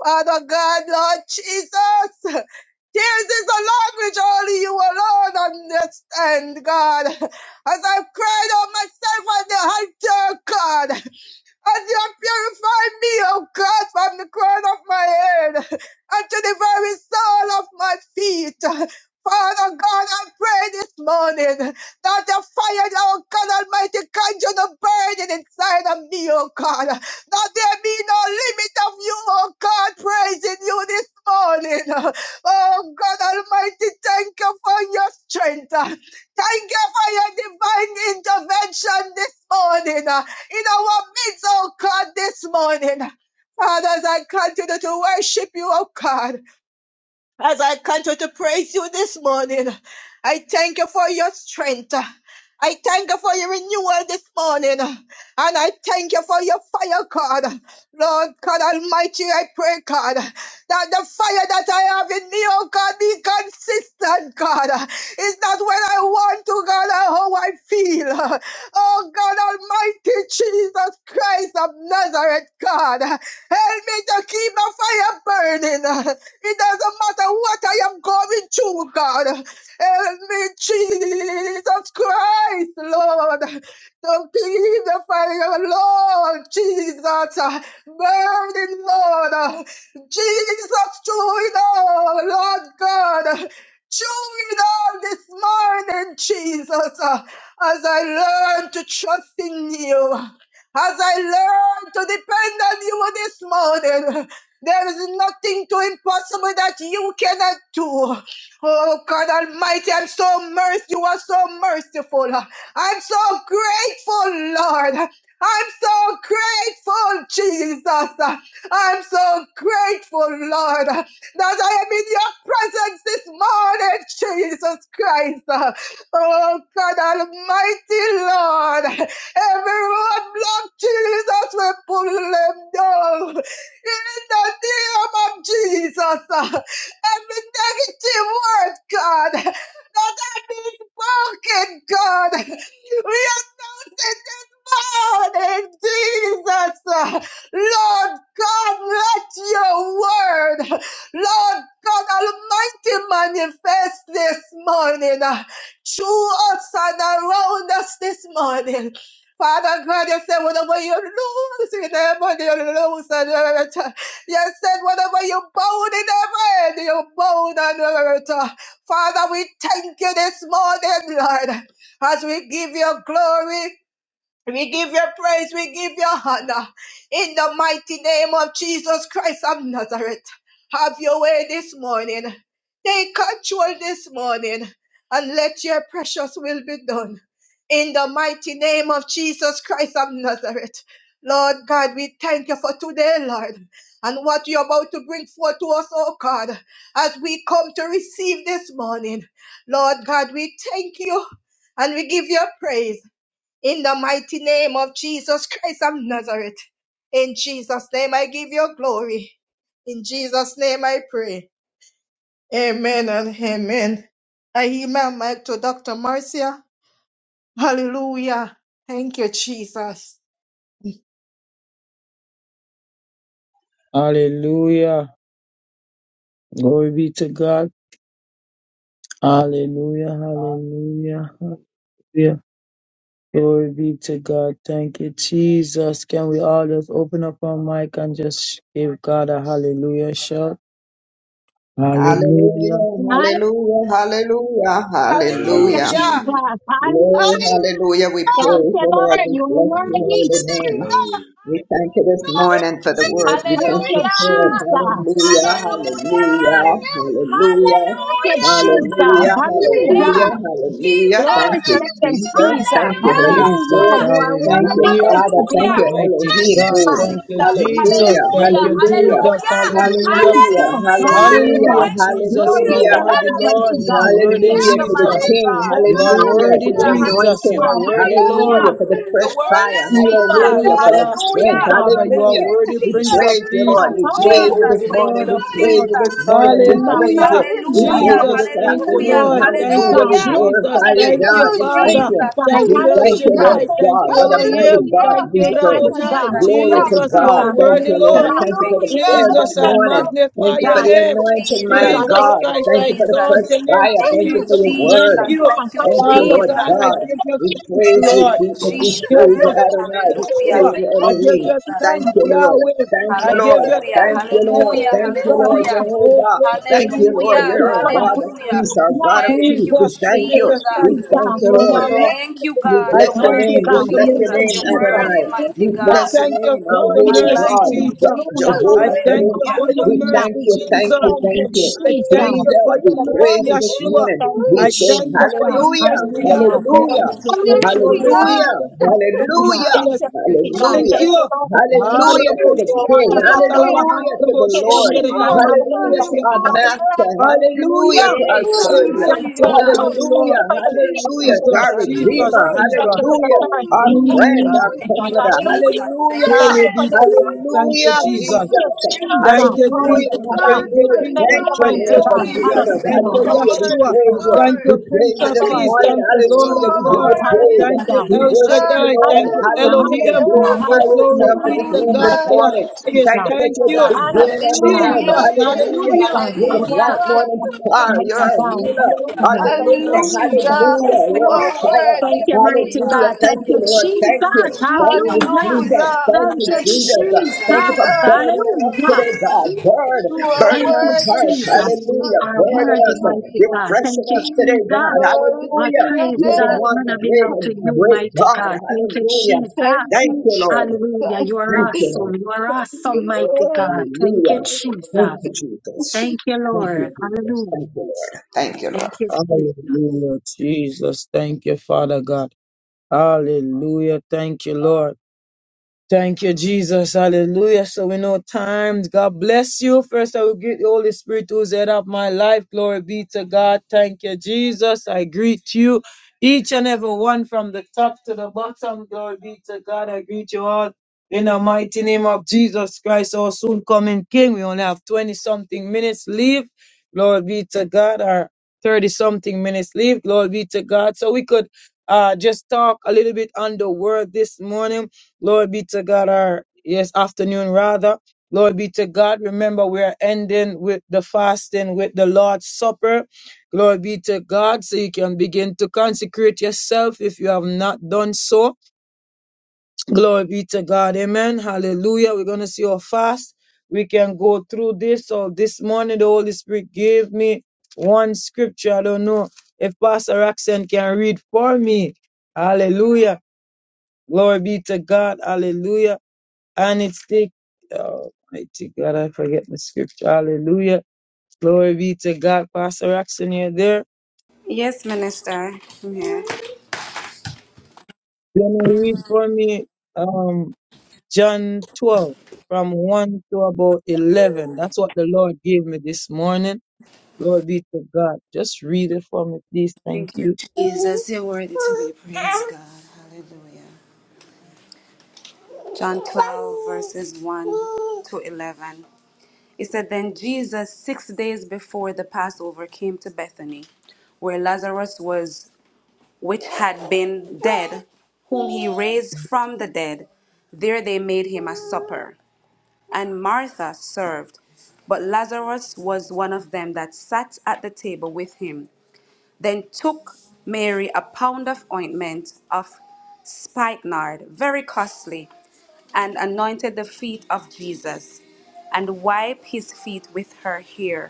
[SPEAKER 3] Father God, Lord Jesus. Tears is a language only you alone understand, God. As I've cried on myself on the altar, God. And you have purified me, O God, from the crown of my head unto the very sole of my feet. Father God, I pray this morning that the fire, O God Almighty, conjure the burden inside of me, O God. That there be no limit of you, O God, praising you this morning. Oh God Almighty, thank you for your strength. Thank you for your divine intervention this morning in our midst, oh God, this morning. Father, as I continue to worship you, oh God. As I continue to praise you this morning, I thank you for your strength. I thank you for your renewal this morning. And I thank you for your fire, God. Lord God Almighty, I pray, God, that the fire that I have in me, oh God, be consistent, God. It's not when I want to, God, or how I feel. Oh God Almighty, Jesus Christ of Nazareth, God. Help me to keep my fire burning. It doesn't matter what I am going through, God. Help me, Jesus Christ, Lord. To keep the fire, Lord Jesus. uh, Burning, Lord. uh, Jesus, through it all, Lord God. Through it all this morning, Jesus. uh, As I learn to trust in you. As I learn to depend on you this morning, there is nothing too impossible that you cannot do. Oh God Almighty, I'm so merciful. You are so merciful. I'm so grateful, Lord. I'm so grateful, Jesus. I'm so grateful, Lord, that I am in your presence this morning, Jesus Christ. Oh God Almighty, Lord. Every roadblock, Jesus will pull them down. In the name of Jesus, uh, every negative word, God, that I've been spoken, God, we announce it this morning, Jesus. uh, Lord God, let your word, Lord God Almighty, manifest this morning. uh, through us and around us this morning. Father God, you said whatever you lose in heaven, you lose on earth. You said whatever you bound in heaven, you bound on earth. Father, we thank you this morning, Lord, as we give you glory. We give you praise, we give you honor. In the mighty name of Jesus Christ of Nazareth, have your way this morning. Take control this morning and let your precious will be done. In the mighty name of Jesus Christ of Nazareth. Lord God, we thank you for today, Lord, and what you're about to bring forth to us, oh God, as we come to receive this morning. Lord God, we thank you and we give you praise in the mighty name of Jesus Christ of Nazareth. In Jesus' name, I give you glory. In Jesus' name, I pray. Amen and amen. I yield my mic to Dr. Marcia. Hallelujah. Thank you, Jesus.
[SPEAKER 2] Hallelujah. Glory be to God. Hallelujah, hallelujah, hallelujah. Glory be to God. Thank you, Jesus. Can we all just open up our mic and just give God a hallelujah shout? Hallelujah,
[SPEAKER 6] Hallelujah,
[SPEAKER 3] Hallelujah.
[SPEAKER 1] ahead.
[SPEAKER 6] hallelujah, hallelujah, hallelujah.
[SPEAKER 1] Thank you,
[SPEAKER 3] Hallelujah.
[SPEAKER 1] Jesus. Hallelujah.
[SPEAKER 6] Lord,
[SPEAKER 3] Hallelujah.
[SPEAKER 6] hallelujah, we
[SPEAKER 1] Thank
[SPEAKER 6] praise
[SPEAKER 1] you,
[SPEAKER 6] the Lord,
[SPEAKER 1] Lord.
[SPEAKER 6] we
[SPEAKER 1] You want to
[SPEAKER 6] bless
[SPEAKER 1] learn
[SPEAKER 6] your
[SPEAKER 1] again.
[SPEAKER 6] holy name. We thank you this morning for the
[SPEAKER 5] Hallelujah!
[SPEAKER 6] word. We
[SPEAKER 1] Thank
[SPEAKER 6] thank you
[SPEAKER 1] you,
[SPEAKER 5] Hallelujah!
[SPEAKER 6] for it.
[SPEAKER 1] Jesus. Thank
[SPEAKER 6] Hallelujah, hallelujah,
[SPEAKER 3] Hallelujah.
[SPEAKER 6] hallelujah,
[SPEAKER 1] you,
[SPEAKER 5] Hallelujah!
[SPEAKER 1] Jesus.
[SPEAKER 6] hallelujah,
[SPEAKER 5] Thank
[SPEAKER 1] Hallelujah.
[SPEAKER 6] hallelujah,
[SPEAKER 5] you,
[SPEAKER 6] hallelujah.
[SPEAKER 5] Jesus!
[SPEAKER 6] Thank
[SPEAKER 1] Glory to
[SPEAKER 6] you,
[SPEAKER 1] your name,
[SPEAKER 6] Jesus.
[SPEAKER 1] Jesus.
[SPEAKER 6] Thank you, Holy
[SPEAKER 2] Jesus,
[SPEAKER 1] Hallelujah.
[SPEAKER 6] Spirit.
[SPEAKER 5] Hallelujah!
[SPEAKER 1] You are
[SPEAKER 6] Thank you,
[SPEAKER 1] worthy,
[SPEAKER 2] hallelujah.
[SPEAKER 1] mighty
[SPEAKER 6] Father. Thank
[SPEAKER 1] God.
[SPEAKER 6] you,
[SPEAKER 5] Hallelujah.
[SPEAKER 2] Mighty
[SPEAKER 5] Thank
[SPEAKER 6] Elohim.
[SPEAKER 5] you,
[SPEAKER 2] God,
[SPEAKER 1] Jesus.
[SPEAKER 2] thank you,
[SPEAKER 5] Jesus.
[SPEAKER 2] Jesus.
[SPEAKER 6] Hallelujah,
[SPEAKER 2] Thank
[SPEAKER 5] Hallelujah.
[SPEAKER 2] you,
[SPEAKER 6] hallelujah.
[SPEAKER 2] Jesus.
[SPEAKER 5] Hallelujah.
[SPEAKER 2] Hallelujah.
[SPEAKER 1] Jesus.
[SPEAKER 6] Hallelujah,
[SPEAKER 5] Hallelujah.
[SPEAKER 6] hallelujah,
[SPEAKER 1] Hallelujah.
[SPEAKER 2] Hallelujah,
[SPEAKER 5] Thank you,
[SPEAKER 2] Jesus.
[SPEAKER 1] Glory
[SPEAKER 2] You are
[SPEAKER 1] to your
[SPEAKER 6] hallelujah,
[SPEAKER 5] Jesus.
[SPEAKER 2] worthy,
[SPEAKER 1] name,
[SPEAKER 2] Lord.
[SPEAKER 1] mighty
[SPEAKER 2] You
[SPEAKER 5] Hallelujah.
[SPEAKER 2] are
[SPEAKER 1] God. Thank
[SPEAKER 2] worthy,
[SPEAKER 1] you,
[SPEAKER 5] Thank
[SPEAKER 6] Hallelujah
[SPEAKER 5] you,
[SPEAKER 6] to the
[SPEAKER 2] Jesus.
[SPEAKER 1] Jesus.
[SPEAKER 5] mighty
[SPEAKER 6] King.
[SPEAKER 1] There
[SPEAKER 5] God.
[SPEAKER 1] is
[SPEAKER 2] You
[SPEAKER 1] no
[SPEAKER 2] are
[SPEAKER 6] Hallelujah
[SPEAKER 1] like
[SPEAKER 6] to
[SPEAKER 2] worthy,
[SPEAKER 1] you,
[SPEAKER 6] the
[SPEAKER 5] Hallelujah.
[SPEAKER 2] Jesus.
[SPEAKER 1] mighty
[SPEAKER 2] You
[SPEAKER 6] anointing.
[SPEAKER 5] Hallelujah.
[SPEAKER 2] are
[SPEAKER 1] God.
[SPEAKER 2] worthy, Lord.
[SPEAKER 5] Hallelujah.
[SPEAKER 6] Hallelujah
[SPEAKER 1] Hallelujah.
[SPEAKER 6] for the
[SPEAKER 5] The
[SPEAKER 6] fresh
[SPEAKER 5] word is
[SPEAKER 6] fire.
[SPEAKER 2] You are
[SPEAKER 5] Jesus.
[SPEAKER 2] worthy,
[SPEAKER 6] Hallelujah for our
[SPEAKER 2] everlasting
[SPEAKER 1] Jesus.
[SPEAKER 5] Hallelujah.
[SPEAKER 6] strength.
[SPEAKER 2] Father. You
[SPEAKER 5] Thank
[SPEAKER 2] are
[SPEAKER 5] you,
[SPEAKER 6] Hallelujah.
[SPEAKER 2] worthy,
[SPEAKER 6] We
[SPEAKER 1] Jesus.
[SPEAKER 2] Prince
[SPEAKER 5] Jesus.
[SPEAKER 2] of
[SPEAKER 6] praise you,
[SPEAKER 5] Thank
[SPEAKER 2] Peace.
[SPEAKER 6] Lord.
[SPEAKER 5] you,
[SPEAKER 6] We
[SPEAKER 2] You are
[SPEAKER 6] praise you
[SPEAKER 5] Jesus.
[SPEAKER 2] worthy,
[SPEAKER 6] this
[SPEAKER 1] Hallelujah.
[SPEAKER 5] Thank
[SPEAKER 6] morning.
[SPEAKER 2] Lord
[SPEAKER 5] you,
[SPEAKER 2] of
[SPEAKER 6] We praise
[SPEAKER 2] Lords.
[SPEAKER 6] you
[SPEAKER 5] Jesus.
[SPEAKER 6] this morning.
[SPEAKER 1] Jesus.
[SPEAKER 6] We praise you.
[SPEAKER 2] Hallelujah.
[SPEAKER 6] We
[SPEAKER 1] Hallelujah.
[SPEAKER 6] praise
[SPEAKER 5] Hallelujah.
[SPEAKER 6] you
[SPEAKER 2] Jesus,
[SPEAKER 6] this
[SPEAKER 2] thank you,
[SPEAKER 5] Hallelujah.
[SPEAKER 6] afternoon.
[SPEAKER 2] Lord.
[SPEAKER 1] Thanks,
[SPEAKER 2] Thank you,
[SPEAKER 6] Hallelujah.
[SPEAKER 1] God.
[SPEAKER 6] We
[SPEAKER 5] Hallelujah.
[SPEAKER 1] Glory to
[SPEAKER 2] Jesus.
[SPEAKER 6] glorify
[SPEAKER 1] your
[SPEAKER 6] you,
[SPEAKER 1] name,
[SPEAKER 5] Thank
[SPEAKER 2] Thank
[SPEAKER 5] you,
[SPEAKER 2] you,
[SPEAKER 6] God. We
[SPEAKER 3] Hallelujah!
[SPEAKER 6] thank
[SPEAKER 2] Father.
[SPEAKER 6] you.
[SPEAKER 5] Jesus.
[SPEAKER 1] God.
[SPEAKER 2] Thank
[SPEAKER 5] Thank you,
[SPEAKER 6] We
[SPEAKER 2] you, El
[SPEAKER 6] thank you,
[SPEAKER 3] Hallelujah!
[SPEAKER 5] Jesus.
[SPEAKER 1] Hallelujah.
[SPEAKER 6] Lord
[SPEAKER 2] Shaddai.
[SPEAKER 1] Thank
[SPEAKER 2] Thank
[SPEAKER 1] you,
[SPEAKER 6] God.
[SPEAKER 2] you,
[SPEAKER 6] What a
[SPEAKER 1] Lord.
[SPEAKER 6] mighty
[SPEAKER 2] Elohim.
[SPEAKER 3] Hallelujah!
[SPEAKER 6] God
[SPEAKER 2] Thank
[SPEAKER 6] we
[SPEAKER 1] Thank
[SPEAKER 2] you,
[SPEAKER 1] you,
[SPEAKER 5] Thank you,
[SPEAKER 6] serve.
[SPEAKER 1] mighty
[SPEAKER 2] Rabboni.
[SPEAKER 1] God.
[SPEAKER 5] Jesus,
[SPEAKER 1] Thank you,
[SPEAKER 6] Glory
[SPEAKER 3] Hallelujah!
[SPEAKER 5] Elohim
[SPEAKER 6] to
[SPEAKER 2] Jesus, you
[SPEAKER 1] Jesus.
[SPEAKER 2] are
[SPEAKER 6] God.
[SPEAKER 5] God.
[SPEAKER 6] Thank
[SPEAKER 2] worthy,
[SPEAKER 6] you, Lord.
[SPEAKER 2] Lord.
[SPEAKER 1] Hallelujah.
[SPEAKER 5] Hallelujah.
[SPEAKER 6] Thank you for
[SPEAKER 5] Thank
[SPEAKER 6] the
[SPEAKER 5] you,
[SPEAKER 1] There
[SPEAKER 3] Hallelujah.
[SPEAKER 1] is
[SPEAKER 6] prayer
[SPEAKER 2] Jesus,
[SPEAKER 1] no
[SPEAKER 6] this
[SPEAKER 2] I
[SPEAKER 1] right
[SPEAKER 3] You
[SPEAKER 5] Jesus.
[SPEAKER 1] here,
[SPEAKER 6] morning.
[SPEAKER 2] magnify
[SPEAKER 1] mighty
[SPEAKER 6] Thank you
[SPEAKER 2] your
[SPEAKER 6] for
[SPEAKER 5] Thank
[SPEAKER 1] God.
[SPEAKER 6] the
[SPEAKER 5] you,
[SPEAKER 2] name.
[SPEAKER 1] Thank you,
[SPEAKER 6] anointing,
[SPEAKER 1] Jesus.
[SPEAKER 5] Jesus.
[SPEAKER 6] mighty
[SPEAKER 5] Thank
[SPEAKER 2] Jesus
[SPEAKER 6] God.
[SPEAKER 5] you,
[SPEAKER 1] Hallelujah.
[SPEAKER 2] Christ,
[SPEAKER 6] Thank
[SPEAKER 2] I
[SPEAKER 6] you for the
[SPEAKER 2] exalt
[SPEAKER 5] Jesus.
[SPEAKER 1] Thank
[SPEAKER 6] fresh
[SPEAKER 2] your
[SPEAKER 1] you,
[SPEAKER 2] name.
[SPEAKER 6] fire.
[SPEAKER 5] Thank
[SPEAKER 6] Thank
[SPEAKER 5] you,
[SPEAKER 6] you for
[SPEAKER 2] Jesus,
[SPEAKER 6] your
[SPEAKER 5] Jesus.
[SPEAKER 2] thank
[SPEAKER 6] word.
[SPEAKER 1] Jesus.
[SPEAKER 2] you.
[SPEAKER 5] Thank you,
[SPEAKER 6] Thank you,
[SPEAKER 2] Father
[SPEAKER 6] Lord
[SPEAKER 2] God,
[SPEAKER 1] Hallelujah.
[SPEAKER 2] I
[SPEAKER 5] Jesus.
[SPEAKER 6] God.
[SPEAKER 2] give you
[SPEAKER 1] Thank
[SPEAKER 6] We
[SPEAKER 1] you,
[SPEAKER 2] thanks,
[SPEAKER 6] praise
[SPEAKER 1] Jesus.
[SPEAKER 6] you,
[SPEAKER 5] Thank
[SPEAKER 2] Lord
[SPEAKER 5] you,
[SPEAKER 6] Jesus. We
[SPEAKER 2] give
[SPEAKER 5] Jesus.
[SPEAKER 6] praise you,
[SPEAKER 2] you thanks,
[SPEAKER 6] Adonai. We
[SPEAKER 5] Hallelujah.
[SPEAKER 2] Yeshua.
[SPEAKER 6] praise you,
[SPEAKER 5] Thank you,
[SPEAKER 2] I give
[SPEAKER 6] Elohim.
[SPEAKER 2] you
[SPEAKER 5] Jesus.
[SPEAKER 2] thanks,
[SPEAKER 6] Thank you,
[SPEAKER 1] Hallelujah.
[SPEAKER 6] Lord.
[SPEAKER 2] Yahweh.
[SPEAKER 6] Thank you,
[SPEAKER 2] I give
[SPEAKER 6] Lord.
[SPEAKER 2] you
[SPEAKER 5] Hallelujah.
[SPEAKER 2] thanks,
[SPEAKER 6] Thank you, Lord.
[SPEAKER 5] Hallelujah.
[SPEAKER 6] Thank
[SPEAKER 2] omnipotent
[SPEAKER 6] you,
[SPEAKER 2] God.
[SPEAKER 6] Lord
[SPEAKER 5] Hallelujah.
[SPEAKER 2] Oh,
[SPEAKER 6] Jehovah.
[SPEAKER 2] glory
[SPEAKER 6] Thank you,
[SPEAKER 2] be
[SPEAKER 6] Lord.
[SPEAKER 2] to
[SPEAKER 5] Hallelujah.
[SPEAKER 6] You're our
[SPEAKER 1] Hallelujah. Jesus.
[SPEAKER 2] God.
[SPEAKER 6] God of
[SPEAKER 1] Hallelujah.
[SPEAKER 5] Hallelujah.
[SPEAKER 6] peace, our God of
[SPEAKER 5] Thank
[SPEAKER 2] Jesus,
[SPEAKER 6] peace.
[SPEAKER 5] you,
[SPEAKER 6] We
[SPEAKER 2] I
[SPEAKER 6] thank
[SPEAKER 1] Thank
[SPEAKER 2] give
[SPEAKER 6] you.
[SPEAKER 1] you,
[SPEAKER 5] Jesus.
[SPEAKER 2] you
[SPEAKER 6] We
[SPEAKER 2] thanks
[SPEAKER 1] Jesus.
[SPEAKER 2] this
[SPEAKER 6] thank you,
[SPEAKER 1] You
[SPEAKER 6] Lord.
[SPEAKER 2] morning,
[SPEAKER 1] are your
[SPEAKER 2] Lord.
[SPEAKER 5] Thank you,
[SPEAKER 6] We
[SPEAKER 5] God.
[SPEAKER 2] I
[SPEAKER 6] bless
[SPEAKER 5] You're
[SPEAKER 6] your
[SPEAKER 2] thank
[SPEAKER 1] mighty
[SPEAKER 2] you
[SPEAKER 5] worthy,
[SPEAKER 6] name. We
[SPEAKER 2] for
[SPEAKER 1] God.
[SPEAKER 2] your
[SPEAKER 6] bless
[SPEAKER 1] Thank
[SPEAKER 6] your
[SPEAKER 2] mercy,
[SPEAKER 1] you,
[SPEAKER 5] Jesus.
[SPEAKER 6] name,
[SPEAKER 5] You're
[SPEAKER 1] Jesus.
[SPEAKER 2] Jesus.
[SPEAKER 6] Adonai.
[SPEAKER 5] worthy, mighty
[SPEAKER 6] We
[SPEAKER 2] I
[SPEAKER 3] are
[SPEAKER 1] Hallelujah.
[SPEAKER 6] bless
[SPEAKER 5] God.
[SPEAKER 6] your
[SPEAKER 2] thank
[SPEAKER 3] Hallelujah.
[SPEAKER 2] you
[SPEAKER 6] name,
[SPEAKER 2] for
[SPEAKER 6] our
[SPEAKER 2] your
[SPEAKER 1] Glory
[SPEAKER 6] holy
[SPEAKER 1] to
[SPEAKER 5] None
[SPEAKER 1] your
[SPEAKER 2] mercy,
[SPEAKER 5] like
[SPEAKER 6] God,
[SPEAKER 1] name.
[SPEAKER 5] you,
[SPEAKER 2] Jesus.
[SPEAKER 1] Hallelujah.
[SPEAKER 5] Jesus.
[SPEAKER 2] I
[SPEAKER 6] Jehovah
[SPEAKER 2] thank
[SPEAKER 1] Hallelujah.
[SPEAKER 2] you
[SPEAKER 6] Kadosh.
[SPEAKER 5] Hallelujah.
[SPEAKER 2] for your
[SPEAKER 6] We
[SPEAKER 1] Hallelujah.
[SPEAKER 6] thank
[SPEAKER 2] mercy,
[SPEAKER 6] you, thank
[SPEAKER 2] Jesus.
[SPEAKER 6] you,
[SPEAKER 1] Thank you,
[SPEAKER 6] thank you.
[SPEAKER 2] I
[SPEAKER 1] Jesus.
[SPEAKER 2] thank
[SPEAKER 6] These
[SPEAKER 2] you
[SPEAKER 6] are
[SPEAKER 2] for
[SPEAKER 1] Thank
[SPEAKER 6] the
[SPEAKER 2] your
[SPEAKER 1] you,
[SPEAKER 6] praise
[SPEAKER 2] mercy,
[SPEAKER 1] Lord.
[SPEAKER 6] of this
[SPEAKER 2] Yeshua.
[SPEAKER 6] morning.
[SPEAKER 1] Thank
[SPEAKER 6] We
[SPEAKER 1] you,
[SPEAKER 2] I
[SPEAKER 6] say
[SPEAKER 2] thank you
[SPEAKER 1] Jesus.
[SPEAKER 2] for your
[SPEAKER 5] Thank
[SPEAKER 6] hallelujah,
[SPEAKER 2] mercy,
[SPEAKER 5] you,
[SPEAKER 1] Hallelujah.
[SPEAKER 2] Yahweh.
[SPEAKER 1] Glory
[SPEAKER 6] hallelujah,
[SPEAKER 1] to your
[SPEAKER 5] Jesus.
[SPEAKER 2] Oh,
[SPEAKER 1] name, Jesus.
[SPEAKER 2] glory be
[SPEAKER 6] hallelujah,
[SPEAKER 2] to God in the
[SPEAKER 1] Hallelujah.
[SPEAKER 6] hallelujah,
[SPEAKER 1] Thank
[SPEAKER 5] Thank
[SPEAKER 2] highest.
[SPEAKER 1] you,
[SPEAKER 5] you,
[SPEAKER 1] mighty
[SPEAKER 5] Jesus.
[SPEAKER 1] God.
[SPEAKER 2] Thank
[SPEAKER 1] Thank
[SPEAKER 6] hallelujah.
[SPEAKER 2] you.
[SPEAKER 1] you, Lord. Thank you,
[SPEAKER 6] Hallelujah
[SPEAKER 1] Jesus,
[SPEAKER 6] to
[SPEAKER 1] for
[SPEAKER 6] the
[SPEAKER 1] all
[SPEAKER 6] King.
[SPEAKER 2] Araboshianda,
[SPEAKER 1] of your prayer.
[SPEAKER 2] katalabahanda,
[SPEAKER 6] Hallelujah to the
[SPEAKER 1] Thank you,
[SPEAKER 6] Lord.
[SPEAKER 2] raboshiyanda,
[SPEAKER 1] Jesus.
[SPEAKER 3] Oh,
[SPEAKER 2] rebiyonda,
[SPEAKER 1] Hallelujah.
[SPEAKER 6] Hallelujah to our
[SPEAKER 2] raboshiyanda.
[SPEAKER 1] Thank
[SPEAKER 3] Hallelujah,
[SPEAKER 6] Master.
[SPEAKER 1] you,
[SPEAKER 6] Hallelujah
[SPEAKER 2] Hallelujah.
[SPEAKER 6] to our
[SPEAKER 5] Hey, God.
[SPEAKER 1] Jesus,
[SPEAKER 6] Savior.
[SPEAKER 2] Jesus,
[SPEAKER 1] for
[SPEAKER 3] Hallelujah,
[SPEAKER 2] your
[SPEAKER 1] your
[SPEAKER 5] Hallelujah.
[SPEAKER 2] word,
[SPEAKER 1] touch.
[SPEAKER 3] Thank
[SPEAKER 1] Thank
[SPEAKER 3] you,
[SPEAKER 6] Hallelujah.
[SPEAKER 1] you
[SPEAKER 2] Lord.
[SPEAKER 1] for your
[SPEAKER 6] Hallelujah
[SPEAKER 3] Jesus.
[SPEAKER 6] to our
[SPEAKER 2] Jesus,
[SPEAKER 5] Thank
[SPEAKER 2] Jesus,
[SPEAKER 6] Redeemer.
[SPEAKER 1] grace.
[SPEAKER 3] Hallelujah,
[SPEAKER 1] Thank
[SPEAKER 2] Jesus.
[SPEAKER 1] you for your
[SPEAKER 6] Hallelujah. Our
[SPEAKER 1] mercy. Thank you,
[SPEAKER 6] friend,
[SPEAKER 2] Mm.
[SPEAKER 6] our
[SPEAKER 1] Jesus.
[SPEAKER 5] you,
[SPEAKER 3] Hallelujah,
[SPEAKER 6] comforter.
[SPEAKER 5] Jesus.
[SPEAKER 1] Hallelujah.
[SPEAKER 5] Thank you,
[SPEAKER 6] Hallelujah.
[SPEAKER 1] Thank
[SPEAKER 2] Glory
[SPEAKER 1] you for
[SPEAKER 2] be
[SPEAKER 1] your
[SPEAKER 5] Jesus.
[SPEAKER 2] to
[SPEAKER 1] love.
[SPEAKER 2] God. Thank you,
[SPEAKER 3] Hallelujah,
[SPEAKER 6] Hallelujah,
[SPEAKER 2] Jesus.
[SPEAKER 1] you,
[SPEAKER 6] Jesus.
[SPEAKER 5] Thank you,
[SPEAKER 1] Jesus.
[SPEAKER 5] Jesus.
[SPEAKER 2] Thank you,
[SPEAKER 5] Jesus.
[SPEAKER 6] Hallelujah.
[SPEAKER 2] Jesus.
[SPEAKER 1] Hallelujah.
[SPEAKER 2] Thank you,
[SPEAKER 6] Hallelujah.
[SPEAKER 1] Thank
[SPEAKER 2] Jesus.
[SPEAKER 6] Thank
[SPEAKER 1] you,
[SPEAKER 6] you,
[SPEAKER 2] Thank
[SPEAKER 1] mighty
[SPEAKER 2] you,
[SPEAKER 6] Lord, for
[SPEAKER 1] God.
[SPEAKER 5] Thank
[SPEAKER 2] Jesus.
[SPEAKER 6] keeping us.
[SPEAKER 5] you,
[SPEAKER 2] Thank
[SPEAKER 1] Hallelujah.
[SPEAKER 2] you,
[SPEAKER 1] Thank
[SPEAKER 6] Hallelujah.
[SPEAKER 1] you,
[SPEAKER 5] Jesus.
[SPEAKER 6] We
[SPEAKER 2] Yeshua.
[SPEAKER 1] Jesus.
[SPEAKER 6] praise
[SPEAKER 1] Thank
[SPEAKER 6] you.
[SPEAKER 5] Glory to
[SPEAKER 2] Thank
[SPEAKER 6] We
[SPEAKER 2] you, Prince
[SPEAKER 6] praise
[SPEAKER 1] you,
[SPEAKER 6] you
[SPEAKER 5] God.
[SPEAKER 2] of
[SPEAKER 6] this
[SPEAKER 5] Thank
[SPEAKER 1] Lord.
[SPEAKER 2] Peace.
[SPEAKER 5] you.
[SPEAKER 6] morning.
[SPEAKER 1] Thank
[SPEAKER 2] Thank
[SPEAKER 1] you,
[SPEAKER 2] you,
[SPEAKER 1] Jesus.
[SPEAKER 2] Lord of
[SPEAKER 6] Hallelujah. We give
[SPEAKER 2] Lord.
[SPEAKER 6] you praise.
[SPEAKER 2] Thank you,
[SPEAKER 1] Hallelujah.
[SPEAKER 6] We
[SPEAKER 2] El
[SPEAKER 6] worship
[SPEAKER 5] Hallelujah.
[SPEAKER 6] you,
[SPEAKER 2] Shaddai.
[SPEAKER 6] Lord.
[SPEAKER 2] Thank you,
[SPEAKER 1] Hallelujah.
[SPEAKER 6] Hallelujah
[SPEAKER 2] Elohim.
[SPEAKER 1] Hallelujah.
[SPEAKER 2] Oh,
[SPEAKER 6] glorify
[SPEAKER 2] glory
[SPEAKER 1] Hallelujah.
[SPEAKER 6] yourself in
[SPEAKER 2] be
[SPEAKER 6] this
[SPEAKER 2] to
[SPEAKER 5] Thank you,
[SPEAKER 6] room
[SPEAKER 2] God
[SPEAKER 1] Hallelujah.
[SPEAKER 2] to
[SPEAKER 6] this
[SPEAKER 1] Thank
[SPEAKER 2] the
[SPEAKER 5] Jesus.
[SPEAKER 1] you,
[SPEAKER 6] morning.
[SPEAKER 5] Thank
[SPEAKER 2] highest.
[SPEAKER 5] you,
[SPEAKER 6] Thank
[SPEAKER 1] Jesus.
[SPEAKER 6] you that
[SPEAKER 2] Thank
[SPEAKER 6] you're
[SPEAKER 5] Jesus.
[SPEAKER 6] the
[SPEAKER 2] you,
[SPEAKER 6] beginning and the
[SPEAKER 1] Hallelujah.
[SPEAKER 2] Jesus.
[SPEAKER 5] Hallelujah.
[SPEAKER 6] end.
[SPEAKER 1] Thank you,
[SPEAKER 6] Hallelujah.
[SPEAKER 2] Hallelujah.
[SPEAKER 1] Jesus.
[SPEAKER 6] You're
[SPEAKER 1] We
[SPEAKER 6] the
[SPEAKER 1] want to
[SPEAKER 5] Hallelujah.
[SPEAKER 6] bright
[SPEAKER 1] thank
[SPEAKER 6] morning
[SPEAKER 1] you,
[SPEAKER 5] Thank you,
[SPEAKER 6] star.
[SPEAKER 1] mighty
[SPEAKER 6] You're
[SPEAKER 5] Jesus.
[SPEAKER 6] a
[SPEAKER 1] God.
[SPEAKER 6] healer,
[SPEAKER 5] Hallelujah.
[SPEAKER 6] our
[SPEAKER 1] Hallelujah. Thank you,
[SPEAKER 6] deliverer.
[SPEAKER 5] Thank you,
[SPEAKER 1] Jesus.
[SPEAKER 5] Jesus.
[SPEAKER 3] you
[SPEAKER 6] Hallelujah.
[SPEAKER 1] Thank you,
[SPEAKER 5] Thank
[SPEAKER 6] You're a
[SPEAKER 5] you,
[SPEAKER 1] Lord.
[SPEAKER 3] are
[SPEAKER 6] fire.
[SPEAKER 5] Jesus.
[SPEAKER 1] Thank
[SPEAKER 3] worthy,
[SPEAKER 1] you, mighty
[SPEAKER 6] Hallelujah.
[SPEAKER 5] God.
[SPEAKER 3] Jesus.
[SPEAKER 1] God.
[SPEAKER 6] Thank
[SPEAKER 1] Thank you,
[SPEAKER 6] you, Lord.
[SPEAKER 5] Thank you,
[SPEAKER 1] Jesus.
[SPEAKER 6] Thank you.
[SPEAKER 5] Jesus.
[SPEAKER 6] Thank you,
[SPEAKER 5] Thank
[SPEAKER 1] Hallelujah.
[SPEAKER 5] you,
[SPEAKER 6] Jesus.
[SPEAKER 5] Jesus.
[SPEAKER 3] Hallelujah.
[SPEAKER 6] Thank
[SPEAKER 1] Thank
[SPEAKER 6] you,
[SPEAKER 1] you,
[SPEAKER 5] Thank
[SPEAKER 3] Thank
[SPEAKER 6] Jesus.
[SPEAKER 3] you,
[SPEAKER 5] you,
[SPEAKER 1] Jesus.
[SPEAKER 6] Thank you for
[SPEAKER 5] Jesus.
[SPEAKER 3] Jesus.
[SPEAKER 6] burning in us
[SPEAKER 1] Hallelujah.
[SPEAKER 6] today, God.
[SPEAKER 5] Hallelujah.
[SPEAKER 6] Burn.
[SPEAKER 3] You
[SPEAKER 6] Burn
[SPEAKER 3] are
[SPEAKER 6] in
[SPEAKER 1] Thank
[SPEAKER 6] our
[SPEAKER 1] you,
[SPEAKER 3] worthy.
[SPEAKER 6] hearts.
[SPEAKER 1] Jesus.
[SPEAKER 6] Hallelujah.
[SPEAKER 1] our
[SPEAKER 6] Burn
[SPEAKER 3] Jesus.
[SPEAKER 6] in
[SPEAKER 1] worthy,
[SPEAKER 6] us.
[SPEAKER 1] mighty
[SPEAKER 3] Hallelujah.
[SPEAKER 1] God. Thank
[SPEAKER 6] Refreshing
[SPEAKER 1] you,
[SPEAKER 6] us today,
[SPEAKER 1] Jesus.
[SPEAKER 6] God.
[SPEAKER 3] Lord, to
[SPEAKER 1] Our
[SPEAKER 6] Hallelujah.
[SPEAKER 3] your
[SPEAKER 1] praises,
[SPEAKER 6] You're the
[SPEAKER 1] our
[SPEAKER 3] name.
[SPEAKER 6] one,
[SPEAKER 1] honor
[SPEAKER 6] the great
[SPEAKER 1] belong to
[SPEAKER 6] and
[SPEAKER 1] you,
[SPEAKER 6] great
[SPEAKER 1] mighty
[SPEAKER 6] God.
[SPEAKER 1] God. Thank you,
[SPEAKER 6] Hallelujah.
[SPEAKER 1] Jesus.
[SPEAKER 3] Thank
[SPEAKER 6] Thank
[SPEAKER 3] you,
[SPEAKER 6] you, Lord.
[SPEAKER 1] Hallelujah.
[SPEAKER 3] Jesus.
[SPEAKER 1] You are
[SPEAKER 6] Thank you,
[SPEAKER 3] Thank
[SPEAKER 1] awesome.
[SPEAKER 6] Lord.
[SPEAKER 1] You are awesome,
[SPEAKER 3] you,
[SPEAKER 1] mighty
[SPEAKER 3] Lord.
[SPEAKER 1] God. Thank you,
[SPEAKER 6] Hallelujah. Thank
[SPEAKER 1] Jesus.
[SPEAKER 6] you, Jesus.
[SPEAKER 1] Thank you,
[SPEAKER 6] Thank
[SPEAKER 1] Lord.
[SPEAKER 6] you, Jesus.
[SPEAKER 1] Hallelujah.
[SPEAKER 6] Thank you, Lord. Thank you,
[SPEAKER 1] Thank you, Jesus.
[SPEAKER 2] Hallelujah, Jesus. Thank you, Father God. Hallelujah. Thank you, Lord. Thank you, Jesus. Hallelujah. So we know times. God bless you. First, I will greet the Holy Spirit who's head of my life. Glory be to God. Thank you, Jesus. I greet you, each and every one from the top to the bottom. Glory be to God. I greet you all in the mighty name of Jesus Christ, our soon coming King. We only have 20 something minutes leave. Glory be to God. Our 30 something minutes leave. Glory be to God. So we could uh, just talk a little bit on the word this morning Lord be to God, our yes, afternoon rather. Lord be to God. Remember, we are ending with the fasting with the Lord's Supper. Glory be to God. So you can begin to consecrate yourself if you have not done so. Glory be to God. Amen. Hallelujah. We're going to see our fast. We can go through this. So this morning, the Holy Spirit gave me one scripture. I don't know if Pastor Roxanne can read for me. Hallelujah. Glory be to God. Hallelujah. And it's take, oh, mighty God, I forget the scripture. Hallelujah. Glory be to God, Pastor Roxanne, you're there.
[SPEAKER 5] Yes, Minister. I'm here.
[SPEAKER 2] Can You read for me um, John 12, from 1 to about 11. That's what the Lord gave me this morning. Glory be to God. Just read it for me, please. Thank
[SPEAKER 5] Thank you,
[SPEAKER 2] you.
[SPEAKER 5] Jesus. You're worthy to be praised, God. Hallelujah. John 12, verses 1 to 11. It said, Then Jesus, six days before the Passover, came to Bethany, where Lazarus was which had been dead, whom he raised from the dead. There they made him a supper, and Martha served. But Lazarus was one of them that sat at the table with him. Then took Mary a pound of ointment of spikenard, very costly, and anointed the feet of Jesus, and wiped his feet with her hair.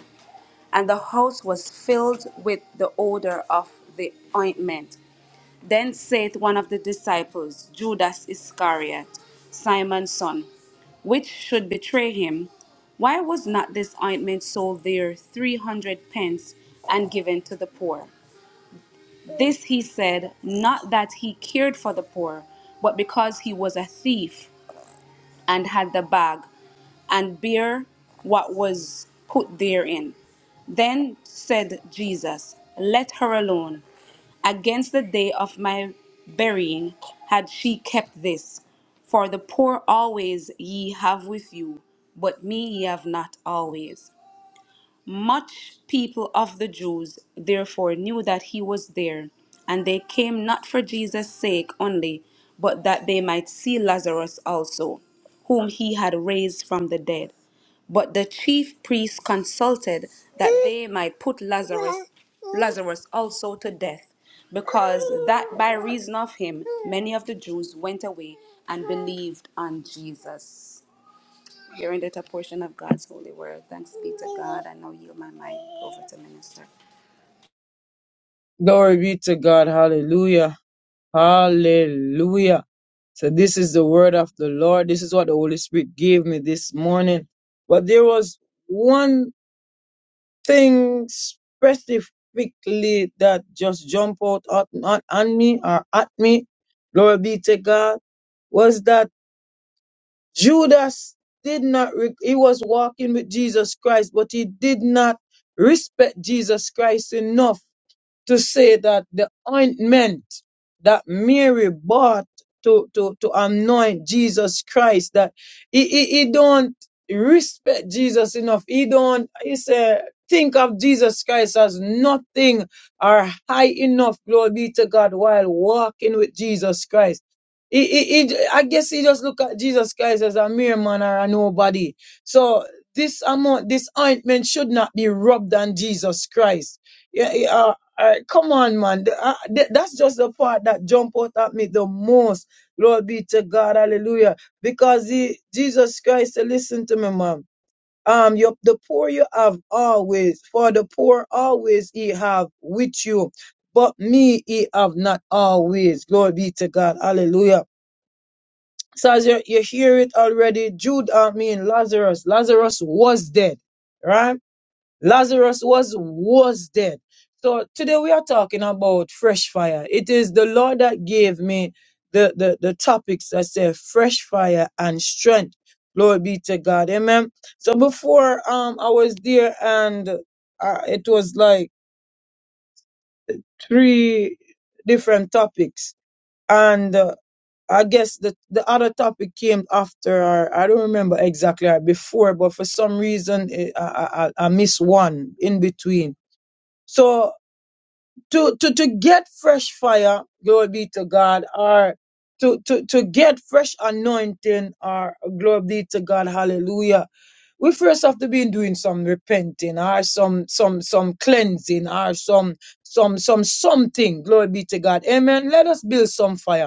[SPEAKER 5] And the house was filled with the odor of the ointment. Then saith one of the disciples, Judas Iscariot, Simon's son, which should betray him, Why was not this ointment sold there three hundred pence and given to the poor? This he said, not that he cared for the poor, but because he was a thief and had the bag and bear what was put therein. Then said Jesus, Let her alone. Against the day of my burying had she kept this. For the poor always ye have with you, but me ye have not always. Much people of the Jews therefore knew that he was there, and they came not for Jesus' sake only, but that they might see Lazarus also, whom he had raised from the dead. But the chief priests consulted that they might put Lazarus, Lazarus also to death, because that by reason of him many of the Jews went away and believed on Jesus hearing that a portion of God's holy word. Thanks be to God. I now yield my mic over to minister.
[SPEAKER 2] Glory be to God. Hallelujah. Hallelujah. So this is the word of the Lord. This is what the Holy Spirit gave me this morning. But there was one things specifically that just jump out at, at, on me or at me, glory be to God, was that Judas did not, re- he was walking with Jesus Christ, but he did not respect Jesus Christ enough to say that the ointment that Mary bought to, to, to anoint Jesus Christ, that he, he, he don't respect Jesus enough. He don't, he say, think of Jesus Christ as nothing or high enough, glory be to God, while walking with Jesus Christ. He, he, he, I guess he just look at Jesus Christ as a mere man or a nobody. So this amount, this ointment should not be rubbed on Jesus Christ. Yeah, yeah, uh, uh, come on, man. The- uh, th- That's just the part that jump out at me the most. Glory be to God. Hallelujah. Because he, Jesus Christ, said, listen to me, mom. Um, your, the poor you have always, for the poor always he have with you, but me he have not always. Glory be to God. Hallelujah. So as you, you hear it already, Jude, I mean Lazarus, Lazarus was dead, right? Lazarus was was dead. So today we are talking about fresh fire. It is the Lord that gave me the the, the topics that say fresh fire and strength. Glory be to God. Amen. So before um I was there and uh, it was like three different topics and uh, I guess the the other topic came after or I don't remember exactly or before but for some reason eh, I I, I I missed one in between. So to to to get fresh fire, glory be to God, or to to to get fresh anointing, or glory be to God, hallelujah. We first have to be doing some repenting, or some some some cleansing, or some some some something, glory be to God, amen. Let us build some fire.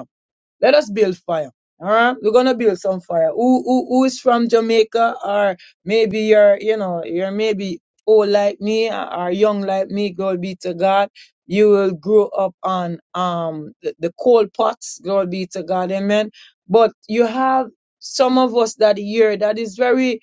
[SPEAKER 2] Let us build fire. All right, we're gonna build some fire. Who who who is from Jamaica or maybe you're you know you're maybe old like me or young like me. Glory be to God. You will grow up on um the, the coal pots. Glory be to God. Amen. But you have some of us that here that is very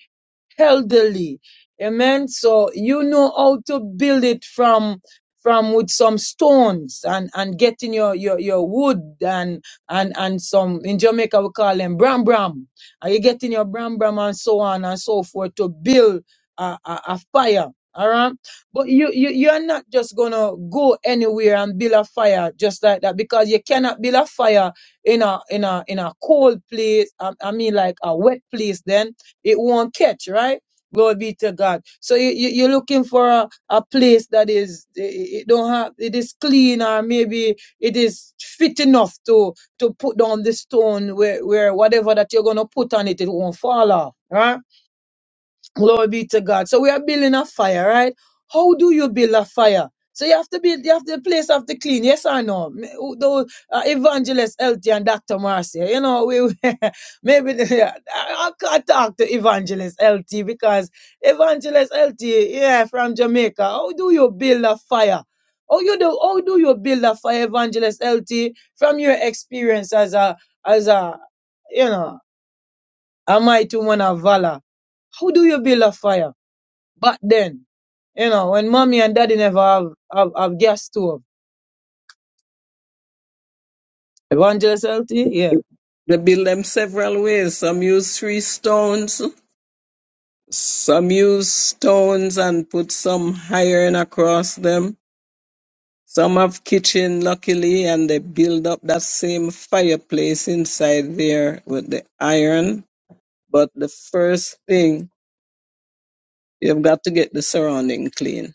[SPEAKER 2] elderly. Amen. So you know how to build it from from with some stones and and getting your your your wood and and and some in Jamaica we call them bram bram. Are you getting your bram bram and so on and so forth to build a, a, a fire? All right, but you you you are not just gonna go anywhere and build a fire just like that because you cannot build a fire in a in a in a cold place. I, I mean, like a wet place. Then it won't catch, right? Glory be to God. So you, you, you're looking for a, a place that is, it it don't have, it is clean or maybe it is fit enough to, to put down the stone where, where whatever that you're going to put on it, it won't fall off, right? Glory be to God. So we are building a fire, right? How do you build a fire? So you have to build, you have to, the place have to clean. Yes or no? M- who- Those uh, evangelist LT and Dr. Marcia, you know, we maybe they- I, I can't talk to evangelist LT because evangelist LT, yeah, from Jamaica. How do you build a fire? How you do? How do you build a fire, evangelist LT, from your experience as a as a you know a mighty woman of valor? How do you build a fire? But then, you know, when mommy and daddy never have, have, have gas stove, evangelist LT, yeah.
[SPEAKER 4] They build them several ways. Some use three stones, some use stones and put some iron across them. Some have kitchen, luckily, and they build up that same fireplace inside there with the iron. But the first thing You've got to get the surrounding clean.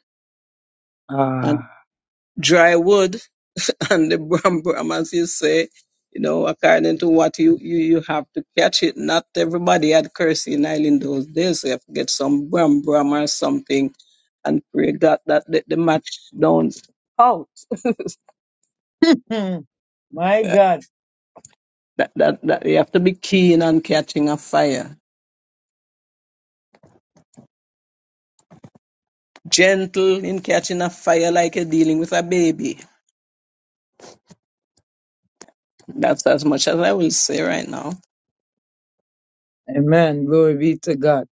[SPEAKER 4] And
[SPEAKER 2] Ah.
[SPEAKER 4] dry wood and the bram bram, as you say, you know, according to what you, you, you have to catch it. Not everybody had kerosene oil in those days. So you have to get some bram bram or something and pray God that the, the match don't out.
[SPEAKER 2] Hmm. My
[SPEAKER 4] Yeah,
[SPEAKER 2] God.
[SPEAKER 4] That, that, that you have to be keen on catching a fire. Gentle in catching a fire like you're dealing with a baby. That's as much as I will say right now.
[SPEAKER 2] Amen. Glory be to God.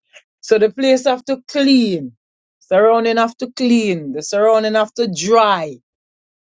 [SPEAKER 2] So the place have to clean. Surrounding have to clean. The surrounding have to dry.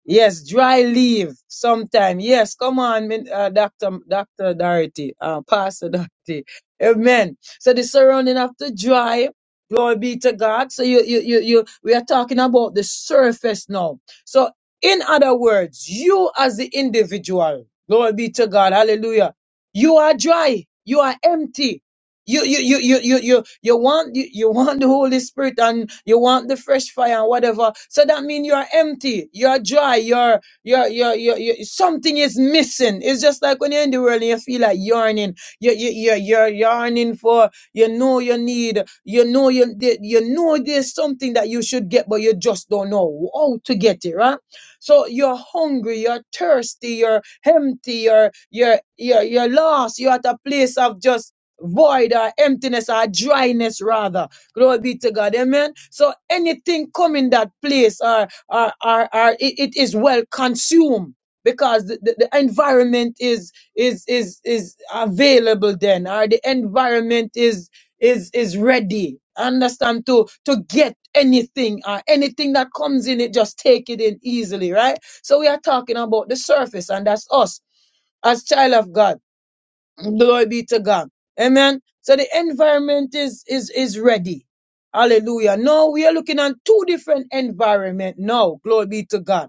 [SPEAKER 2] Yes, dry leave sometime. Yes, come on, Min- uh, Dr. Dr. Dorothy, uh, Pastor Dorothy. Amen. So the surrounding of the dry, glory be to God. So you, you, you, you, we are talking about the surface now. So in other words, you as the individual, glory be to God, hallelujah. You are dry. You are empty you you you you you you you want you, you want the Holy Spirit and you want the fresh fire and whatever. So that means you are empty, you are dry, you're you're you're you you something is missing. It's just like when you're in the world and you feel like yearning. You you you you're yearning for you know you need you know you the- you know there's something that you should get but you just don't know how to get it, right? So you're hungry, you're thirsty, you're empty, you're you're you're you're lost. You're at a place of just void or emptiness or dryness rather. Glory be to God. Amen. So anything come in that place or, or, or, or it it is well consumed because the, the, the environment is is is is available then or the environment is is is ready. Understand to to get anything or anything that comes in it, just take it in easily, right? So we are talking about the surface, and that's us as child of God Glory be to God. Amen. So the environment is is is ready. Hallelujah. No, we are looking at two different environment. No, glory be to God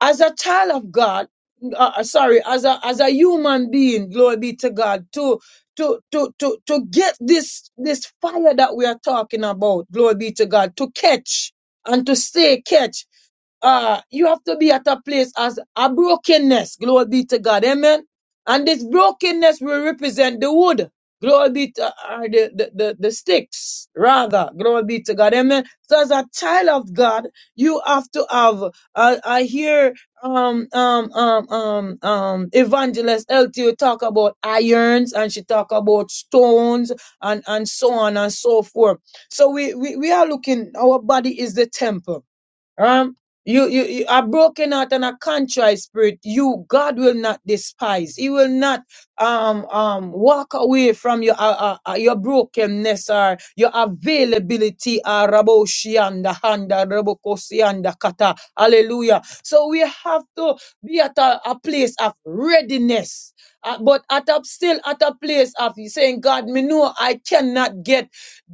[SPEAKER 2] as a child of God, uh, uh, sorry, as a as a human being, glory be to God, to to to to to get this this fire that we are talking about, glory be to God, to catch and to stay catch. Uh, you have to be at a place as a brokenness, glory be to God, amen. And this brokenness will represent the wood, glory be to or the, the, the, the sticks, rather, glory be to God, amen. So as a child of God, you have to have I, I hear um um um um um evangelist LTO talk about irons and she talk about stones and and so on and so forth. So we we, we are looking. Our body is the temple um, you, you, you a broken heart and a contrite spirit. You, God will not despise. He will not um um walk away from your uh, uh, uh, your brokenness or your availability. Uh, Raboshianda handa rabokosianda kata. Hallelujah. So we have to be at a, a place of readiness. Uh, but at a still at a place of saying, God, me know I cannot get.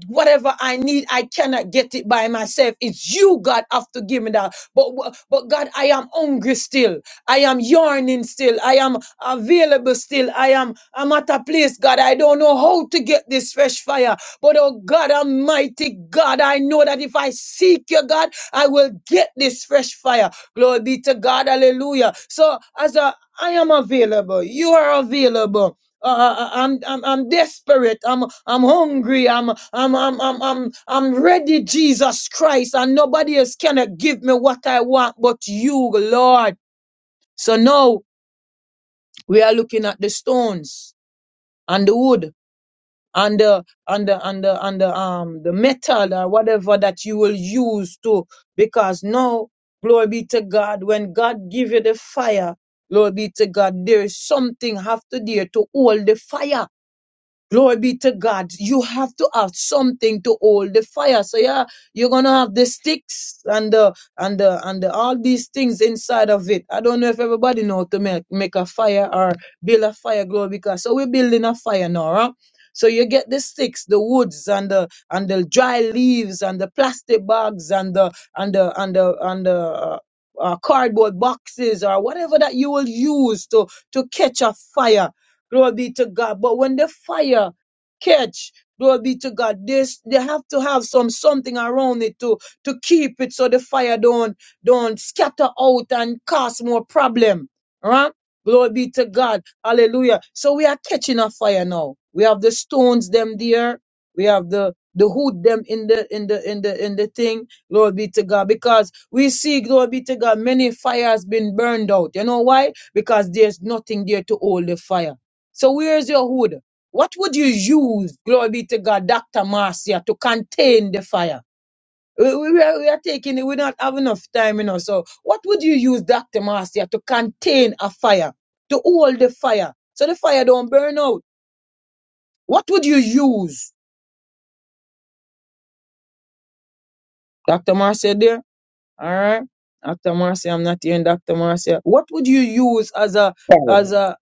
[SPEAKER 2] Whatever I need, I cannot get it by myself. It's you, God, have to give me that. But but God, I am hungry still. I am yearning still. I am available still. I am I'm at a place, God. I don't know how to get this fresh fire. But oh God, Almighty God, I know that if I seek you, God, I will get this fresh fire. Glory be to God. Hallelujah. So as a I am available. You are available. Uh, uh, uh, I'm, I'm I'm desperate. I'm I'm hungry. I'm I'm I'm I'm I'm I'm ready, Jesus Christ, and nobody else cannot give me what I want but you, Lord. So now we are looking at the stones and the wood and the and the and the and the um the metal or whatever that you will use to because now glory be to God when God give you the fire, glory be to God, there is something have to there to hold the fire. Glory be to God. You have to have something to hold the fire. So yeah, you're gonna have the sticks and the and the and the, all these things inside of it. I don't know if everybody know to make make a fire or build a fire. Glory because so we're building a fire now, huh? So you get the sticks, the woods, and the and the dry leaves, and the plastic bags, and the and the and the and the uh, uh, cardboard boxes, or whatever that you will use to to catch a fire Glory be to God. But when the fire catch, glory be to God, they, s- they have to have some something around it to, to keep it so the fire don't, don't scatter out and cause more problem. Right? Glory be to God. Hallelujah. So we are catching a fire now. We have the stones them there. We have the the hood them in the in the in the in the thing. Glory be to God. Because we see, glory be to God, many fires been burned out. You know why? Because there's nothing there to hold the fire. So where's your hood? What would you use, glory be to God, Dr. Marcia, to contain the fire? We, we, we are, we are taking, it. we don't have enough time, you know. So what would you use, Dr. Marcia, to contain a fire, to hold the fire, so the fire don't burn out? What would you use? Dr. Marcia there? All right. Dr. Marcia, I'm not hearing Dr. Marcia. What would you use as a,
[SPEAKER 6] Lord.
[SPEAKER 2] as a,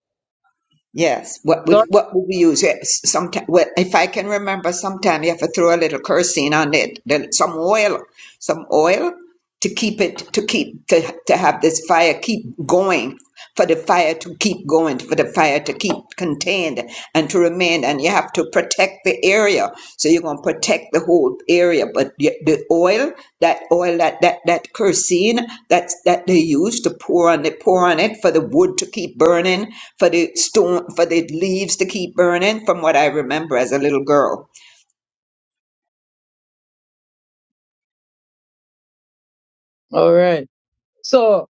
[SPEAKER 6] Yes. What would what would we use? Sometimes, well, if I can remember, sometime you have to throw a little kerosene on it, then some oil, some oil to keep it to keep to to have this fire keep going, for the fire to keep going, for the fire to keep contained and to remain. And you have to protect the area, so you're gonna protect the whole area. But the the oil, that oil, that that that kerosene, that's that they use to pour on it, pour on it for the wood to keep burning for the storm, for the leaves to keep burning, from what I remember as a little girl.
[SPEAKER 2] all right. So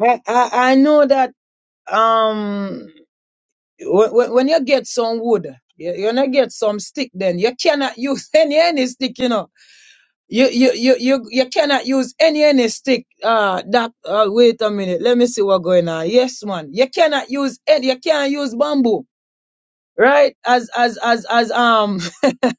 [SPEAKER 2] I, I, I know that, um, when, when you get some wood, you, you know get some stick then. You cannot use any any stick, you know. You you you you, you cannot use any any stick. Uh that uh, wait a minute, let me see what going on. Yes, man. You cannot use any you can't use bamboo right? As as as as um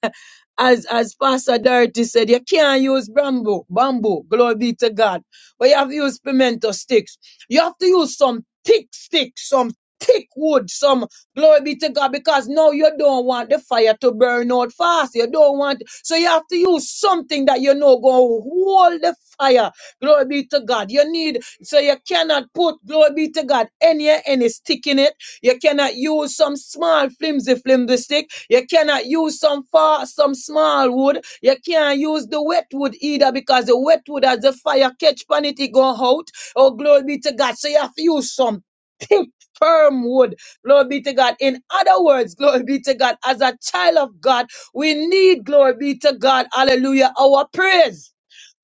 [SPEAKER 2] as as Pastor Dorothy said, you can't use bamboo, bamboo, glory be to God. But you have to use pimento sticks. You have to use some thick sticks, some thick wood, some glory be to God, because now you don't want the fire to burn out fast. You don't want so you have to use something that you know gonna hold the fire. Glory be to God. You need so you cannot put glory be to God any any stick in it you cannot use some small flimsy flimsy stick. You cannot use some far some small wood. You can't use the wet wood either because the wet wood as the fire catch pan it, it go out. Oh glory be to God. So you have to use some thick firm wood. Glory be to God. In other words, glory be to God. As a child of God, we need glory be to God. Hallelujah. Our praise.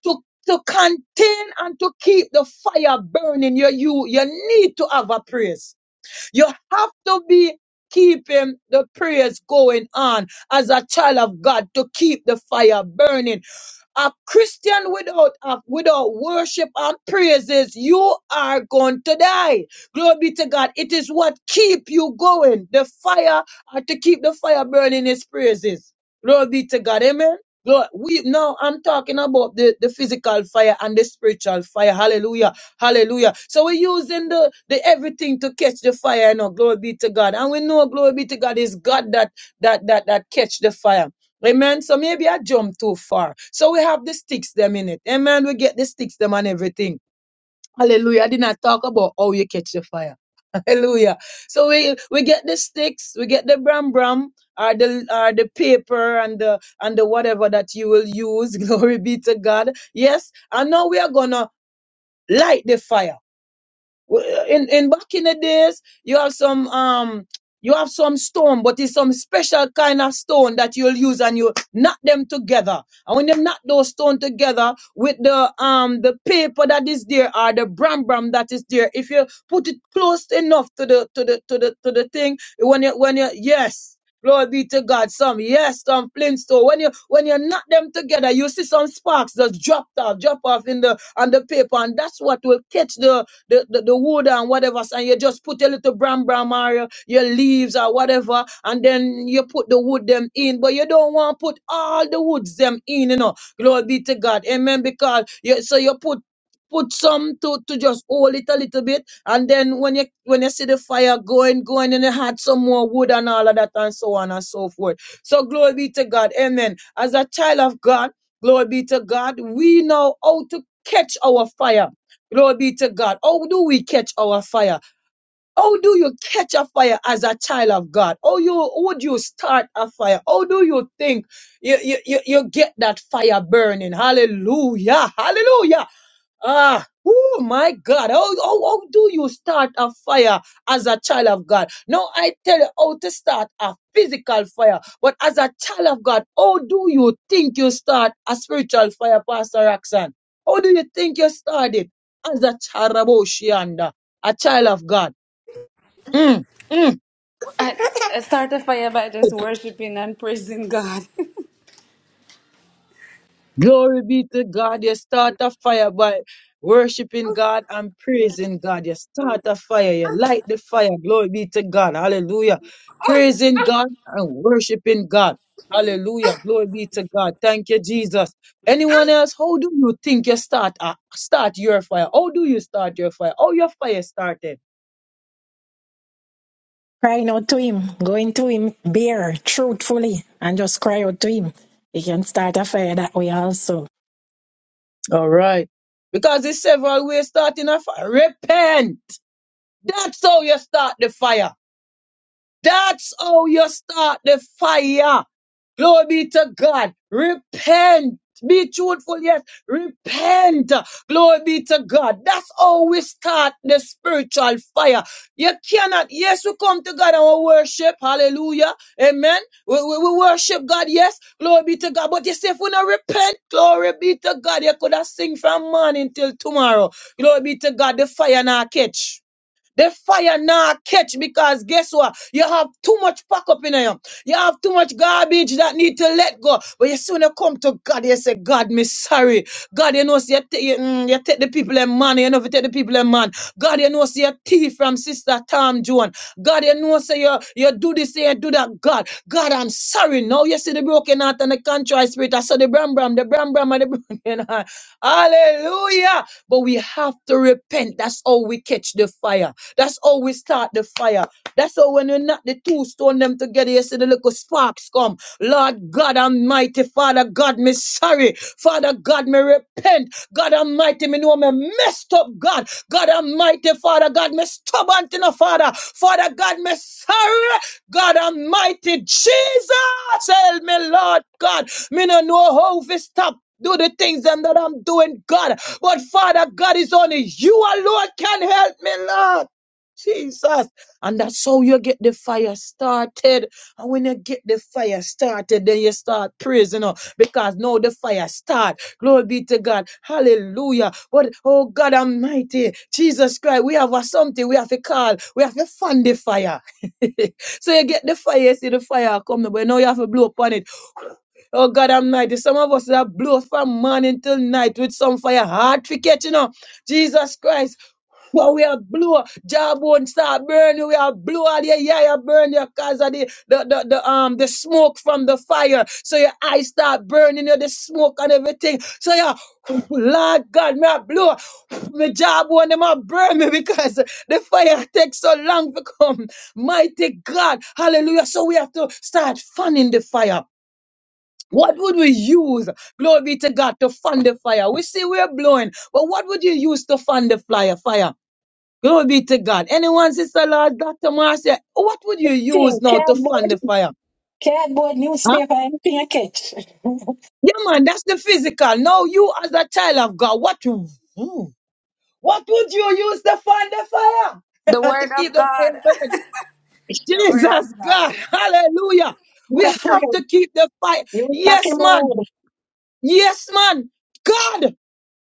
[SPEAKER 2] To to contain and to keep the fire burning, you you you need to have a praise. You have to be keeping the prayers going on as a child of God to keep the fire burning a Christian without uh, without worship and praises, you are going to die. Glory be to God. It is what keep you going. The fire uh, to keep the fire burning is praises. Glory be to God. Amen. Lord, we now I'm talking about the, the physical fire and the spiritual fire. Hallelujah. Hallelujah. So we're using the, the everything to catch the fire, you know. Glory be to God. And we know glory be to God is God that that that that catch the fire. Amen. So maybe I jumped too far. So we have the sticks them in it. Amen. We get the sticks them and everything. Hallelujah. I did not talk about how you catch the fire. Hallelujah. So we we get the sticks, we get the bram bram or the or the paper and the and the whatever that you will use. Glory be to God. Yes. And now we are gonna light the fire. W- In in back in the days, you have some um you have some stone, but it's some special kind of stone that you'll use and you knot them together. And when you knot those stone together with the um the paper that is there or the bram bram that is there, if you put it close enough to the to the to the to the thing, when you when you yes. Glory be to God. Some yes, some flintstone. When you when you knot them together, you see some sparks just dropped off, drop off in the on the paper, and that's what will catch the the, the, the wood and whatever, and you just put a little bram bram or your leaves or whatever, and then you put the wood them in. But you don't want to put all the woods them in, you know. Glory be to God. Amen. Because you so you put put some to, to just hold it a little bit and then when you when you see the fire going going and you had some more wood and all of that and so on and so forth so glory be to god amen as a child of god glory be to god we know how to catch our fire Glory be to God. How do we catch our fire? How do you catch a fire as a child of God? How you would you start a fire? How do you think you, you, you, you get that fire burning? Hallelujah. Hallelujah. Ah, oh my God. How, how, how do you start a fire as a child of God? Now I tell you how to start a physical fire. But as a child of God, how do you think you start a spiritual fire, Pastor Roxanne? How do you think you start it? As a child of Oceania, a child of God. Mm, mm.
[SPEAKER 5] I, I start a fire by just worshiping and praising God.
[SPEAKER 2] Glory be to God. You start a fire by worshiping God and praising God. You start a fire. You light the fire. Glory be to God. Hallelujah. Praising God and worshiping God. Hallelujah. Glory be to God. Thank you, Jesus. Anyone else? How do you think you start a, start your fire? How do you start your fire? How your fire started?
[SPEAKER 1] Crying out to him, going to him bare, truthfully, and just cry out to him. You can start a fire that way also.
[SPEAKER 2] All right. Because there's several ways starting a fire. Repent. That's how you start the fire. That's how you start the fire. Glory be to God. Repent. Be truthful, yes. Repent. Glory be to God. That's how we start the spiritual fire. You cannot, yes, we come to God and we worship. Hallelujah. Amen. We, we, we worship God, yes. Glory be to God. But you say, if we not repent, glory be to God. You could have sing from morning till tomorrow. Glory be to God. The fire not catch. The fire now catch because guess what? You have too much pack up in you. You have too much garbage that need to let go. But you soon you come to God, you say, God, me sorry. God, you know, see, you, ta- you, mm, you take the people and man, you know, if you take the people and man. God, you know, see, you thief from Sister Tom Joan. God, you know, say, you, you do this, you do that. God, God, I'm sorry. Now you see the broken heart and the contrite spirit. I saw the bram bram, the bram bram, and the broken heart. Hallelujah. But we have to repent. That's how we catch the fire. That's how we start the fire. That's how when we knock the two stone them together, you see the little spark sparks come. Lord God Almighty, Father God, me sorry. Father God, me repent. God Almighty, me know me messed up, God. God Almighty, Father God, me stubborn to no Father. Father God, me sorry. God Almighty, Jesus, help me, Lord God. Me no know how to stop. Do the things them that I'm doing, God. But Father God is only you alone can help me, Lord. Jesus. And that's how you get the fire started. And when you get the fire started, then you start praising her because now the fire start. Glory be to God. Hallelujah. What oh God Almighty, Jesus Christ, we have a something we have to call. We have to fund the fire. so you get the fire, you see the fire coming, but now you have to blow upon it. Oh God Almighty, some of us that blow from morning till night with some fire hard cricket, you know. Jesus Christ. Well, we are blow, jawbone start burning, we are blow all your yeah, you burn your cause of the, the, the, the um the smoke from the fire. So your eyes start burning, you know, the smoke and everything. So yeah, Lord God, may I blow my jawbone, them a burn me because the fire takes so long to come. Mighty God, hallelujah. So we have to start fanning the fire. What would we use? Glory be to God to fund the fire. We see we're blowing, but what would you use to fund the fire? Fire. Glory be to God. Anyone, Sister Lord, Dr. Marcia, what would you
[SPEAKER 1] Thing,
[SPEAKER 2] use now to fund
[SPEAKER 1] Cardboard,
[SPEAKER 2] the fire?
[SPEAKER 1] cardboard,
[SPEAKER 2] Huh?
[SPEAKER 1] newspaper, anything I catch.
[SPEAKER 2] Yeah, man, that's the physical. Now you as a child of God, what you- hmm, what would you use to fund the fire?
[SPEAKER 5] The word
[SPEAKER 2] to keep
[SPEAKER 5] of
[SPEAKER 2] the fire
[SPEAKER 5] God.
[SPEAKER 2] burning. Jesus God, hallelujah. We have to keep the fire.
[SPEAKER 1] You
[SPEAKER 2] Yes,
[SPEAKER 1] fucking
[SPEAKER 2] man.
[SPEAKER 1] word.
[SPEAKER 2] Yes, man. God,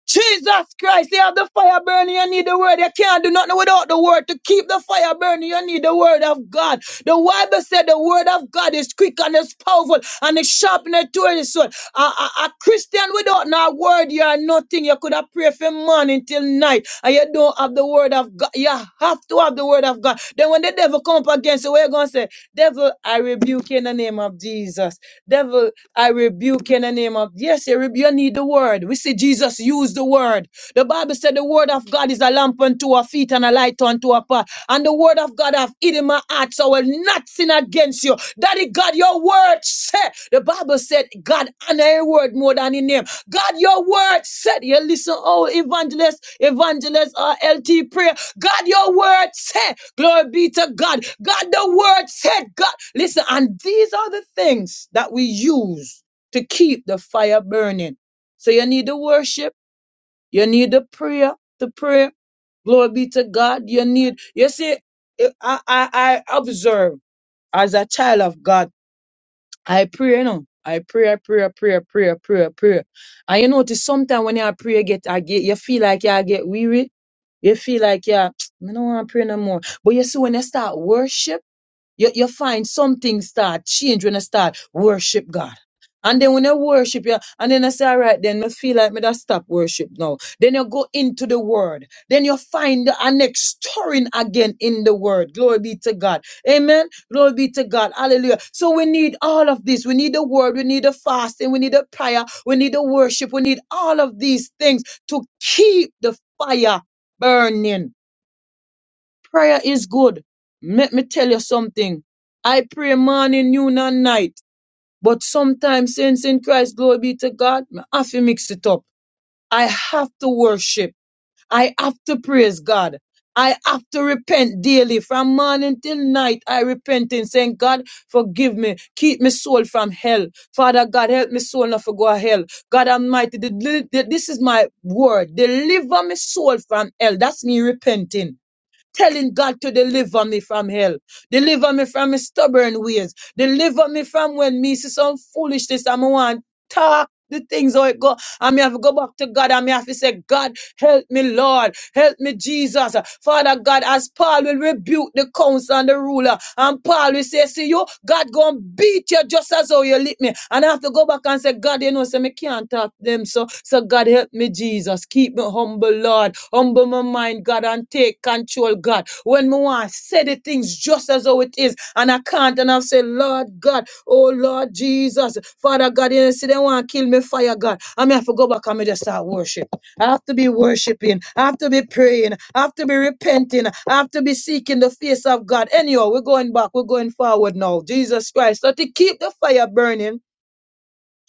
[SPEAKER 2] Jesus Christ, you have the fire burning, you need the word. You can't do nothing without the word. To keep the fire burning, you need the word of God. The Bible said the word of God is quick and it's powerful and it's sharp and it's two-edged sword. A, a, a Christian without no word, you are nothing. You could have a prayer from morning till night and you don't have the word of God, you have to have the word of God. Then when the devil come up against you, what you going to say? Devil, I rebuke you in the name of Jesus. Devil, I rebuke you in the name of, yes, you, rebu- you need the word. We see Jesus use the word. The Bible said the word of God is a lamp unto our feet and a light unto our path. And the word of God have hid in my heart, so I will not sin against you. Daddy God, your word said, the Bible said, God honor your word more than in name. God, your word said, you listen, oh, evangelist, evangelist, uh, LT prayer. God, your word said, glory be to God. God, the word said, God, listen, and these are the things that we use to keep the fire burning. So you need the worship, you need the prayer, the prayer. Glory be to God. You need, you see, I, I, I observe as a child of God I pray you know I pray, I pray, I pray, I pray, I pray, I pray. And you notice sometimes when you pray, you get, I get, you feel like you get weary. You feel like you, I don't want to pray no more. But you see, when you start worship. You, you find something start change when I start worship God. And then when I worship you, and then I say, all right, then I feel like me that stop worship now. Then you go into the word. Then you find a next stirring again in the word. Glory be to God. Amen. Glory be to God. Hallelujah. So we need all of this. We need the word. We need the fasting. We need the prayer. We need the worship. We need all of these things to keep the fire burning Prayer is good. Let me tell you something. I pray morning, noon, and night. But sometimes, since in Christ, glory be to God, I have to mix it up. I have to worship. I have to praise God. I have to repent daily from morning till night. I repent and saying, God, forgive me. Keep me soul from hell. Father God, help me soul not to go to hell. God Almighty, the- the- this is my word. Deliver me soul from hell. That's me repenting telling God to deliver me from hell. Deliver me from my stubborn ways. Deliver me from when me see some foolishness I'm on talk the things how it go. I may have to go back to God. I may have to say, God, help me, Lord. Help me, Jesus. Father God, as Paul will rebuke the council and the ruler, and Paul will say, see you, God gonna beat you just as how you lick me. And I have to go back and say, God, you know, say me can't talk to them. So, so God help me, Jesus. Keep me humble, Lord. Humble my mind, God, and take control, God. When me want say the things just as how it is, and I can't, and I say, Lord God, Oh Lord Jesus, Father God, you see they want to kill me, fire God. I mean, I have to go back and me just start worship. I have to be worshiping. I have to be praying. I have to be repenting. I have to be seeking the face of God. Anyhow, we're going back. We're going forward now. Jesus Christ. So to keep the fire burning.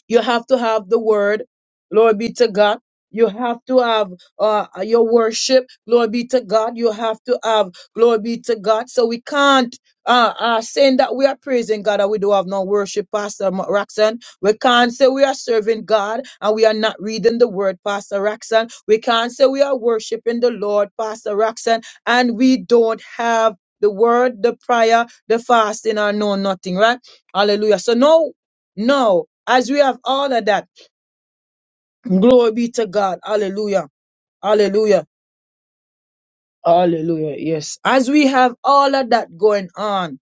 [SPEAKER 2] You have to have the word. Glory be to God. You have to have uh, your worship. Glory be to God. You have to have glory be to God. So we can't uh, uh, saying that we are praising God and we do have no worship, Pastor Ma- Roxanne. We can't say we are serving God and we are not reading the word, Pastor Roxanne. We can't say we are worshiping the Lord, Pastor Roxanne, and we don't have the word, the prayer, the fasting, or no nothing, right? Hallelujah. So no. No, as we have all of that, glory be to God. Hallelujah. Hallelujah. Hallelujah. Yes. As we have all of that going on,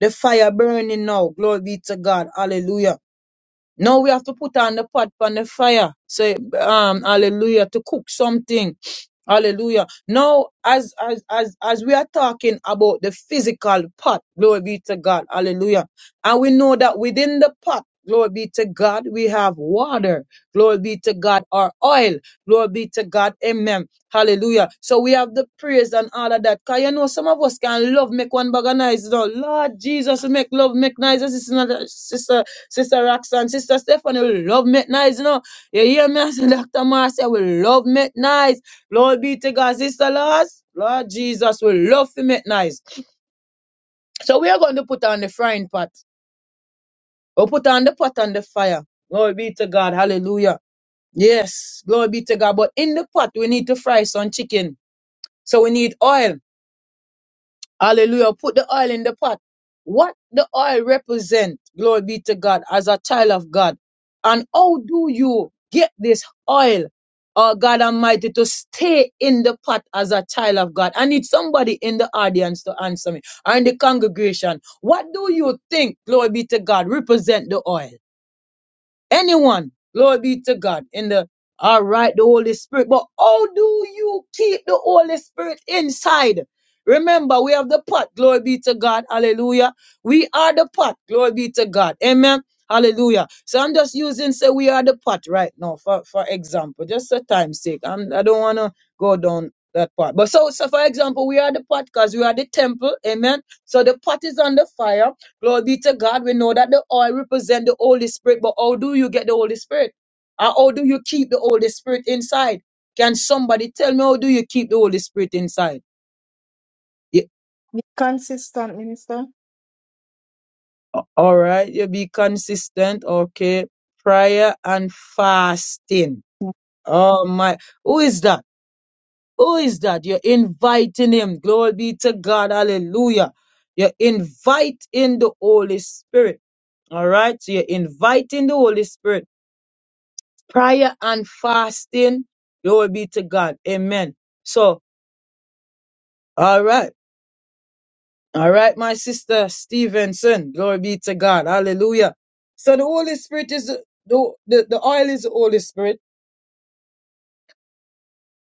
[SPEAKER 2] the fire burning now. Glory be to God. Hallelujah. No, we have to put on the pot on the fire. Say, um, hallelujah, to cook something. Hallelujah. Now, as as as as we are talking about the physical pot, glory be to God. Hallelujah. And we know that within the pot, glory be to God, we have water. Glory be to God, or oil. Glory be to God. Amen. Hallelujah. So we have the praise and all of that. Because you know, some of us can love make one bag of nice. You know. Lord Jesus, we make love make nice. This is another sister, sister Roxanne, sister Stephanie, we love make nice. You know, you hear me? I say, Dr. Marcia, we love make nice. Lord be to God, sister Lars. Lord Jesus, we love to make nice. So we are going to put on the frying pot. We'll put on the pot on the fire. Glory be to God. Hallelujah. Yes, glory be to God. But in the pot, we need to fry some chicken. So we need oil. Hallelujah. Put the oil in the pot. What the oil represent, glory be to God, as a child of God. And how do you get this oil, oh God Almighty, to stay in the pot as a child of God? I need somebody in the audience to answer me or in the congregation. What do you think, glory be to God, represent the oil? anyone. Glory be to God. In the all right, the Holy Spirit. But how do you keep the Holy Spirit inside? Remember, we have the pot. Glory be to God. Hallelujah. We are the pot. Glory be to God. Amen. Hallelujah. So I'm just using say we are the pot right now for, for example, just for time's sake. I'm, I don't want to go down that part. But so, so for example, we are the pot because we are the temple. Amen. So the pot is on the fire Glory be to God. We know that the oil represents the Holy Spirit, but how do you get the Holy Spirit? Or how do you keep the Holy Spirit inside? Can somebody tell me how do you keep the Holy Spirit inside? Yeah. a- All right, you be consistent. Okay. Prayer and fasting. Oh my. Who is that? Who is that? You're inviting him. Glory be to God. Hallelujah. You're inviting the Holy Spirit. All right. So you're inviting the Holy Spirit. prayer and fasting. Glory be to God. Amen. So, all right. All right, my sister Stevenson. Glory be to God. Hallelujah. So the Holy Spirit is the, the, the oil is the Holy Spirit.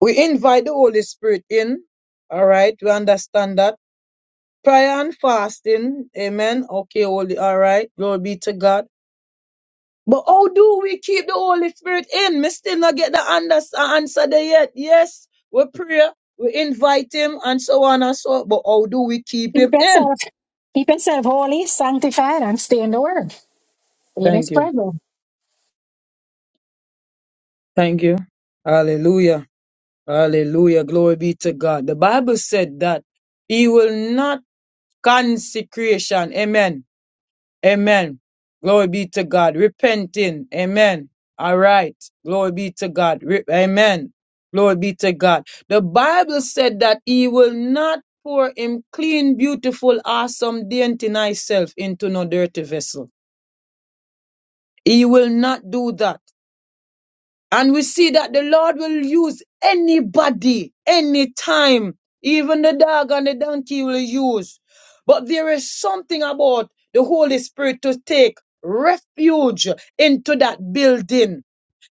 [SPEAKER 2] We invite the Holy Spirit in. All right. We understand that. Prayer and fasting. Amen. Okay, holy. All right. Glory be to God. But how do we keep the Holy Spirit in? Me still not get the unders- answer there yet. Yes, we pray, we invite him, and so on and so. on. But how do we keep
[SPEAKER 1] Keep
[SPEAKER 2] him in?
[SPEAKER 1] yourself, keep yourself holy, sanctified, and stay in the word. Stay in his
[SPEAKER 2] Thank you.
[SPEAKER 1] presence.
[SPEAKER 2] Thank you. Hallelujah. Hallelujah. Glory be to God. The Bible said that he will not consecration. Amen Amen. Glory be to God. Repenting. Amen. All right. Glory be to God. Re- Amen. Glory be to God. The Bible said that he will not pour him clean, beautiful, awesome, dainty, nice self into no dirty vessel. He will not do that. And we see that the Lord will use anybody, anytime, even the dog and the donkey he will use. But there is something about the Holy Spirit to take refuge into that building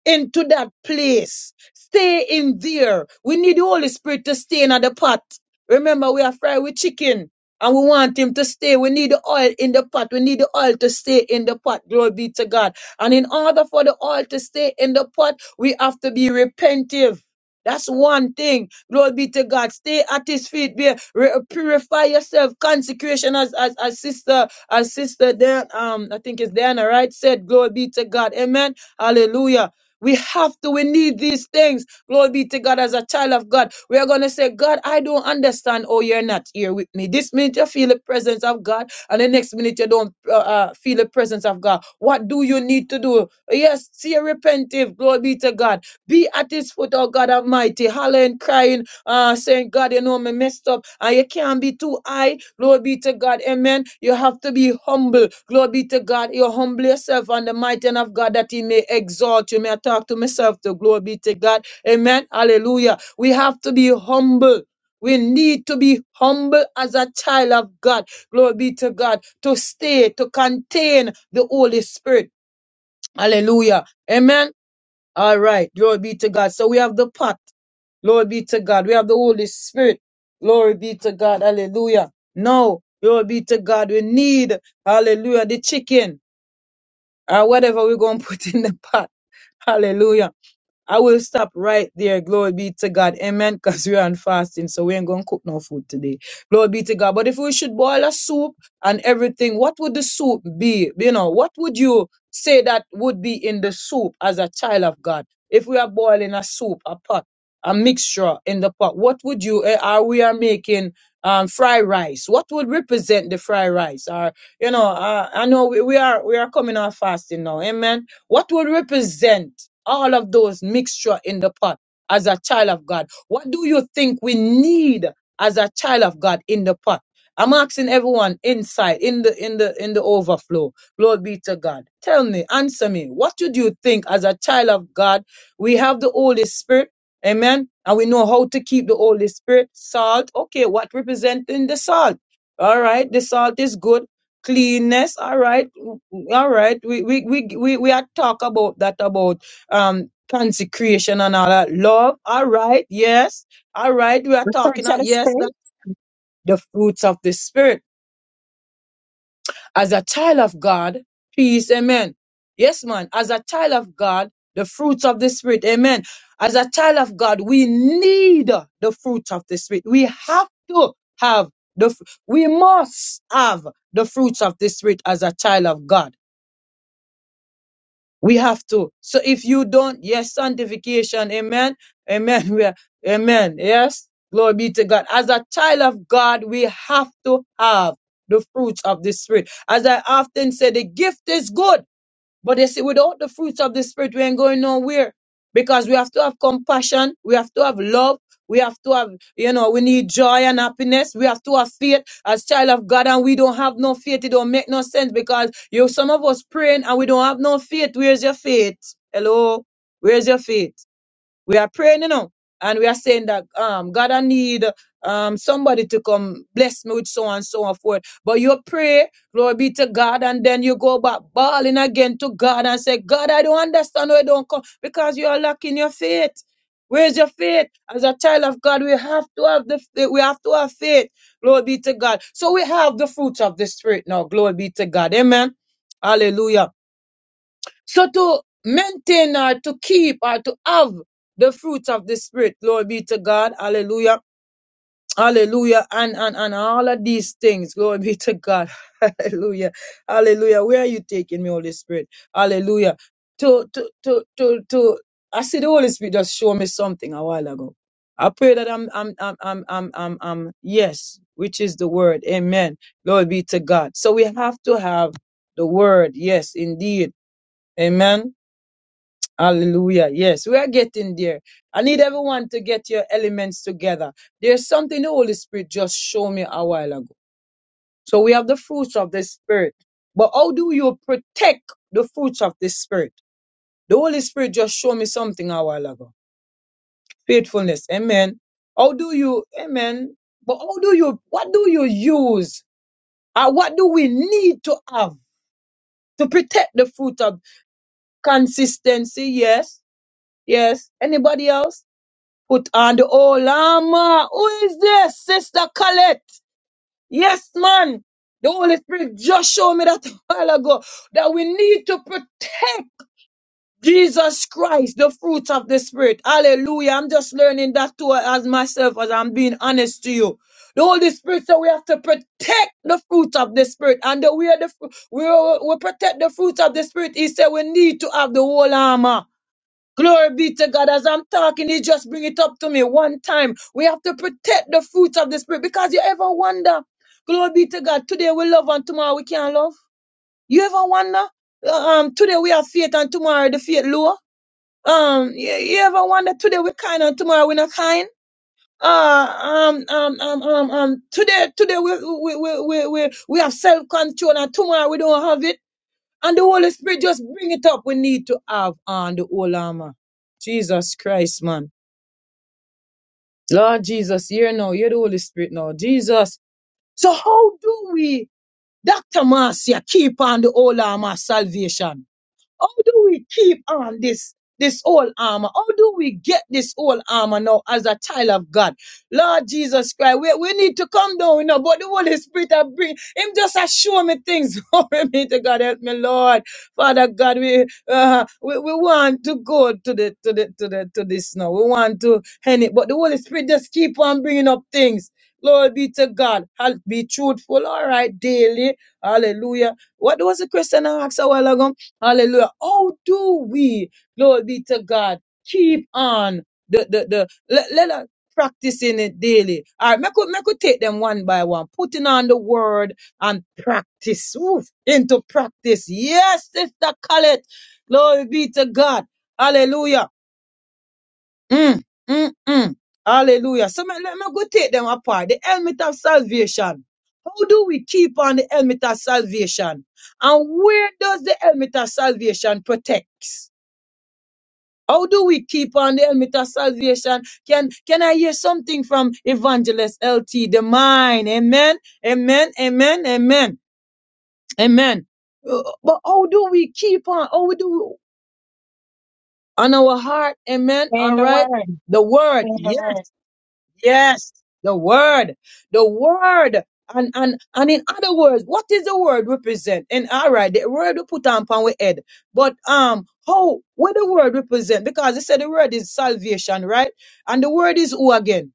[SPEAKER 2] into that place. Stay in there. We need the Holy Spirit to stay in the pot. Remember, we are fried with chicken and we want him to stay. We need the oil in the pot. We need the oil to stay in the pot. Glory be to God. And in order for the oil to stay in the pot, we have to be repentive. That's one thing. Glory be to God. Stay at his feet. Be, re- purify yourself. Consecration as, as, as sister, as sister Dan, um, I think it's Diana, right? Said, glory be to God. Amen. Hallelujah. We have to, we need these things. Glory be to God as a child of God. We are going to say, God, I don't understand. Oh, you're not here with me. This minute you feel the presence of God, and the next minute you don't uh, uh, feel the presence of God. What do you need to do? Yes, see, repentive. Glory be to God. Be at his foot, oh God Almighty, hollering, crying uh, saying, God, you know, me messed up. And you can't be too high. Glory be to God. Amen. You have to be humble. Glory be to God. You humble yourself on the mighty hand of God that He may exalt you. May I talk to myself to glory be to God. Amen. Hallelujah. We have to be humble. We need to be humble as a child of God. Glory be to God. To stay, to contain the Holy Spirit. Hallelujah. Amen. All right. Glory be to God. So we have the pot. Glory be to God. We have the Holy Spirit. Glory be to God. Hallelujah. No. Glory be to God. We need, hallelujah, the chicken or whatever we're going to put in the pot. Hallelujah. I will stop right there. Glory be to God. Amen. Because we are on fasting, so we ain't going to cook no food today. Glory be to God. But if we should boil a soup and everything, what would the soup be? You know, what would you say that would be in the soup as a child of God? If we are boiling a soup, a pot, a mixture in the pot, what would you, eh, are we are making um, fried rice? What would represent the fried rice? Or, you know, uh, I know we, we are, we are coming off fasting now. Amen. What will represent all of those mixture in the pot as a child of God? What do you think we need as a child of God in the pot? I'm asking everyone inside in the in the in the overflow. Glory be to God. Tell me, answer me. What should you think as a child of God? We have the Holy Spirit. Amen. And we know how to keep the Holy Spirit. Salt. Okay, what representing the salt? All right. The salt is good. Cleanness. All right. All right, we we we we we had talk about that about um consecration and all that love. All right, yes, all right, we are
[SPEAKER 1] The
[SPEAKER 2] talking
[SPEAKER 1] fruits of
[SPEAKER 2] about
[SPEAKER 1] the
[SPEAKER 2] yes
[SPEAKER 1] spirit.
[SPEAKER 2] that the fruits of the spirit as a child of God, peace, amen. Yes, man, as a child of God, the fruits of the spirit, amen. As a child of God, we need the fruits of the spirit. We have to have the fr- we must have the fruits of the spirit as a child of God. We have to. So if you don't, yes, sanctification, amen, amen, we are, amen, yes, glory be to God. As a child of God, we have to have the fruits of the Spirit. As I often say, the gift is good but they say without the fruits of the spirit, we ain't going nowhere. Because we have to have compassion, we have to have love, we have to have, you know, we need joy and happiness, we have to have faith as child of God, and we don't have no faith. It don't make no sense because you some of us praying and we don't have no faith. Where's your faith? Hello? Where's your faith? We are praying, you know, and we are saying that um God, I need um somebody to come bless me with so and so and forth. But you pray, glory be to God, and then you go back bawling again to God and say, God, I don't understand why you don't come because you are lacking your faith. Where's your faith? As a child of God, we have to have the faith. we have to have faith. Glory be to God. So we have the fruits of the spirit now. Glory be to God. Amen. Hallelujah. So to maintain or to keep or to have the fruits of the spirit, glory be to God, hallelujah, hallelujah, and and and all of these things, glory be to God, hallelujah, hallelujah. Where are you taking me, Holy Spirit? Hallelujah. To to to to to I see the Holy Spirit just show me something a while ago. I pray that I'm I'm I'm I'm I'm I'm, I'm yes, which is the word. Amen. Glory be to God. So we have to have the word, yes, indeed. Amen. Hallelujah. Yes, we are getting there. I need everyone to get your elements together. There's something the Holy Spirit just showed me a while ago. So we have the fruits of the Spirit. But how do you protect the fruits of the Spirit? The Holy Spirit just showed me something a while ago. Faithfulness. Amen. How do you, amen. But how do you, what do you use? And what do we need to have to protect the fruit of consistency? Yes. Yes. Anybody else? Put on the old armor. Who is this? Sister Colette. Yes, man. The Holy Spirit just showed me that a while ago that we need to protect Jesus Christ, the fruits of the Spirit. Hallelujah. I'm just learning that too as myself as I'm being honest to you. The Holy Spirit said we have to protect the fruit of the Spirit. And the way the fru- we, we protect the fruit of the Spirit, He said we need to have the whole armor. Glory be to God. As I'm talking, he just bring it up to me one time. We have to protect the fruits of the spirit because you ever wonder, glory be to God, today we love and tomorrow we can't love. You ever wonder, uh, um, today we have faith and tomorrow the faith lower. Um, you, you ever wonder today we kind and tomorrow we not kind. Uh, um, um, um, um, um, today, today we, we, we, we, we, we have self control and tomorrow we don't have it. And the Holy Spirit just bring it up. We need to have on the whole armor. Jesus Christ, man. Lord Jesus, here now, hear the Holy Spirit now. Jesus. So how do we, Dr. Marcia, keep on the whole armor of salvation? How do we keep on this? This old armor. How do we get this old armor now as a child of God? Lord Jesus Christ, we, we need to come down, you know, but the Holy Spirit I bring him just a show me things. Glory be to God, help me, Lord. Father God, we uh, we, we want to go to the to the to the to this now. We want to end it, but the Holy Spirit just keep on bringing up things. Lord be to God. I'll be truthful, all right, daily. Hallelujah. What was the question I asked a while ago? Hallelujah. How do we, glory be to God, keep on the, the, the, let, let us practicing it daily. All right, make could, make could take them one by one, putting on the word and practice, Oof, into practice. Yes, Sister Colette, glory be to God. Hallelujah. Mm, mm, mm. Hallelujah. So me- let me go take them apart. The helmet of salvation. How do we keep on the helmet of salvation? And where does the helmet of salvation protect? How do we keep on the helmet of salvation? Can can I hear something from Evangelist LT? The mind. Amen. Amen. Amen. Amen. Amen. Uh, But how do we keep on? How do we, on our heart? Amen.
[SPEAKER 1] Stay in
[SPEAKER 2] All
[SPEAKER 1] the
[SPEAKER 2] right.
[SPEAKER 1] word. Stay
[SPEAKER 2] The word.
[SPEAKER 1] in the
[SPEAKER 2] Yes.
[SPEAKER 1] word.
[SPEAKER 2] Yes, the word, the word. And, and and in other words, what is the word represent? And all right, the word we put on upon we head. But um, how what the word represent? Because they said the word is salvation, right? And the word is who again?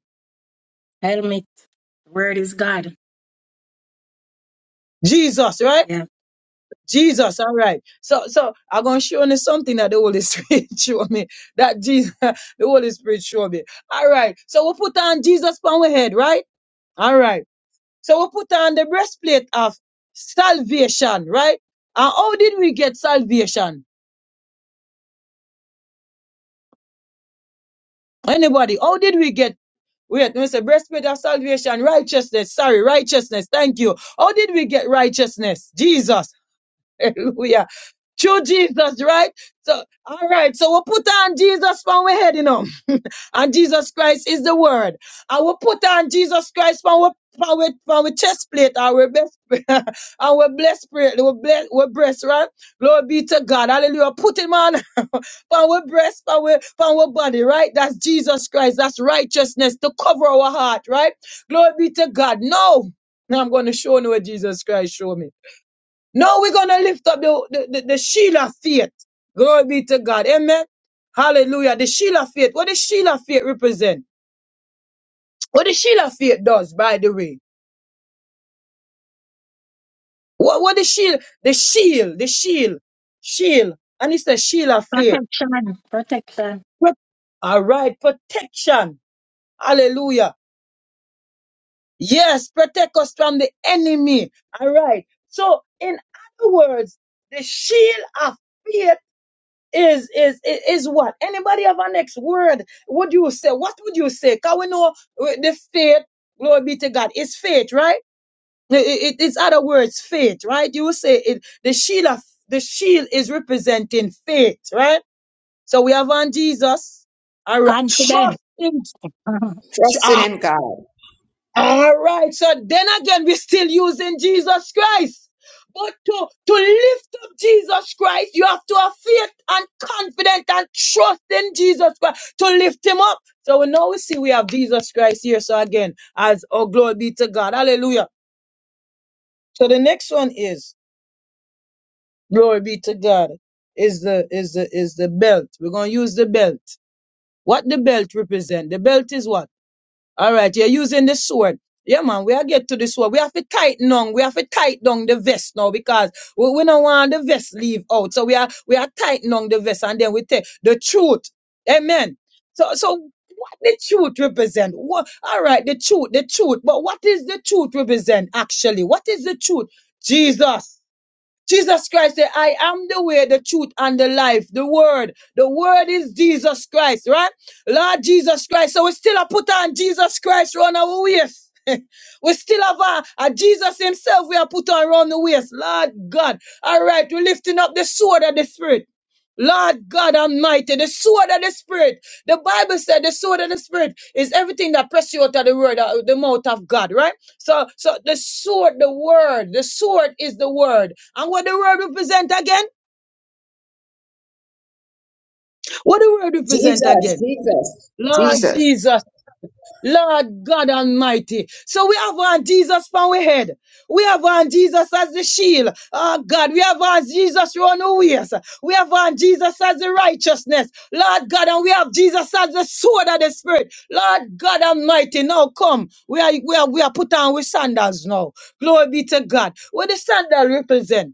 [SPEAKER 1] Helmet. Word is God.
[SPEAKER 2] Jesus, right?
[SPEAKER 1] Yeah.
[SPEAKER 2] Jesus, all right. So so I'm gonna show you something that the Holy Spirit show me. That Jesus, the Holy Spirit show me. All right. So we put on Jesus upon we head, right? All right. So we put on the breastplate of salvation, right? And how did we get salvation? Anybody, how did we get wait, when we say breastplate of salvation, righteousness, sorry, righteousness, thank you. How did we get righteousness? Jesus. Hallelujah. Through Jesus, right? So all right, so we put on Jesus from we head, you know. And Jesus Christ is the word. And we put on Jesus Christ from our from our, from our chest plate, our best, our blessed spirit, our bless, our breast, right? Glory be to God. Hallelujah. Put him on from our breast, from our, from our body, right? That's Jesus Christ. That's righteousness to cover our heart, right? Glory be to God. No. Now I'm going to show you what Jesus Christ showed me. No, we're going to lift up the, the, the, the shield of faith. Glory be to God. Amen. Hallelujah. The shield of faith. What the shield of faith represent? What the shield of faith does, by the way. What, what the shield, the shield, the shield, shield. And it's the shield of faith.
[SPEAKER 1] Protection. Protection.
[SPEAKER 2] Pro- All right. Protection. Hallelujah. Yes. Protect us from the enemy. All right. So in other words, the shield of faith is is i- is what anybody have a next word what do you say what would you say because we know uh, the faith glory be to god it's faith right I- i- it, it's other words faith right you say it the shield of the shield is representing faith right so we have on jesus all right
[SPEAKER 1] Confident.
[SPEAKER 2] trust in
[SPEAKER 6] Trusted in God.
[SPEAKER 2] all right. So then again, we're still using Jesus Christ. But to, to lift up Jesus Christ, you have to have faith and confidence and trust in Jesus Christ to lift him up. So we now we see we have Jesus Christ here. So again, as oh glory be to God. Hallelujah. So the next one is glory be to God. Is the is the is the belt. We're gonna use the belt. What the belt represent? The belt is what? All right, you're using the sword. Yeah, man, we are get to the sword. We have to tighten down. We have to tighten down the vest now because we, we don't want the vest leave out. So we are we are tightening on the vest and then we take the truth. Amen. So so what the truth represent? What all right, the truth, the truth. But what is the truth represent actually? What is the truth? Jesus. Jesus Christ said, I am the way, the truth, and the life, the word. The word is Jesus Christ, right? Lord Jesus Christ. So we still a put on Jesus Christ round our waist. we still have a, a Jesus himself we are put on round the waist. Lord God. All right, we're lifting up the sword of the spirit. Lord God Almighty, the sword of the Spirit. The Bible said the sword of the Spirit is everything that presses you out of the word, uh, the mouth of God, right? So, so the sword, the word, the sword is the word. And what the word represent again? What the word represent
[SPEAKER 6] Jesus,
[SPEAKER 2] again?
[SPEAKER 6] Jesus,
[SPEAKER 2] Lord
[SPEAKER 6] Jesus.
[SPEAKER 2] Jesus. Lord God Almighty. So we have on Jesus from we head. We have on Jesus as the shield. Oh God, we have on Jesus round our waist. We have on Jesus as the righteousness. Lord God, and we have Jesus as the sword of the spirit. Lord God Almighty, now come. We are we are, we are put on with sandals now. Glory be to God. What the sandal represent?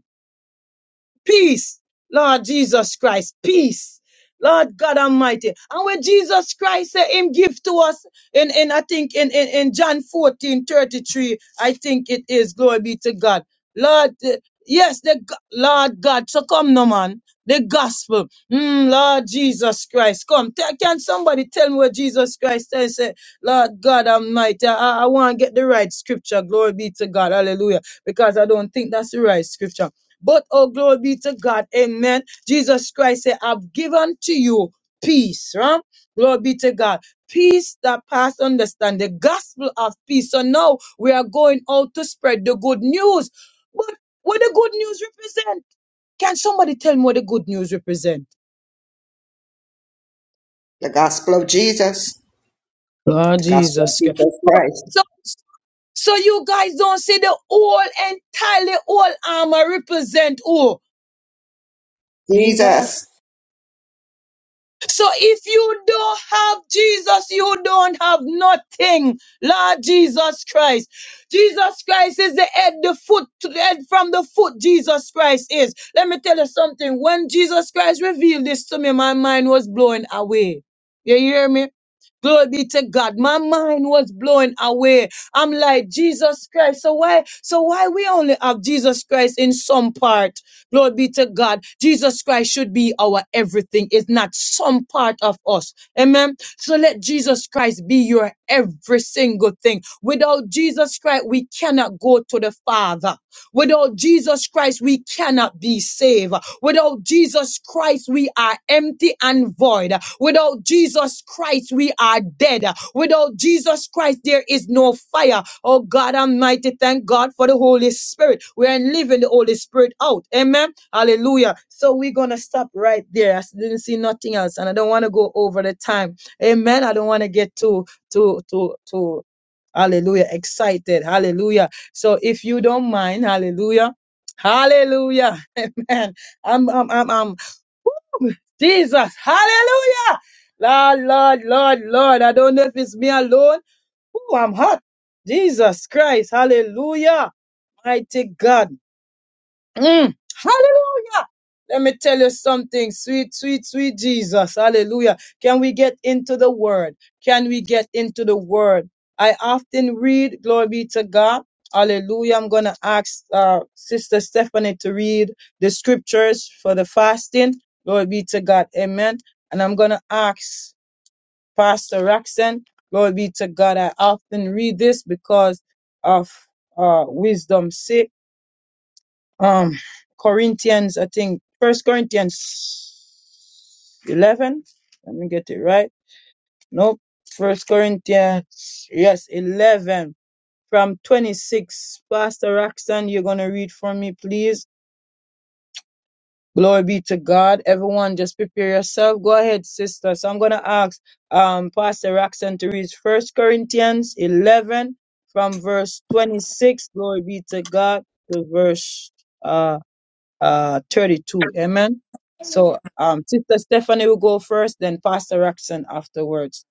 [SPEAKER 2] peace, Lord Jesus Christ, peace. Lord God Almighty. And when Jesus Christ said him give to us in, in I think in, in, in John 14 33, I think it is, glory be to God. Lord, eh, yes, the go- Lord God, so come no man. The gospel. Mm, Lord Jesus Christ, come. Te- Can somebody tell me what Jesus Christ said? Say, Lord God Almighty, I, I want to get the right scripture. Glory be to God. Hallelujah. Because I don't think that's the right scripture. But oh, glory be to God. Amen. Jesus Christ said, I've given to you peace. Right? Glory be to God. Peace that pass understand. The gospel of peace. So now we are going out to spread the good news. But what the good news represent? Can somebody tell me what the good news represent?
[SPEAKER 6] The gospel of Jesus.
[SPEAKER 2] Oh,
[SPEAKER 6] The gospel of
[SPEAKER 2] Jesus Christ.
[SPEAKER 6] Jesus
[SPEAKER 2] Oh,
[SPEAKER 6] Christ.
[SPEAKER 2] So, so you guys don't see the whole, entirely whole armor represent who?
[SPEAKER 6] Jesus.
[SPEAKER 2] So if you don't have Jesus, you don't have nothing. Lord Jesus Christ. Jesus Christ is the head, the foot, to the head from the foot Jesus Christ is. Let me tell you something. When Jesus Christ revealed this to me, my mind was blown away. You hear me? Glory be to God. My mind was blown away. I'm like, Jesus Christ. So why, so why we only have Jesus Christ in some part? Glory be to God. Jesus Christ should be our everything. It's not some part of us. Amen. So let Jesus Christ be your every single thing. Without Jesus Christ, we cannot go to the Father. Without Jesus Christ, we cannot be saved. Without Jesus Christ, we are empty and void. Without Jesus Christ, we are dead. Without Jesus Christ, there is no fire. Oh God Almighty, thank God for the Holy Spirit. We are living the Holy Spirit out. Amen. Hallelujah. So we're going to stop right there. I didn't see nothing else, and I don't want to go over the time. Amen. I don't want to get too, too, too, too. Hallelujah. Excited. Hallelujah. So if you don't mind, hallelujah. Hallelujah. Amen. I'm I'm I'm, I'm Woo! Jesus. Hallelujah. Lord, Lord, Lord, Lord. I don't know if it's me alone. Ooh, I'm hot. Jesus Christ. Hallelujah. Mighty God. Mm. Hallelujah. Let me tell you something, sweet, sweet, sweet Jesus. Hallelujah. Can we get into the word? Can we get into the word? I often read, glory be to God. Hallelujah. I'm going to ask uh, Sister Stephanie to read the scriptures for the fasting. Glory be to God. Amen. And I'm going to ask Pastor Roxanne. Glory be to God. I often read this because of uh, wisdom sake. Um, Corinthians, I think, First Corinthians 11. Let me get it right. Nope. First Corinthians, yes, 11 from 26. Pastor Roxanne, you're going to read for me, please. Glory be to God. Everyone, just prepare yourself. Go ahead, sister. So I'm going to ask um, Pastor Roxanne to read First Corinthians 11 from verse 26. Glory be to God to verse uh, uh, 32. Amen. So, um, Sister Stephanie will go first, then Pastor Raxon afterwards.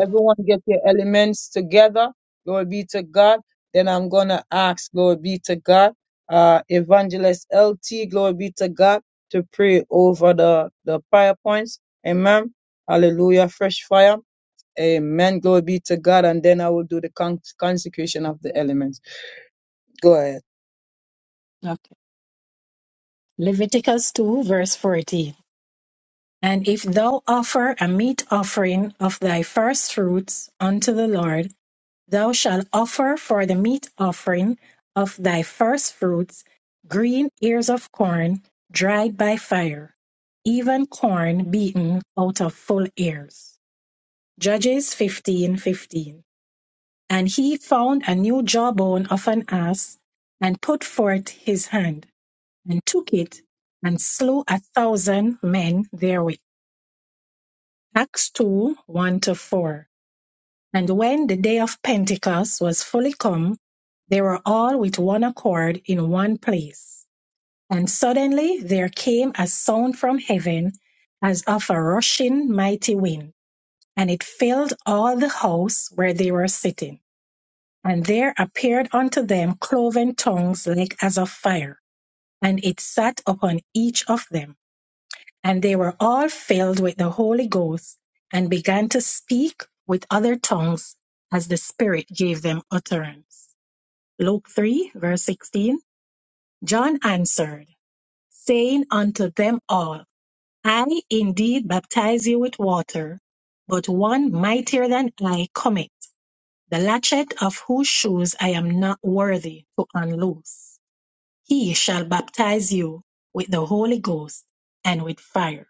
[SPEAKER 2] Everyone get your elements together. Glory be to God. Then I'm going to ask, glory be to God, uh, Evangelist LT, glory be to God, to pray over the, the prayer points. Amen. Hallelujah. Fresh fire. Amen. Glory be to God. And then I will do the con- consecration of the elements. Go ahead.
[SPEAKER 1] Okay. Leviticus 2, verse 14. And if thou offer a meat offering of thy first fruits unto the Lord, Thou shalt offer for the meat offering of thy first fruits green ears of corn dried by fire, even corn beaten out of full ears. Judges fifteen fifteen. And he found a new jawbone of an ass, and put forth his hand, and took it, and slew a thousand men therewith. Acts 2 1 to 4. And when the day of Pentecost was fully come, they were all with one accord in one place. And suddenly there came a sound from heaven as of a rushing mighty wind, and it filled all the house where they were sitting. And there appeared unto them cloven tongues like as of fire, and it sat upon each of them and they were all filled with the Holy Ghost and began to speak with other tongues as the Spirit gave them utterance. Luke 3, verse 16. John answered, saying unto them all, I indeed baptize you with water, but one mightier than I cometh, the latchet of whose shoes I am not worthy to unloose. He shall baptize you with the Holy Ghost and with fire.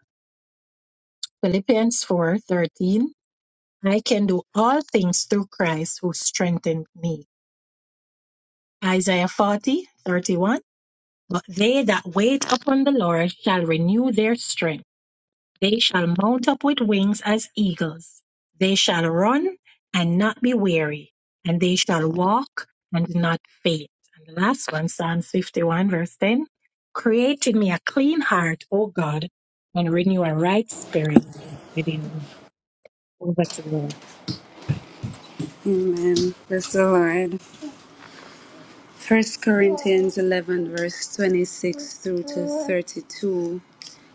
[SPEAKER 1] Philippians 4:13 I can do all things through Christ who strengthened me. Isaiah 40 31. But they that wait upon the Lord shall renew their strength. They shall mount up with wings as eagles. They shall run and not be weary, and they shall walk and not faint. And the last one, Psalms 51, verse 10. Create in me a clean heart, O God, and renew a right spirit within me. Over to you.
[SPEAKER 5] Amen. Bless the Lord. First Corinthians 11, verse 26 through to 32.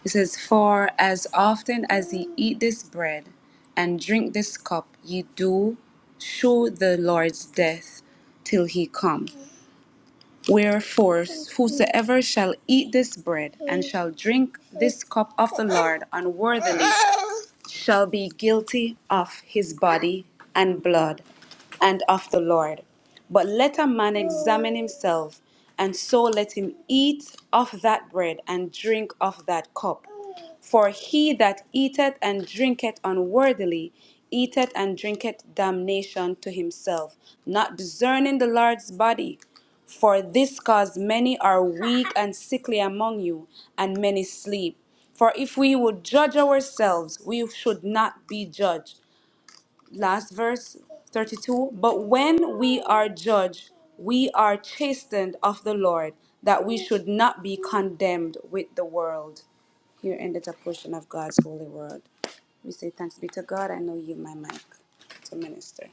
[SPEAKER 5] It says, For as often as ye eat this bread and drink this cup, ye do show the Lord's death till he come. Wherefore, whosoever shall eat this bread and shall drink this cup of the Lord unworthily shall be guilty of his body and blood and of the Lord. But let a man examine himself, and so let him eat of that bread and drink of that cup. For he that eateth and drinketh unworthily eateth and drinketh damnation to himself, not discerning the Lord's body. For this cause many are weak and sickly among you, and many sleep. For if we would judge ourselves, we should not be judged. Last verse 32 But when we are judged, we are chastened of the Lord, that we should not be condemned with the world. Here ended a portion of God's holy word. We say thanks be to God. I know you, my mic, to minister.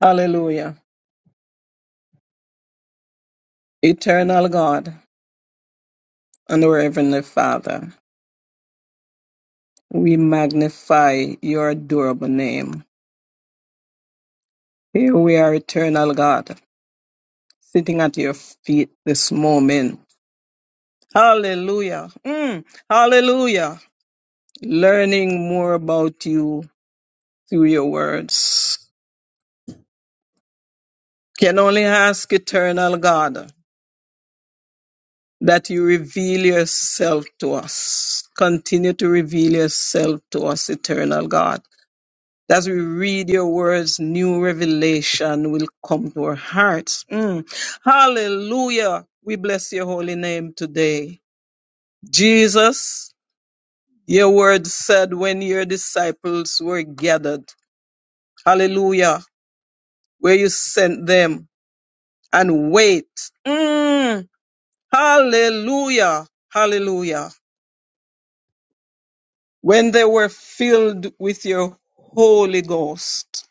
[SPEAKER 4] Hallelujah. Eternal God. and Our Heavenly Father, we magnify your adorable name. Here we are, eternal God, sitting at your feet this moment. Hallelujah. Mm, hallelujah. Learning more about you through your words. Can only ask, eternal God, that you reveal yourself to us. Continue to reveal yourself to us, eternal God As we read your words, new revelation will come to our hearts. Mm. Hallelujah. We bless your holy name today. Jesus, your word said when your disciples were gathered, hallelujah, where you sent them and wait. Mm. Hallelujah. Hallelujah. When they were filled with your Holy Ghost.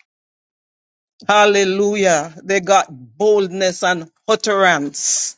[SPEAKER 4] Hallelujah. They got boldness and utterance.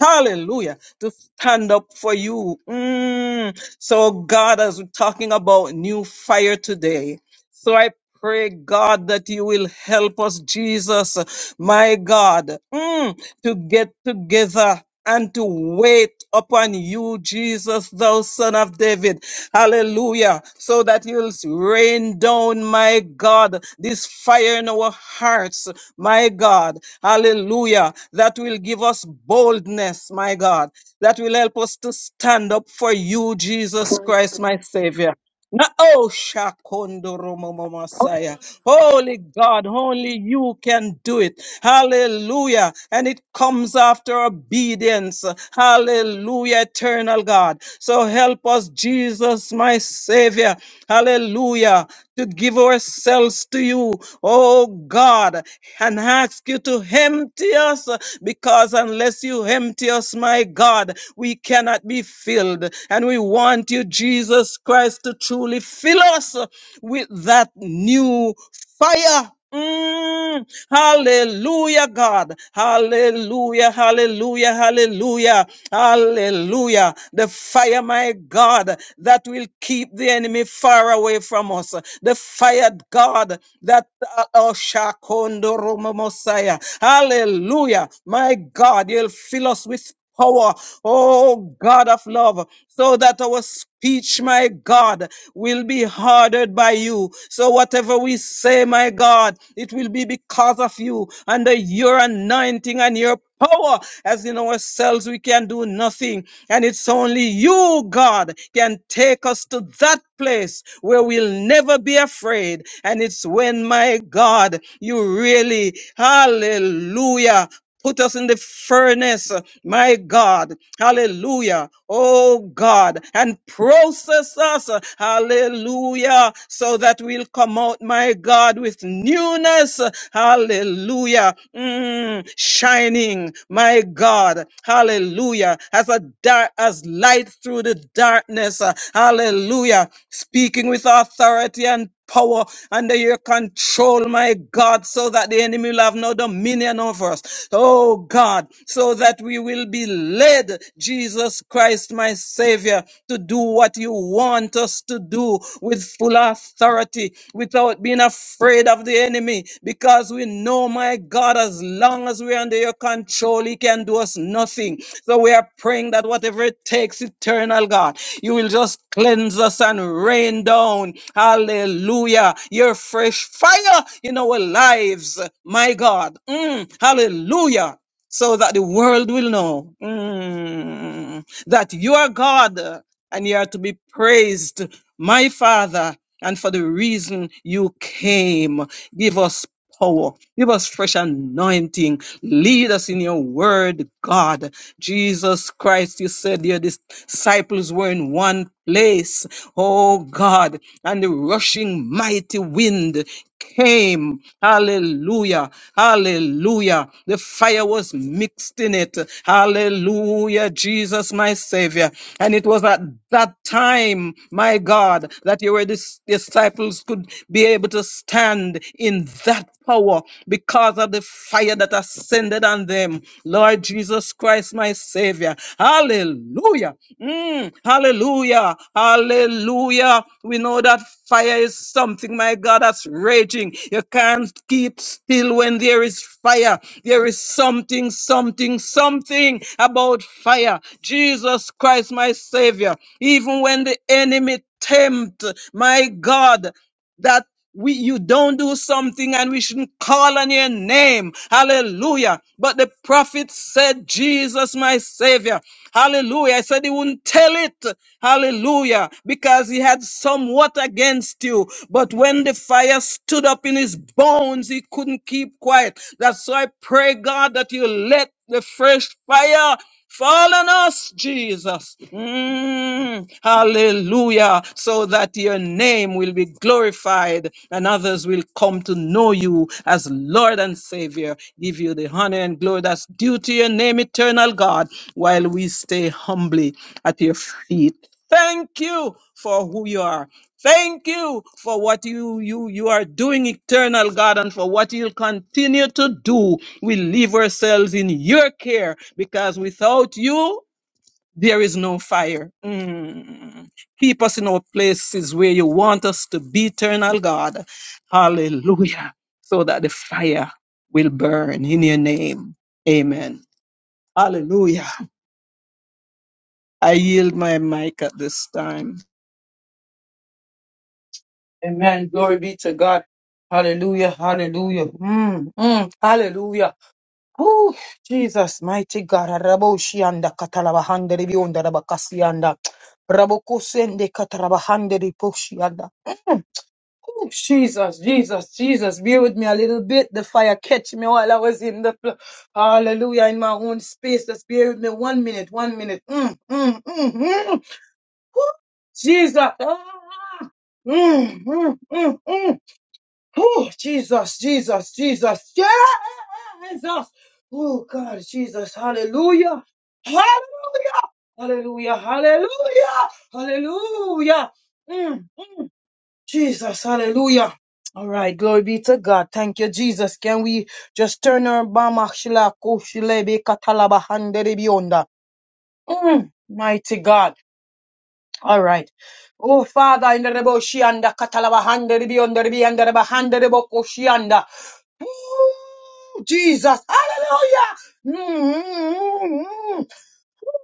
[SPEAKER 4] Hallelujah. To stand up for you. Mm. So God is talking about new fire today. So I pray, God, that you will help us, Jesus, my God, mm, to get together. And to wait upon you, Jesus, thou son of David. Hallelujah. So that you'll rain down, my God, this fire in our hearts, my God. Hallelujah. That will give us boldness, my God. That will help us to stand up for you, Jesus Christ, my Savior. No, oh, Shakondoro Mama Messiah. Holy God, only you can do it. Hallelujah. And it comes after obedience. Hallelujah, eternal God. So help us, Jesus, my Savior. Hallelujah to give ourselves to you, oh God, and ask you to empty us because unless you empty us, my God, we cannot be filled. And we want you, Jesus Christ, to truly fill us with that new fire Mm, hallelujah, God. Hallelujah, hallelujah, hallelujah, hallelujah. The fire, my God, that will keep the enemy far away from us. The fire, God, that uh, oh Shakondo Romo Mosiah. Hallelujah. My God, you'll fill us with power, oh God of love, so that our speech, my God, will be hardened by you. So whatever we say, my God, it will be because of you and the your anointing and your power. As in ourselves, we can do nothing. And it's only you, God, can take us to that place where we'll never be afraid. And it's when, my God, you really, hallelujah Put us in the furnace, my God. Hallelujah. Oh God. And process us. Hallelujah. So that we'll come out, my God, with newness. Hallelujah. Mm, shining, my God. Hallelujah. As a dark, as light through the darkness. Hallelujah. Speaking with authority and power under your control control, my God, so that the enemy will have no dominion over us. Oh God, so that we will be led, Jesus Christ, my Savior, to do what you want us to do with full authority, without being afraid of the enemy, because we know, my God, as long as we're under your control, he can do us nothing. So we are praying that whatever it takes, eternal God, you will just cleanse us and and rain down. Hallelujah. Your fresh fire in our lives. My God. Mm, hallelujah. So that the world will know mm, that you are God and you are to be praised, my Father, and for the reason you came. Give us power. Give us fresh anointing. Lead us in your word, God. Jesus Christ, you said your disciples were in one place. Oh God. And the rushing mighty wind came. Hallelujah. Hallelujah. The fire was mixed in it. Hallelujah. Jesus, my Savior. And it was at that time, my God, that your dis- disciples could be able to stand in that power because of the fire that ascended on them. Lord Jesus Christ, my Savior. Hallelujah. Mm, hallelujah. Hallelujah. We know that fire is something, my God, that's raging. You can't keep still when there is fire. There is something, something, something about fire. Jesus Christ, my Savior. Even when the enemy tempt, my God that we you don't do something and we shouldn't call on your name. Hallelujah. But the prophet said, Jesus, my savior. Hallelujah. I said he wouldn't tell it. Hallelujah. Because he had somewhat against you. But when the fire stood up in his bones, he couldn't keep quiet. That's why I pray, God, that you let the fresh fire fall on us, Jesus. Mm, hallelujah. So that your name will be glorified and others will come to know you as Lord and Savior. Give you the honor and glory that's due to your name, eternal God, while we stay humbly at your feet. Thank you for who you are. Thank you for what you, you, you are doing, eternal God, and for what you'll continue to do. We leave ourselves in your care because without you, there is no fire. Mm. Keep us in our places where you want us to be, eternal God. Hallelujah. So that the fire will burn in your name. Amen. Hallelujah. I yield my mic at this time.
[SPEAKER 2] Amen. Glory be to God. Hallelujah. Hallelujah. Mm, mm, hallelujah. Whew, Jesus, mighty God. Raboshianda katalabahande ribionda rabakasianda. Rabokusende katalabahande riposhianda. Whew, Jesus, Jesus, Jesus, be with me a little bit. The fire catch me while I was in the pl- hallelujah in my own space. Just bear with me one minute, one minute. Mm, mm, mm, mm. Whew, Jesus. Ah, mm, mm, mm, mm. Oh, Jesus, Jesus, Jesus, Jesus. Oh, God, Jesus, hallelujah, hallelujah, hallelujah, hallelujah, hallelujah. Mm, mm. Jesus, hallelujah. All right, glory be to God. Thank you, Jesus. Can we just turn our bama shila kushilebe katalaba handerebionda? Mm, Mighty God. All right. Oh, Father, in the Rebo Shianda, Katalaba Hande, Ribi, on the Ribi, and the Reba Hande, Rebo Koshianda. Ooh, Jesus. Hallelujah. Mm-hmm.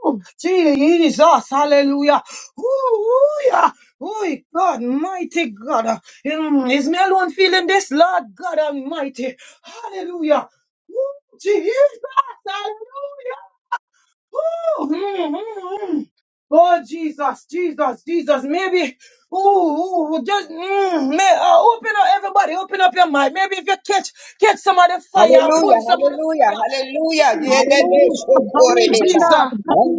[SPEAKER 2] Ooh, Jesus. Hallelujah. Ooh, yeah. Oh, God, mighty God. Mm, Is me alone feeling this, Lord God Almighty? Hallelujah. Ooh, Jesus. Hallelujah. Ooh, mm, mm, mm. Oh Jesus, Jesus, Jesus. Maybe, ooh, ooh just mm, may, uh, open up everybody, open up your mind. Maybe if you catch catch some of the fire,
[SPEAKER 6] Hallelujah,
[SPEAKER 2] pull some of the
[SPEAKER 6] hallelujah,
[SPEAKER 2] fire.
[SPEAKER 6] hallelujah.
[SPEAKER 2] Mm, mm,
[SPEAKER 6] Yedede
[SPEAKER 1] Hallelujah,
[SPEAKER 2] mm. Oh,
[SPEAKER 1] hallelujah,
[SPEAKER 6] shokorebeba.
[SPEAKER 2] Jesus,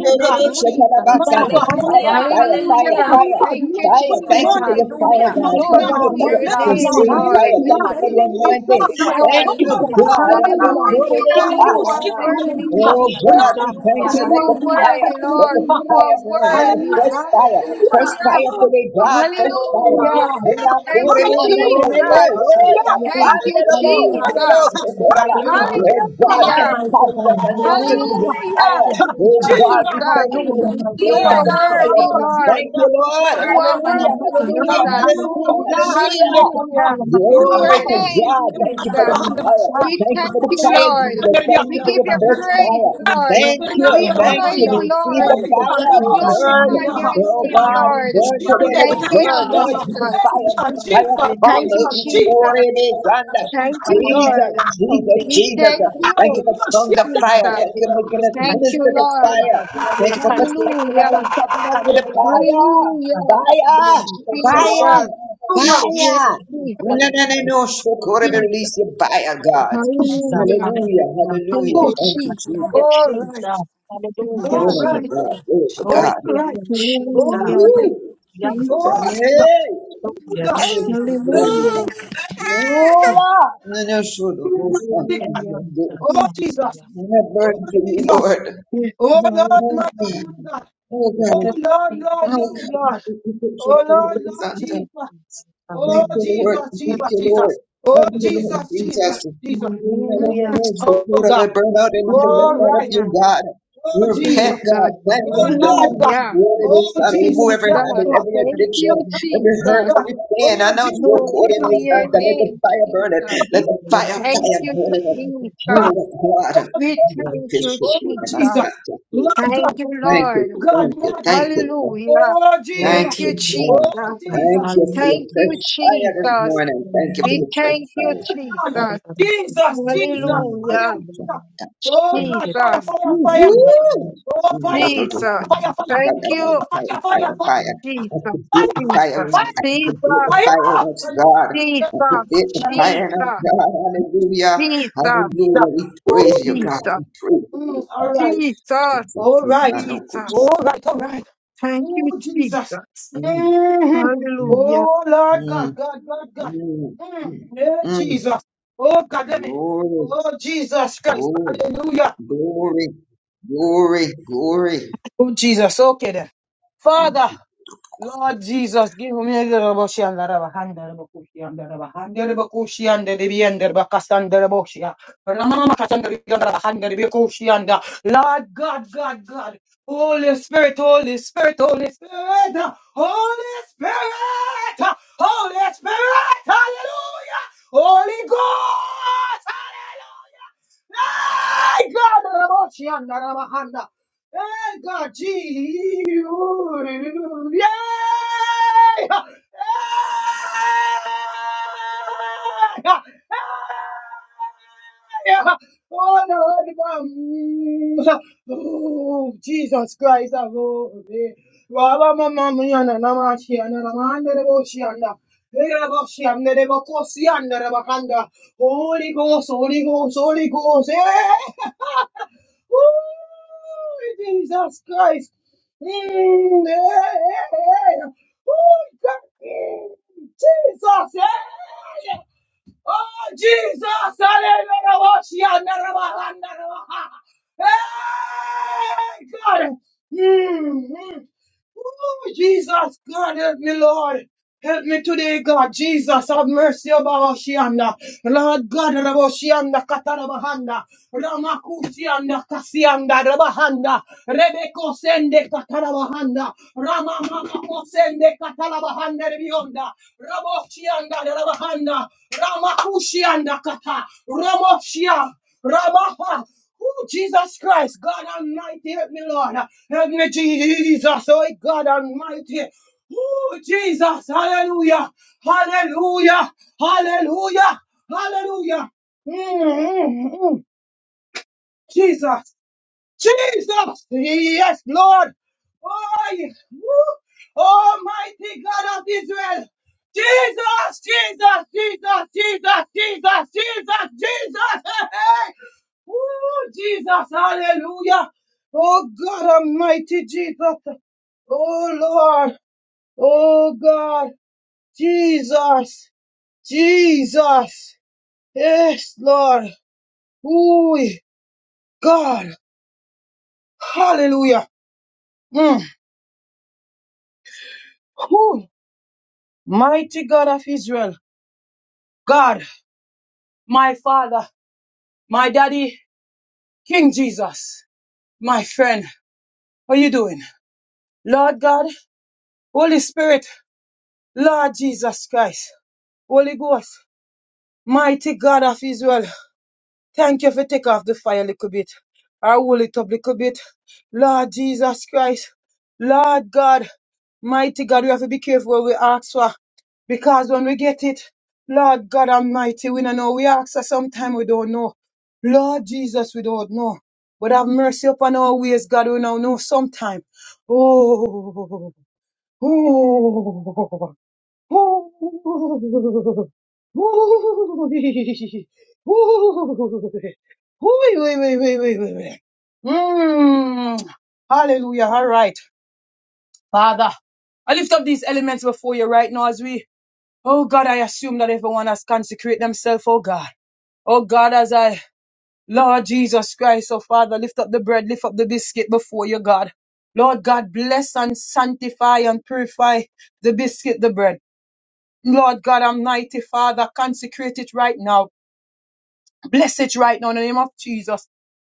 [SPEAKER 3] Hallelujah. Thank you,
[SPEAKER 2] God, my God,
[SPEAKER 3] Jesus.
[SPEAKER 1] to
[SPEAKER 2] my
[SPEAKER 6] shekarabasanta.
[SPEAKER 2] God,
[SPEAKER 1] God,
[SPEAKER 2] my
[SPEAKER 6] Fire,
[SPEAKER 1] hallelujah,
[SPEAKER 5] Hallelujah.
[SPEAKER 6] fire, fire,
[SPEAKER 3] Hallelujah.
[SPEAKER 2] Holy
[SPEAKER 5] Hallelujah.
[SPEAKER 6] fire.
[SPEAKER 5] Thank
[SPEAKER 1] hallelujah,
[SPEAKER 5] you,
[SPEAKER 2] God, my,
[SPEAKER 3] Thank you,
[SPEAKER 6] Fire,
[SPEAKER 5] Jesus.
[SPEAKER 6] thank
[SPEAKER 2] my,
[SPEAKER 6] you
[SPEAKER 1] glory
[SPEAKER 6] for
[SPEAKER 3] Jesus.
[SPEAKER 6] your
[SPEAKER 2] my, my, my,
[SPEAKER 6] fire,
[SPEAKER 1] to
[SPEAKER 5] Hallelujah.
[SPEAKER 6] God.
[SPEAKER 2] my
[SPEAKER 1] mighty
[SPEAKER 3] Glory
[SPEAKER 6] Thank you
[SPEAKER 1] God,
[SPEAKER 3] to
[SPEAKER 2] God.
[SPEAKER 6] for your
[SPEAKER 5] Dear
[SPEAKER 3] your
[SPEAKER 2] Hey,
[SPEAKER 5] God,
[SPEAKER 3] name,
[SPEAKER 1] hallelujah,
[SPEAKER 5] thank
[SPEAKER 6] consuming
[SPEAKER 5] you, Jesus.
[SPEAKER 3] Lord.
[SPEAKER 6] fire.
[SPEAKER 3] We
[SPEAKER 6] Thank
[SPEAKER 1] hallelujah,
[SPEAKER 6] you for the
[SPEAKER 3] thank
[SPEAKER 5] Thank
[SPEAKER 3] you
[SPEAKER 5] you,
[SPEAKER 3] this
[SPEAKER 2] Jesus. Oh,
[SPEAKER 6] anointing.
[SPEAKER 2] God,
[SPEAKER 3] day,
[SPEAKER 5] Jesus.
[SPEAKER 1] hallelujah,
[SPEAKER 6] Thank
[SPEAKER 3] God.
[SPEAKER 2] oh,
[SPEAKER 6] you,
[SPEAKER 5] Hallelujah.
[SPEAKER 1] Jesus,
[SPEAKER 6] God. Hallelujah.
[SPEAKER 1] hallelujah,
[SPEAKER 3] Hallelujah.
[SPEAKER 5] Thank you,
[SPEAKER 1] thank you,
[SPEAKER 2] God, oh,
[SPEAKER 6] Beba.
[SPEAKER 3] You
[SPEAKER 1] Lord,
[SPEAKER 5] Jesus.
[SPEAKER 3] are
[SPEAKER 5] Thank you,
[SPEAKER 3] worthy,
[SPEAKER 2] God,
[SPEAKER 1] hallelujah,
[SPEAKER 6] Oh,
[SPEAKER 5] Jesus.
[SPEAKER 2] oh,
[SPEAKER 6] God,
[SPEAKER 3] Jesus.
[SPEAKER 1] Jesus,
[SPEAKER 6] we thank
[SPEAKER 5] Hallelujah.
[SPEAKER 2] God.
[SPEAKER 6] you.
[SPEAKER 3] You
[SPEAKER 6] Let
[SPEAKER 1] hallelujah,
[SPEAKER 6] the
[SPEAKER 3] are
[SPEAKER 5] Hallelujah.
[SPEAKER 6] fire,
[SPEAKER 1] thank
[SPEAKER 3] worthy,
[SPEAKER 1] you,
[SPEAKER 6] let
[SPEAKER 3] Lord.
[SPEAKER 6] the
[SPEAKER 2] Hallelujah!
[SPEAKER 3] You
[SPEAKER 1] Jesus,
[SPEAKER 3] are
[SPEAKER 6] fire burn. Let the
[SPEAKER 3] worthy.
[SPEAKER 1] hallelujah,
[SPEAKER 6] fresh fire, fresh
[SPEAKER 5] Hallelujah.
[SPEAKER 3] Hallelujah.
[SPEAKER 6] fire today, God, fresh fire.
[SPEAKER 3] Hallelujah.
[SPEAKER 6] Oh
[SPEAKER 1] have
[SPEAKER 3] Thank you,
[SPEAKER 2] Hallelujah!
[SPEAKER 1] your will,
[SPEAKER 3] Jesus.
[SPEAKER 1] Jesus,
[SPEAKER 5] Thank
[SPEAKER 3] Thank
[SPEAKER 5] you,
[SPEAKER 1] hallelujah,
[SPEAKER 3] you,
[SPEAKER 1] hallelujah,
[SPEAKER 5] Jesus.
[SPEAKER 3] Jesus.
[SPEAKER 1] Jesus, hallelujah,
[SPEAKER 2] Hallelujah!
[SPEAKER 6] God,
[SPEAKER 1] thank
[SPEAKER 2] Hallelujah!
[SPEAKER 1] you,
[SPEAKER 3] Hallelujah.
[SPEAKER 1] mighty
[SPEAKER 6] baptize
[SPEAKER 5] Hallelujah.
[SPEAKER 6] us,
[SPEAKER 1] God,
[SPEAKER 6] anoint us
[SPEAKER 1] hallelujah,
[SPEAKER 6] with your
[SPEAKER 5] Thank you,
[SPEAKER 3] Hallelujah.
[SPEAKER 1] thank
[SPEAKER 6] fire.
[SPEAKER 1] you,
[SPEAKER 6] Oh
[SPEAKER 1] Jesus.
[SPEAKER 6] God,
[SPEAKER 2] Jesus.
[SPEAKER 6] we thank
[SPEAKER 3] Jesus,
[SPEAKER 6] you
[SPEAKER 5] Thank
[SPEAKER 2] Hey,
[SPEAKER 6] for the
[SPEAKER 5] you,
[SPEAKER 6] new
[SPEAKER 1] hallelujah,
[SPEAKER 3] you
[SPEAKER 6] grace
[SPEAKER 2] hey,
[SPEAKER 6] of
[SPEAKER 3] are
[SPEAKER 6] the
[SPEAKER 1] mighty
[SPEAKER 5] Jesus.
[SPEAKER 3] worthy,
[SPEAKER 6] fire.
[SPEAKER 1] God.
[SPEAKER 2] Ramosi and
[SPEAKER 6] Thank
[SPEAKER 3] Lord.
[SPEAKER 6] you,
[SPEAKER 2] the
[SPEAKER 6] Lord.
[SPEAKER 3] You
[SPEAKER 5] Word of
[SPEAKER 1] เราเรียนลูกศิษย์ก็ต้องหันมาเป็นผู้ยากคือการลงมันคือการชอบที่คือการเรียนรู้ว่าเรียนต่างมันเรียนเรียนเรียนคือเรียนมันคือความเกิดขึ้นจากความรู้ในกำลังคือมันเป็นความความเกิดขึ้นจากอะไรนี่ในเรื่องเป็นคือไปออนแบงก์วันโปรเจกต์ชิปจากที่เราเรียนคือมันเป็นสิ่งการเกิดขึ้นจากที่ว่าเราใครซื้อได้ถ้าเราได้ที่จากการเรียนเป็นตัวเรา
[SPEAKER 3] are
[SPEAKER 5] my
[SPEAKER 2] Katariana.
[SPEAKER 6] Hallelujah,
[SPEAKER 3] worthy,
[SPEAKER 5] God.
[SPEAKER 6] hallelujah,
[SPEAKER 3] Jesus.
[SPEAKER 6] hallelujah,
[SPEAKER 2] Ramamushi and
[SPEAKER 6] hallelujah.
[SPEAKER 2] the Kata.
[SPEAKER 3] Hallelujah. To your
[SPEAKER 6] Glory to
[SPEAKER 2] Ramamushi
[SPEAKER 3] name,
[SPEAKER 6] God.
[SPEAKER 2] and the
[SPEAKER 6] Thank you for the
[SPEAKER 3] Jesus.
[SPEAKER 2] Katarana.
[SPEAKER 6] fire.
[SPEAKER 3] We
[SPEAKER 6] Thank you for
[SPEAKER 3] thank
[SPEAKER 6] the
[SPEAKER 3] you,
[SPEAKER 2] Ramamushi and
[SPEAKER 6] fire,
[SPEAKER 2] the
[SPEAKER 3] Lord.
[SPEAKER 6] Jesus. Thank Thank
[SPEAKER 3] We
[SPEAKER 6] you
[SPEAKER 2] Katariana.
[SPEAKER 6] for
[SPEAKER 3] give
[SPEAKER 6] your
[SPEAKER 3] you
[SPEAKER 2] Hey,
[SPEAKER 6] fresh fire.
[SPEAKER 3] praise, Lord.
[SPEAKER 6] Thank
[SPEAKER 2] Ramosi and
[SPEAKER 6] you.
[SPEAKER 3] We
[SPEAKER 2] the
[SPEAKER 6] Thank
[SPEAKER 2] Ramamushi
[SPEAKER 3] honor
[SPEAKER 6] you.
[SPEAKER 3] you,
[SPEAKER 6] We see
[SPEAKER 3] Lord.
[SPEAKER 6] the fire.
[SPEAKER 3] We
[SPEAKER 6] We burn.
[SPEAKER 3] glorify your
[SPEAKER 6] Oh
[SPEAKER 3] name,
[SPEAKER 6] God, we
[SPEAKER 3] Lord.
[SPEAKER 6] burn today.
[SPEAKER 2] and the
[SPEAKER 6] Let it
[SPEAKER 3] Thank you,
[SPEAKER 6] burn.
[SPEAKER 2] Katariana.
[SPEAKER 6] Let the
[SPEAKER 3] Jesus.
[SPEAKER 2] Hey,
[SPEAKER 6] fire.
[SPEAKER 2] Jesus,
[SPEAKER 6] Fire
[SPEAKER 2] Jesus,
[SPEAKER 6] come.
[SPEAKER 3] Thank you,
[SPEAKER 6] Let
[SPEAKER 2] Jesus,
[SPEAKER 6] it pour
[SPEAKER 3] Jesus.
[SPEAKER 2] Jesus,
[SPEAKER 6] in it.
[SPEAKER 2] Jesus.
[SPEAKER 3] Thank you,
[SPEAKER 6] Jesus,
[SPEAKER 3] Lord.
[SPEAKER 6] Jesus,
[SPEAKER 3] We
[SPEAKER 6] Jesus.
[SPEAKER 3] thank you,
[SPEAKER 6] Thank you for
[SPEAKER 2] Ramamushi
[SPEAKER 6] tongues
[SPEAKER 2] and
[SPEAKER 6] of
[SPEAKER 2] the
[SPEAKER 6] fire.
[SPEAKER 3] Jesus.
[SPEAKER 6] Thank you for making us
[SPEAKER 3] Thank you,
[SPEAKER 6] ministers of
[SPEAKER 3] Lord.
[SPEAKER 6] fire. Thank you for protecting us
[SPEAKER 3] Hallelujah.
[SPEAKER 6] and covering us with the fire.
[SPEAKER 3] Hallelujah,
[SPEAKER 6] Fire! Fire!
[SPEAKER 3] Jesus.
[SPEAKER 1] Thank you,
[SPEAKER 2] Hallelujah.
[SPEAKER 3] Yes,
[SPEAKER 6] Fire!
[SPEAKER 1] Jesus.
[SPEAKER 3] Jesus.
[SPEAKER 6] No, no, no,
[SPEAKER 1] Hallelujah.
[SPEAKER 6] no. Shokora,
[SPEAKER 1] Hallelujah.
[SPEAKER 3] Jesus.
[SPEAKER 6] release your fire,
[SPEAKER 1] Thank you,
[SPEAKER 6] God.
[SPEAKER 1] Jesus.
[SPEAKER 3] Hallelujah.
[SPEAKER 6] Hallelujah.
[SPEAKER 1] Hallelujah.
[SPEAKER 3] Thank
[SPEAKER 6] Hallelujah.
[SPEAKER 3] you,
[SPEAKER 1] Hallelujah.
[SPEAKER 6] Thank you,
[SPEAKER 3] Jesus.
[SPEAKER 1] Thank you,
[SPEAKER 6] Jesus.
[SPEAKER 2] All right,
[SPEAKER 1] Jesus.
[SPEAKER 3] Thank you,
[SPEAKER 2] all
[SPEAKER 1] Hallelujah.
[SPEAKER 6] Glory to
[SPEAKER 2] right,
[SPEAKER 6] God.
[SPEAKER 3] Jesus.
[SPEAKER 6] Glory to
[SPEAKER 2] all
[SPEAKER 1] Glory
[SPEAKER 6] God.
[SPEAKER 1] to your
[SPEAKER 2] right,
[SPEAKER 1] name,
[SPEAKER 2] all right, all
[SPEAKER 3] Hallelujah.
[SPEAKER 1] Jesus.
[SPEAKER 2] right,
[SPEAKER 6] Woo!
[SPEAKER 1] Hallelujah.
[SPEAKER 2] all right.
[SPEAKER 3] Jesus.
[SPEAKER 6] Yay!
[SPEAKER 2] Oh
[SPEAKER 1] Hallelujah,
[SPEAKER 2] God,
[SPEAKER 6] Yes,
[SPEAKER 1] Jesus.
[SPEAKER 2] thank
[SPEAKER 6] glory to God.
[SPEAKER 3] Hallelujah.
[SPEAKER 5] God,
[SPEAKER 1] Thank
[SPEAKER 6] Lord, and I should have
[SPEAKER 2] you,
[SPEAKER 6] most thanked
[SPEAKER 1] you,
[SPEAKER 2] Jesus,
[SPEAKER 3] Hallelujah.
[SPEAKER 6] you.
[SPEAKER 1] Jesus.
[SPEAKER 2] oh Jesus,
[SPEAKER 1] Hallelujah.
[SPEAKER 6] And I
[SPEAKER 1] Thank
[SPEAKER 6] burn
[SPEAKER 2] oh
[SPEAKER 6] to you,
[SPEAKER 2] Jesus.
[SPEAKER 6] Lord.
[SPEAKER 3] Yes,
[SPEAKER 2] Oh Lord,
[SPEAKER 3] Lord.
[SPEAKER 6] Oh
[SPEAKER 2] my God,
[SPEAKER 1] you,
[SPEAKER 2] my God.
[SPEAKER 1] Jesus.
[SPEAKER 6] God,
[SPEAKER 2] Oh
[SPEAKER 3] Yes,
[SPEAKER 1] Thank
[SPEAKER 2] Lord,
[SPEAKER 3] Jesus.
[SPEAKER 2] Lord,
[SPEAKER 6] oh
[SPEAKER 2] Lord, Lord.
[SPEAKER 6] God,
[SPEAKER 2] Oh Lord,
[SPEAKER 6] oh
[SPEAKER 2] Lord
[SPEAKER 6] God,
[SPEAKER 1] you,
[SPEAKER 2] Jesus.
[SPEAKER 1] Jesus.
[SPEAKER 2] Oh
[SPEAKER 6] Thank you,
[SPEAKER 1] Hallelujah.
[SPEAKER 6] Lord.
[SPEAKER 2] Jesus,
[SPEAKER 6] Thank
[SPEAKER 2] Jesus,
[SPEAKER 6] you, Lord.
[SPEAKER 2] Jesus. Oh
[SPEAKER 6] Thank you,
[SPEAKER 1] Thank you,
[SPEAKER 6] Lord
[SPEAKER 1] Lord,
[SPEAKER 2] Jesus, Jesus,
[SPEAKER 6] Jesus.
[SPEAKER 2] Jesus.
[SPEAKER 6] No, no,
[SPEAKER 2] Mm,
[SPEAKER 6] no,
[SPEAKER 3] Hallelujah.
[SPEAKER 6] no. So
[SPEAKER 2] Oh
[SPEAKER 6] Lord, I
[SPEAKER 2] God.
[SPEAKER 6] burn out anything that's
[SPEAKER 2] All
[SPEAKER 6] not of
[SPEAKER 2] right.
[SPEAKER 6] you,
[SPEAKER 3] Hallelujah.
[SPEAKER 6] God. We
[SPEAKER 2] Oh, Jesus.
[SPEAKER 1] Jesus.
[SPEAKER 3] Jesus.
[SPEAKER 6] repent, God. Cleanse
[SPEAKER 2] Oh,
[SPEAKER 6] us,
[SPEAKER 2] Lord
[SPEAKER 6] God.
[SPEAKER 2] God.
[SPEAKER 3] Hallelujah.
[SPEAKER 6] Lord, it is
[SPEAKER 2] Oh,
[SPEAKER 6] God.
[SPEAKER 2] Jesus.
[SPEAKER 6] Remove every
[SPEAKER 2] Yes,
[SPEAKER 3] Jesus.
[SPEAKER 6] habit,
[SPEAKER 2] Lord.
[SPEAKER 6] every
[SPEAKER 1] Hallelujah.
[SPEAKER 3] Thank
[SPEAKER 6] addiction,
[SPEAKER 3] you,
[SPEAKER 2] Oh,
[SPEAKER 1] Hallelujah.
[SPEAKER 6] every
[SPEAKER 1] Hallelujah.
[SPEAKER 6] hurt,
[SPEAKER 3] Jesus.
[SPEAKER 2] God.
[SPEAKER 6] every sin. I
[SPEAKER 2] Oh,
[SPEAKER 6] know it's your
[SPEAKER 2] Jesus.
[SPEAKER 1] Glory
[SPEAKER 3] Glory
[SPEAKER 6] court in
[SPEAKER 3] to
[SPEAKER 6] this God.
[SPEAKER 3] your
[SPEAKER 6] that
[SPEAKER 2] Jesus.
[SPEAKER 6] Let the
[SPEAKER 3] name,
[SPEAKER 6] fire burn it.
[SPEAKER 3] Jesus.
[SPEAKER 6] Let the fire,
[SPEAKER 3] Thank
[SPEAKER 6] fire
[SPEAKER 3] you,
[SPEAKER 6] burn it up.
[SPEAKER 2] Lord
[SPEAKER 6] Burn
[SPEAKER 2] God.
[SPEAKER 3] Jesus.
[SPEAKER 6] it up, God.
[SPEAKER 3] We
[SPEAKER 6] And then it
[SPEAKER 3] thank
[SPEAKER 6] is
[SPEAKER 3] you,
[SPEAKER 2] Oh,
[SPEAKER 6] so good.
[SPEAKER 2] oh,
[SPEAKER 6] And I
[SPEAKER 3] Jesus.
[SPEAKER 6] stop.
[SPEAKER 2] Jesus.
[SPEAKER 6] Thank
[SPEAKER 2] Lord
[SPEAKER 6] you.
[SPEAKER 3] Thank
[SPEAKER 2] God.
[SPEAKER 3] you,
[SPEAKER 2] Lord
[SPEAKER 6] Thank you.
[SPEAKER 3] Lord.
[SPEAKER 6] Thank
[SPEAKER 2] God,
[SPEAKER 6] you.
[SPEAKER 2] Lord.
[SPEAKER 6] Thank you.
[SPEAKER 3] Hallelujah.
[SPEAKER 2] Oh, Jesus.
[SPEAKER 3] Thank
[SPEAKER 1] to
[SPEAKER 6] Thank
[SPEAKER 3] you,
[SPEAKER 1] you,
[SPEAKER 6] you, God.
[SPEAKER 2] Oh,
[SPEAKER 3] Jesus.
[SPEAKER 1] God.
[SPEAKER 6] Thank
[SPEAKER 2] Jesus.
[SPEAKER 6] you for your
[SPEAKER 3] Thank
[SPEAKER 1] Hallelujah.
[SPEAKER 3] you,
[SPEAKER 6] fresh fire this
[SPEAKER 3] Jesus.
[SPEAKER 6] morning. Thank you for
[SPEAKER 3] We
[SPEAKER 1] Hallelujah.
[SPEAKER 6] your fresh
[SPEAKER 3] thank you,
[SPEAKER 6] fire.
[SPEAKER 3] Jesus.
[SPEAKER 2] Jesus,
[SPEAKER 1] Hallelujah.
[SPEAKER 2] Jesus,
[SPEAKER 6] Mm, but
[SPEAKER 2] fire,
[SPEAKER 3] Hallelujah.
[SPEAKER 6] we can't
[SPEAKER 2] fire.
[SPEAKER 6] stop.
[SPEAKER 2] Oh
[SPEAKER 1] Thank
[SPEAKER 2] God,
[SPEAKER 1] you. Thank you.
[SPEAKER 2] fire,
[SPEAKER 3] Jesus.
[SPEAKER 2] fire,
[SPEAKER 6] Ooh,
[SPEAKER 2] fire,
[SPEAKER 3] Mm,
[SPEAKER 2] fire.
[SPEAKER 6] woo!
[SPEAKER 2] Oh
[SPEAKER 6] Mm,
[SPEAKER 2] fire,
[SPEAKER 6] do,
[SPEAKER 2] fire,
[SPEAKER 6] do, do,
[SPEAKER 3] Jesus.
[SPEAKER 6] do.
[SPEAKER 2] fire, fire, fire.
[SPEAKER 1] Hallelujah.
[SPEAKER 3] Thank
[SPEAKER 6] Fire,
[SPEAKER 3] you,
[SPEAKER 2] Oh fire,
[SPEAKER 6] fire,
[SPEAKER 2] fire, fire,
[SPEAKER 6] fire,
[SPEAKER 2] fire,
[SPEAKER 1] Hallelujah.
[SPEAKER 6] fire. Activate
[SPEAKER 3] Jesus.
[SPEAKER 6] the
[SPEAKER 2] fire,
[SPEAKER 6] bit of
[SPEAKER 2] fire,
[SPEAKER 6] fire in
[SPEAKER 3] Jesus.
[SPEAKER 2] fire.
[SPEAKER 6] us. Activate the bit
[SPEAKER 3] Jesus.
[SPEAKER 6] of fire in
[SPEAKER 2] Fire.
[SPEAKER 6] us, God.
[SPEAKER 3] Jesus.
[SPEAKER 6] Activate the bit of fire in us,
[SPEAKER 3] Jesus.
[SPEAKER 6] God. Hallelujah.
[SPEAKER 3] Jesus.
[SPEAKER 6] Hallelujah. We
[SPEAKER 2] Oh
[SPEAKER 6] praise you, God.
[SPEAKER 2] Jesus.
[SPEAKER 3] Jesus,
[SPEAKER 6] We praise you for
[SPEAKER 2] Mm,
[SPEAKER 6] the
[SPEAKER 2] all
[SPEAKER 6] fire.
[SPEAKER 2] right.
[SPEAKER 3] Jesus,
[SPEAKER 6] Jesus.
[SPEAKER 2] All
[SPEAKER 6] we
[SPEAKER 2] right.
[SPEAKER 6] are no good
[SPEAKER 2] All
[SPEAKER 3] Jesus.
[SPEAKER 6] shepherd.
[SPEAKER 2] right. All right.
[SPEAKER 3] Thank
[SPEAKER 2] Oh,
[SPEAKER 3] you,
[SPEAKER 2] Jesus.
[SPEAKER 3] Jesus.
[SPEAKER 2] Mhm.
[SPEAKER 6] Mm,
[SPEAKER 3] Hallelujah.
[SPEAKER 2] Oh, Lord
[SPEAKER 6] mm,
[SPEAKER 2] God, God, God, God.
[SPEAKER 6] mm,
[SPEAKER 2] Mm.
[SPEAKER 6] mm,
[SPEAKER 2] Yeah,
[SPEAKER 6] mm.
[SPEAKER 2] Jesus. Oh, God, damn it.
[SPEAKER 6] Glory.
[SPEAKER 2] Oh, Jesus Christ.
[SPEAKER 6] Glory,
[SPEAKER 2] Hallelujah.
[SPEAKER 6] glory, glory, glory.
[SPEAKER 2] Oh, Jesus. Okay then.
[SPEAKER 6] Thank
[SPEAKER 2] Father,
[SPEAKER 6] you.
[SPEAKER 2] Lord Jesus, give me the Raboshi and the Rabahanda Rabakushi and the Rabahanda Rabakushi and the Ribi and the Ramama Katan Rabahanda Rabakushi and the Lord God, God, God. Holy Spirit, Holy Spirit, Holy Spirit, Holy Spirit, Holy Spirit, Hallelujah, Holy Ghost, Hallelujah. My God, Raboshi and the Rabahanda. Hey, God, gee, yay! Hey! Hey! Oh, Lord, Oh, Jesus Christ, I go. Baba, mama, mama, mama, shiana, mama, andere shiana. Ere shiana, ere kosiana, ere kanda. Holy Ghost, Holy Ghost, Holy Ghost. Hey! Ooh, Jesus Christ. Mm, yeah. yeah, yeah. Ooh, God. Mm, Jesus. Yeah. yeah. Oh, Jesus. Hallelujah. Hey, God. Mm, mm. Oh, Jesus, God, help me, Lord. Help me today, God. Jesus, have mercy about Shianda. Lord God, Raboshianda, Katarabahanda, Ramakushianda, Kasianda, Rabahanda, Rebeko Sende, Katarabahanda, Ramamako Sende, Katarabahanda, Rebionda, Raboshianda, Rabahanda, Ramakushianda, Kata, Ramoshia, Rabaha. Ooh, Jesus Christ, God Almighty, help me, Lord. Help me, Jesus. Oh, God Almighty. Oh, Jesus. Hallelujah. Hallelujah. Hallelujah. Hallelujah. mm mm mm. Jesus. Jesus! Yes, Lord! Oh, yes. Woo. Almighty God of Israel! Jesus! Jesus! Jesus! Jesus! Jesus! Jesus! Jesus! Hey, hey. Woo, Jesus! Hallelujah! Oh God Almighty Jesus! Oh Lord! Oh God! Jesus! Jesus! Yes, Lord! Ooh, God! Hallelujah! Mm. Mighty God of Israel, God, my Father, my Daddy, King Jesus, my friend, how you doing? Lord God, Holy Spirit, Lord Jesus Christ, Holy Ghost, mighty God of Israel. Thank you for take off the fire a little bit. I will it up a little bit. Lord Jesus Christ. Lord God. Mighty God, we have to be careful what we ask for. Because when we get it, Lord God Almighty, we don't know. We ask for sometime we don't know. Lord Jesus, we don't know. But have mercy upon our ways, God, we don't know sometime. Oh, oh. Mm. Hallelujah. All right. Father, I lift up these elements before you right now as we, oh God, I assume that everyone has consecrated themselves, oh God. Oh God, as I, Lord Jesus Christ, oh Father, lift up the bread, lift up the biscuit before you, God. Lord God, bless and sanctify and purify the biscuit, the bread. Lord God Almighty, Father, consecrate it right now. Bless it right now in the name of Jesus.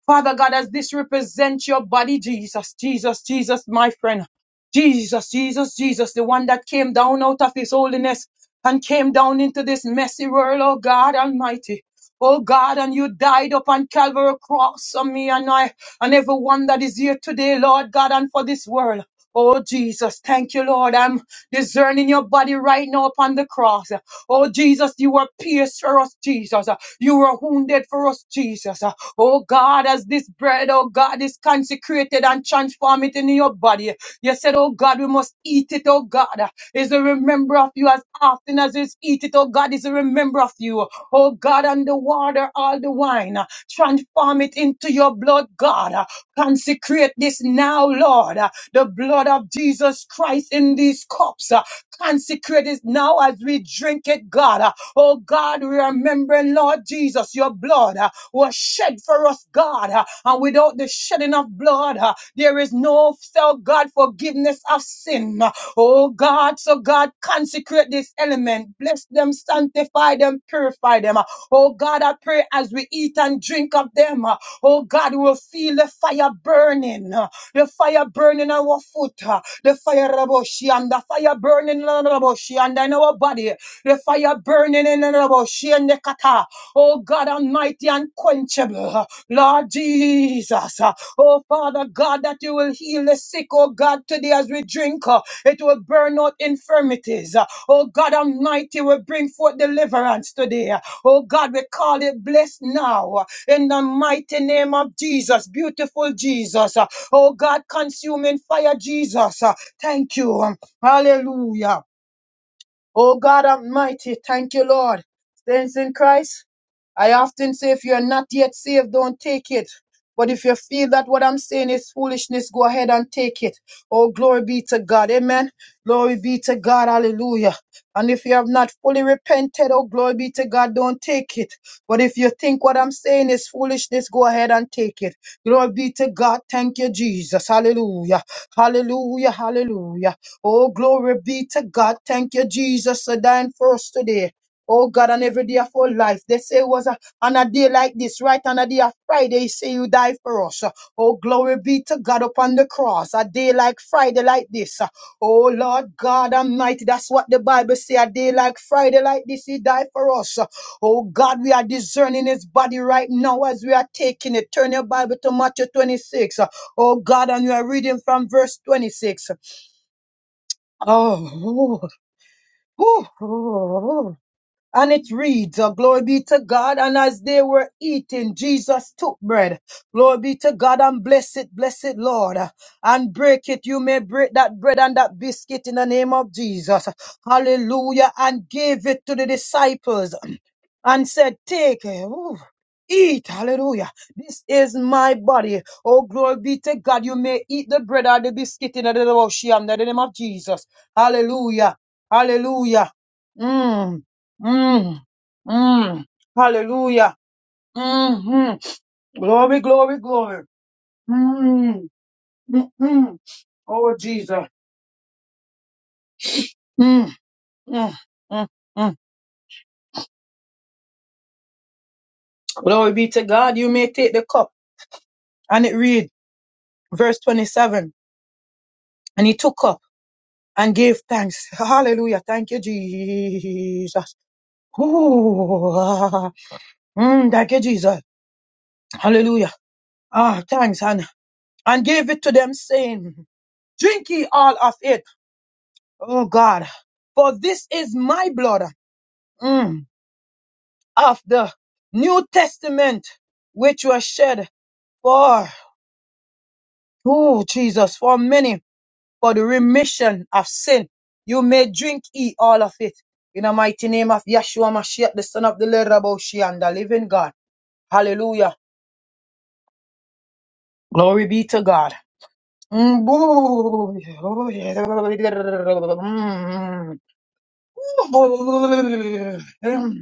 [SPEAKER 2] Father God, as this represents your body, Jesus, Jesus, Jesus, my friend. Jesus, Jesus, Jesus, the one that came down out of his holiness and came down into this messy world, oh God Almighty. Oh God, and you died upon Calvary cross on me and I and everyone that is here today, Lord God, and for this world. Oh Jesus, thank you, Lord. I'm discerning your body right now upon the cross. Oh Jesus, you were pierced for us, Jesus. You were wounded for us, Jesus. Oh God, as this bread, oh God, is consecrated and transform it in your body. You said, oh God, we must eat it, oh God. Is a remember of you as often as it's eat it, oh God, is a remember of you. Oh God, and the water, all the wine. Transform it into your blood, God. Consecrate this now, Lord. The blood of Jesus Christ in these cups. Consecrate it now as we drink it, God. Uh, Oh God, we remember, Lord Jesus, your blood uh, was shed for us, God. Uh, And without the shedding of blood, uh, there is no, so God, forgiveness of sin. Uh, Oh God, so God, consecrate this element. Bless them, sanctify them, purify them. Uh, Oh God, I pray as we eat and drink of them, uh, oh God, we'll feel the fire burning. The fire burning our foot. uh, The fire raboshi and the fire burning in our raboshi and in our body. The fire burning in our raboshi and the kata. Oh God Almighty, unquenchable. uh, Lord Jesus. uh, Oh Father God, that you will heal the sick, oh God, today as we drink. uh, it will burn out infirmities. Oh God Almighty will bring forth deliverance today. Oh God, we call it blessed now. In the mighty name of Jesus, beautiful Jesus. Oh God, consuming fire, Jesus. Thank you. Hallelujah. Oh God Almighty, thank you, Lord. Saints in Christ. I often say, if you're not yet saved, don't take it. But if you feel that what I'm saying is foolishness, go ahead and take it. Oh, glory be to God. Amen. Glory be to God. Hallelujah. And if you have not fully repented, oh, glory be to God, don't take it. But if you think what I'm saying is foolishness, go ahead and take it. Glory be to God. Thank you, Jesus. Hallelujah. Hallelujah. Hallelujah. Oh, glory be to God. Thank you, Jesus, for dying for us today. Oh God, on every day of our life, they say it was a, on a day like this, right on a day of Friday, you say you die for us. Oh, glory be to God upon the cross, a day like Friday like this. Oh, Lord God Almighty, that's what the Bible say, a day like Friday like this, he died for us. Oh, God, we are discerning his body right now as we are taking it. Turn your Bible to Matthew 26. Oh, God, and we are reading from verse 26. Oh, oh, oh, oh, and it reads, uh, Glory be to God. And as they were eating, Jesus took bread. Glory be to God and bless it, bless it, Lord. Uh, And break it. You may break that bread and that biscuit in the name of Jesus. Hallelujah. And gave it to the disciples and said, Take it. Ooh, Eat, hallelujah. This is my body. Oh, glory be to God. You may eat the bread or the biscuit in the name of Shia, in the name of Jesus. Hallelujah. Hallelujah. Mm. Mm, mm, hallelujah. hmm Glory, glory, glory. Mm, mm-hmm. Oh, Jesus. Mm, mm, mm, mm. Glory be to God. You may take the cup. And it read, verse 27. And he took up and gave thanks. Hallelujah. Thank you, Jesus. Ooh, ah, mm, thank you, Jesus. Hallelujah. Ah, thanks. And, and gave it to them saying, drink ye all of it. Oh God, for this is my blood mm, of the New Testament, which was shed for, oh Jesus, for many, for the remission of sin. You may drink ye all of it. In the mighty name of Yeshua Mashiach, the son of the Leraboshi and the living God. Hallelujah. Glory be to God. Mm, boo- mm.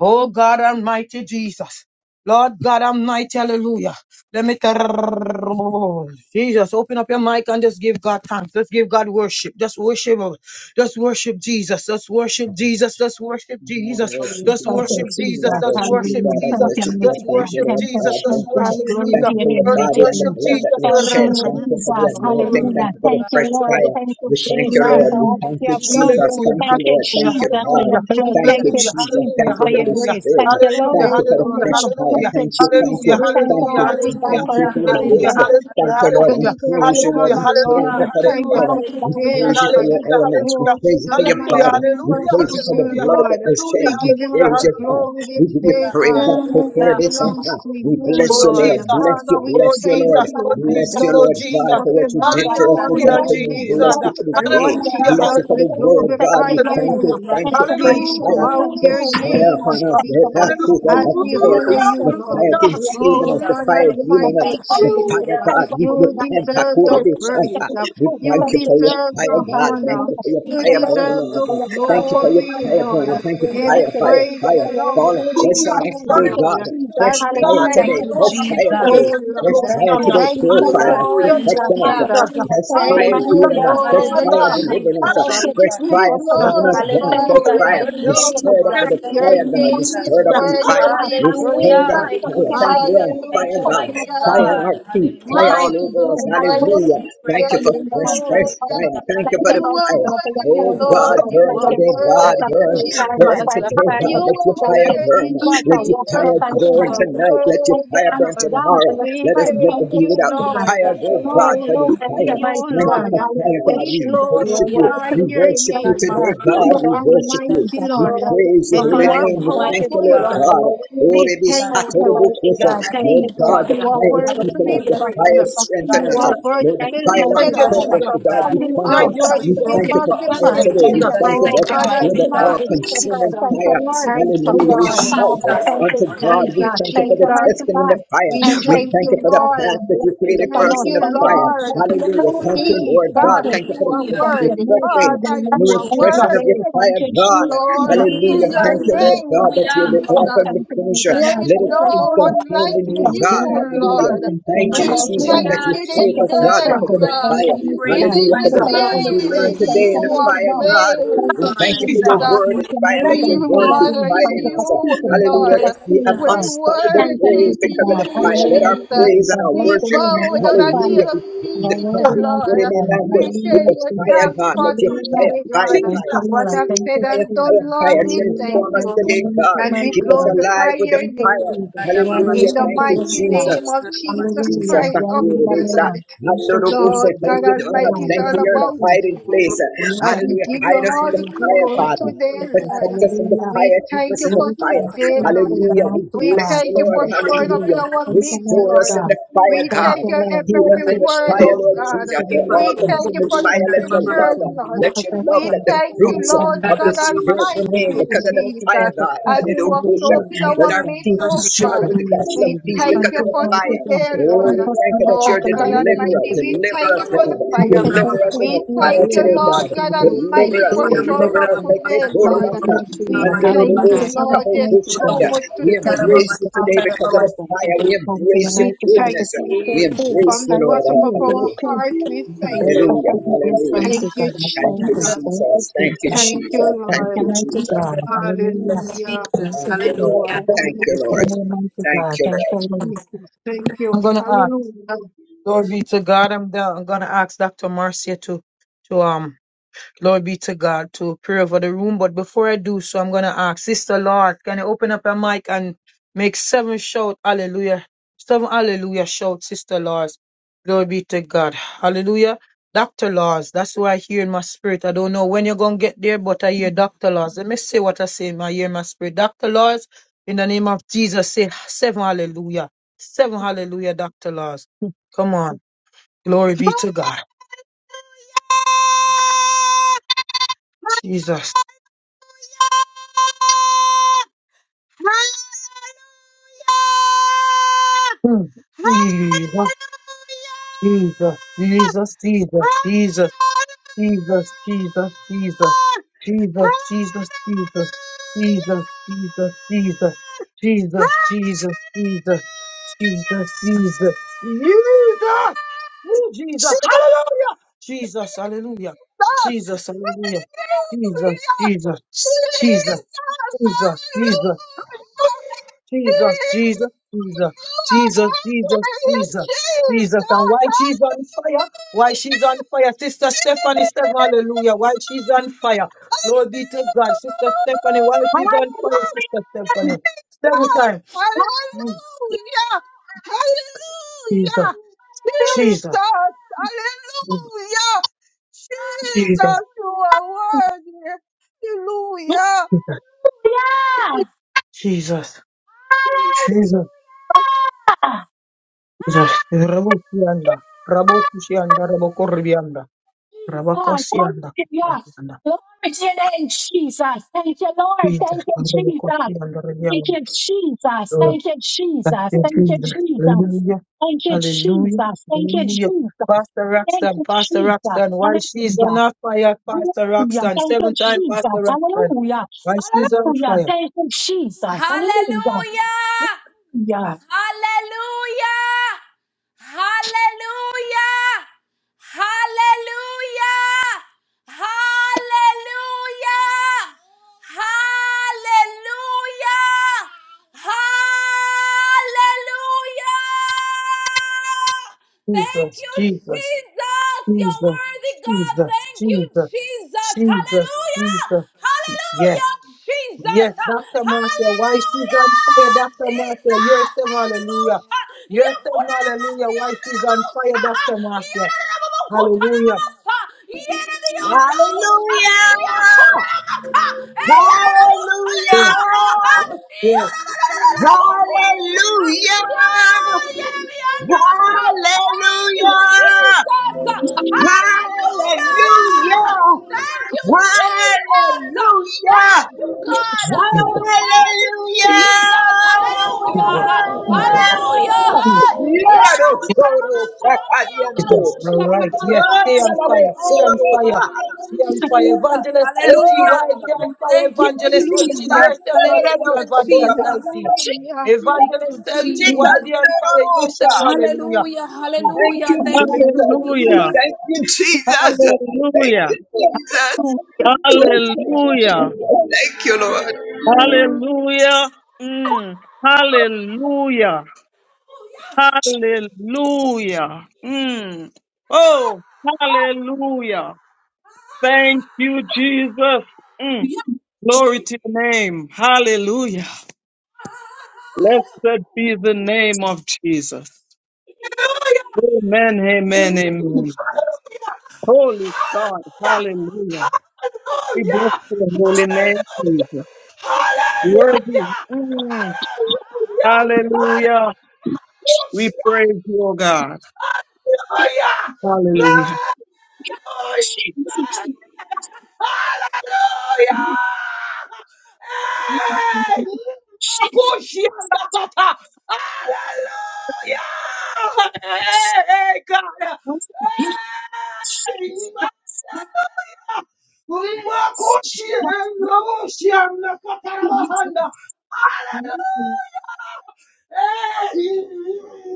[SPEAKER 2] Oh God Almighty Jesus. Lord God Almighty, hallelujah. Let me tell Jesus, open up your mic and just give God thanks. Just give God worship. Just worship Him. Just worship Jesus. Just worship Jesus. Just worship
[SPEAKER 6] I
[SPEAKER 2] Jesus.
[SPEAKER 6] worship
[SPEAKER 1] Hallelujah.
[SPEAKER 2] Just
[SPEAKER 6] you, I
[SPEAKER 1] Thank you,
[SPEAKER 2] worship
[SPEAKER 6] worship you,
[SPEAKER 2] Jesus.
[SPEAKER 6] I
[SPEAKER 1] Jesus.
[SPEAKER 2] Just
[SPEAKER 6] worship you,
[SPEAKER 2] worship
[SPEAKER 1] Hallelujah.
[SPEAKER 6] God, I
[SPEAKER 2] Jesus.
[SPEAKER 1] Thank you,
[SPEAKER 6] worship you. I
[SPEAKER 2] Just
[SPEAKER 1] mighty
[SPEAKER 6] thank
[SPEAKER 1] God.
[SPEAKER 6] you,
[SPEAKER 2] worship
[SPEAKER 6] Lord
[SPEAKER 1] Thank you,
[SPEAKER 2] Jesus.
[SPEAKER 6] God.
[SPEAKER 2] Just
[SPEAKER 6] Thank you
[SPEAKER 1] Jesus.
[SPEAKER 6] for
[SPEAKER 1] Glory to
[SPEAKER 6] thank you
[SPEAKER 1] your
[SPEAKER 6] for
[SPEAKER 3] Hallelujah.
[SPEAKER 1] name,
[SPEAKER 6] your body
[SPEAKER 1] mighty
[SPEAKER 6] and the
[SPEAKER 1] God.
[SPEAKER 2] worship
[SPEAKER 6] blood
[SPEAKER 2] Jesus.
[SPEAKER 6] that was
[SPEAKER 1] Thank you,
[SPEAKER 6] shed.
[SPEAKER 3] Lord,
[SPEAKER 6] Thank you for the
[SPEAKER 1] Jesus.
[SPEAKER 2] Just
[SPEAKER 5] Jesus.
[SPEAKER 6] anointing.
[SPEAKER 2] worship
[SPEAKER 6] Thank
[SPEAKER 1] Hallelujah.
[SPEAKER 6] you for the
[SPEAKER 1] Thank you,
[SPEAKER 6] fresh
[SPEAKER 5] Thank
[SPEAKER 1] Lord.
[SPEAKER 6] fire.
[SPEAKER 1] Thank you,
[SPEAKER 6] We thank you,
[SPEAKER 1] Jesus,
[SPEAKER 3] praise
[SPEAKER 6] Lord.
[SPEAKER 1] for
[SPEAKER 2] Jesus.
[SPEAKER 6] We
[SPEAKER 1] all
[SPEAKER 3] you.
[SPEAKER 5] you,
[SPEAKER 1] that
[SPEAKER 6] thank
[SPEAKER 1] you
[SPEAKER 6] you,
[SPEAKER 1] have
[SPEAKER 5] Jesus.
[SPEAKER 3] We
[SPEAKER 1] done.
[SPEAKER 6] Jesus.
[SPEAKER 2] Hallelujah,
[SPEAKER 6] Thank
[SPEAKER 1] Thank
[SPEAKER 6] you,
[SPEAKER 1] you,
[SPEAKER 6] Lord.
[SPEAKER 2] hallelujah,
[SPEAKER 6] Thank you,
[SPEAKER 1] Jesus,
[SPEAKER 5] Thank
[SPEAKER 1] for
[SPEAKER 6] God.
[SPEAKER 5] you,
[SPEAKER 1] your
[SPEAKER 2] hallelujah,
[SPEAKER 3] thank
[SPEAKER 1] blood.
[SPEAKER 6] Thank
[SPEAKER 1] Thank
[SPEAKER 6] you,
[SPEAKER 5] Jesus.
[SPEAKER 1] you,
[SPEAKER 3] you
[SPEAKER 2] hallelujah,
[SPEAKER 6] Jesus.
[SPEAKER 1] Jesus,
[SPEAKER 2] hallelujah,
[SPEAKER 6] Thank you,
[SPEAKER 1] for your
[SPEAKER 5] Hallelujah,
[SPEAKER 6] Holy
[SPEAKER 2] hallelujah,
[SPEAKER 1] grace.
[SPEAKER 6] Spirit.
[SPEAKER 1] Thank you,
[SPEAKER 2] hallelujah, hallelujah,
[SPEAKER 1] Lord.
[SPEAKER 3] today,
[SPEAKER 6] Thank you for the
[SPEAKER 3] Lord.
[SPEAKER 6] fresh
[SPEAKER 1] Lord,
[SPEAKER 6] fire.
[SPEAKER 1] thank
[SPEAKER 2] hallelujah,
[SPEAKER 1] you,
[SPEAKER 6] Thank you, thank
[SPEAKER 2] hallelujah, hallelujah,
[SPEAKER 6] you,
[SPEAKER 1] Jesus.
[SPEAKER 3] Praise
[SPEAKER 1] Thank you,
[SPEAKER 6] thank you,
[SPEAKER 3] you
[SPEAKER 1] mighty
[SPEAKER 3] with
[SPEAKER 1] God,
[SPEAKER 2] hallelujah.
[SPEAKER 6] thank
[SPEAKER 1] for
[SPEAKER 3] us,
[SPEAKER 6] you,
[SPEAKER 5] hallelujah,
[SPEAKER 6] Holy
[SPEAKER 1] everything.
[SPEAKER 3] glory.
[SPEAKER 2] Hallelujah,
[SPEAKER 6] Ghost.
[SPEAKER 1] Thank
[SPEAKER 5] hallelujah,
[SPEAKER 1] you,
[SPEAKER 2] hallelujah,
[SPEAKER 6] Thank you,
[SPEAKER 1] Jesus.
[SPEAKER 6] Lord.
[SPEAKER 3] You
[SPEAKER 6] We
[SPEAKER 2] hallelujah,
[SPEAKER 3] deserve
[SPEAKER 6] praise
[SPEAKER 3] this
[SPEAKER 6] you, Lord.
[SPEAKER 2] hallelujah, hallelujah,
[SPEAKER 1] Hallelujah,
[SPEAKER 6] We
[SPEAKER 3] honor, Lord.
[SPEAKER 5] hallelujah,
[SPEAKER 6] praise
[SPEAKER 3] We
[SPEAKER 6] you
[SPEAKER 1] Jesus.
[SPEAKER 6] for the
[SPEAKER 1] Thank
[SPEAKER 3] thank
[SPEAKER 1] you,
[SPEAKER 3] you
[SPEAKER 6] fire.
[SPEAKER 3] for
[SPEAKER 1] mighty God.
[SPEAKER 6] We
[SPEAKER 1] We
[SPEAKER 3] today,
[SPEAKER 5] hallelujah,
[SPEAKER 6] praise you
[SPEAKER 1] worship
[SPEAKER 6] for
[SPEAKER 3] Lord.
[SPEAKER 6] your
[SPEAKER 1] you.
[SPEAKER 2] hallelujah, hallelujah,
[SPEAKER 6] elements. We
[SPEAKER 2] hallelujah,
[SPEAKER 3] Lord,
[SPEAKER 6] praise you for
[SPEAKER 1] Thank
[SPEAKER 6] your
[SPEAKER 1] you,
[SPEAKER 2] hallelujah,
[SPEAKER 3] Almighty,
[SPEAKER 6] body.
[SPEAKER 3] we
[SPEAKER 6] We
[SPEAKER 2] hallelujah,
[SPEAKER 6] praise
[SPEAKER 3] worship
[SPEAKER 6] you for the
[SPEAKER 3] you,
[SPEAKER 2] hallelujah,
[SPEAKER 6] blood
[SPEAKER 3] Lord.
[SPEAKER 6] that was
[SPEAKER 2] hallelujah,
[SPEAKER 3] We
[SPEAKER 6] shed.
[SPEAKER 3] give
[SPEAKER 6] We
[SPEAKER 3] you
[SPEAKER 2] hallelujah,
[SPEAKER 3] all
[SPEAKER 6] praise
[SPEAKER 3] the
[SPEAKER 6] you, God.
[SPEAKER 3] glory
[SPEAKER 6] We
[SPEAKER 3] this
[SPEAKER 6] give
[SPEAKER 2] hallelujah.
[SPEAKER 6] you
[SPEAKER 3] day,
[SPEAKER 5] hallelujah,
[SPEAKER 6] praise.
[SPEAKER 3] God,
[SPEAKER 6] That took care
[SPEAKER 3] that
[SPEAKER 6] of
[SPEAKER 5] hallelujah.
[SPEAKER 2] Mm.
[SPEAKER 3] belongs
[SPEAKER 6] this.
[SPEAKER 3] to
[SPEAKER 6] We
[SPEAKER 3] you,
[SPEAKER 5] Thank
[SPEAKER 6] bless
[SPEAKER 5] you,
[SPEAKER 2] Oh
[SPEAKER 6] you,
[SPEAKER 3] Lord.
[SPEAKER 6] Lord.
[SPEAKER 2] Jesus,
[SPEAKER 5] Lord. Thank
[SPEAKER 6] Bless you,
[SPEAKER 3] Father, we
[SPEAKER 2] oh
[SPEAKER 6] bless you,
[SPEAKER 3] thank
[SPEAKER 6] Lord.
[SPEAKER 2] Jesus,
[SPEAKER 1] Jesus.
[SPEAKER 2] oh
[SPEAKER 3] you.
[SPEAKER 6] Bless
[SPEAKER 2] Jesus,
[SPEAKER 6] you,
[SPEAKER 2] oh
[SPEAKER 3] Lord
[SPEAKER 6] Lord God,
[SPEAKER 2] Jesus.
[SPEAKER 5] you,
[SPEAKER 3] Jesus,
[SPEAKER 6] for
[SPEAKER 3] we
[SPEAKER 6] what you
[SPEAKER 1] Jesus.
[SPEAKER 6] did for us
[SPEAKER 1] Thank
[SPEAKER 5] Jesus.
[SPEAKER 3] magnify
[SPEAKER 1] you,
[SPEAKER 6] this
[SPEAKER 2] Hallelujah,
[SPEAKER 5] Thank
[SPEAKER 1] Lord.
[SPEAKER 3] your
[SPEAKER 6] afternoon.
[SPEAKER 5] you,
[SPEAKER 3] name.
[SPEAKER 6] Bless
[SPEAKER 2] Jesus.
[SPEAKER 1] Thank
[SPEAKER 6] you
[SPEAKER 5] Jesus.
[SPEAKER 6] for this
[SPEAKER 1] you,
[SPEAKER 3] Lord
[SPEAKER 6] day.
[SPEAKER 1] Jesus.
[SPEAKER 2] Hallelujah,
[SPEAKER 5] Hallelujah,
[SPEAKER 6] Bless
[SPEAKER 3] Jesus,
[SPEAKER 1] Thank
[SPEAKER 2] hallelujah,
[SPEAKER 6] you for
[SPEAKER 1] you,
[SPEAKER 3] we
[SPEAKER 6] the
[SPEAKER 1] thank you,
[SPEAKER 6] word,
[SPEAKER 1] thank
[SPEAKER 6] God.
[SPEAKER 3] glorify
[SPEAKER 1] you,
[SPEAKER 6] We
[SPEAKER 3] your
[SPEAKER 6] thank
[SPEAKER 1] Lord.
[SPEAKER 6] you,
[SPEAKER 2] Hallelujah.
[SPEAKER 3] name.
[SPEAKER 5] hallelujah.
[SPEAKER 6] thank
[SPEAKER 1] Thank
[SPEAKER 6] you.
[SPEAKER 5] Thank
[SPEAKER 1] you,
[SPEAKER 5] you,
[SPEAKER 6] Fresh
[SPEAKER 3] We
[SPEAKER 1] mighty
[SPEAKER 2] Hallelujah.
[SPEAKER 3] shout
[SPEAKER 6] fire,
[SPEAKER 1] God.
[SPEAKER 5] Jesus.
[SPEAKER 3] out
[SPEAKER 1] Thank you,
[SPEAKER 6] fresh
[SPEAKER 3] your
[SPEAKER 5] Thank you,
[SPEAKER 1] Jesus.
[SPEAKER 6] fire
[SPEAKER 3] name,
[SPEAKER 6] upon
[SPEAKER 5] Jesus.
[SPEAKER 6] us. The
[SPEAKER 1] Thank you,
[SPEAKER 6] the
[SPEAKER 1] mighty
[SPEAKER 3] Jesus,
[SPEAKER 1] God.
[SPEAKER 3] as
[SPEAKER 1] Thank
[SPEAKER 3] we
[SPEAKER 1] you,
[SPEAKER 6] fire,
[SPEAKER 3] honor
[SPEAKER 1] Lord.
[SPEAKER 2] Hallelujah.
[SPEAKER 3] you,
[SPEAKER 6] the
[SPEAKER 1] Thank you.
[SPEAKER 6] fire
[SPEAKER 3] Lord.
[SPEAKER 6] in
[SPEAKER 1] Yes,
[SPEAKER 6] saving
[SPEAKER 1] Lord.
[SPEAKER 3] Oh,
[SPEAKER 6] us, the
[SPEAKER 5] Jesus,
[SPEAKER 3] God
[SPEAKER 1] Thank you,
[SPEAKER 6] fire is
[SPEAKER 1] mighty God,
[SPEAKER 6] healing
[SPEAKER 1] for
[SPEAKER 6] us,
[SPEAKER 5] hallelujah,
[SPEAKER 3] Almighty
[SPEAKER 1] your
[SPEAKER 6] the
[SPEAKER 3] Jesus.
[SPEAKER 1] presence.
[SPEAKER 6] fire,
[SPEAKER 5] hallelujah.
[SPEAKER 1] Thank
[SPEAKER 6] God.
[SPEAKER 1] you,
[SPEAKER 5] Thank
[SPEAKER 6] We
[SPEAKER 1] mighty
[SPEAKER 3] You
[SPEAKER 6] repent,
[SPEAKER 5] you,
[SPEAKER 3] deserve
[SPEAKER 1] God.
[SPEAKER 6] Hakuda,
[SPEAKER 3] the
[SPEAKER 6] we
[SPEAKER 5] Jesus.
[SPEAKER 3] praise.
[SPEAKER 6] shanta. We
[SPEAKER 1] Oh,
[SPEAKER 6] thank
[SPEAKER 3] You
[SPEAKER 1] thank
[SPEAKER 6] you
[SPEAKER 1] you,
[SPEAKER 6] for your
[SPEAKER 3] deserve
[SPEAKER 6] fire,
[SPEAKER 1] Jesus.
[SPEAKER 3] the
[SPEAKER 6] God. Thank
[SPEAKER 3] honor.
[SPEAKER 6] you
[SPEAKER 1] Hallelujah.
[SPEAKER 6] for your
[SPEAKER 1] Thank
[SPEAKER 3] You
[SPEAKER 5] Jesus,
[SPEAKER 1] you,
[SPEAKER 6] fire
[SPEAKER 5] hallelujah,
[SPEAKER 1] Lord.
[SPEAKER 6] burning in
[SPEAKER 3] deserve
[SPEAKER 6] us.
[SPEAKER 3] the
[SPEAKER 1] I have to
[SPEAKER 5] hallelujah.
[SPEAKER 1] one
[SPEAKER 6] Thank you for
[SPEAKER 1] point
[SPEAKER 6] your
[SPEAKER 1] nine
[SPEAKER 3] glory,
[SPEAKER 6] fire
[SPEAKER 1] and
[SPEAKER 3] Lord.
[SPEAKER 6] burning.
[SPEAKER 1] nine to
[SPEAKER 6] Thank you,
[SPEAKER 1] the
[SPEAKER 5] Hallelujah!
[SPEAKER 1] thank
[SPEAKER 6] fire,
[SPEAKER 3] Every
[SPEAKER 1] you,
[SPEAKER 6] fire,
[SPEAKER 3] praise
[SPEAKER 1] Jesus, for
[SPEAKER 6] fire.
[SPEAKER 1] your
[SPEAKER 3] belongs
[SPEAKER 6] Fall
[SPEAKER 3] to
[SPEAKER 6] fresh
[SPEAKER 1] revelation.
[SPEAKER 6] on us
[SPEAKER 3] you,
[SPEAKER 2] Hallelujah.
[SPEAKER 1] Thank
[SPEAKER 5] Jesus.
[SPEAKER 6] today,
[SPEAKER 1] you,
[SPEAKER 6] God.
[SPEAKER 3] Lord.
[SPEAKER 1] Jesus.
[SPEAKER 6] Fresh
[SPEAKER 3] As we
[SPEAKER 6] fire
[SPEAKER 2] God,
[SPEAKER 1] Hallelujah.
[SPEAKER 3] thank
[SPEAKER 2] your
[SPEAKER 5] Thank
[SPEAKER 6] today.
[SPEAKER 1] Thank
[SPEAKER 3] you
[SPEAKER 5] you,
[SPEAKER 1] you,
[SPEAKER 3] for
[SPEAKER 6] Fresh
[SPEAKER 2] glory,
[SPEAKER 1] mighty
[SPEAKER 6] fire
[SPEAKER 2] the
[SPEAKER 1] God,
[SPEAKER 3] today,
[SPEAKER 6] today.
[SPEAKER 5] Jesus.
[SPEAKER 1] for the
[SPEAKER 6] Fresh
[SPEAKER 3] Lord.
[SPEAKER 2] remembrance,
[SPEAKER 1] most
[SPEAKER 5] Thank
[SPEAKER 6] fire
[SPEAKER 5] you,
[SPEAKER 1] high.
[SPEAKER 2] God.
[SPEAKER 6] today.
[SPEAKER 3] Thank you,
[SPEAKER 1] Thank
[SPEAKER 6] Purifying
[SPEAKER 1] you,
[SPEAKER 5] Jesus.
[SPEAKER 6] us,
[SPEAKER 2] Hallelujah,
[SPEAKER 3] Lord
[SPEAKER 1] Jesus.
[SPEAKER 6] perfecting us.
[SPEAKER 5] Hallelujah.
[SPEAKER 3] Jesus.
[SPEAKER 1] Hallelujah.
[SPEAKER 2] Jesus.
[SPEAKER 6] Fresh
[SPEAKER 1] Thank you,
[SPEAKER 6] fire
[SPEAKER 3] Thank
[SPEAKER 6] is
[SPEAKER 1] mighty
[SPEAKER 3] you,
[SPEAKER 2] Hallelujah,
[SPEAKER 6] healing
[SPEAKER 1] God,
[SPEAKER 5] Hallelujah.
[SPEAKER 6] us.
[SPEAKER 1] for
[SPEAKER 6] Fresh
[SPEAKER 1] your
[SPEAKER 2] Jehovah
[SPEAKER 3] Lord
[SPEAKER 6] fire
[SPEAKER 2] God.
[SPEAKER 5] Hallelujah.
[SPEAKER 1] blessing.
[SPEAKER 5] Thank
[SPEAKER 6] delivering us.
[SPEAKER 5] you,
[SPEAKER 1] Thank
[SPEAKER 3] Jesus.
[SPEAKER 1] you,
[SPEAKER 2] Hallelujah.
[SPEAKER 6] Fresh
[SPEAKER 5] Jesus.
[SPEAKER 1] Jesus,
[SPEAKER 3] We
[SPEAKER 6] fire
[SPEAKER 1] for the
[SPEAKER 2] Hallelujah.
[SPEAKER 6] saving us,
[SPEAKER 1] mercy.
[SPEAKER 6] God.
[SPEAKER 1] Thank you
[SPEAKER 3] glorify
[SPEAKER 6] Fresh
[SPEAKER 1] for
[SPEAKER 2] Oh,
[SPEAKER 1] the
[SPEAKER 5] Hallelujah.
[SPEAKER 3] your
[SPEAKER 6] fire.
[SPEAKER 5] Thank
[SPEAKER 1] grace.
[SPEAKER 5] you,
[SPEAKER 6] We
[SPEAKER 1] Thank you for
[SPEAKER 2] Hallelujah.
[SPEAKER 3] name.
[SPEAKER 6] stirred
[SPEAKER 1] the
[SPEAKER 6] up
[SPEAKER 5] Jesus.
[SPEAKER 6] with the
[SPEAKER 1] kindness.
[SPEAKER 5] Thank
[SPEAKER 3] Your
[SPEAKER 5] you,
[SPEAKER 6] fire, God. We
[SPEAKER 3] name
[SPEAKER 2] Hallelujah.
[SPEAKER 3] is
[SPEAKER 5] Jesus.
[SPEAKER 6] stirred up in
[SPEAKER 1] Thank you,
[SPEAKER 3] worthy
[SPEAKER 6] fire.
[SPEAKER 3] to
[SPEAKER 1] God.
[SPEAKER 3] be
[SPEAKER 6] We stirred
[SPEAKER 3] praised.
[SPEAKER 5] Hallelujah.
[SPEAKER 1] Hallelujah.
[SPEAKER 6] on
[SPEAKER 5] Thank you,
[SPEAKER 1] Thank
[SPEAKER 6] fire.
[SPEAKER 1] you,
[SPEAKER 6] Thank you.
[SPEAKER 1] mighty
[SPEAKER 6] We're
[SPEAKER 5] Jesus.
[SPEAKER 6] on
[SPEAKER 1] God.
[SPEAKER 5] Thank
[SPEAKER 6] fire,
[SPEAKER 5] you,
[SPEAKER 1] Thank
[SPEAKER 6] God.
[SPEAKER 1] you,
[SPEAKER 5] mighty
[SPEAKER 3] Hallelujah,
[SPEAKER 6] Fire
[SPEAKER 1] Lord.
[SPEAKER 6] in
[SPEAKER 5] God.
[SPEAKER 6] our feet.
[SPEAKER 1] Thank
[SPEAKER 6] Fire
[SPEAKER 3] Hallelujah,
[SPEAKER 6] all
[SPEAKER 5] Hallelujah.
[SPEAKER 6] over
[SPEAKER 1] mighty
[SPEAKER 6] us.
[SPEAKER 1] God.
[SPEAKER 5] Worthy
[SPEAKER 2] Oh,
[SPEAKER 3] hallelujah,
[SPEAKER 5] to
[SPEAKER 6] Hallelujah.
[SPEAKER 5] be
[SPEAKER 6] Thank you
[SPEAKER 5] praised,
[SPEAKER 6] for
[SPEAKER 5] Jesus.
[SPEAKER 6] fresh,
[SPEAKER 3] hallelujah.
[SPEAKER 6] fresh
[SPEAKER 5] Hallelujah.
[SPEAKER 6] fire. Thank you
[SPEAKER 5] Hallelujah.
[SPEAKER 6] for the
[SPEAKER 3] You are
[SPEAKER 6] fire.
[SPEAKER 3] worthy,
[SPEAKER 6] Oh God,
[SPEAKER 3] Lord. You
[SPEAKER 6] burn
[SPEAKER 3] are
[SPEAKER 2] God.
[SPEAKER 6] today, God,
[SPEAKER 3] worthy,
[SPEAKER 6] burn,
[SPEAKER 2] Hallelujah.
[SPEAKER 6] burn
[SPEAKER 3] Jesus.
[SPEAKER 6] today,
[SPEAKER 3] You
[SPEAKER 6] God. Let your fire
[SPEAKER 3] are
[SPEAKER 6] burn.
[SPEAKER 3] worthy,
[SPEAKER 6] Let your
[SPEAKER 3] Jesus.
[SPEAKER 6] fire
[SPEAKER 3] You
[SPEAKER 6] burn
[SPEAKER 1] Thank
[SPEAKER 3] are
[SPEAKER 1] you.
[SPEAKER 6] tonight. Let your
[SPEAKER 1] Thank
[SPEAKER 3] worthy,
[SPEAKER 1] you,
[SPEAKER 6] fire burn
[SPEAKER 1] mighty
[SPEAKER 3] Lord.
[SPEAKER 1] God,
[SPEAKER 6] tomorrow.
[SPEAKER 1] and your
[SPEAKER 6] Let
[SPEAKER 3] We
[SPEAKER 6] us
[SPEAKER 1] strength.
[SPEAKER 3] thank
[SPEAKER 6] never
[SPEAKER 1] Thank you,
[SPEAKER 6] be
[SPEAKER 3] you,
[SPEAKER 6] without the
[SPEAKER 1] Jesus.
[SPEAKER 3] Lord.
[SPEAKER 6] fire.
[SPEAKER 1] Thank you,
[SPEAKER 6] Oh God,
[SPEAKER 1] Lord.
[SPEAKER 3] We
[SPEAKER 6] for the
[SPEAKER 3] look
[SPEAKER 1] Thank
[SPEAKER 3] to
[SPEAKER 1] you,
[SPEAKER 6] fire.
[SPEAKER 3] you,
[SPEAKER 1] mighty
[SPEAKER 6] Thank you
[SPEAKER 1] God.
[SPEAKER 3] Lord.
[SPEAKER 6] for fire,
[SPEAKER 1] Hallelujah,
[SPEAKER 6] God.
[SPEAKER 3] We
[SPEAKER 6] We
[SPEAKER 1] Jesus. You
[SPEAKER 6] worship
[SPEAKER 1] are
[SPEAKER 6] you.
[SPEAKER 5] Hallelujah.
[SPEAKER 1] worthy
[SPEAKER 3] glorify
[SPEAKER 1] to
[SPEAKER 6] We
[SPEAKER 1] be
[SPEAKER 5] Hallelujah.
[SPEAKER 3] your
[SPEAKER 1] praised,
[SPEAKER 6] worship you
[SPEAKER 1] mighty
[SPEAKER 3] name.
[SPEAKER 6] today,
[SPEAKER 1] God.
[SPEAKER 5] The
[SPEAKER 6] God.
[SPEAKER 5] word
[SPEAKER 2] Hallelujah.
[SPEAKER 3] You
[SPEAKER 6] We
[SPEAKER 3] are
[SPEAKER 1] Thank you,
[SPEAKER 6] worship you.
[SPEAKER 3] mighty,
[SPEAKER 5] Jesus.
[SPEAKER 1] Jesus.
[SPEAKER 6] We
[SPEAKER 3] Lord,
[SPEAKER 1] Lord, I lift
[SPEAKER 6] praise
[SPEAKER 1] you
[SPEAKER 6] your
[SPEAKER 1] up
[SPEAKER 3] and
[SPEAKER 1] on
[SPEAKER 6] holy
[SPEAKER 3] you
[SPEAKER 5] Unlike
[SPEAKER 3] are
[SPEAKER 1] high.
[SPEAKER 6] name. We
[SPEAKER 5] you,
[SPEAKER 1] Thank
[SPEAKER 6] thank
[SPEAKER 1] you,
[SPEAKER 5] mighty
[SPEAKER 6] you,
[SPEAKER 3] powerful,
[SPEAKER 6] Lord
[SPEAKER 5] God.
[SPEAKER 1] Jesus.
[SPEAKER 3] Lord.
[SPEAKER 1] You
[SPEAKER 6] God.
[SPEAKER 1] are
[SPEAKER 6] Oh,
[SPEAKER 3] We
[SPEAKER 1] worthy.
[SPEAKER 6] it is
[SPEAKER 5] God.
[SPEAKER 3] thank
[SPEAKER 6] that
[SPEAKER 1] Thank you,
[SPEAKER 3] you.
[SPEAKER 6] terrible
[SPEAKER 1] mighty
[SPEAKER 6] question.
[SPEAKER 1] God.
[SPEAKER 5] Hallelujah.
[SPEAKER 1] Thank you,
[SPEAKER 6] Lord
[SPEAKER 3] Jesus,
[SPEAKER 6] God,
[SPEAKER 1] Jesus.
[SPEAKER 6] the
[SPEAKER 5] Hallelujah.
[SPEAKER 3] you are
[SPEAKER 1] Thank
[SPEAKER 6] fire is
[SPEAKER 1] you for
[SPEAKER 3] worthy to
[SPEAKER 6] keeping
[SPEAKER 3] be
[SPEAKER 6] us.
[SPEAKER 5] Hallelujah.
[SPEAKER 6] The
[SPEAKER 1] saving us.
[SPEAKER 5] Thank
[SPEAKER 3] praised.
[SPEAKER 1] Thank
[SPEAKER 6] fire
[SPEAKER 5] you,
[SPEAKER 6] is
[SPEAKER 1] you for
[SPEAKER 5] mighty God.
[SPEAKER 6] strengthening
[SPEAKER 3] You
[SPEAKER 6] us.
[SPEAKER 1] keeping
[SPEAKER 5] Thank
[SPEAKER 3] are
[SPEAKER 1] us.
[SPEAKER 3] worthy
[SPEAKER 5] you,
[SPEAKER 6] Lord,
[SPEAKER 3] to
[SPEAKER 6] the
[SPEAKER 1] Thank
[SPEAKER 3] be
[SPEAKER 1] you,
[SPEAKER 6] fire on
[SPEAKER 1] mighty
[SPEAKER 3] lifted
[SPEAKER 2] Thank you,
[SPEAKER 3] up.
[SPEAKER 5] mighty
[SPEAKER 1] God,
[SPEAKER 5] God.
[SPEAKER 1] for
[SPEAKER 6] purpose,
[SPEAKER 5] Mighty
[SPEAKER 2] Jesus.
[SPEAKER 6] oh God.
[SPEAKER 5] God.
[SPEAKER 6] We
[SPEAKER 1] providing
[SPEAKER 3] You
[SPEAKER 6] thank
[SPEAKER 1] for
[SPEAKER 3] are
[SPEAKER 6] you.
[SPEAKER 2] Thank
[SPEAKER 1] us.
[SPEAKER 2] you,
[SPEAKER 5] That
[SPEAKER 3] worthy
[SPEAKER 5] was
[SPEAKER 6] We
[SPEAKER 3] to
[SPEAKER 1] Thank
[SPEAKER 2] Jesus.
[SPEAKER 3] be
[SPEAKER 6] thank
[SPEAKER 5] broken
[SPEAKER 6] you for
[SPEAKER 5] for
[SPEAKER 1] you,
[SPEAKER 5] us,
[SPEAKER 2] Thank
[SPEAKER 6] fire
[SPEAKER 2] you,
[SPEAKER 5] Lord
[SPEAKER 3] magnified.
[SPEAKER 6] today.
[SPEAKER 1] Thank
[SPEAKER 6] We
[SPEAKER 2] Jesus.
[SPEAKER 1] you,
[SPEAKER 5] Jesus.
[SPEAKER 6] thank you
[SPEAKER 1] mighty
[SPEAKER 3] Oh,
[SPEAKER 6] for
[SPEAKER 5] Thank you,
[SPEAKER 3] God
[SPEAKER 1] God, for
[SPEAKER 6] you're
[SPEAKER 5] mighty
[SPEAKER 6] the
[SPEAKER 1] being our
[SPEAKER 3] Almighty
[SPEAKER 6] all
[SPEAKER 5] God.
[SPEAKER 1] good
[SPEAKER 6] consuming
[SPEAKER 1] shepherd.
[SPEAKER 3] Jesus.
[SPEAKER 1] Thank you,
[SPEAKER 6] fire.
[SPEAKER 1] Lord,
[SPEAKER 3] Thank
[SPEAKER 1] for
[SPEAKER 3] you,
[SPEAKER 6] Hallelujah.
[SPEAKER 1] being
[SPEAKER 6] We
[SPEAKER 1] our
[SPEAKER 3] Lord.
[SPEAKER 5] Jesus.
[SPEAKER 6] shout
[SPEAKER 1] Father.
[SPEAKER 5] Thank
[SPEAKER 1] Thank you,
[SPEAKER 6] unto
[SPEAKER 5] you.
[SPEAKER 6] God.
[SPEAKER 3] Thank
[SPEAKER 6] We
[SPEAKER 3] you,
[SPEAKER 1] Jesus.
[SPEAKER 6] thank you for
[SPEAKER 1] Thank
[SPEAKER 6] the
[SPEAKER 1] you,
[SPEAKER 3] Jesus.
[SPEAKER 1] mighty
[SPEAKER 6] testing in the
[SPEAKER 1] God.
[SPEAKER 6] fire.
[SPEAKER 3] We
[SPEAKER 1] Thank
[SPEAKER 2] Jesus.
[SPEAKER 1] you,
[SPEAKER 6] We
[SPEAKER 3] thank you,
[SPEAKER 6] thank you for the
[SPEAKER 1] Jesus, for your
[SPEAKER 3] Lord.
[SPEAKER 6] path that you
[SPEAKER 1] blessings
[SPEAKER 6] created for
[SPEAKER 1] upon
[SPEAKER 3] Thank
[SPEAKER 6] us
[SPEAKER 1] us.
[SPEAKER 6] in
[SPEAKER 3] you,
[SPEAKER 6] the
[SPEAKER 1] Thank you,
[SPEAKER 6] fire.
[SPEAKER 1] mighty
[SPEAKER 3] Lord.
[SPEAKER 1] God, for your
[SPEAKER 6] Hallelujah. Thank
[SPEAKER 1] mercy.
[SPEAKER 6] you, Lord
[SPEAKER 1] Thank
[SPEAKER 3] Jesus,
[SPEAKER 6] God.
[SPEAKER 1] you,
[SPEAKER 6] Thank you for
[SPEAKER 3] you are
[SPEAKER 1] Jesus,
[SPEAKER 6] the
[SPEAKER 5] Hallelujah.
[SPEAKER 1] for your
[SPEAKER 3] worthy.
[SPEAKER 5] Hallelujah.
[SPEAKER 1] mercy
[SPEAKER 6] refreshing,
[SPEAKER 1] that
[SPEAKER 3] Father,
[SPEAKER 1] we
[SPEAKER 3] you
[SPEAKER 2] Thank
[SPEAKER 1] need
[SPEAKER 3] are
[SPEAKER 2] you,
[SPEAKER 1] every
[SPEAKER 6] refreshing
[SPEAKER 2] Jesus.
[SPEAKER 6] of
[SPEAKER 3] worthy.
[SPEAKER 1] day.
[SPEAKER 6] your
[SPEAKER 1] Thank
[SPEAKER 6] fire,
[SPEAKER 1] you,
[SPEAKER 6] God.
[SPEAKER 1] Jesus,
[SPEAKER 2] Jesus.
[SPEAKER 3] Glory
[SPEAKER 1] for
[SPEAKER 3] to
[SPEAKER 6] Hallelujah.
[SPEAKER 1] your
[SPEAKER 5] Jesus.
[SPEAKER 3] your
[SPEAKER 6] Thank
[SPEAKER 1] grace
[SPEAKER 6] you,
[SPEAKER 1] and
[SPEAKER 6] Lord
[SPEAKER 1] your
[SPEAKER 6] God,
[SPEAKER 3] name,
[SPEAKER 6] that you're
[SPEAKER 1] protection
[SPEAKER 5] Hallelujah.
[SPEAKER 6] the
[SPEAKER 1] for
[SPEAKER 2] Oh,
[SPEAKER 1] us.
[SPEAKER 6] author
[SPEAKER 3] Jesus.
[SPEAKER 6] and
[SPEAKER 1] Thank
[SPEAKER 6] the
[SPEAKER 1] you,
[SPEAKER 6] finisher.
[SPEAKER 1] mighty
[SPEAKER 3] There
[SPEAKER 1] God.
[SPEAKER 3] is
[SPEAKER 6] Let it
[SPEAKER 1] Thank
[SPEAKER 5] Jesus.
[SPEAKER 1] you,
[SPEAKER 6] be
[SPEAKER 3] no
[SPEAKER 1] Lord.
[SPEAKER 3] one
[SPEAKER 6] contained
[SPEAKER 3] like
[SPEAKER 6] in
[SPEAKER 1] We
[SPEAKER 6] you,
[SPEAKER 1] cannot
[SPEAKER 3] you,
[SPEAKER 1] do
[SPEAKER 6] God.
[SPEAKER 1] without you,
[SPEAKER 6] Hallelujah.
[SPEAKER 3] Lord.
[SPEAKER 1] Jesus.
[SPEAKER 6] Thank
[SPEAKER 1] Thank
[SPEAKER 6] you,
[SPEAKER 1] you,
[SPEAKER 3] We
[SPEAKER 1] mighty
[SPEAKER 6] Jesus,
[SPEAKER 3] thank
[SPEAKER 1] God.
[SPEAKER 6] that you
[SPEAKER 5] Hallelujah.
[SPEAKER 3] you this
[SPEAKER 1] Thank
[SPEAKER 6] save
[SPEAKER 1] you
[SPEAKER 6] us,
[SPEAKER 5] Jesus.
[SPEAKER 1] for your
[SPEAKER 6] God,
[SPEAKER 3] day,
[SPEAKER 6] because
[SPEAKER 5] You're
[SPEAKER 6] of
[SPEAKER 1] presence.
[SPEAKER 6] the
[SPEAKER 5] worthy
[SPEAKER 3] God.
[SPEAKER 1] Thank
[SPEAKER 5] to
[SPEAKER 1] you,
[SPEAKER 6] fire.
[SPEAKER 5] be
[SPEAKER 1] mighty
[SPEAKER 3] This
[SPEAKER 5] praised,
[SPEAKER 1] God.
[SPEAKER 3] is
[SPEAKER 6] Hallelujah.
[SPEAKER 5] my
[SPEAKER 1] Thank
[SPEAKER 3] the
[SPEAKER 6] For
[SPEAKER 1] you
[SPEAKER 6] the
[SPEAKER 2] Jesus.
[SPEAKER 1] for your
[SPEAKER 5] God.
[SPEAKER 6] lessons
[SPEAKER 1] Holy
[SPEAKER 5] You're
[SPEAKER 6] we
[SPEAKER 3] day
[SPEAKER 5] worthy
[SPEAKER 6] learned
[SPEAKER 1] Spirit.
[SPEAKER 3] that
[SPEAKER 5] to be
[SPEAKER 6] today
[SPEAKER 1] Thank you,
[SPEAKER 6] in the
[SPEAKER 3] you
[SPEAKER 5] adored.
[SPEAKER 3] have
[SPEAKER 1] mighty
[SPEAKER 6] fire,
[SPEAKER 1] God.
[SPEAKER 5] Oh
[SPEAKER 6] God.
[SPEAKER 3] made,
[SPEAKER 1] Thank
[SPEAKER 6] We
[SPEAKER 1] you,
[SPEAKER 5] God, I
[SPEAKER 6] thank you for
[SPEAKER 1] Jesus.
[SPEAKER 2] Jesus.
[SPEAKER 6] your
[SPEAKER 1] Thank
[SPEAKER 3] Jesus.
[SPEAKER 5] thank
[SPEAKER 6] word
[SPEAKER 5] you. I
[SPEAKER 6] is
[SPEAKER 1] you,
[SPEAKER 6] fire.
[SPEAKER 5] thank
[SPEAKER 1] mighty
[SPEAKER 6] Let
[SPEAKER 2] Thank
[SPEAKER 3] We
[SPEAKER 6] your
[SPEAKER 1] God, for
[SPEAKER 5] you,
[SPEAKER 6] word
[SPEAKER 5] Jesus.
[SPEAKER 6] be
[SPEAKER 1] loving us.
[SPEAKER 3] honor
[SPEAKER 6] fire
[SPEAKER 1] Thank
[SPEAKER 6] in
[SPEAKER 1] you
[SPEAKER 6] us.
[SPEAKER 1] for
[SPEAKER 3] you,
[SPEAKER 1] keeping us. Thank
[SPEAKER 6] Hallelujah.
[SPEAKER 1] you
[SPEAKER 6] Let
[SPEAKER 1] for
[SPEAKER 3] Lord.
[SPEAKER 6] us be of
[SPEAKER 1] saving
[SPEAKER 5] Hallelujah.
[SPEAKER 3] We
[SPEAKER 1] us.
[SPEAKER 5] Hallelujah.
[SPEAKER 6] unstoppable
[SPEAKER 1] Thank you,
[SPEAKER 3] worship
[SPEAKER 6] praise
[SPEAKER 1] mighty
[SPEAKER 6] because of
[SPEAKER 1] God.
[SPEAKER 6] the
[SPEAKER 3] you,
[SPEAKER 6] fire. Let
[SPEAKER 1] Hallelujah,
[SPEAKER 6] our
[SPEAKER 3] Jesus.
[SPEAKER 1] Jesus.
[SPEAKER 6] praise
[SPEAKER 1] I
[SPEAKER 6] and our
[SPEAKER 1] bless
[SPEAKER 3] We
[SPEAKER 1] your
[SPEAKER 6] worship.
[SPEAKER 1] name. I
[SPEAKER 3] bow down at
[SPEAKER 1] magnify you.
[SPEAKER 6] Hallelujah.
[SPEAKER 3] your
[SPEAKER 6] Be
[SPEAKER 1] You are
[SPEAKER 6] the
[SPEAKER 3] feet,
[SPEAKER 6] cup
[SPEAKER 1] worthy,
[SPEAKER 2] you,
[SPEAKER 6] be put
[SPEAKER 1] mighty
[SPEAKER 6] in
[SPEAKER 3] Lord.
[SPEAKER 6] your
[SPEAKER 1] God.
[SPEAKER 6] hand
[SPEAKER 3] We
[SPEAKER 6] with
[SPEAKER 3] tell
[SPEAKER 1] Hallelujah,
[SPEAKER 6] the
[SPEAKER 3] you
[SPEAKER 6] fire,
[SPEAKER 1] Jesus.
[SPEAKER 3] thanks
[SPEAKER 6] God.
[SPEAKER 3] for
[SPEAKER 6] Let your
[SPEAKER 1] Hallelujah.
[SPEAKER 6] fire,
[SPEAKER 3] today,
[SPEAKER 6] fire,
[SPEAKER 3] Lord.
[SPEAKER 2] Jesus.
[SPEAKER 1] Thank you,
[SPEAKER 6] fire.
[SPEAKER 3] What
[SPEAKER 1] Lord.
[SPEAKER 3] I've
[SPEAKER 1] Thank
[SPEAKER 3] said
[SPEAKER 1] you,
[SPEAKER 6] Fire,
[SPEAKER 3] and done,
[SPEAKER 6] fire,
[SPEAKER 1] Jesus.
[SPEAKER 3] Lord,
[SPEAKER 6] fire.
[SPEAKER 3] we
[SPEAKER 1] Hallelujah.
[SPEAKER 3] thank
[SPEAKER 6] Transform us
[SPEAKER 3] you
[SPEAKER 1] There's none
[SPEAKER 6] today,
[SPEAKER 1] like
[SPEAKER 6] God.
[SPEAKER 1] you,
[SPEAKER 3] and we
[SPEAKER 1] mighty
[SPEAKER 6] Keep us
[SPEAKER 1] God.
[SPEAKER 3] glorify
[SPEAKER 6] alive with the
[SPEAKER 3] your
[SPEAKER 1] Thank you,
[SPEAKER 6] fire.
[SPEAKER 3] name
[SPEAKER 1] Jesus.
[SPEAKER 5] Rada
[SPEAKER 1] You are
[SPEAKER 5] Baba
[SPEAKER 1] in
[SPEAKER 3] in
[SPEAKER 6] Hallelujah.
[SPEAKER 3] the
[SPEAKER 5] Shakti
[SPEAKER 6] Thank
[SPEAKER 1] control
[SPEAKER 6] you,
[SPEAKER 1] of
[SPEAKER 3] mighty
[SPEAKER 1] God.
[SPEAKER 5] Bhusha
[SPEAKER 3] name
[SPEAKER 6] Jesus.
[SPEAKER 3] of
[SPEAKER 5] Tara Baba Santa
[SPEAKER 3] Jesus
[SPEAKER 1] Hallelujah.
[SPEAKER 6] Jesus,
[SPEAKER 3] Christ
[SPEAKER 1] You
[SPEAKER 6] thank
[SPEAKER 1] are
[SPEAKER 3] of
[SPEAKER 6] you,
[SPEAKER 1] in
[SPEAKER 6] Lord.
[SPEAKER 1] the
[SPEAKER 3] Nazareth.
[SPEAKER 1] Thank
[SPEAKER 5] Bhusha
[SPEAKER 1] you,
[SPEAKER 6] Hallelujah.
[SPEAKER 3] Lord
[SPEAKER 6] Say,
[SPEAKER 1] Jesus.
[SPEAKER 6] Thank
[SPEAKER 3] God
[SPEAKER 1] Thank
[SPEAKER 6] you,
[SPEAKER 1] you,
[SPEAKER 6] God.
[SPEAKER 3] Almighty
[SPEAKER 1] Lord.
[SPEAKER 3] is
[SPEAKER 6] Thank you,
[SPEAKER 3] all
[SPEAKER 1] Thank
[SPEAKER 6] you're
[SPEAKER 1] you,
[SPEAKER 6] the
[SPEAKER 3] about
[SPEAKER 1] Jesus.
[SPEAKER 6] hiding
[SPEAKER 3] you.
[SPEAKER 6] place.
[SPEAKER 1] Lord,
[SPEAKER 3] As
[SPEAKER 1] I
[SPEAKER 3] we
[SPEAKER 1] need
[SPEAKER 6] Hallelujah.
[SPEAKER 1] to
[SPEAKER 3] give you
[SPEAKER 1] hear
[SPEAKER 6] Hide us
[SPEAKER 1] from
[SPEAKER 6] in
[SPEAKER 3] all
[SPEAKER 6] the
[SPEAKER 3] the
[SPEAKER 1] you.
[SPEAKER 6] fire,
[SPEAKER 3] glory
[SPEAKER 1] Thank
[SPEAKER 6] Father.
[SPEAKER 1] you,
[SPEAKER 3] today,
[SPEAKER 1] Jesus.
[SPEAKER 6] Protect
[SPEAKER 3] Lord.
[SPEAKER 6] us in the
[SPEAKER 1] Hallelujah.
[SPEAKER 6] fire.
[SPEAKER 3] We
[SPEAKER 6] Keep
[SPEAKER 3] thank
[SPEAKER 6] us
[SPEAKER 3] you
[SPEAKER 6] in the
[SPEAKER 3] for
[SPEAKER 1] Really,
[SPEAKER 6] fire.
[SPEAKER 3] today,
[SPEAKER 1] you are
[SPEAKER 3] Lord.
[SPEAKER 1] so
[SPEAKER 6] Hallelujah. We
[SPEAKER 1] mighty
[SPEAKER 3] We
[SPEAKER 6] bless
[SPEAKER 1] God.
[SPEAKER 6] you,
[SPEAKER 3] thank you
[SPEAKER 1] Thank
[SPEAKER 6] Lord.
[SPEAKER 3] for
[SPEAKER 1] you,
[SPEAKER 3] showing up in
[SPEAKER 6] Hallelujah.
[SPEAKER 1] Jesus.
[SPEAKER 3] our
[SPEAKER 1] Thank you,
[SPEAKER 3] midst,
[SPEAKER 6] Restore
[SPEAKER 1] mighty
[SPEAKER 6] us
[SPEAKER 3] Lord.
[SPEAKER 6] in
[SPEAKER 1] God.
[SPEAKER 6] the fire,
[SPEAKER 3] We
[SPEAKER 1] Thank
[SPEAKER 6] God.
[SPEAKER 3] thank
[SPEAKER 1] you,
[SPEAKER 3] you for
[SPEAKER 1] Lord.
[SPEAKER 6] Heal us
[SPEAKER 1] Thank
[SPEAKER 3] every
[SPEAKER 6] in
[SPEAKER 1] you,
[SPEAKER 6] the
[SPEAKER 3] word,
[SPEAKER 1] Jesus.
[SPEAKER 6] fire,
[SPEAKER 3] oh
[SPEAKER 6] Lord
[SPEAKER 1] Thank
[SPEAKER 3] God.
[SPEAKER 6] Jesus.
[SPEAKER 1] you,
[SPEAKER 6] The
[SPEAKER 1] mighty
[SPEAKER 6] all
[SPEAKER 3] We
[SPEAKER 1] God.
[SPEAKER 3] thank you
[SPEAKER 6] consuming
[SPEAKER 3] for the
[SPEAKER 6] fire.
[SPEAKER 1] Thank
[SPEAKER 6] Let your
[SPEAKER 1] you, mighty
[SPEAKER 6] love,
[SPEAKER 3] scriptures,
[SPEAKER 1] God. Yes,
[SPEAKER 6] let
[SPEAKER 3] Lord.
[SPEAKER 1] I
[SPEAKER 6] your
[SPEAKER 1] thank
[SPEAKER 6] love,
[SPEAKER 3] We
[SPEAKER 1] you
[SPEAKER 6] let the
[SPEAKER 3] thank
[SPEAKER 1] for
[SPEAKER 3] you,
[SPEAKER 1] the
[SPEAKER 6] fruits
[SPEAKER 3] Lord
[SPEAKER 6] of the
[SPEAKER 3] God
[SPEAKER 1] time
[SPEAKER 6] Spirit
[SPEAKER 1] to
[SPEAKER 6] remain
[SPEAKER 3] Almighty,
[SPEAKER 6] because
[SPEAKER 1] the
[SPEAKER 6] of the
[SPEAKER 1] mouth of
[SPEAKER 3] Jesus.
[SPEAKER 1] God
[SPEAKER 6] fire,
[SPEAKER 1] that
[SPEAKER 6] God.
[SPEAKER 3] As we
[SPEAKER 1] speaketh on the
[SPEAKER 3] walk
[SPEAKER 6] Hallelujah.
[SPEAKER 1] real
[SPEAKER 3] up in
[SPEAKER 1] life
[SPEAKER 6] Let
[SPEAKER 3] our
[SPEAKER 1] of
[SPEAKER 6] our
[SPEAKER 1] God.
[SPEAKER 3] midst,
[SPEAKER 6] feet be
[SPEAKER 3] oh
[SPEAKER 6] shod
[SPEAKER 3] God.
[SPEAKER 6] with the
[SPEAKER 1] Hallelujah,
[SPEAKER 6] gospel of
[SPEAKER 3] We
[SPEAKER 1] Jesus.
[SPEAKER 6] peace
[SPEAKER 3] thank
[SPEAKER 6] because
[SPEAKER 1] Unto
[SPEAKER 3] you
[SPEAKER 6] of the
[SPEAKER 1] the
[SPEAKER 3] for
[SPEAKER 1] mouth of
[SPEAKER 6] fire.
[SPEAKER 1] God
[SPEAKER 3] today,
[SPEAKER 1] that
[SPEAKER 6] Oh,
[SPEAKER 3] Lord.
[SPEAKER 6] we
[SPEAKER 1] speaketh
[SPEAKER 6] thank
[SPEAKER 1] on
[SPEAKER 6] you
[SPEAKER 1] the
[SPEAKER 6] that
[SPEAKER 1] path
[SPEAKER 6] you're
[SPEAKER 3] Oh
[SPEAKER 6] the
[SPEAKER 1] of the
[SPEAKER 3] God
[SPEAKER 1] real
[SPEAKER 6] deliverer.
[SPEAKER 1] life
[SPEAKER 3] Almighty,
[SPEAKER 1] of God.
[SPEAKER 3] we
[SPEAKER 6] Deliver
[SPEAKER 3] thank you
[SPEAKER 6] us,
[SPEAKER 1] And
[SPEAKER 3] for the
[SPEAKER 1] we
[SPEAKER 6] God.
[SPEAKER 3] fire.
[SPEAKER 1] confess
[SPEAKER 2] Jesus.
[SPEAKER 6] Deliver
[SPEAKER 1] our
[SPEAKER 6] us in
[SPEAKER 1] faith
[SPEAKER 6] the
[SPEAKER 3] We
[SPEAKER 1] in the
[SPEAKER 6] fire
[SPEAKER 3] thank you,
[SPEAKER 1] daily
[SPEAKER 6] today,
[SPEAKER 1] life
[SPEAKER 3] Lord
[SPEAKER 6] God.
[SPEAKER 1] of God.
[SPEAKER 3] God
[SPEAKER 1] We
[SPEAKER 6] Deliver
[SPEAKER 1] repent
[SPEAKER 3] Almighty,
[SPEAKER 6] us.
[SPEAKER 3] for
[SPEAKER 1] daily
[SPEAKER 3] showing
[SPEAKER 1] life
[SPEAKER 6] Deliver
[SPEAKER 1] of
[SPEAKER 3] up
[SPEAKER 6] us. We
[SPEAKER 1] God.
[SPEAKER 6] embrace
[SPEAKER 3] today,
[SPEAKER 5] Pakatu
[SPEAKER 3] Lord.
[SPEAKER 1] Hallelujah,
[SPEAKER 5] Bhusha
[SPEAKER 3] We
[SPEAKER 1] Jesus.
[SPEAKER 5] Mani
[SPEAKER 1] Have
[SPEAKER 3] thank you,
[SPEAKER 1] mercy
[SPEAKER 5] Baba
[SPEAKER 1] upon us,
[SPEAKER 3] Lord. There's
[SPEAKER 1] mighty
[SPEAKER 5] Rupa
[SPEAKER 3] so
[SPEAKER 1] God.
[SPEAKER 3] much to
[SPEAKER 5] Bhusha
[SPEAKER 3] tell
[SPEAKER 1] Have
[SPEAKER 5] Tara
[SPEAKER 3] you
[SPEAKER 5] Baba
[SPEAKER 1] mercy
[SPEAKER 6] you
[SPEAKER 1] upon
[SPEAKER 6] today
[SPEAKER 3] thanks
[SPEAKER 1] us,
[SPEAKER 5] Santa
[SPEAKER 6] because of
[SPEAKER 5] Baba
[SPEAKER 3] for.
[SPEAKER 6] the
[SPEAKER 1] Jesus. At
[SPEAKER 6] fire. We
[SPEAKER 1] this
[SPEAKER 5] Shakti
[SPEAKER 1] time, to
[SPEAKER 6] embrace
[SPEAKER 1] the
[SPEAKER 6] your
[SPEAKER 3] We
[SPEAKER 1] night of God, to
[SPEAKER 3] thank
[SPEAKER 6] goodness.
[SPEAKER 1] speak
[SPEAKER 3] you.
[SPEAKER 1] their
[SPEAKER 6] We
[SPEAKER 5] Jesus,
[SPEAKER 1] faith, to
[SPEAKER 6] embrace
[SPEAKER 3] From the
[SPEAKER 6] you,
[SPEAKER 1] cry out
[SPEAKER 6] Lord.
[SPEAKER 1] to
[SPEAKER 6] I
[SPEAKER 3] bottom of
[SPEAKER 1] you, to
[SPEAKER 6] thank
[SPEAKER 3] our
[SPEAKER 6] you.
[SPEAKER 1] repent,
[SPEAKER 3] heart, we
[SPEAKER 1] and to
[SPEAKER 3] thank
[SPEAKER 1] break us
[SPEAKER 3] you.
[SPEAKER 6] Hallelujah.
[SPEAKER 1] from this
[SPEAKER 6] Hallelujah.
[SPEAKER 1] mighty
[SPEAKER 3] Thank you,
[SPEAKER 1] God.
[SPEAKER 6] Thank
[SPEAKER 1] Thank
[SPEAKER 6] you,
[SPEAKER 1] you,
[SPEAKER 3] Jesus.
[SPEAKER 1] thank
[SPEAKER 6] Jesus.
[SPEAKER 1] you,
[SPEAKER 6] Thank
[SPEAKER 1] Jesus.
[SPEAKER 6] you,
[SPEAKER 3] Thank you,
[SPEAKER 6] Jesus.
[SPEAKER 1] Thank
[SPEAKER 6] Thank
[SPEAKER 3] Lord.
[SPEAKER 1] you,
[SPEAKER 6] you,
[SPEAKER 1] mighty
[SPEAKER 6] Jesus.
[SPEAKER 1] God. Hallelujah.
[SPEAKER 3] Hallelujah.
[SPEAKER 1] Thank
[SPEAKER 5] Jesus,
[SPEAKER 6] Thank
[SPEAKER 1] you,
[SPEAKER 6] you,
[SPEAKER 3] You
[SPEAKER 5] hallelujah.
[SPEAKER 6] Lord.
[SPEAKER 3] are
[SPEAKER 1] Jesus.
[SPEAKER 6] Thank
[SPEAKER 3] worthy,
[SPEAKER 6] you,
[SPEAKER 1] Bless your
[SPEAKER 6] Lord.
[SPEAKER 1] name, mighty
[SPEAKER 6] Thank
[SPEAKER 1] God.
[SPEAKER 6] you,
[SPEAKER 1] Thank
[SPEAKER 6] Lord.
[SPEAKER 1] you, Lord.
[SPEAKER 3] Jesus. Thank you.
[SPEAKER 2] I'm gonna ask.
[SPEAKER 3] Hallelujah.
[SPEAKER 2] Glory be to God. I'm done. I'm gonna ask Dr. Marcia to to um Glory be to God to pray over the room. But before I do so, I'm going to ask Sister Lord, can you open up your mic and make seven shout hallelujah? Seven hallelujah shout, Sister Lord. Glory be to God. Hallelujah. Dr. Laws, that's what I hear in my spirit. I don't know when you're going to get there, but I hear Dr. Laws. Let me say what I say in my ear, in my spirit. Dr. Laws, in the name of Jesus, say seven hallelujah. Seven hallelujah, Dr. Laws. Come on. Glory be to
[SPEAKER 3] Hallelujah!
[SPEAKER 2] God. Jesus.
[SPEAKER 3] Hallelujah!
[SPEAKER 2] Mm. Jesus.
[SPEAKER 3] Hallelujah!
[SPEAKER 2] Jesus, Jesus, Jesus,
[SPEAKER 3] Hallelujah!
[SPEAKER 2] Jesus, Jesus, Jesus, Jesus, Jesus, Jesus, Jesus, Jesus, Jesus, Jesus, Jesus, Jesus, Jesus, Jesus, Jesus, Jesus, Ooh, Jesus,
[SPEAKER 3] Hallelujah!
[SPEAKER 2] hallelujah, Jesus,
[SPEAKER 3] Hallelujah!
[SPEAKER 2] hallelujah,
[SPEAKER 3] up. Hallelujah. Jesus. Hallelujah. Jesus, You
[SPEAKER 2] Jesus, hallelujah, Jesus, Jesus, Jesus, Jesus, Jesus, Jesus, Jesus, Jesus,
[SPEAKER 3] are
[SPEAKER 2] Jesus, Jesus,
[SPEAKER 3] worthy,
[SPEAKER 2] Jesus,
[SPEAKER 3] Jesus.
[SPEAKER 2] Jesus. And why she's on fire? Why she's on fire? Sister Stephanie said, Hallelujah. Why she's on fire? Glory be to God. Sister Stephanie, why she's on fire, Sister Stephanie? Seven times. Mm,
[SPEAKER 3] Hallelujah. Hallelujah.
[SPEAKER 2] Jesus,
[SPEAKER 3] Jesus.
[SPEAKER 2] Jesus,
[SPEAKER 3] Hallelujah.
[SPEAKER 2] Jesus,
[SPEAKER 3] Jesus, you are worthy. Hallelujah.
[SPEAKER 2] Jesus,
[SPEAKER 1] Yeah.
[SPEAKER 2] Jesus, Jesus, Jesus. Rabokianda, Rabokushianda, Rabokorbianda,
[SPEAKER 1] God. Thank
[SPEAKER 2] Rabakosianda,
[SPEAKER 1] you. Yeah. Glory to your name, Jesus. Thank you, Lord. Thank
[SPEAKER 2] Jesus,
[SPEAKER 1] you, God. Thank
[SPEAKER 2] Rabokosianda,
[SPEAKER 1] you, Jesus.
[SPEAKER 2] Lord.
[SPEAKER 1] Thank you,
[SPEAKER 2] Thank
[SPEAKER 1] Jesus.
[SPEAKER 2] you,
[SPEAKER 1] Thank you,
[SPEAKER 2] Jesus.
[SPEAKER 1] Jesus.
[SPEAKER 2] Hallelujah.
[SPEAKER 1] Thank you, Jesus.
[SPEAKER 2] Hallelujah.
[SPEAKER 1] Thank you, Jesus.
[SPEAKER 2] Hallelujah. Pastor
[SPEAKER 1] Thank you,
[SPEAKER 2] Roxton, Pastor
[SPEAKER 1] Jesus.
[SPEAKER 2] Roxton, why she's on
[SPEAKER 1] Hallelujah.
[SPEAKER 2] a fire, Pastor
[SPEAKER 1] Hallelujah.
[SPEAKER 2] Roxton,
[SPEAKER 1] Thank you,
[SPEAKER 2] seven time Pastor
[SPEAKER 1] Lord.
[SPEAKER 2] Roxton,
[SPEAKER 1] Hallelujah.
[SPEAKER 2] why she's on
[SPEAKER 1] Hallelujah.
[SPEAKER 2] fire.
[SPEAKER 1] Hallelujah. Yeah.
[SPEAKER 5] Hallelujah! Hallelujah! Thank
[SPEAKER 2] Jesus,
[SPEAKER 5] you,
[SPEAKER 2] Jesus,
[SPEAKER 5] Jesus. You're
[SPEAKER 2] Jesus,
[SPEAKER 5] worthy, God.
[SPEAKER 2] Jesus,
[SPEAKER 5] Thank you,
[SPEAKER 2] Jesus,
[SPEAKER 5] Jesus.
[SPEAKER 2] Jesus,
[SPEAKER 5] Hallelujah.
[SPEAKER 2] Jesus. Yes,
[SPEAKER 5] Hallelujah, Jesus.
[SPEAKER 2] yes, Dr. Marcia, why she's
[SPEAKER 5] Hallelujah,
[SPEAKER 2] on fire, Dr. Marcia, you're hallelujah.
[SPEAKER 5] Jesus. Thank
[SPEAKER 2] You're
[SPEAKER 5] you,
[SPEAKER 2] hallelujah, why she's on fire, Dr. Marcia. Hallelujah.
[SPEAKER 6] Hallelujah! Hallelujah!
[SPEAKER 2] yes, yes.
[SPEAKER 6] Hallelujah! Hallelujah!
[SPEAKER 5] Jesus.
[SPEAKER 6] Hallelujah!
[SPEAKER 5] Hallelujah. Thank you, Jesus.
[SPEAKER 6] Hallelujah!
[SPEAKER 5] Thank you, God.
[SPEAKER 2] Jesus,
[SPEAKER 5] You're worthy,
[SPEAKER 6] Hallelujah!
[SPEAKER 5] Jesus. Hallelujah.
[SPEAKER 2] Jesus, Jesus,
[SPEAKER 5] Hallelujah.
[SPEAKER 2] Jesus.
[SPEAKER 6] Lord, oh, soro, sacadiando.
[SPEAKER 2] All right. Yes. Stay
[SPEAKER 6] Gloria
[SPEAKER 2] on
[SPEAKER 6] a la
[SPEAKER 2] fire. Stay on
[SPEAKER 5] Oh,
[SPEAKER 6] soro,
[SPEAKER 5] God.
[SPEAKER 2] fire.
[SPEAKER 5] Thank you,
[SPEAKER 2] Stay on fire.
[SPEAKER 5] Jesus.
[SPEAKER 2] Evangelist LT.
[SPEAKER 6] Ora,
[SPEAKER 2] Why
[SPEAKER 5] Hallelujah.
[SPEAKER 2] be on fire,
[SPEAKER 5] Thank you,
[SPEAKER 2] Evangelist LT?
[SPEAKER 5] Jesus.
[SPEAKER 3] Hallelujah.
[SPEAKER 2] Yourself
[SPEAKER 6] Santa de la
[SPEAKER 2] hallelujah,
[SPEAKER 5] Hallelujah,
[SPEAKER 6] noche, ora,
[SPEAKER 2] Evangelist
[SPEAKER 5] Jesus.
[SPEAKER 2] LT.
[SPEAKER 3] Hallelujah.
[SPEAKER 5] Thank you,
[SPEAKER 2] Evangelist LT. Why
[SPEAKER 3] Mm.
[SPEAKER 5] Jesus.
[SPEAKER 2] be on fire? Yourself
[SPEAKER 6] Mitando,
[SPEAKER 2] hallelujah.
[SPEAKER 5] Hallelujah.
[SPEAKER 2] Mm.
[SPEAKER 6] Thank
[SPEAKER 5] Hallelujah.
[SPEAKER 6] you,
[SPEAKER 5] Thank you,
[SPEAKER 3] Hallelujah.
[SPEAKER 6] Jesus.
[SPEAKER 4] Hallelujah.
[SPEAKER 5] Jesus.
[SPEAKER 6] Thank you, Jesus. Thank
[SPEAKER 4] Hallelujah.
[SPEAKER 6] you, Jesus.
[SPEAKER 4] Hallelujah.
[SPEAKER 6] Thank you, Lord.
[SPEAKER 4] Hallelujah. Mm. Hallelujah. Hallelujah. Mm. Oh, hallelujah. Thank you, Jesus. Mm. Glory to your name. Hallelujah. Blessed be the name of Jesus. Amen, amen, amen.
[SPEAKER 2] Hallelujah!
[SPEAKER 4] Holy God, hallelujah. We bless your holy name,
[SPEAKER 2] Hallelujah!
[SPEAKER 4] Jesus.
[SPEAKER 2] Hallelujah!
[SPEAKER 4] Worthy.
[SPEAKER 2] Hallelujah!
[SPEAKER 4] Mm. Hallelujah. We praise you, O God. Hallelujah.
[SPEAKER 1] Jesus.
[SPEAKER 2] Hallelujah! Hey!
[SPEAKER 1] Jesus.
[SPEAKER 2] Makoshi Hallelujah! Hey, hey, hey, God!
[SPEAKER 1] Yeah.
[SPEAKER 2] Hey, Hallelujah!
[SPEAKER 1] Jesus.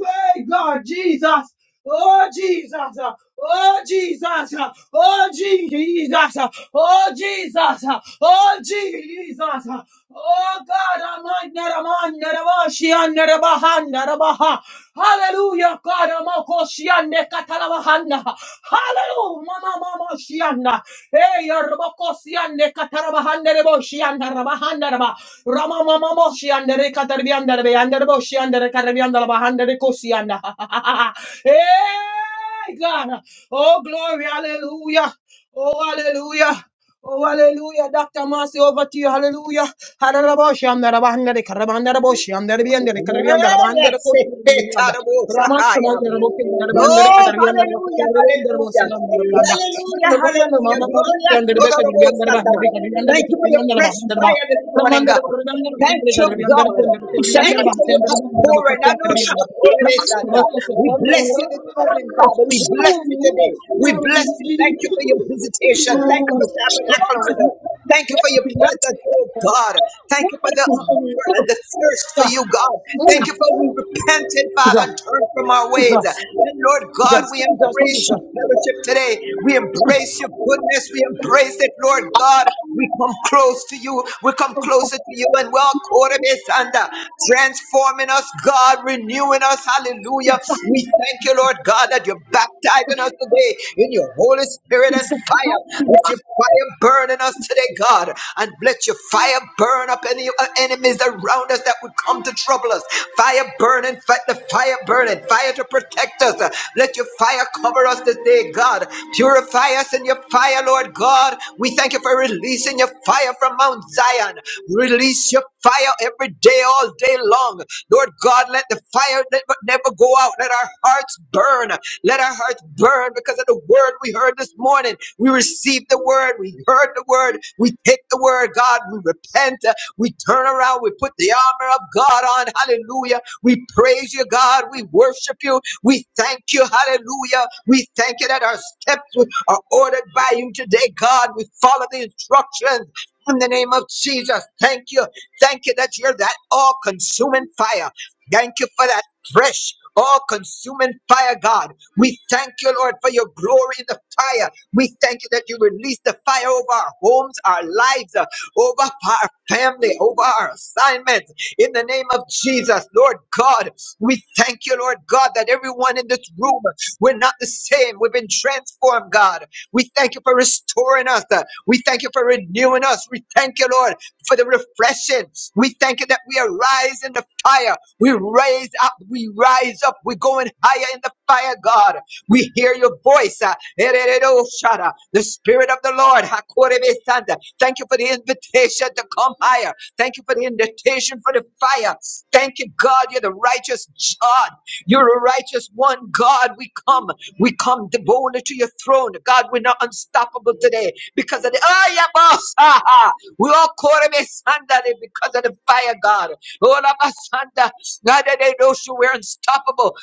[SPEAKER 2] Hey, God, Jesus. Oh Jesus, oh Jesus, oh Jesus, oh Jesus, oh Jesus, oh God, Almighty, Naraman, Naravashian, Narabahan, Narabaha, Hallelujah, God, Amoko, Shian, Nekatalabahan, Hallelujah, Mama, Mama, Shian, Hey, Robocosiande Catarabahande Boshianda Rabahandaraba Rama Mama Moshianda Catarbianda Beanda Boshianda Carabianda Bahanda Cosianda. Hey, God. Oh, glory. Hallelujah. Oh, hallelujah. Oh, hallelujah. Dr. Mercy, over to you. Hallelujah. Haraboshianda Rabahanda Carabanda Boshianda Bianda
[SPEAKER 6] Oh,
[SPEAKER 2] Carabianda Bahanda Cosianda. Ramat Kamal, the Raboki and the Bander, Katarian, the Rocky,
[SPEAKER 6] hallelujah, hallelujah,
[SPEAKER 2] the Rossi and the Blanda. You
[SPEAKER 6] hallelujah,
[SPEAKER 2] know, the
[SPEAKER 6] hallelujah,
[SPEAKER 2] Mamma
[SPEAKER 6] glorious
[SPEAKER 2] and the Rebecca,
[SPEAKER 6] God of
[SPEAKER 2] the
[SPEAKER 6] all
[SPEAKER 2] Rian, the Rebecca, the
[SPEAKER 6] Satan.
[SPEAKER 2] Rian, the Rian, the
[SPEAKER 6] Thank you
[SPEAKER 2] Rebecca,
[SPEAKER 6] for your fresh
[SPEAKER 2] the Rebecca.
[SPEAKER 6] fire this morning,
[SPEAKER 2] Raman, the
[SPEAKER 6] God.
[SPEAKER 2] Rebecca, the
[SPEAKER 6] Thank you,
[SPEAKER 2] Rebecca, the Rian, the
[SPEAKER 6] God.
[SPEAKER 2] Rebecca, the Rian, the Rebecca,
[SPEAKER 6] Thank
[SPEAKER 1] Hallelujah.
[SPEAKER 2] the
[SPEAKER 6] you for your
[SPEAKER 2] Rebecca, the Rebecca,
[SPEAKER 6] outpouring. I
[SPEAKER 2] the
[SPEAKER 6] know it's
[SPEAKER 2] Rebecca.
[SPEAKER 6] outpouring, eh,
[SPEAKER 2] Raman, the
[SPEAKER 6] Satan.
[SPEAKER 2] Rebecca,
[SPEAKER 6] We bless you this morning, Father. We bless you today. We bless you. Thank you for your visitation. Thank you for tabernacling with us. Thank you for your presence, oh God. Thank you for the hunger and the thirst
[SPEAKER 2] the
[SPEAKER 6] for you, God. Thank
[SPEAKER 2] Rebecca,
[SPEAKER 6] you for we repented, Father,
[SPEAKER 2] the
[SPEAKER 6] and turned from our ways. And
[SPEAKER 2] Jesus, Jesus,
[SPEAKER 6] Lord God,
[SPEAKER 2] Jesus,
[SPEAKER 6] we
[SPEAKER 2] Jesus,
[SPEAKER 6] embrace your
[SPEAKER 2] Jesus.
[SPEAKER 6] fellowship today. We embrace your goodness. We embrace it, Lord God. We come close to you. We come closer to you, and we're caught in this under transforming us, God, renewing us. Hallelujah. We thank you, Lord God, that you're baptizing us today in your Holy Spirit and fire. Let your fire burn in us today, God, and let your fire burn up any uh, enemies around us that would come to trouble us. Fire burning, fight the fire burning, fire to protect us. Let your fire cover us this day, God. Purify us in your fire, Lord God. We thank you for releasing your fire from Mount Zion. Release your fire every day, all day long. Lord God, let the fire never, never go out. Let our hearts burn. Let our hearts burn because of the word we heard this morning. We received the word. We heard the word. We take the word, God. We repent. We turn around, we put the armor of God on. Hallelujah. We praise you, God. We worship you. We thank you. Hallelujah. We thank you that our steps are ordered by you today, God. We follow the instructions. In the name of Jesus, thank you. Thank you that you're that all consuming fire. Thank you for that fresh, all consuming fire, God. We thank you, Lord, for your glory in the fire. We thank you that you release the fire over our homes, our lives over our family, over our assignment. In the name of Jesus, Lord God, we thank you, Lord God, that everyone in this room, we're not the same. We've been transformed, God. We thank you for restoring us. We thank you for renewing us. We thank you, Lord, for the refreshing. We thank you that we arise in the fire. We raise up. We rise up. We're going higher in the fire, God. We hear your voice. uh, Erereroshara. The Spirit of the Lord. Hakorebesanda. Thank you for the invitation to come higher. Thank you for the invitation for the fire. Thank you, God. You're the righteous God. You're a righteous one, God. We come. We come boldly to your throne. God, we're not unstoppable today because of the oh, yeah, boss. Ah, ah. We all call him a Sunday because of the fire, God. Oh, la, ba, Sunday. God, they know you we're unstoppable.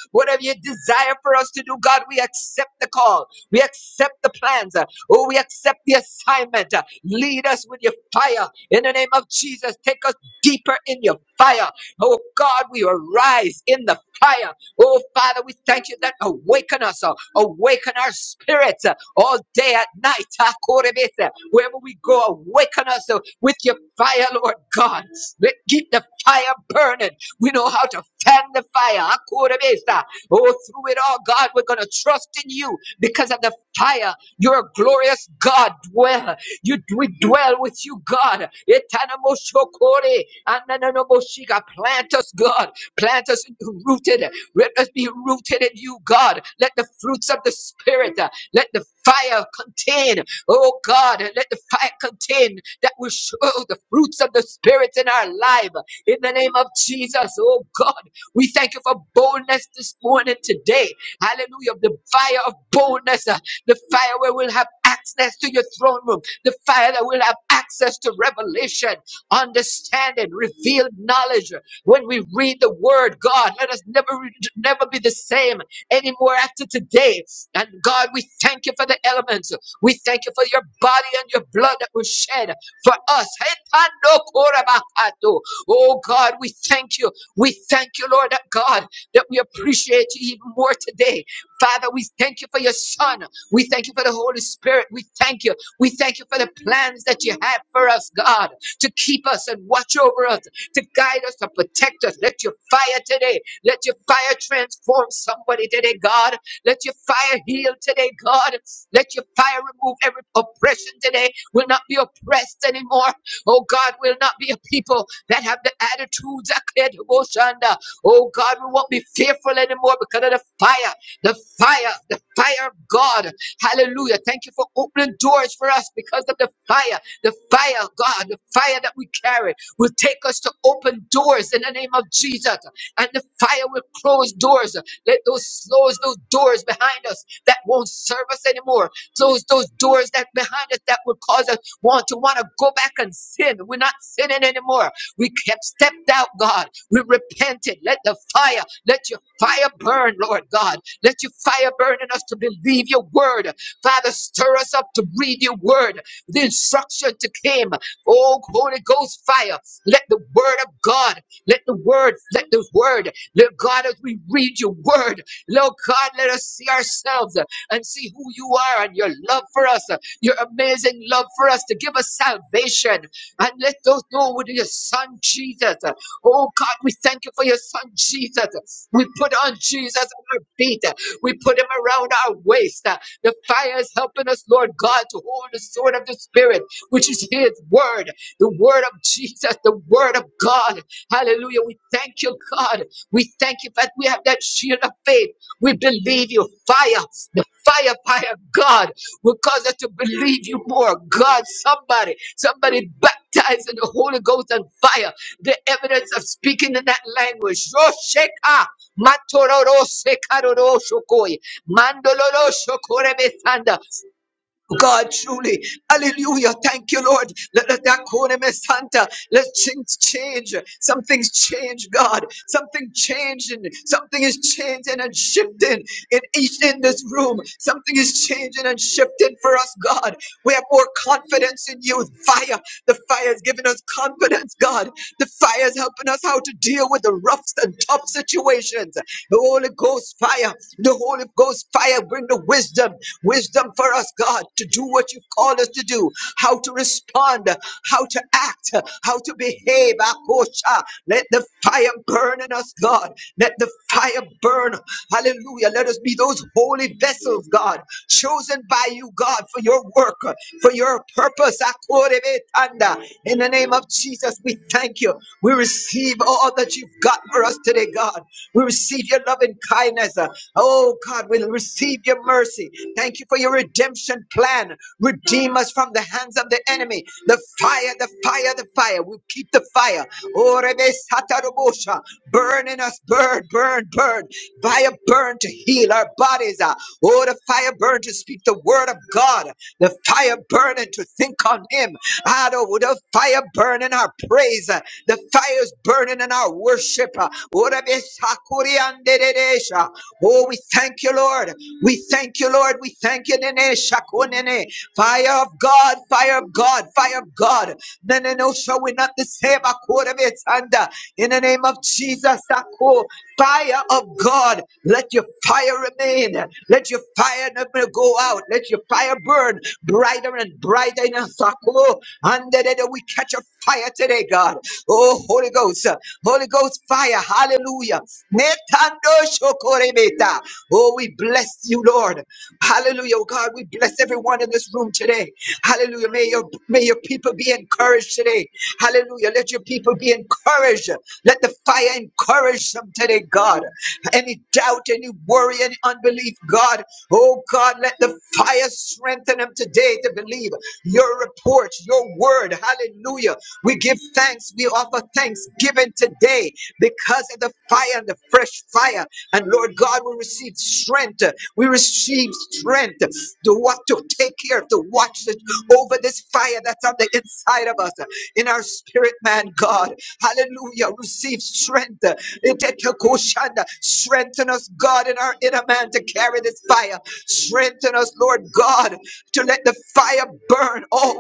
[SPEAKER 6] mercy. Thank you for your redemption plan. Redeem us from the hands of the enemy. The fire, the fire, the fire. We keep the fire. Oh, Rebe Satarobosha. Burn in us, burn, burn, burn. Fire burn to heal our bodies. ah. Oh, the fire burn to speak the word of God. The fire burn and to think on Him. Ah, the the fire burn in our praise. ah. The fire is burning in our worship. ah. Oh, Rebe Sakuriandere give thanks. We offer thanksgiving today because of the fire, the fresh fire. And Lord God, we receive strength. We receive strength to what to take care of, to watch it over this fire that's on the inside of us, in our spirit, man, God. Hallelujah. Receive strength. Itetekoshanda. Strengthen us, God, in our inner man to carry this fire. Strengthen us, Lord God, to let the fire burn. Oh,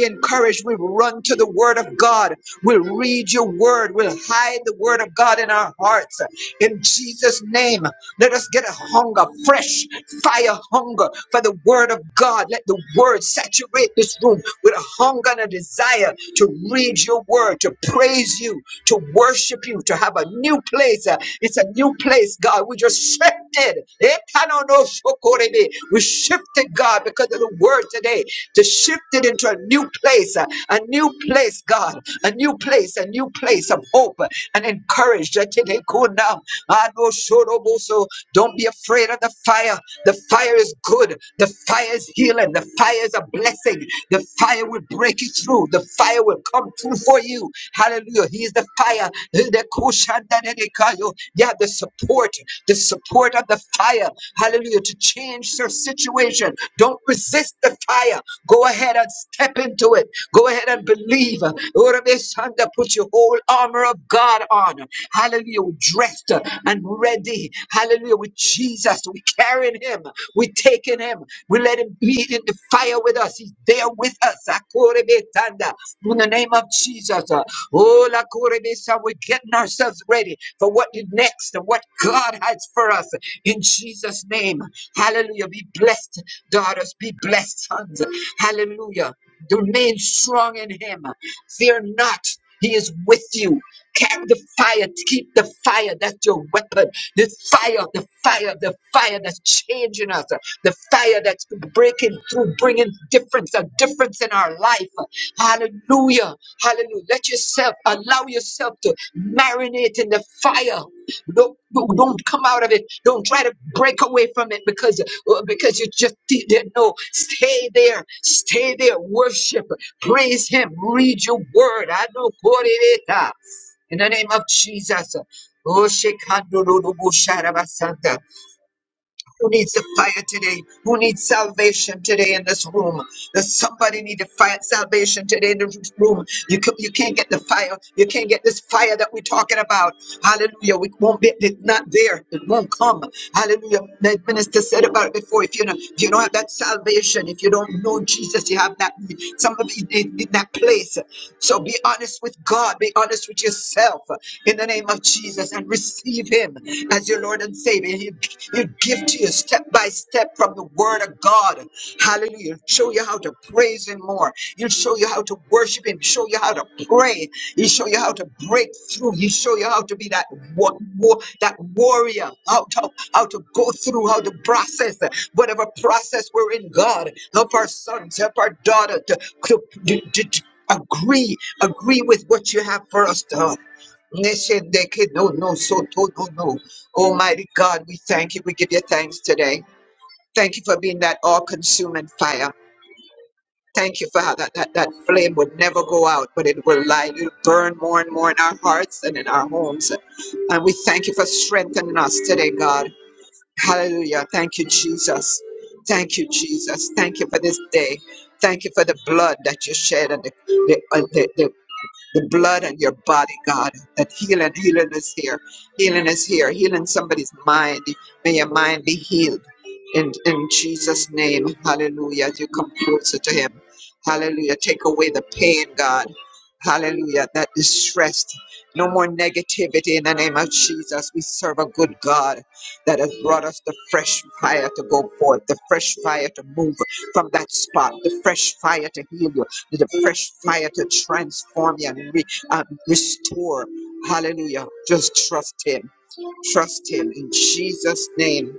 [SPEAKER 6] be encouraged. We'll run to the Word of God. We'll read your Word. We'll hide the Word of God in our hearts. In Jesus' name, let us get a hunger, fresh fire hunger for the Word of God. Let the Word saturate this room with a hunger and a desire to read your Word, to praise you, to worship you, to have a new place. Uh, It's a new place, God. We just shifted. Etanonoshokorebe. We shifted, God, because of the word today to shift it into a new place, uh, a new place, God, a new place, a new place of hope uh, and encourage. Don't be afraid of the fire. The fire is good. The fire is healing. The fire is a blessing. The fire will break you through. The fire will come through for you. Hallelujah. He is the fire. You have the support, the support of the fire. Hallelujah. To change your situation. Don't resist the fire. Go ahead and step into it. Go ahead and believe. Urabesanda, Put your whole armor of God on. Hallelujah. We're dressed and ready. Hallelujah. With Jesus, we carrying him. we taking him. We let him be in the fire with us. He's there with us. Akurebetanda. In the name of Jesus. uh, Oh, Lakurebesa, we're getting ourselves ready for what is next. yourself to marinate in the fire. Don't, don't don't come out of it. Don't try to break away from it because uh, because you just didn't know. Stay there. Stay there. Worship. Praise Him. Read your word. I know. In the name of Jesus. Oh, Shekando Rodobo Sharabasanta. Who needs the fire today? Who needs salvation today in this room? Does somebody need the fire, salvation today in this room? You can, you can't get the fire. You can't get this fire that we're talking about. Hallelujah. We won't be it's not there. It won't come. Hallelujah. The minister said about it before. If you know, if you don't have that salvation, if you don't know Jesus, you have that some of you in, in that place. So be honest with God. Be honest with yourself in the name of Jesus and receive Him as your Lord and Savior. He'll He'll give to you step by step from the Word of God. Hallelujah. He'll show you how to praise Him more. He'll show you how to worship Him, show you how to pray. He'll show you how to break through. He'll show you how to be that war, war, that warrior, how to, how to go through, how to process uh, whatever process we're in, God. Help our sons, help our daughter to, to, to- to- to agree, agree with what you have for us, no, no, so to no, no. Almighty God, we thank you. We give you thanks today. Thank you for being that all consuming fire. Thank you, Father, that that flame would never go out, but it will light, it'll burn more and more in our hearts and in our homes. And we thank you for strengthening us today, God. Hallelujah. Thank you, Jesus. Thank you, Jesus. Thank you for this day. Thank you for the blood that you shed and the, the blood on your body, God. That healing, healing is here. Healing is here. Healing somebody's mind. May your mind be healed. In, in Jesus' name, hallelujah. As you come closer to Him, hallelujah. Take away the pain, God. Hallelujah. That distress. No more negativity in the name of Jesus. We serve a good God that has brought us the fresh fire to go forth, the fresh fire to move from that spot, the fresh fire to heal you, let the fresh fire to transform you and re- uh, restore. Hallelujah. Just trust Him. Trust Him in Jesus' name.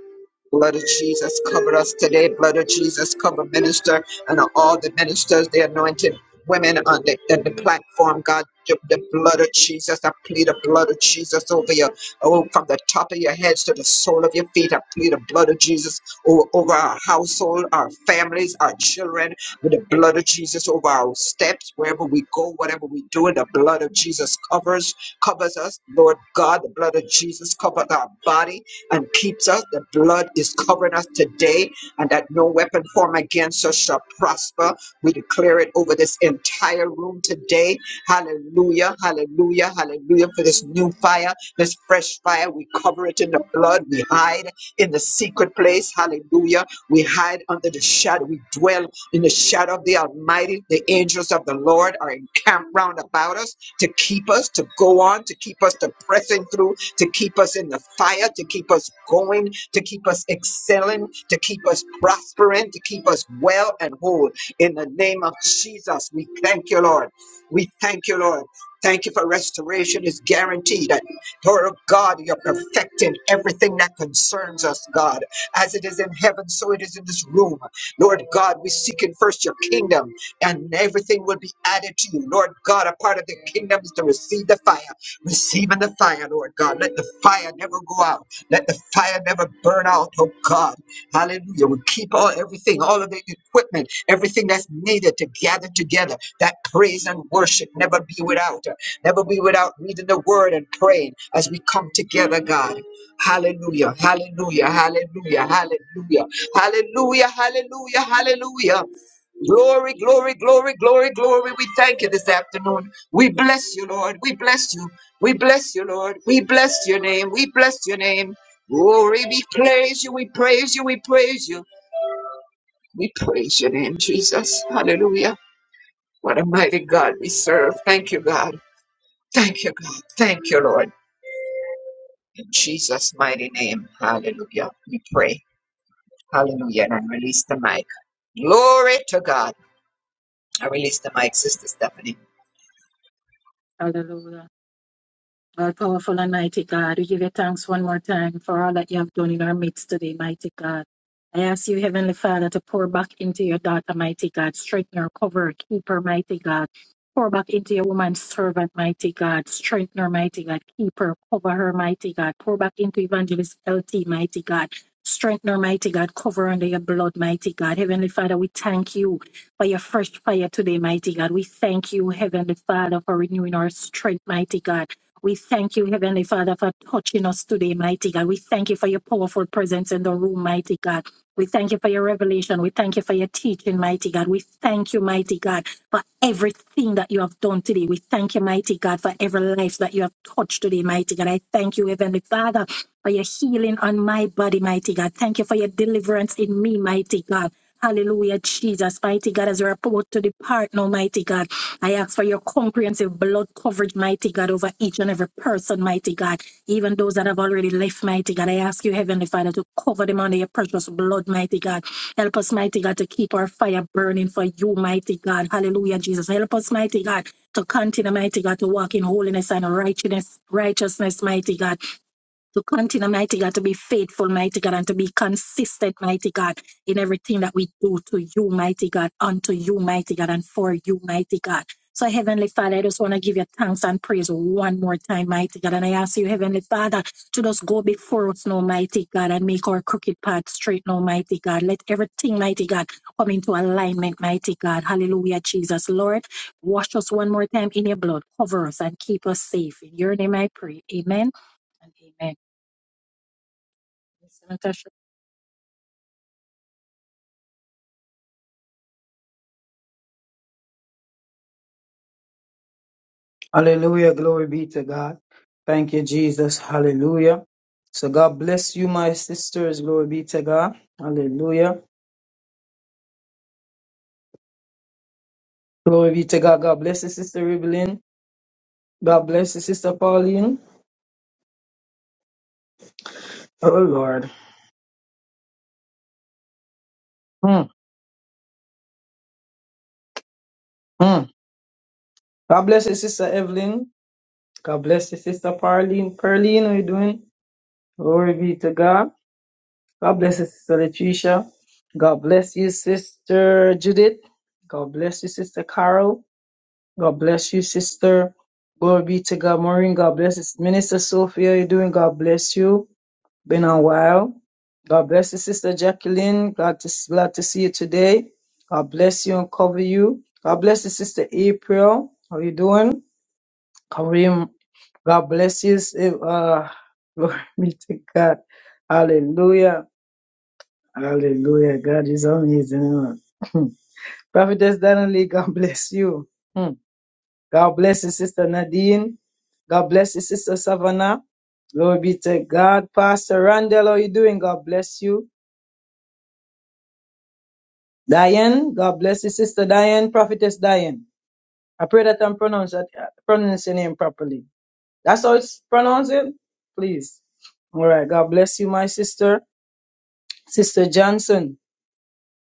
[SPEAKER 6] Blood of Jesus, cover us today. Blood of Jesus, cover minister and all the ministers, the anointed women on the, on the platform. God, the, the blood of Jesus, I plead the blood of Jesus over you. Oh, from the top of your heads to the sole of your feet, I plead the blood of Jesus o- over our household, our families, our children, with the blood of Jesus over our steps, wherever we go, whatever we do, the blood of Jesus covers, covers us. Lord God, the blood of Jesus covers our body and keeps us. The blood is covering us today, and that no weapon formed against us shall prosper. We declare it over this entire room today. Hallelujah, hallelujah, hallelujah. For this new fire, this fresh fire, we cover it in the blood. We hide in the secret place. Hallelujah. We hide under the shadow. We dwell in the shadow of the Almighty. The angels of the Lord are encamped round about us to keep us to go on, to keep us to pressing through, to keep us in the fire, to keep us going, to keep us excelling, to keep us prospering, to keep us well and whole. In the name of Jesus, we thank you, Lord. We thank you, Lord. Thank you for restoration is guaranteed. And Lord God, you're perfecting everything that concerns us, God. As it is in heaven, so it is in this room. Lord God, we seek in first your kingdom and everything will be added to you. Lord God, a part of the kingdom is to receive the fire. Receiving the fire, Lord God. Let the fire never go out. Let the fire never burn out, oh God. Hallelujah. We keep all everything, all of the equipment, everything that's needed to gather together. That praise and worship never be without. Never be without reading the word and praying as we come together, God. Hallelujah. Hallelujah. Hallelujah.
[SPEAKER 1] Hallelujah. Our powerful and mighty God, we give you thanks one more time for all that you have done in our midst today, mighty God. I ask you, Heavenly Father, to pour back into your daughter, mighty God. Strengthen her, cover her, keep her, mighty God. Pour back into your woman servant, mighty God. Strengthen her, mighty God. Keep her, cover her, mighty God. Pour back into Evangelist LT, mighty God. Strengthen her, mighty God. Cover under your blood, mighty God. Heavenly Father, we thank you for your fresh fire today, mighty God. We thank you, Heavenly Father, for renewing our strength, mighty God. We thank you, Heavenly Father, for touching us today, mighty God. We thank you for your powerful presence in the room, mighty God. We thank you for your revelation. We thank you for your teaching, mighty God. We thank you, mighty God, for everything that you have done today. We thank you, mighty God, for every life that you have touched today, mighty God. I thank you, Heavenly Father, for your healing on my body, mighty God. Thank you for your deliverance in me, mighty God. Hallelujah, Jesus, mighty God, as we're about to depart now, mighty God. I ask for your comprehensive blood coverage, mighty God, over each and every person, mighty God, even those that have already left, mighty God. I ask you, Heavenly Father, to cover them under your precious blood, mighty God. Help us, mighty God, to keep our fire burning for you, mighty God. Hallelujah, Jesus. Help us, mighty God, to continue, mighty God, to walk in holiness and righteousness, righteousness, mighty God to continue, mighty God, to be faithful, mighty God, and to be consistent, mighty God, in everything that we do to you, mighty God, unto you, mighty God, and for you, mighty God. So, Heavenly Father, I just want to give you thanks and praise one more time, mighty God. And I ask you, Heavenly Father, to just go before us now, mighty God, and make our crooked path straight now, mighty God. Let everything, mighty God, come into alignment, mighty God. Hallelujah, Jesus. Lord, wash us one more time in your blood, cover us, and keep us safe. In your name I pray. Amen and amen. Natasha
[SPEAKER 2] Hallelujah. Glory be to God. Thank you, Jesus. Hallelujah. So God bless you, my sisters. Glory be to God. Hallelujah. Glory be to God. God bless you, Sister Evelyn. God bless you, Sister Pauline. Oh, Lord. Mm, mm. God bless you, Sister Evelyn. God bless you, Sister Pauline. Pearline, how you doing? Glory be to God. God bless you, Sister Letitia. God bless you, Sister Judith. God bless you, Sister Carol. God bless you, sister. Glory be to God. Maureen, God bless you. Minister Sophia, how you doing? God bless you. Been a while. God bless you, sister Jacqueline. Glad to glad to see you today. God bless you and cover you. God bless you, sister April. How you doing? Kareem, God bless you. Uh, glory be to God. Hallelujah. Hallelujah. God is amazing. Prophetess Donnelly, God bless you. Hmm. God bless you, Sister Nadine. God bless you, Sister Savannah. Glory be to God. Pastor Randall, how you doing? God bless you. Diane, God bless you, Sister Diane, Prophetess Diane. I pray that I'm pronouncing pronouncing your name properly. That's how it's pronounced, it? please. All right. God bless you, my sister. Sister Johnson.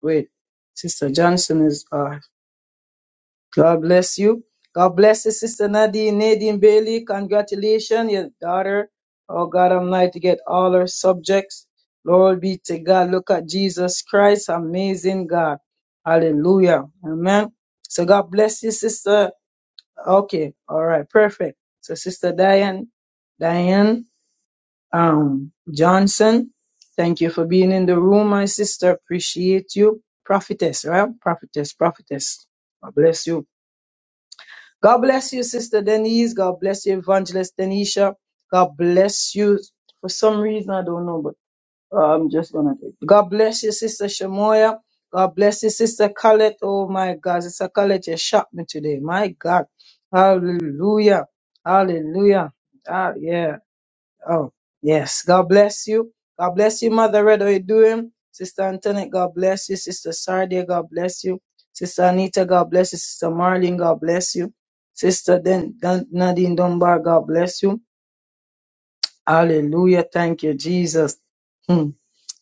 [SPEAKER 2] Wait, Sister Johnson is. uh. God bless you. God bless you, Sister Nadine, Nadine Bailey. Congratulations, your daughter. Oh God, I'm like to get all her subjects. Lord be to God. Look at Jesus Christ, amazing God. Hallelujah. Amen. So God bless you, Sister. Okay, all right, perfect. So Sister Diane, Diane um, Johnson, thank you for being in the room, my sister. Appreciate you. Prophetess, right? Prophetess, prophetess. God bless you. God bless you, Sister Denise. God bless you, Evangelist Denisha. God bless you. For some reason, I don't know, but uh, I'm just gonna take it. God bless you, Sister Shamoya. God bless you, Sister Colette. Oh my God, Sister Colette, you shot me today. My God. Hallelujah. Hallelujah. Ah, yeah. Oh, yes. God bless you. God bless you, Mother Red. How you doing? Sister Antoinette, God bless you. Sister Sardia, God bless you. Sister Anita, God bless you. Sister Marlene, God bless you. Sister Den- Dan- Nadine Dunbar, God bless you. Hallelujah. Thank you, Jesus. Hmm.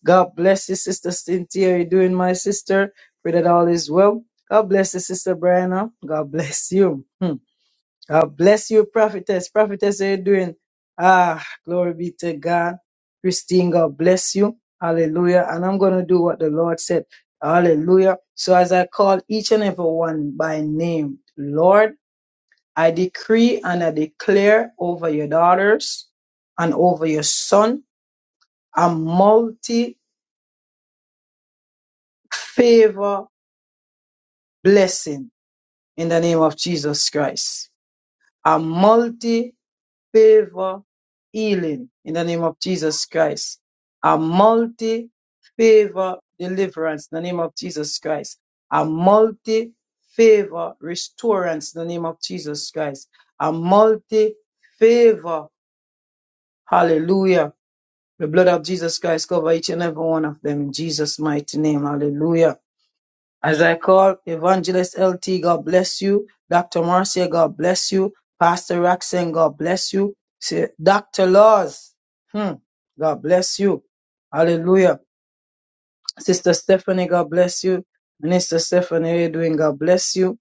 [SPEAKER 2] God bless you, Sister Cynthia. How you doing, my sister? Pray that all is well. God bless you, Sister Brianna. God bless you. Hmm. God bless you, prophetess. Prophetess, how you doing? Ah, glory be to God. Christine, God bless you. Hallelujah. And I'm going to do what the Lord said. Hallelujah. So as I call each and every one by name, Lord, I decree and I declare over your daughters and over your son a multi favor blessing in the name of Jesus Christ. A multi favor healing in the name of Jesus Christ. A multi favor deliverance in the name of Jesus Christ. A multi favor restorance in the name of Jesus Christ. A multi favor. Hallelujah. The blood of Jesus Christ cover each and every one of them in Jesus' mighty name. Hallelujah. As I call Evangelist LT, God bless you. Dr. Marcia, God bless you. Pastor Roxanne, God bless you. Si- Dr. Laws, hmm, God bless you. Hallelujah. Sister Stephanie, God bless you. Minister Stephanie, how you doing? God bless you.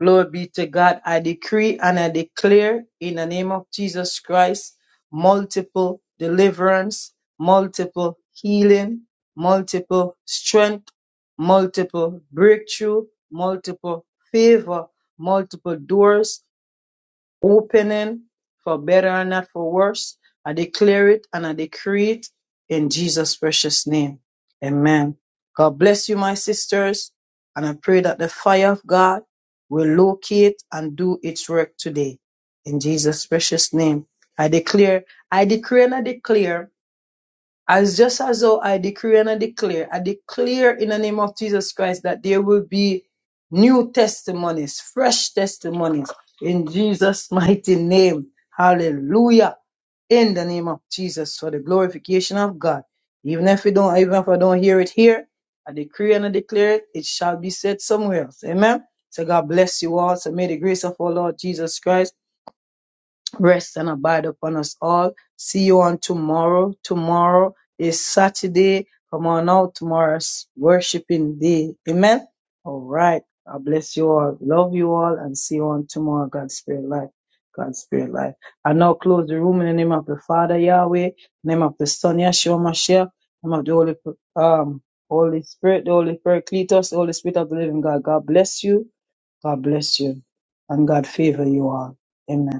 [SPEAKER 2] Glory be to God. I decree and I declare in the name of Jesus Christ multiple deliverance, multiple healing, multiple strength, multiple breakthrough, multiple favor, multiple doors opening for better and not for worse. I declare it and I decree it in Jesus' precious name. Amen. God bless you, my sisters, and I pray that the fire of God will locate and do its work today. In Jesus' precious name, I declare, I decree and I declare as just as though I decree and I declare, I declare in the name of Jesus Christ that there will be new testimonies, fresh testimonies in Jesus' mighty name. Hallelujah. In the name of Jesus for the glorification of God. Even if we don't, even if I don't hear it here, I decree and I declare it, it shall be said somewhere else. Amen. So God bless you all. So may the grace of our Lord Jesus Christ rest and abide upon us all. See you on tomorrow. Tomorrow is Saturday. Come on out. Tomorrow's worshiping day. Amen. All right. God bless you all. Love you all and see you on tomorrow. God's spirit life. God's spirit life. I now close the room in the name of the Father Yahweh, name of the Son Yahshua Mashiach, name of the Holy um Holy Spirit, the Holy Paracletos, the Holy Spirit of the Living God. God bless you. God bless you. And God favor you all. Amen.